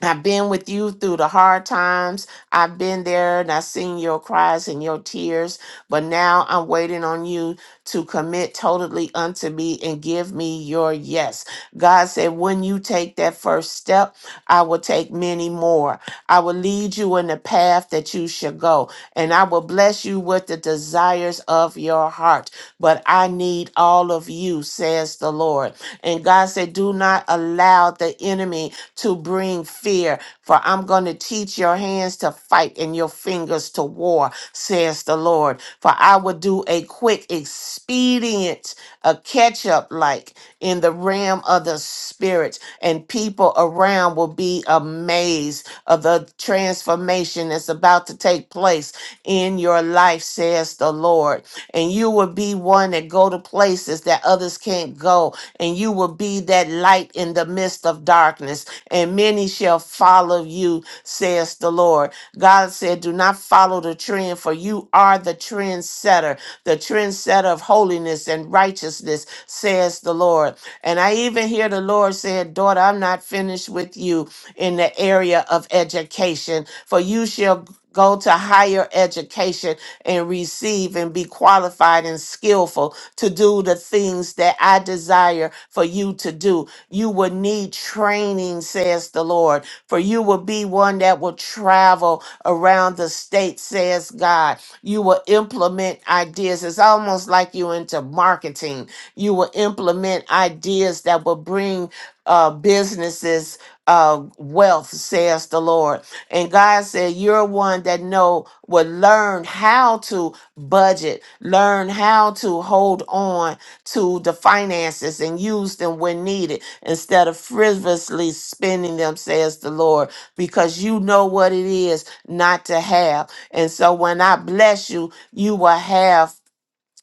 Speaker 8: I've been with you through the hard times. I've been there and I've seen your cries and your tears. But now I'm waiting on you to commit totally unto me and give me your yes. God said, when you take that first step, I will take many more. I will lead you in the path that you should go, and I will bless you with the desires of your heart. But I need all of you, says the Lord. And God said, do not allow the enemy to bring fear. For I'm going to teach your hands to fight and your fingers to war, says the Lord. For I will do a quick, expedient, a catch up like in the realm of the spirit, and people around will be amazed of the transformation that's about to take place in your life, says the Lord. And you will be one that go to places that others can't go, and you will be that light in the midst of darkness and many shall follow you, says the Lord. God said, Do not follow the trend, for you are the trendsetter, the trendsetter of holiness and righteousness, says the Lord. And I even hear the Lord said, Daughter, I'm not finished with you in the area of education, for you shall go to higher education and receive and be qualified and skillful to do the things that I desire for you to do you will need training, says the Lord, for you will be one that will travel around the state, says God. You will implement ideas. It's almost like you into marketing. You will implement ideas that will bring uh, businesses uh, wealth, says the Lord. And God said, You're one that know will learn how to budget, learn how to hold on to the finances and use them when needed instead of frivolously spending them, says the Lord, because you know what it is not to have. And so when I bless you, you will have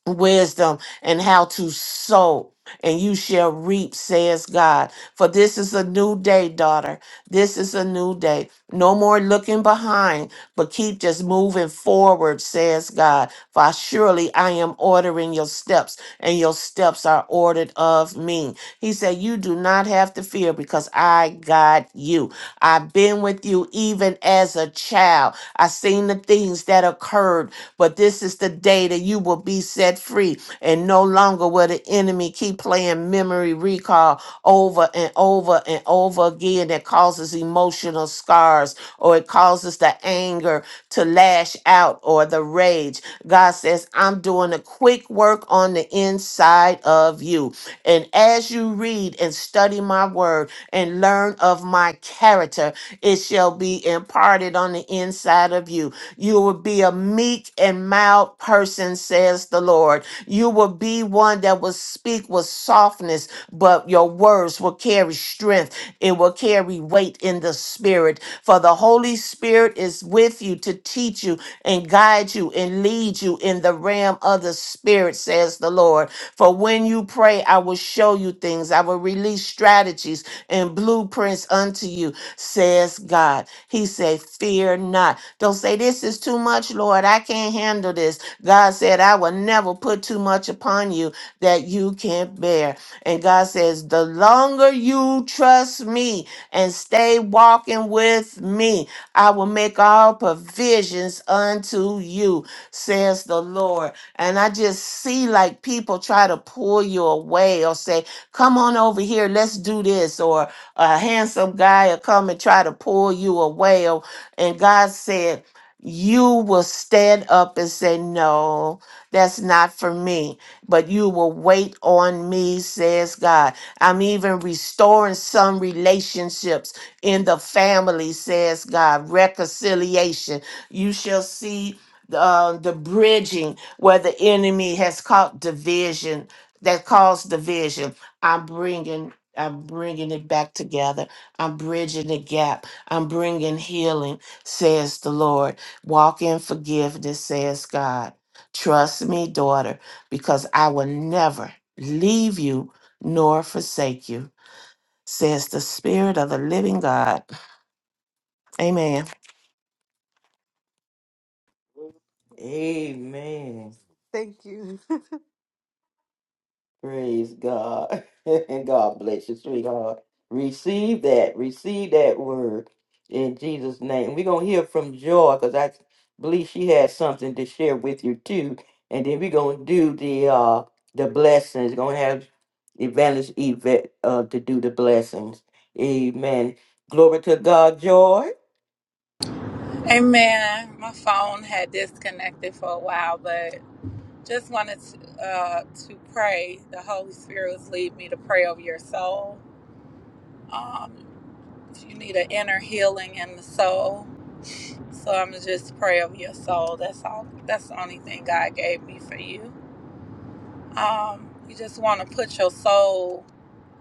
Speaker 8: wisdom and how to sow and you shall reap says god for this is a new day daughter this is a new day no more looking behind but keep just moving forward says god for surely i am ordering your steps and your steps are ordered of me he said you do not have to fear because i got you i've been with you even as a child i have seen the things that occurred but this is the day that you will be set free and no longer will the enemy keep playing memory recall over and over and over again that causes emotional scars or it causes the anger to lash out or the rage. God says, I'm doing a quick work on the inside of you. And as you read and study my word and learn of my character, it shall be imparted on the inside of you you will be a meek and mild person, says the Lord. You will be one that will speak with softness, but your words will carry strength. It will carry weight in the spirit. For the Holy Spirit is with you to teach you and guide you and lead you in the realm of the spirit, says the Lord. For when you pray, I will show you things. I will release strategies and blueprints unto you, says God. He said, Fear not. Don't say, This is too much, Lord. I can't handle this. God said, I will never put too much upon you that you can't bear. And God says, The longer you trust me and stay walking with me, I will make all provisions unto you, says the Lord. And I just see like people try to pull you away or say, Come on over here, let's do this. Or a handsome guy will come and try to pull you away and God said, You will stand up and say, No, that's not for me, but you will wait on me, says God. I'm even restoring some relationships in the family, says God. Reconciliation. You shall see uh, the bridging where the enemy has caught division that caused division. I'm bringing. I'm bringing it back together. I'm bridging the gap. I'm bringing healing says the Lord. Walk in forgiveness, says God. Trust me, daughter, because I will never leave you nor forsake you, says the Spirit of the living God. Amen.
Speaker 1: Amen.
Speaker 10: Thank you,
Speaker 1: Praise God. and God bless you, sweetheart. Receive that. Receive that word in Jesus' name. We're going to hear from Joy because I believe she has something to share with you too. And then we're going to do the uh the blessings. going to have Evangelist Yvette uh, to do the blessings. Amen. Glory to God, Joy.
Speaker 4: Amen. My phone had disconnected for a while, but just wanted to, uh, to pray. The Holy Spirit was leading me to pray over your soul. Um, if you need an inner healing in the soul, so I'm gonna just pray over your soul. That's all. That's the only thing God gave me for you. Um, you just want to put your soul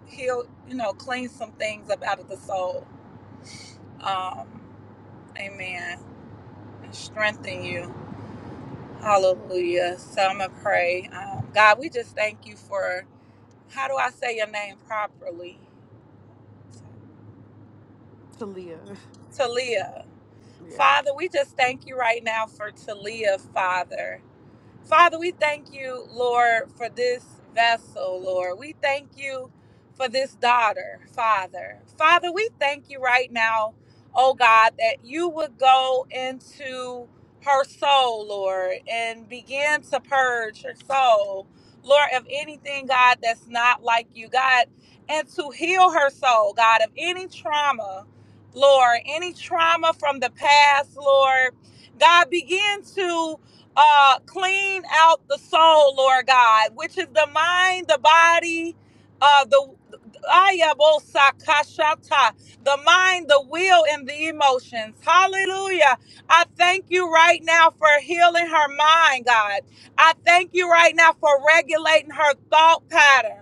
Speaker 4: heal. You know, clean some things up out of the soul. Um, amen. And strengthen you. Hallelujah. So I'm gonna pray. Um, God, we just thank you for. How do I say your name properly?
Speaker 10: Talia.
Speaker 4: Talia.
Speaker 10: Yeah.
Speaker 4: Father, we just thank you right now for Talia, Father. Father, we thank you, Lord, for this vessel, Lord. We thank you for this daughter, Father. Father, we thank you right now, oh God, that you would go into her soul, Lord, and begin to purge her soul, Lord, of anything, God, that's not like you, God, and to heal her soul, God, of any trauma, Lord, any trauma from the past, Lord. God, begin to uh, clean out the soul, Lord God, which is the mind, the body, uh, the Ayabosakashata, the mind, the will, and the emotions. Hallelujah. I thank you right now for healing her mind, God. I thank you right now for regulating her thought patterns.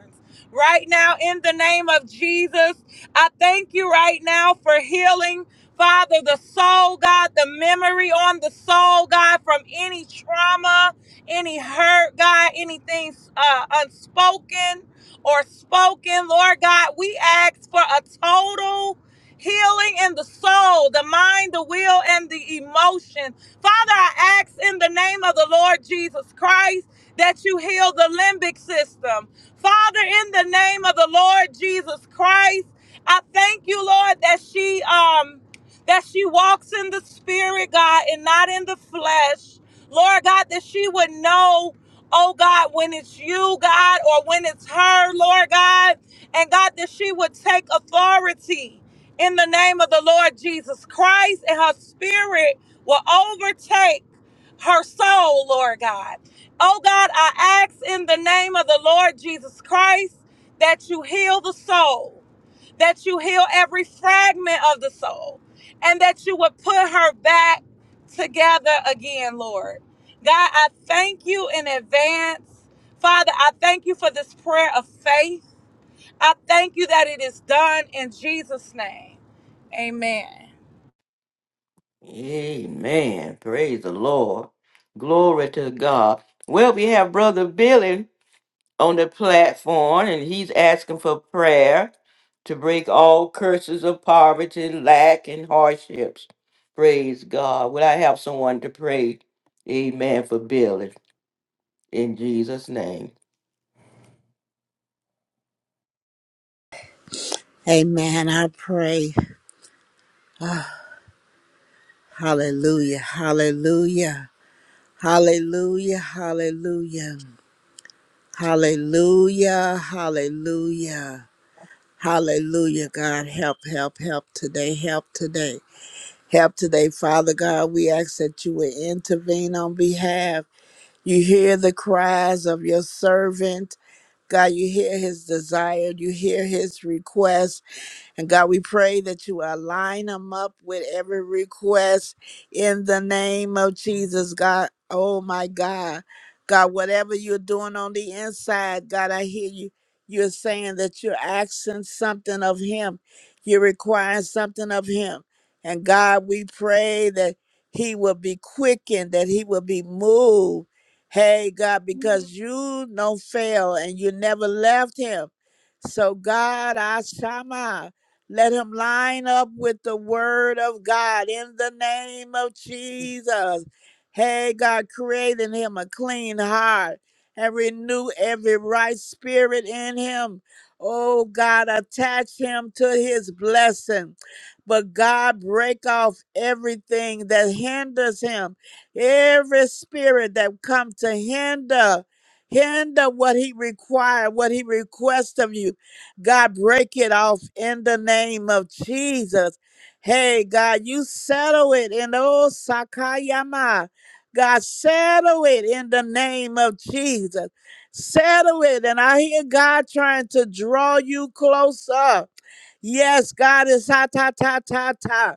Speaker 4: Right now, in the name of Jesus, I thank you right now for healing. Father, the soul, God, the memory on the soul, God, from any trauma, any hurt, God, anything uh, unspoken or spoken, Lord God, we ask for a total healing in the soul, the mind, the will, and the emotion. Father, I ask in the name of the Lord Jesus Christ that you heal the limbic system. Father, in the name of the Lord Jesus Christ, I thank you, Lord, that she um that she walks in the spirit, God, and not in the flesh. Lord God, that she would know, oh God, when it's you, God, or when it's her, Lord God. And God, that she would take authority in the name of the Lord Jesus Christ, and her spirit will overtake her soul, Lord God. Oh God, I ask in the name of the Lord Jesus Christ that you heal the soul that you heal every fragment of the soul and that you would put her back together again, Lord. God, I thank you in advance. Father, I thank you for this prayer of faith. I thank you that it is done in Jesus' name. Amen.
Speaker 1: Amen. Praise the Lord. Glory to God. Well, we have Brother Billy. on the platform and he's asking for prayer to break all curses of poverty, lack, and hardships. Praise God. Will I have someone to pray? Amen for Billy in Jesus' name.
Speaker 9: Amen. I pray. Hallelujah. Hallelujah. Hallelujah. Hallelujah. Hallelujah. Hallelujah. Hallelujah. God, help, help, help today. Help today. Help today, Father God. We ask that you would intervene on behalf. You hear the cries of your servant. God, you hear his desire. You hear his request. And God, we pray that you align them up with every request in the name of Jesus, God. Oh my God. God, whatever you're doing on the inside, God, I hear you. You're saying that you're asking something of Him, you're requiring something of Him. And God, we pray that He will be quickened, that He will be moved. Hey, God, because you don't fail and you never left Him. So, God, I Shama. Let him line up with the word of God in the name of Jesus. Hey, God, create in him a clean heart and renew every right spirit in him. Oh, God, attach him to his blessing. But God, break off everything that hinders him, every spirit that come to hinder, hinder what he require, what he requests of you. God, break it off in the name of Jesus. Hey, God, you settle it in the old Sakayama. God, settle it in the name of Jesus. Settle it. And I hear God trying to draw you closer. Yes, God is ha ta ta ta ta.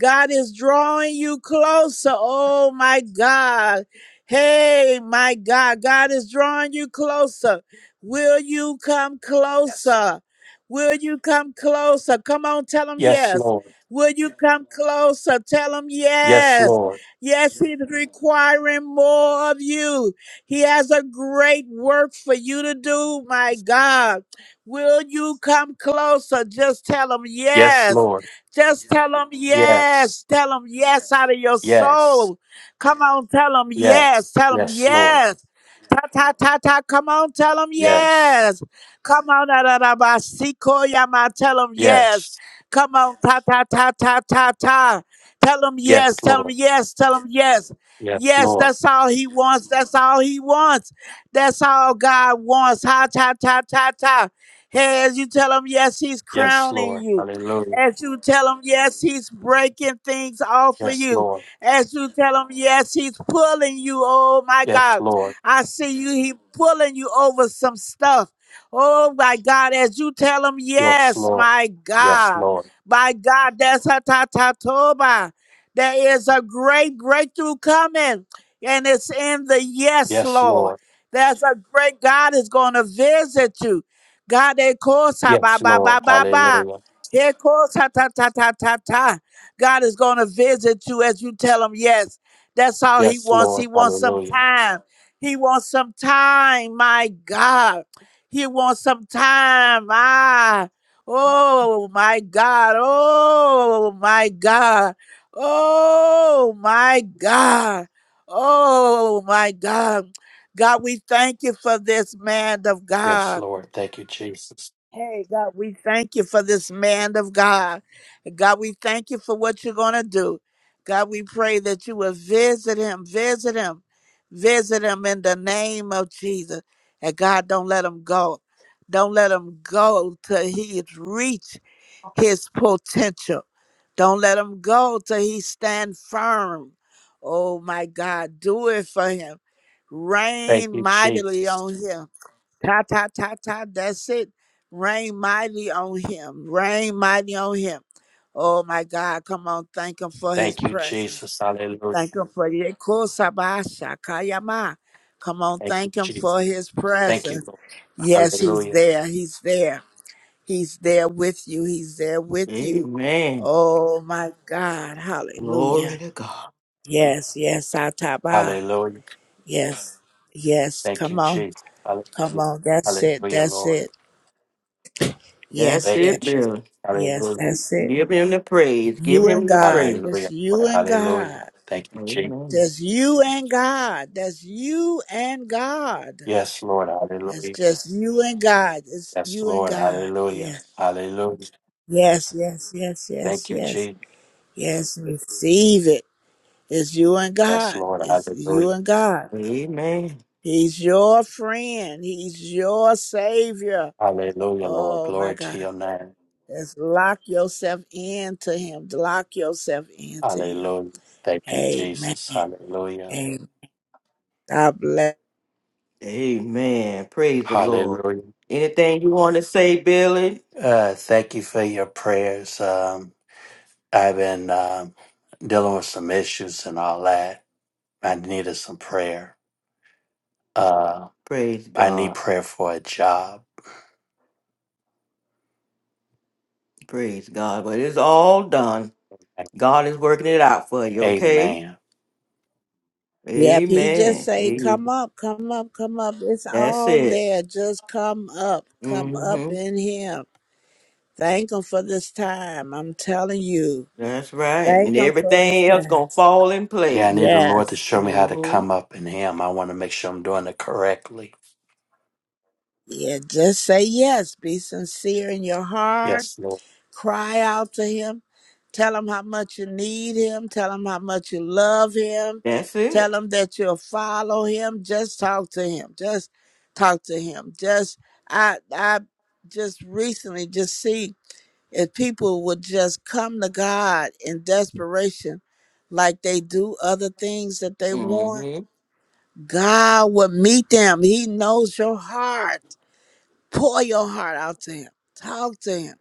Speaker 9: God is drawing you closer. Oh my God. Hey, my God. God is drawing you closer. Will you come
Speaker 13: Yes.
Speaker 9: closer? Will you come closer? Come on, tell him
Speaker 13: Yes,
Speaker 9: yes.
Speaker 13: Lord.
Speaker 9: Will you come closer? Tell him
Speaker 13: Yes,
Speaker 9: yes.
Speaker 13: Lord.
Speaker 9: Yes, he's requiring more of you. He has a great work for you to do, my God. Will you come closer? Just tell him
Speaker 13: Yes,
Speaker 9: yes.
Speaker 13: Lord.
Speaker 9: Just tell them
Speaker 13: Yes.
Speaker 9: yes. Tell them yes out of your
Speaker 13: Yes.
Speaker 9: soul. Come on, tell them
Speaker 13: Yes.
Speaker 9: yes. Tell them
Speaker 13: Yes, Lord.
Speaker 9: yes. Ta ta ta ta. Come on, tell them
Speaker 13: Yes.
Speaker 9: yes. Come on, da da da ba. Siko yama. Tell them yes.
Speaker 13: Yes.
Speaker 9: Come on, ta ta ta ta ta ta. Tell them
Speaker 13: Yes,
Speaker 9: yes. Tell them
Speaker 13: Lord.
Speaker 9: yes. Tell them yes.
Speaker 13: Yes,
Speaker 9: Yes,
Speaker 13: Lord.
Speaker 9: that's all he wants. That's all he wants. That's all God wants. Ha ta ta ta ta. Hey, as you tell him yes, he's
Speaker 13: Yes,
Speaker 9: crowning
Speaker 13: Lord.
Speaker 9: you.
Speaker 13: Hallelujah.
Speaker 9: As you tell him, yes, he's breaking things off for
Speaker 13: Yes,
Speaker 9: you.
Speaker 13: Lord.
Speaker 9: As you tell him, yes, he's pulling you. Oh my
Speaker 13: Yes,
Speaker 9: God.
Speaker 13: Lord.
Speaker 9: I see you. He pulling you over some stuff. Oh my God. As you tell him,
Speaker 13: Yes,
Speaker 9: yes,
Speaker 13: Lord.
Speaker 9: my
Speaker 13: Yes,
Speaker 9: God.
Speaker 13: Lord.
Speaker 9: My God, that's a tatatoba. There is a great breakthrough coming. And it's in the yes,
Speaker 13: Yes,
Speaker 9: Lord.
Speaker 13: Lord.
Speaker 9: There's a great God is going to visit you. God, they call sa ba
Speaker 13: Yes,
Speaker 9: ba
Speaker 13: Lord.
Speaker 9: ba ba ba.
Speaker 13: Hallelujah.
Speaker 9: Here goes ta ta ta ta ta ta. God is going to visit you as you tell him yes. That's all he
Speaker 13: Yes,
Speaker 9: wants.
Speaker 13: Lord.
Speaker 9: He wants some
Speaker 13: Hallelujah.
Speaker 9: time. He wants some time, my God. He wants some time. Ah. Oh my God. Oh my God. Oh my God. Oh my God. God, we thank you for this man of
Speaker 13: Yes,
Speaker 9: God.
Speaker 13: Lord. Thank you, Jesus.
Speaker 9: Hey, God, we thank you for this man of God. God, we thank you for what you're going to do. God, we pray that you will visit him, visit him, visit him in the name of Jesus. And God, don't let him go. Don't let him go till he reach his potential. Don't let him go till he stand firm. Oh my God, do it for him.
Speaker 13: Thank
Speaker 9: Rain
Speaker 13: you,
Speaker 9: mightily on
Speaker 13: Jesus.
Speaker 9: him Ta ta ta ta. That's it. Rain mighty on him. Rain mighty on him. Oh my God. Come on. Thank him for his
Speaker 13: Thank you,
Speaker 9: presence.
Speaker 13: Jesus. Hallelujah.
Speaker 9: Thank him for your kusabasha kayama. Come on,
Speaker 13: Thank you,
Speaker 9: thank him
Speaker 13: Jesus.
Speaker 9: for his
Speaker 13: Thank you,
Speaker 9: presence.
Speaker 13: Lord.
Speaker 9: Yes, he's
Speaker 13: Hallelujah.
Speaker 9: there. He's there. He's there with you. He's there with you.
Speaker 1: Amen.
Speaker 9: Oh my God.
Speaker 1: Glory
Speaker 9: Hallelujah.
Speaker 1: to God.
Speaker 9: Yes, yes, Ataba.
Speaker 13: Hallelujah.
Speaker 9: Yes. Yes.
Speaker 13: Thank you,
Speaker 9: Come on.
Speaker 13: Jesus.
Speaker 9: Come
Speaker 13: Hallelujah.
Speaker 9: on. That's it.
Speaker 13: Hallelujah,
Speaker 9: That's
Speaker 13: Lord.
Speaker 9: it.
Speaker 1: That's
Speaker 9: Yes,
Speaker 13: Thank
Speaker 9: yes.
Speaker 13: you,
Speaker 1: it,
Speaker 13: Jesus.
Speaker 1: Billy.
Speaker 9: Yes,
Speaker 13: Hallelujah.
Speaker 9: that's it.
Speaker 1: Give him the praise. Give
Speaker 9: You and
Speaker 1: him the
Speaker 9: God.
Speaker 1: praise.
Speaker 9: Just
Speaker 13: Hallelujah,
Speaker 9: you
Speaker 13: Lord.
Speaker 9: and God.
Speaker 13: Hallelujah. Thank you, Jesus.
Speaker 1: Amen.
Speaker 9: Just you and God. That's you and God.
Speaker 13: Yes, Lord.
Speaker 9: That's
Speaker 13: Hallelujah.
Speaker 9: just you and God. It's
Speaker 13: Yes,
Speaker 9: you and
Speaker 13: Lord.
Speaker 9: God.
Speaker 13: Hallelujah.
Speaker 9: Yes.
Speaker 13: Hallelujah.
Speaker 9: Yes, yes, yes,
Speaker 13: Thank
Speaker 9: yes,
Speaker 13: you,
Speaker 9: yes.
Speaker 13: Jesus.
Speaker 9: Yes, receive it. It's you and
Speaker 13: Yes,
Speaker 9: God.
Speaker 13: Lord.
Speaker 9: It's you
Speaker 13: Hallelujah.
Speaker 9: and God.
Speaker 1: Amen.
Speaker 9: He's your friend. He's your savior.
Speaker 13: Hallelujah, Lord.
Speaker 9: Oh my
Speaker 13: Glory to
Speaker 9: God.
Speaker 13: your name.
Speaker 9: Just lock yourself into him. Lock yourself into him.
Speaker 13: Hallelujah. Thank you,
Speaker 9: Amen.
Speaker 13: Jesus. Hallelujah.
Speaker 9: God bless.
Speaker 1: Amen. Praise the Lord.
Speaker 13: Hallelujah.
Speaker 1: Anything you want to say, Billy?
Speaker 13: Uh, thank you for your prayers. Um, I've been. um dealing with some issues and all that. I needed some prayer. Uh,
Speaker 1: Praise
Speaker 13: I
Speaker 1: God.
Speaker 13: need prayer for a job.
Speaker 1: Praise God. But it's all done. God is working it out for you, okay?
Speaker 13: Amen.
Speaker 9: Yep, he just
Speaker 1: Amen.
Speaker 9: say, "Come
Speaker 1: Amen.
Speaker 9: up, come up, come up. It's
Speaker 1: That's
Speaker 9: all
Speaker 1: it.
Speaker 9: there. Just come up, come up
Speaker 1: hmm
Speaker 9: in Him. Thank Him for this time. I'm telling you,
Speaker 1: That's right. And
Speaker 9: thank Him for this
Speaker 1: everything else gonna
Speaker 9: time.
Speaker 1: fall in
Speaker 13: Yeah, I
Speaker 1: place.
Speaker 13: need the Lord to
Speaker 9: Yes,
Speaker 13: show me how to
Speaker 1: hmm
Speaker 13: come up in Him. I want to make sure I'm doing it correctly.
Speaker 9: yeah. Just say yes. Be sincere in your heart.
Speaker 13: Yes, Lord.
Speaker 9: Cry out to him. Tell him how much you need him. Tell him how much you love him.
Speaker 1: That's
Speaker 9: Tell
Speaker 1: it.
Speaker 9: him that you'll follow him. Just talk to him. Just talk to him. Just I I just recently just see if people would just come to God in desperation like they do other things that they want,
Speaker 1: hmm
Speaker 9: God will meet them. He knows your heart. Pour your heart out to him. Talk to him.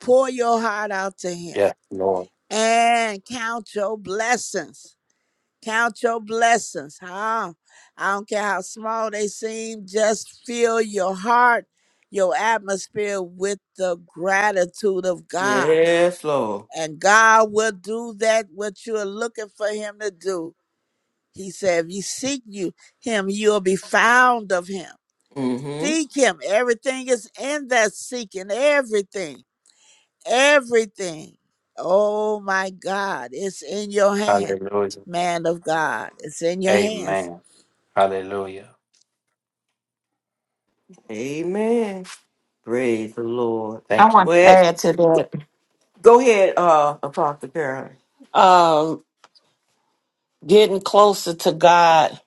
Speaker 9: Pour your heart out to him
Speaker 13: Yes, Lord.
Speaker 9: and count your blessings. Count your blessings. How? I don't care how small they seem, just fill your heart, your atmosphere with the gratitude of God.
Speaker 1: Yes, Lord.
Speaker 9: And God will do that what you are looking for him to do. He said, if you seek you him, you'll be found of him.
Speaker 1: hmm
Speaker 9: Seek him. Everything is in that seeking. Everything. Everything. Oh my God. It's in your hand,
Speaker 13: Hallelujah.
Speaker 9: man of God. It's in your hands.
Speaker 13: Amen. Hallelujah.
Speaker 1: Amen. Praise the Lord.
Speaker 8: I
Speaker 13: Thank you,
Speaker 8: want to
Speaker 1: Well,
Speaker 13: Jesus.
Speaker 8: add to that
Speaker 1: go ahead, uh, Apostle Carolyn.
Speaker 8: um, getting closer to God.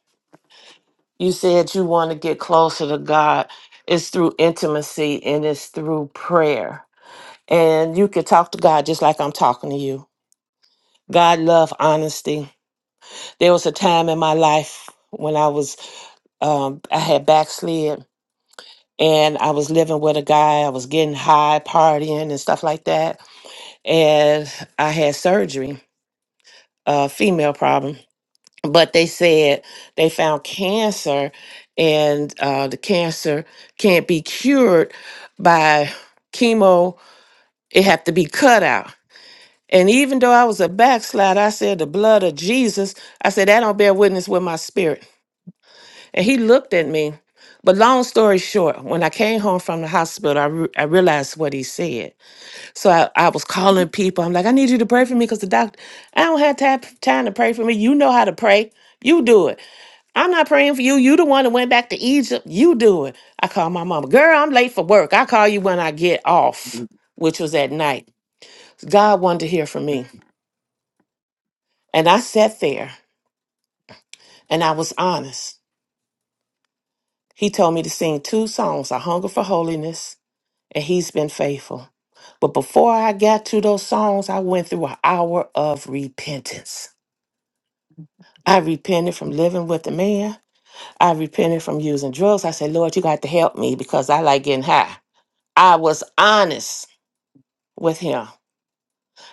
Speaker 8: You said you want to get closer to God. It's through intimacy and it's through prayer. And you can talk to God just like I'm talking to you. God love honesty. There was a time in my life when I was, um, I had backslid and I was living with a guy. I was getting high, partying, and stuff like that. And I had surgery, a female problem. But they said they found cancer and uh, the cancer can't be cured by chemo, it had to be cut out. And even though I was a backslider, I said, the blood of Jesus, I said, that don't bear witness with my spirit. And he looked at me. But long story short, when I came home from the hospital, I, re- I realized what he said. So I, I was calling people. I'm like, I need you to pray for me because the doctor, I don't have time, time to pray for me. You know how to pray. You do it. I'm not praying for you. You the one that went back to Egypt. You do it. I called my mama. Girl, I'm late for work. I call you when I get off, which was at night. God wanted to hear from me. And I sat there and I was honest. He told me to sing two songs, A Hunger for Holiness and he's been faithful. But before I got to those songs, I went through an hour of repentance. I repented from living with the man. I repented from using drugs. I said, Lord, you got to help me because I like getting high. I was honest with him.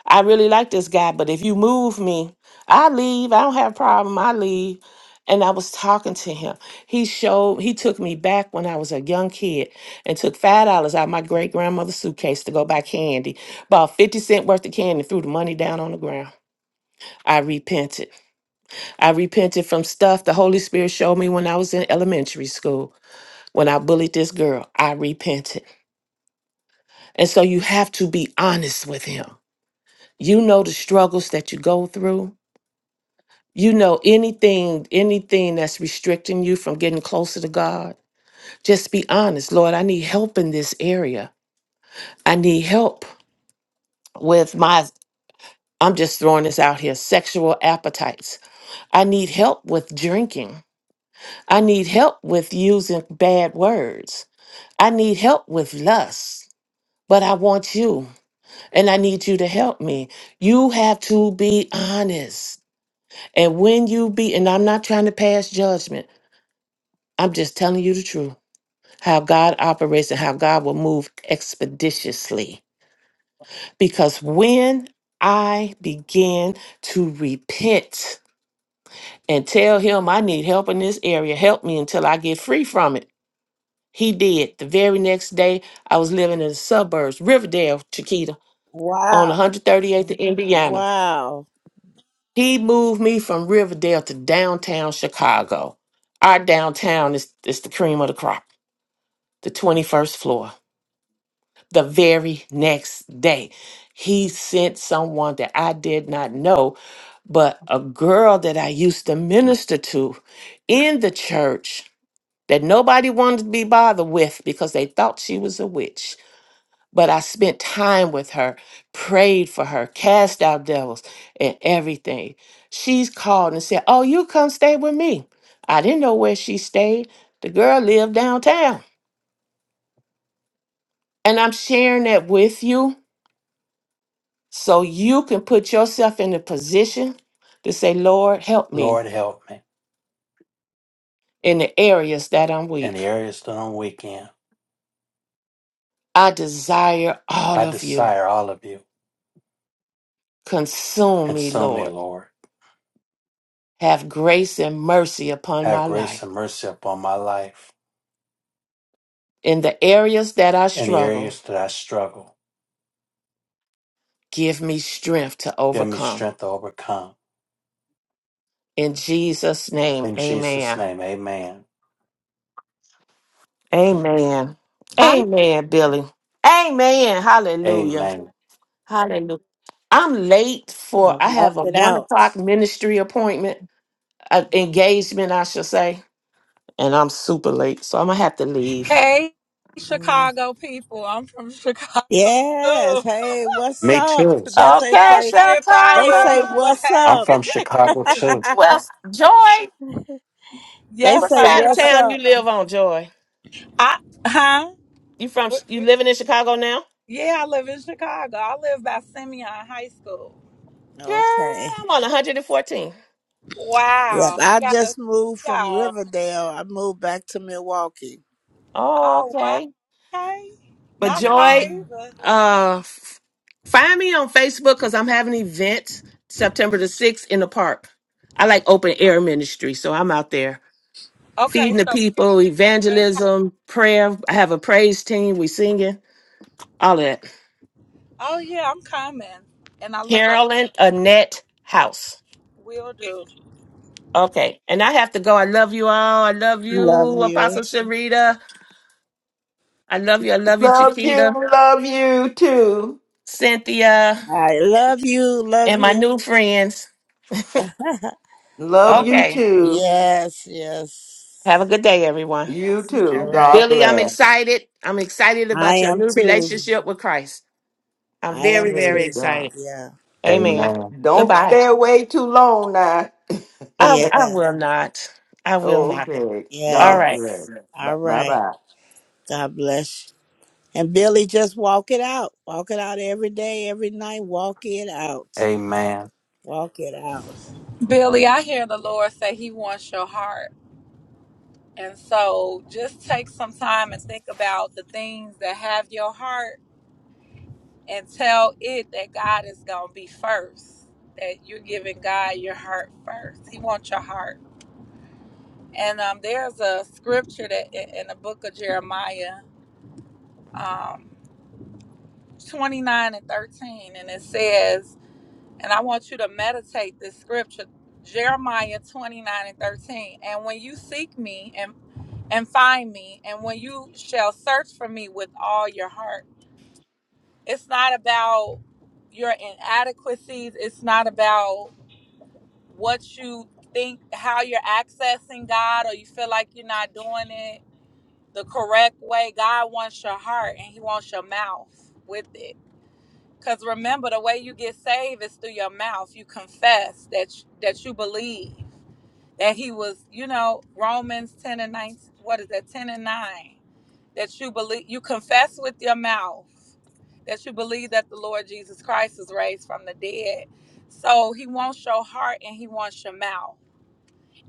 Speaker 8: I really like this guy, but if you move me, I leave. I don't have a problem. I leave. And I was talking to him. He showed, he took me back when I was a young kid and took $5 out of my great grandmother's suitcase to go buy candy. Bought 50 cent worth of candy, threw the money down on the ground. I repented. I repented from stuff the Holy Spirit showed me when I was in elementary school, when I bullied this girl. I repented. And so you have to be honest with him. You know the struggles that you go through you know anything anything that's restricting you from getting closer to god just be honest lord i need help in this area i need help with my i'm just throwing this out here sexual appetites i need help with drinking i need help with using bad words i need help with lust but I want you and I need you to help me. You have to be honest. And when you be, and I'm not trying to pass judgment, I'm just telling you the truth. how God operates and how God will move expeditiously. Because when I began to repent and tell him I need help in this area, help me until I get free from it, he did. The very next day, I was living in the suburbs, Riverdale, Chiquita, on
Speaker 9: Wow.
Speaker 8: 138th in Indiana.
Speaker 9: Wow.
Speaker 8: He moved me from Riverdale to downtown Chicago. Our downtown is, is the cream of the crop, the 21st floor. the very next day. He sent someone that I did not know, but a girl that I used to minister to in the church that nobody wanted to be bothered with because they thought she was a witch. But I spent time with her, prayed for her, cast out devils, and everything. She's called and said, Oh, you come stay with me. I didn't know where she stayed. The girl lived downtown. And I'm sharing that with you So you can put yourself in a position to say, Lord, help me
Speaker 13: Lord, help me
Speaker 8: in the areas that I'm
Speaker 13: in
Speaker 8: weak.
Speaker 13: the areas that I'm weak in.
Speaker 8: I desire all
Speaker 13: I
Speaker 8: of you.
Speaker 13: desire all of you.
Speaker 8: Consume me,
Speaker 13: Consume me,
Speaker 8: Lord.
Speaker 13: Lord.
Speaker 8: Have grace and mercy upon
Speaker 13: Have
Speaker 8: my
Speaker 13: grace
Speaker 8: life.
Speaker 13: and mercy upon my life
Speaker 8: In the areas that I
Speaker 13: in the
Speaker 8: struggle,
Speaker 13: areas that I struggle.
Speaker 8: give me strength to
Speaker 13: Give me
Speaker 8: overcome.
Speaker 13: strength to overcome.
Speaker 8: In Jesus' name,
Speaker 13: In Jesus'
Speaker 8: amen.
Speaker 13: name, amen.
Speaker 8: Amen.
Speaker 4: I
Speaker 8: Amen, Billy. Amen. Hallelujah.
Speaker 13: Amen.
Speaker 8: Hallelujah. I'm late for,
Speaker 9: I
Speaker 8: I
Speaker 9: walk
Speaker 8: have a
Speaker 9: it
Speaker 8: one
Speaker 9: out.
Speaker 8: o'clock ministry appointment. uh, engagement, I should say. And I'm super late, so I'm gonna have to leave.
Speaker 4: Hey,
Speaker 9: Mm.
Speaker 4: Chicago people. I'm from Chicago
Speaker 9: Yes.
Speaker 4: too.
Speaker 9: Hey, what's
Speaker 13: Me
Speaker 9: up?
Speaker 13: too.
Speaker 9: That's what they
Speaker 8: Okay,
Speaker 4: Not
Speaker 9: say.
Speaker 4: being
Speaker 9: They say,
Speaker 4: biased,
Speaker 8: Chicago.
Speaker 4: but
Speaker 9: what's
Speaker 13: I'm
Speaker 9: up?
Speaker 4: hey.
Speaker 13: from Chicago too.
Speaker 8: Well, Joy,
Speaker 9: they
Speaker 8: what
Speaker 4: Yes,
Speaker 9: say,
Speaker 4: I
Speaker 8: side of
Speaker 4: am.
Speaker 9: what's
Speaker 8: town you
Speaker 9: up?
Speaker 8: live on, Joy?
Speaker 4: I huh?
Speaker 8: You from? You living in Chicago now?
Speaker 4: Yeah, I live in Chicago. I live by Simeon High School.
Speaker 8: Girl,
Speaker 9: Okay.
Speaker 8: I'm on 114.
Speaker 9: Yep.
Speaker 4: Wow.
Speaker 9: I
Speaker 4: Gotta
Speaker 9: just moved
Speaker 4: see
Speaker 9: from
Speaker 4: y'all.
Speaker 9: Riverdale. I moved back to Milwaukee.
Speaker 8: Oh,
Speaker 4: Oh wow.
Speaker 8: okay.
Speaker 4: Okay.
Speaker 8: But
Speaker 4: Not far
Speaker 8: Joy,
Speaker 9: Mhm.
Speaker 4: either.
Speaker 8: uh, f- find me on Facebook because I'm having an event September the 6th in the park. I like open air ministry, so I'm out there. feeding
Speaker 4: Okay,
Speaker 8: the
Speaker 4: so here-
Speaker 8: people,
Speaker 4: they-
Speaker 8: evangelism, prayer. I have a praise team. We singing, all of that.
Speaker 4: oh yeah, I'm coming. And I look up
Speaker 8: Carolyn Annette House.
Speaker 4: will do.
Speaker 8: Okay. And I have to go. I love you all. I love you,
Speaker 9: Love you.
Speaker 8: Apostle Sharita. I love you. I love you,
Speaker 1: Love
Speaker 8: Chiquita,
Speaker 1: you, love you too.
Speaker 8: Cynthia,
Speaker 9: I love you. Love
Speaker 8: and my
Speaker 9: you.
Speaker 8: new friends.
Speaker 1: Love
Speaker 9: Oh,
Speaker 1: you
Speaker 8: Okay.
Speaker 1: too.
Speaker 9: yes,
Speaker 8: Have a
Speaker 9: yes,
Speaker 8: good day, everyone.
Speaker 1: You
Speaker 9: yes.
Speaker 10: You
Speaker 9: All
Speaker 1: too.
Speaker 10: too.
Speaker 9: right.
Speaker 1: God
Speaker 8: Billy, I'm
Speaker 1: bless.
Speaker 8: excited. I'm excited
Speaker 9: I
Speaker 8: about your
Speaker 9: am
Speaker 8: new
Speaker 9: too.
Speaker 8: relationship with Christ. I'm
Speaker 9: I
Speaker 8: very,
Speaker 9: am
Speaker 8: very
Speaker 1: Praise
Speaker 9: too.
Speaker 1: God.
Speaker 8: excited.
Speaker 9: Yeah,
Speaker 8: Amen.
Speaker 13: Amen.
Speaker 1: Don't
Speaker 8: Goodbye.
Speaker 1: stay away too long now.
Speaker 8: I, I
Speaker 9: yeah,
Speaker 8: will not. I will not.
Speaker 1: okay.
Speaker 8: All
Speaker 9: yes.
Speaker 1: God
Speaker 8: right.
Speaker 1: bless. Bye
Speaker 9: All right.
Speaker 1: bye.
Speaker 9: God bless you. And Billy, just walk it out. Walk it out every day, every night. Walk it out.
Speaker 13: Amen.
Speaker 9: Walk it out.
Speaker 4: Billy, I hear the Lord say he wants your heart. And so just take some time and think about the things that have your heart and tell it that God is gonna be first. That you're giving God your heart first. He wants your heart. And um, there's a scripture that in the book of Jeremiah, um, 29 and 13, and it says, and I want you to meditate this scripture, Jeremiah 29 and 13. And when you seek me and and find me, and when you shall search for me with all your heart, it's not about your inadequacies. It's not about what you think, how you're accessing God, or you feel like you're not doing it the correct way. God wants your heart and He wants your mouth with it. Because remember, the way you get saved is through your mouth. You confess that you, that you believe that He was, you know, Romans ten and nine. What is that? Ten and nine. That you believe, you confess with your mouth that you believe that the Lord Jesus Christ is raised from the dead. So He wants your heart and He wants your mouth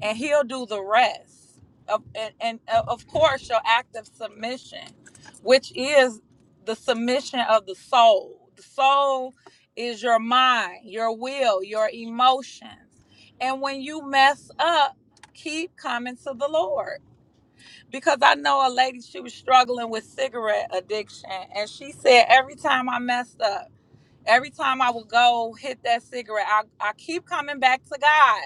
Speaker 4: and he'll do the rest of, and, and uh, of course your act of submission which is the submission of the soul the soul is your mind your will your emotions and when you mess up keep coming to the lord because i know a lady she was struggling with cigarette addiction and she said every time i messed up every time i would go hit that cigarette i, I keep coming back to god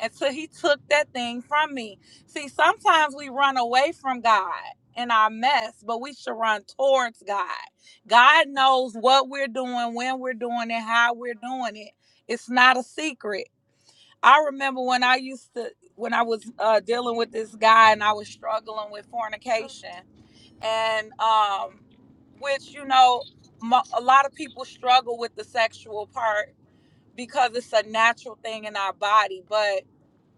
Speaker 4: until he took that thing from me. See, sometimes we run away from God in our mess, but we should run towards God. God knows what we're doing, when we're doing it, how we're doing it. It's not a secret. I remember when I used to, when I was uh, dealing with this guy and I was struggling with fornication, and um, which, you know, mo- a lot of people struggle with the sexual part because it's a natural thing in our body. But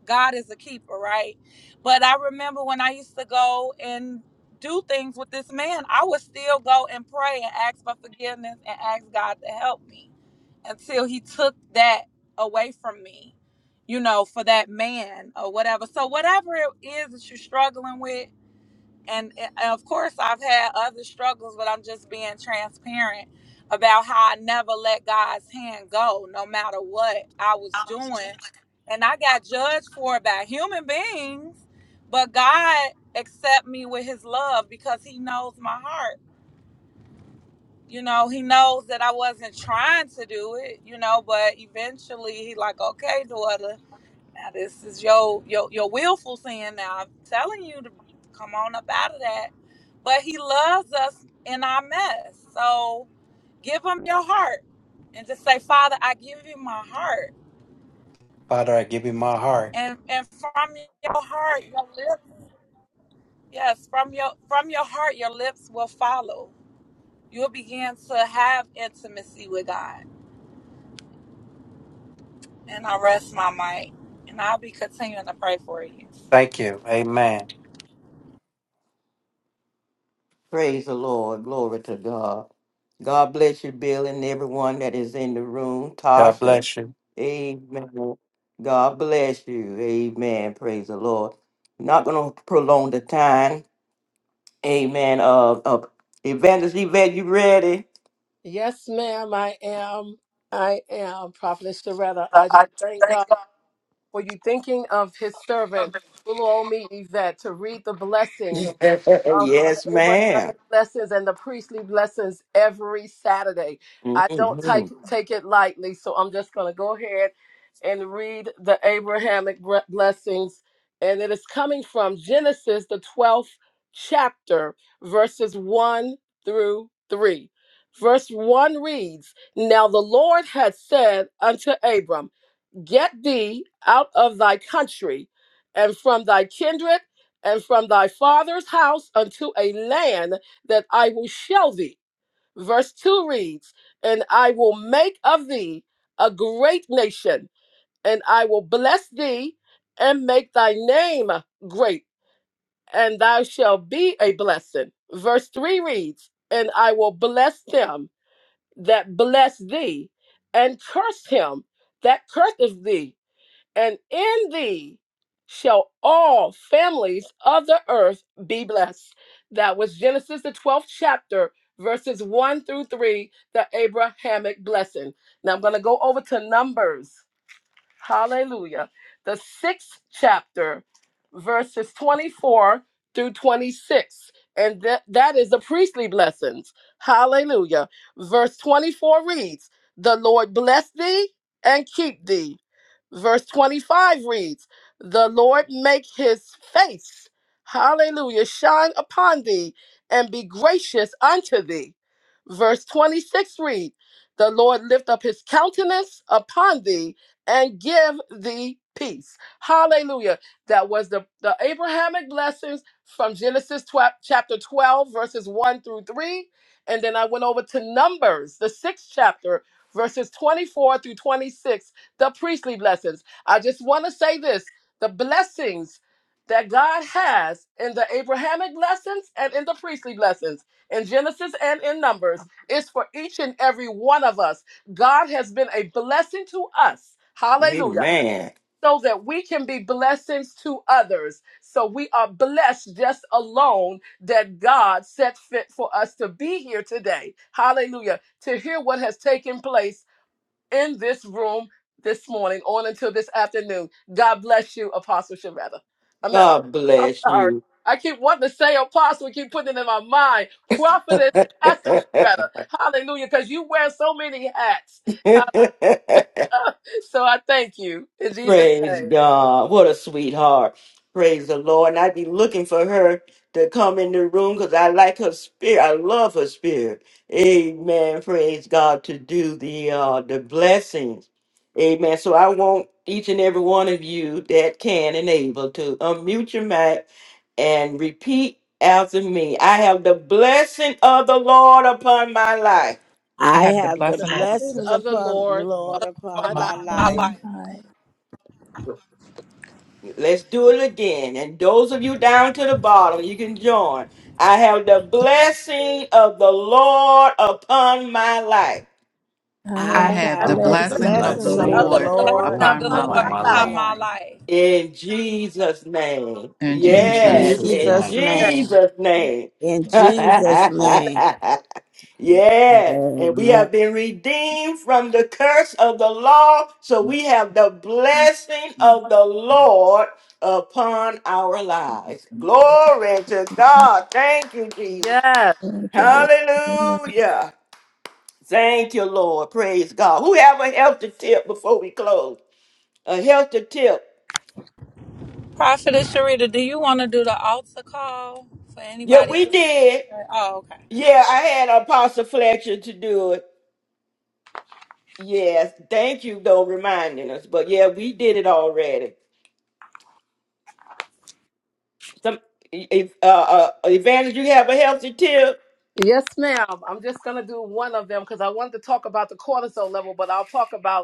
Speaker 4: God is a keeper, right? But I remember when I used to go and do things with this man, I would still go and pray and ask for forgiveness and ask God to help me until he took that away from me, you know, for that man or whatever. So, whatever it is that you're struggling with, and, eh, and of course i've had other struggles but i'm just being transparent about how i never let god's hand go no matter what i was doing and i got judged for it by human beings but god accept me with his love because he knows my heart you know he knows that i wasn't trying to do it you know but eventually he like okay daughter now this is your your your willful sin. Now I'm telling you to come on up out of that. But he loves us in our mess. So give him your heart and just say, Father, I give you my heart.
Speaker 13: Father, I give you my heart.
Speaker 4: And and from your heart, your lips yes, from your from your heart, your lips will follow. You'll begin to have intimacy with God. And I rest my might. And I'll be continuing to pray for you
Speaker 13: Thank you. Amen.
Speaker 1: Praise the Lord. Glory to God. God bless you, Bill, and everyone that is in the room.
Speaker 13: God
Speaker 1: Tasha,
Speaker 13: bless you.
Speaker 1: amen. God bless you. Amen. Praise the Lord. Not going to prolong the time. Amen. Uh, uh, Evangelist Yvette, you ready?
Speaker 6: Yes, ma'am. I am. I am Prophetess Sharetta.
Speaker 1: Uh,
Speaker 6: I
Speaker 1: I
Speaker 6: just thank
Speaker 1: thank
Speaker 6: God for you thinking of his servant, little old me, Yvette, to read the blessings.
Speaker 1: God.
Speaker 6: of
Speaker 1: yes,
Speaker 6: the
Speaker 1: ma'am.
Speaker 6: Abrahamic blessings and the priestly blessings every Saturday. I don't take
Speaker 1: hmm
Speaker 6: take it lightly, so I'm just going to go ahead and read the Abrahamic bre- blessings, and it is coming from Genesis the 12th chapter, verses one through three. Verse 1 reads, Now the Lord had said unto Abram, Get thee out of thy country and from thy kindred and from thy father's house unto a land that I will show thee. Verse 2 reads, And I will make of thee a great nation, and I will bless thee and make thy name great, and thou shalt be a blessing. Verse 3 reads, And I will bless them that bless thee, and curse him that curseth thee and in thee shall all families of the earth be blessed. That was Genesis, the 12th chapter, verses 1 through 3, the Abrahamic blessing. Now I'm going to go over to Numbers. Hallelujah. The sixth chapter, verses 24 through 26. And that, that is the priestly blessings. Hallelujah. Verse 24 reads, The Lord bless thee and keep thee. Verse 25 reads, The Lord make his face, hallelujah, shine upon thee and be gracious unto thee. Verse 26 reads, The Lord lift up his countenance upon thee and give thee peace. Hallelujah. That was the, the Abrahamic blessings from Genesis 12, chapter 12, verses 1 through 3. And then I went over to Numbers, the sixth chapter, verses 24 through 26, the priestly blessings. I just want to say this the blessings that God has in the Abrahamic blessings and in the priestly blessings in Genesis and in Numbers is for each and every one of us God has been a blessing to us. Hallelujah.
Speaker 1: Amen.
Speaker 6: So that we can be blessings to others. So we are blessed just alone that God set fit for us to be here today. Hallelujah. To hear what has taken place in this room this morning on until this afternoon. God bless you, Apostle Shavetta. I mean, I'm
Speaker 1: God
Speaker 6: I'm
Speaker 1: bless
Speaker 6: sorry.
Speaker 1: you.
Speaker 6: I keep wanting to say apostle, keep putting it in my mind. Prophetess, Pastor Shavetta. Hallelujah. Because you wear so many hats. So I thank you in Jesus'
Speaker 1: Praise
Speaker 6: name.
Speaker 1: God. What a sweetheart. Praise the Lord. And I'd be looking for her to come in the room because I like her spirit. I love her spirit. Amen. Praise God to do the uh the blessings. Amen. So I want each and every one of you that can and able to unmute your mic and repeat after me. I have the blessing of the Lord upon my life.
Speaker 7: I
Speaker 9: I
Speaker 7: have the
Speaker 9: have
Speaker 6: Have
Speaker 9: the
Speaker 6: the
Speaker 7: blessing of the
Speaker 6: blessings
Speaker 9: blessings
Speaker 6: of the
Speaker 9: upon the
Speaker 6: Lord
Speaker 7: Lord
Speaker 9: Lord
Speaker 7: upon
Speaker 9: upon
Speaker 6: upon
Speaker 7: my
Speaker 6: my life.
Speaker 9: my
Speaker 4: upon
Speaker 7: life.
Speaker 4: my
Speaker 12: on
Speaker 9: life.
Speaker 4: life.
Speaker 12: my life.
Speaker 1: Let's do it again. And those of you down to the bottom, you can join. I have the blessing of the Lord upon my life.
Speaker 12: I
Speaker 7: I
Speaker 12: have
Speaker 9: I
Speaker 12: the
Speaker 7: have
Speaker 6: And
Speaker 7: the
Speaker 13: I
Speaker 9: have
Speaker 6: the
Speaker 13: have
Speaker 9: the
Speaker 13: the
Speaker 12: blessing
Speaker 7: blessing
Speaker 12: of
Speaker 7: of the
Speaker 12: the
Speaker 9: blessings
Speaker 6: blessings
Speaker 4: I
Speaker 9: of
Speaker 4: have
Speaker 9: the
Speaker 6: of
Speaker 13: blessing
Speaker 6: the
Speaker 12: Lord
Speaker 4: the
Speaker 7: Lord
Speaker 13: of
Speaker 12: of
Speaker 13: the
Speaker 6: Lord
Speaker 9: Lord
Speaker 4: blessing of
Speaker 13: Lord
Speaker 7: upon
Speaker 4: the
Speaker 10: Bye,
Speaker 7: my
Speaker 4: Lord
Speaker 6: upon
Speaker 13: upon
Speaker 9: upon
Speaker 13: my
Speaker 6: my
Speaker 10: My
Speaker 7: life.
Speaker 9: my
Speaker 4: upon
Speaker 6: life.
Speaker 13: life.
Speaker 4: my
Speaker 9: life.
Speaker 4: life.
Speaker 1: In Jesus' name.
Speaker 7: In
Speaker 13: In
Speaker 12: in
Speaker 9: In
Speaker 7: Jesus'
Speaker 10: In
Speaker 7: name.
Speaker 1: Yes,
Speaker 13: Jesus'
Speaker 12: Jesus.
Speaker 10: Jesus'
Speaker 6: In
Speaker 1: in
Speaker 13: name.
Speaker 9: Jesus'
Speaker 10: name.
Speaker 6: Jesus'
Speaker 9: name.
Speaker 1: Jesus' name.
Speaker 9: In
Speaker 6: name.
Speaker 9: Jesus'
Speaker 6: In Jesus'
Speaker 9: name.
Speaker 1: yes, and we
Speaker 9: Amen.
Speaker 1: have been redeemed from the curse of the law. So
Speaker 12: name.
Speaker 1: we have the blessing of the Lord upon our lives. Glory to God. Thank you,
Speaker 6: name.
Speaker 1: Jesus.
Speaker 6: Yes.
Speaker 12: Thank you, Lord.
Speaker 1: Hallelujah. Thank you, Lord. Praise God. Who have a healthy tip before we close? A healthy tip.
Speaker 4: Prophetess Sharita, do you want to do the altar call for
Speaker 1: Yeah,
Speaker 4: anybody
Speaker 1: we
Speaker 4: who
Speaker 1: did.
Speaker 4: has? Oh, okay.
Speaker 1: Yeah, I had Apostle Fletcher to do it. Yes. Thank you, though, reminding us. But yeah, we did it already. Some if uh, uh Evangelist, you have a healthy tip.
Speaker 6: Yes, ma'am. I'm just gonna do one of them because I wanted to talk about the cortisol level, but I'll talk about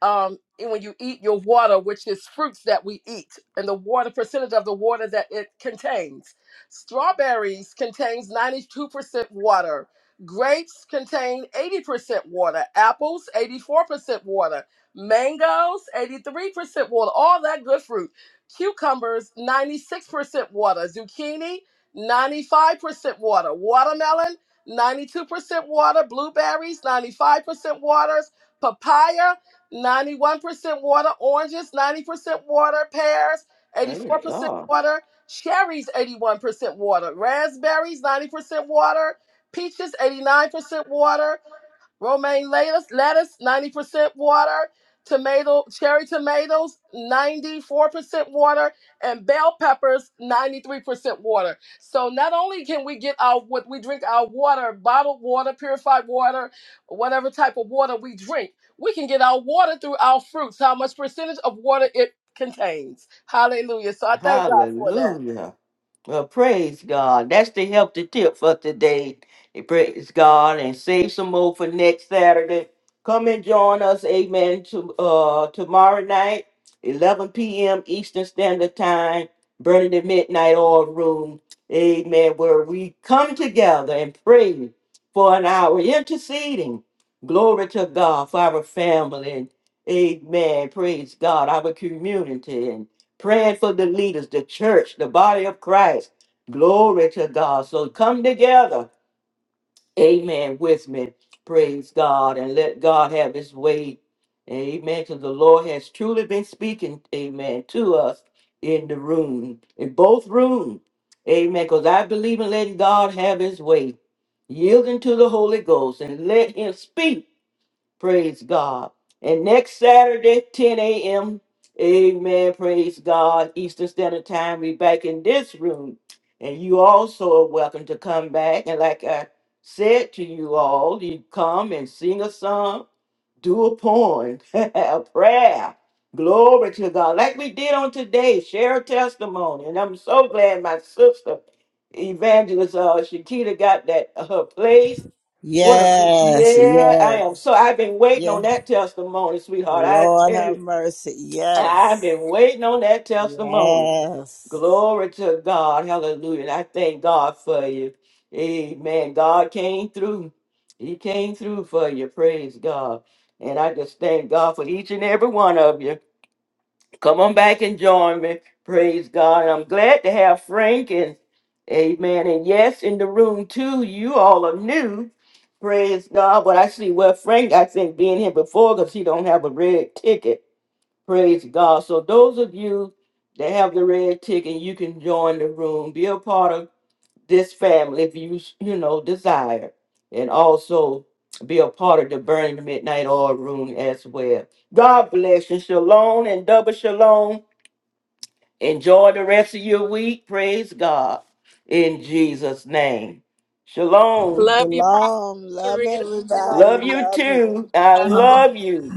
Speaker 6: um, and when you eat your water, which is fruits that we eat, and the water percentage of the water that it contains. Strawberries contains 92% water. Grapes contain 80% water. Apples, 84% water. Mangoes, 83% water. All that good fruit. Cucumbers, 96% water. Zucchini, 95% water. Watermelon, 92% water. Blueberries, 95% waters, papaya 91% water, oranges, 90% water, pears,
Speaker 1: Praise
Speaker 6: 84%
Speaker 1: God.
Speaker 6: water, cherries, 81% water, raspberries, 90% water, peaches, 89% water, romaine lettuce, lettuce 90% water, tomato, cherry tomatoes 94% water, and bell peppers 93% water. So not only can we get our what we drink our water, bottled water, purified water, whatever type of water we drink, we can get our water through our fruits, how much percentage of water it contains. Hallelujah. So I thank God for that.
Speaker 1: Hallelujah. Well, praise God. That's the healthy tip for today. Eh, Praise God and save some more for next Saturday. Come and join us, amen, to, uh, tomorrow night, 11 p.m. Eastern Standard Time, burning the midnight oil room, amen, where we come together and pray for an hour, interceding. Glory to God for our family and amen. Praise God, our community praying for the leaders, the church, the body of Christ. Glory to God. So come together. Amen. With me. Praise God. And let God have his way. Amen. Because the Lord has truly been speaking, amen, to us in the room, in both rooms. Amen. Because I believe in letting God have his way, yielding to the Holy Ghost and let him speak Praise God. And next Saturday, 10 a.m. Amen. Praise God. Eastern Standard Time. We back in this room. And you also are welcome to come back. And like I said to you all, you come and sing a song, do a poem, a prayer. Glory to God. Like we did on today, share a testimony. And I'm so glad my sister, Evangelist uh, Shakita, got that uh, her place what a
Speaker 9: Yes,
Speaker 1: yeah, I
Speaker 9: yes,
Speaker 1: am. So I've been waiting on
Speaker 9: yes.
Speaker 1: that testimony, sweetheart. I
Speaker 9: Lord
Speaker 1: tell
Speaker 9: have
Speaker 1: you,
Speaker 9: mercy. Yes,
Speaker 1: I've been waiting on that testimony.
Speaker 9: yes.
Speaker 1: Glory to God, Hallelujah! And I thank God for you. Amen. God came through. He came through for you. Praise God. And I just thank God for each and every one of you. Come on back and join me. Praise God. I'm glad to have Frank and Amen. And yes, in the room too, you all are new. Praise God. But I see well, Frank, I think being here before because he don't have a red ticket. Praise God. So those of you that have the red ticket, you can join the room. Be a part of this family if you you know desire. And also be a part of the Burning Midnight Oil room as well. God bless you. Shalom and double shalom Enjoy the rest of your week. Praise God in Jesus' name. Shalom.
Speaker 4: Love you, Prophetess
Speaker 9: Shalom. Love
Speaker 4: Sharita.
Speaker 6: Lord.
Speaker 9: everybody.
Speaker 1: Love you
Speaker 9: Love you.
Speaker 1: too. I
Speaker 4: God
Speaker 1: love
Speaker 4: bless.
Speaker 1: you.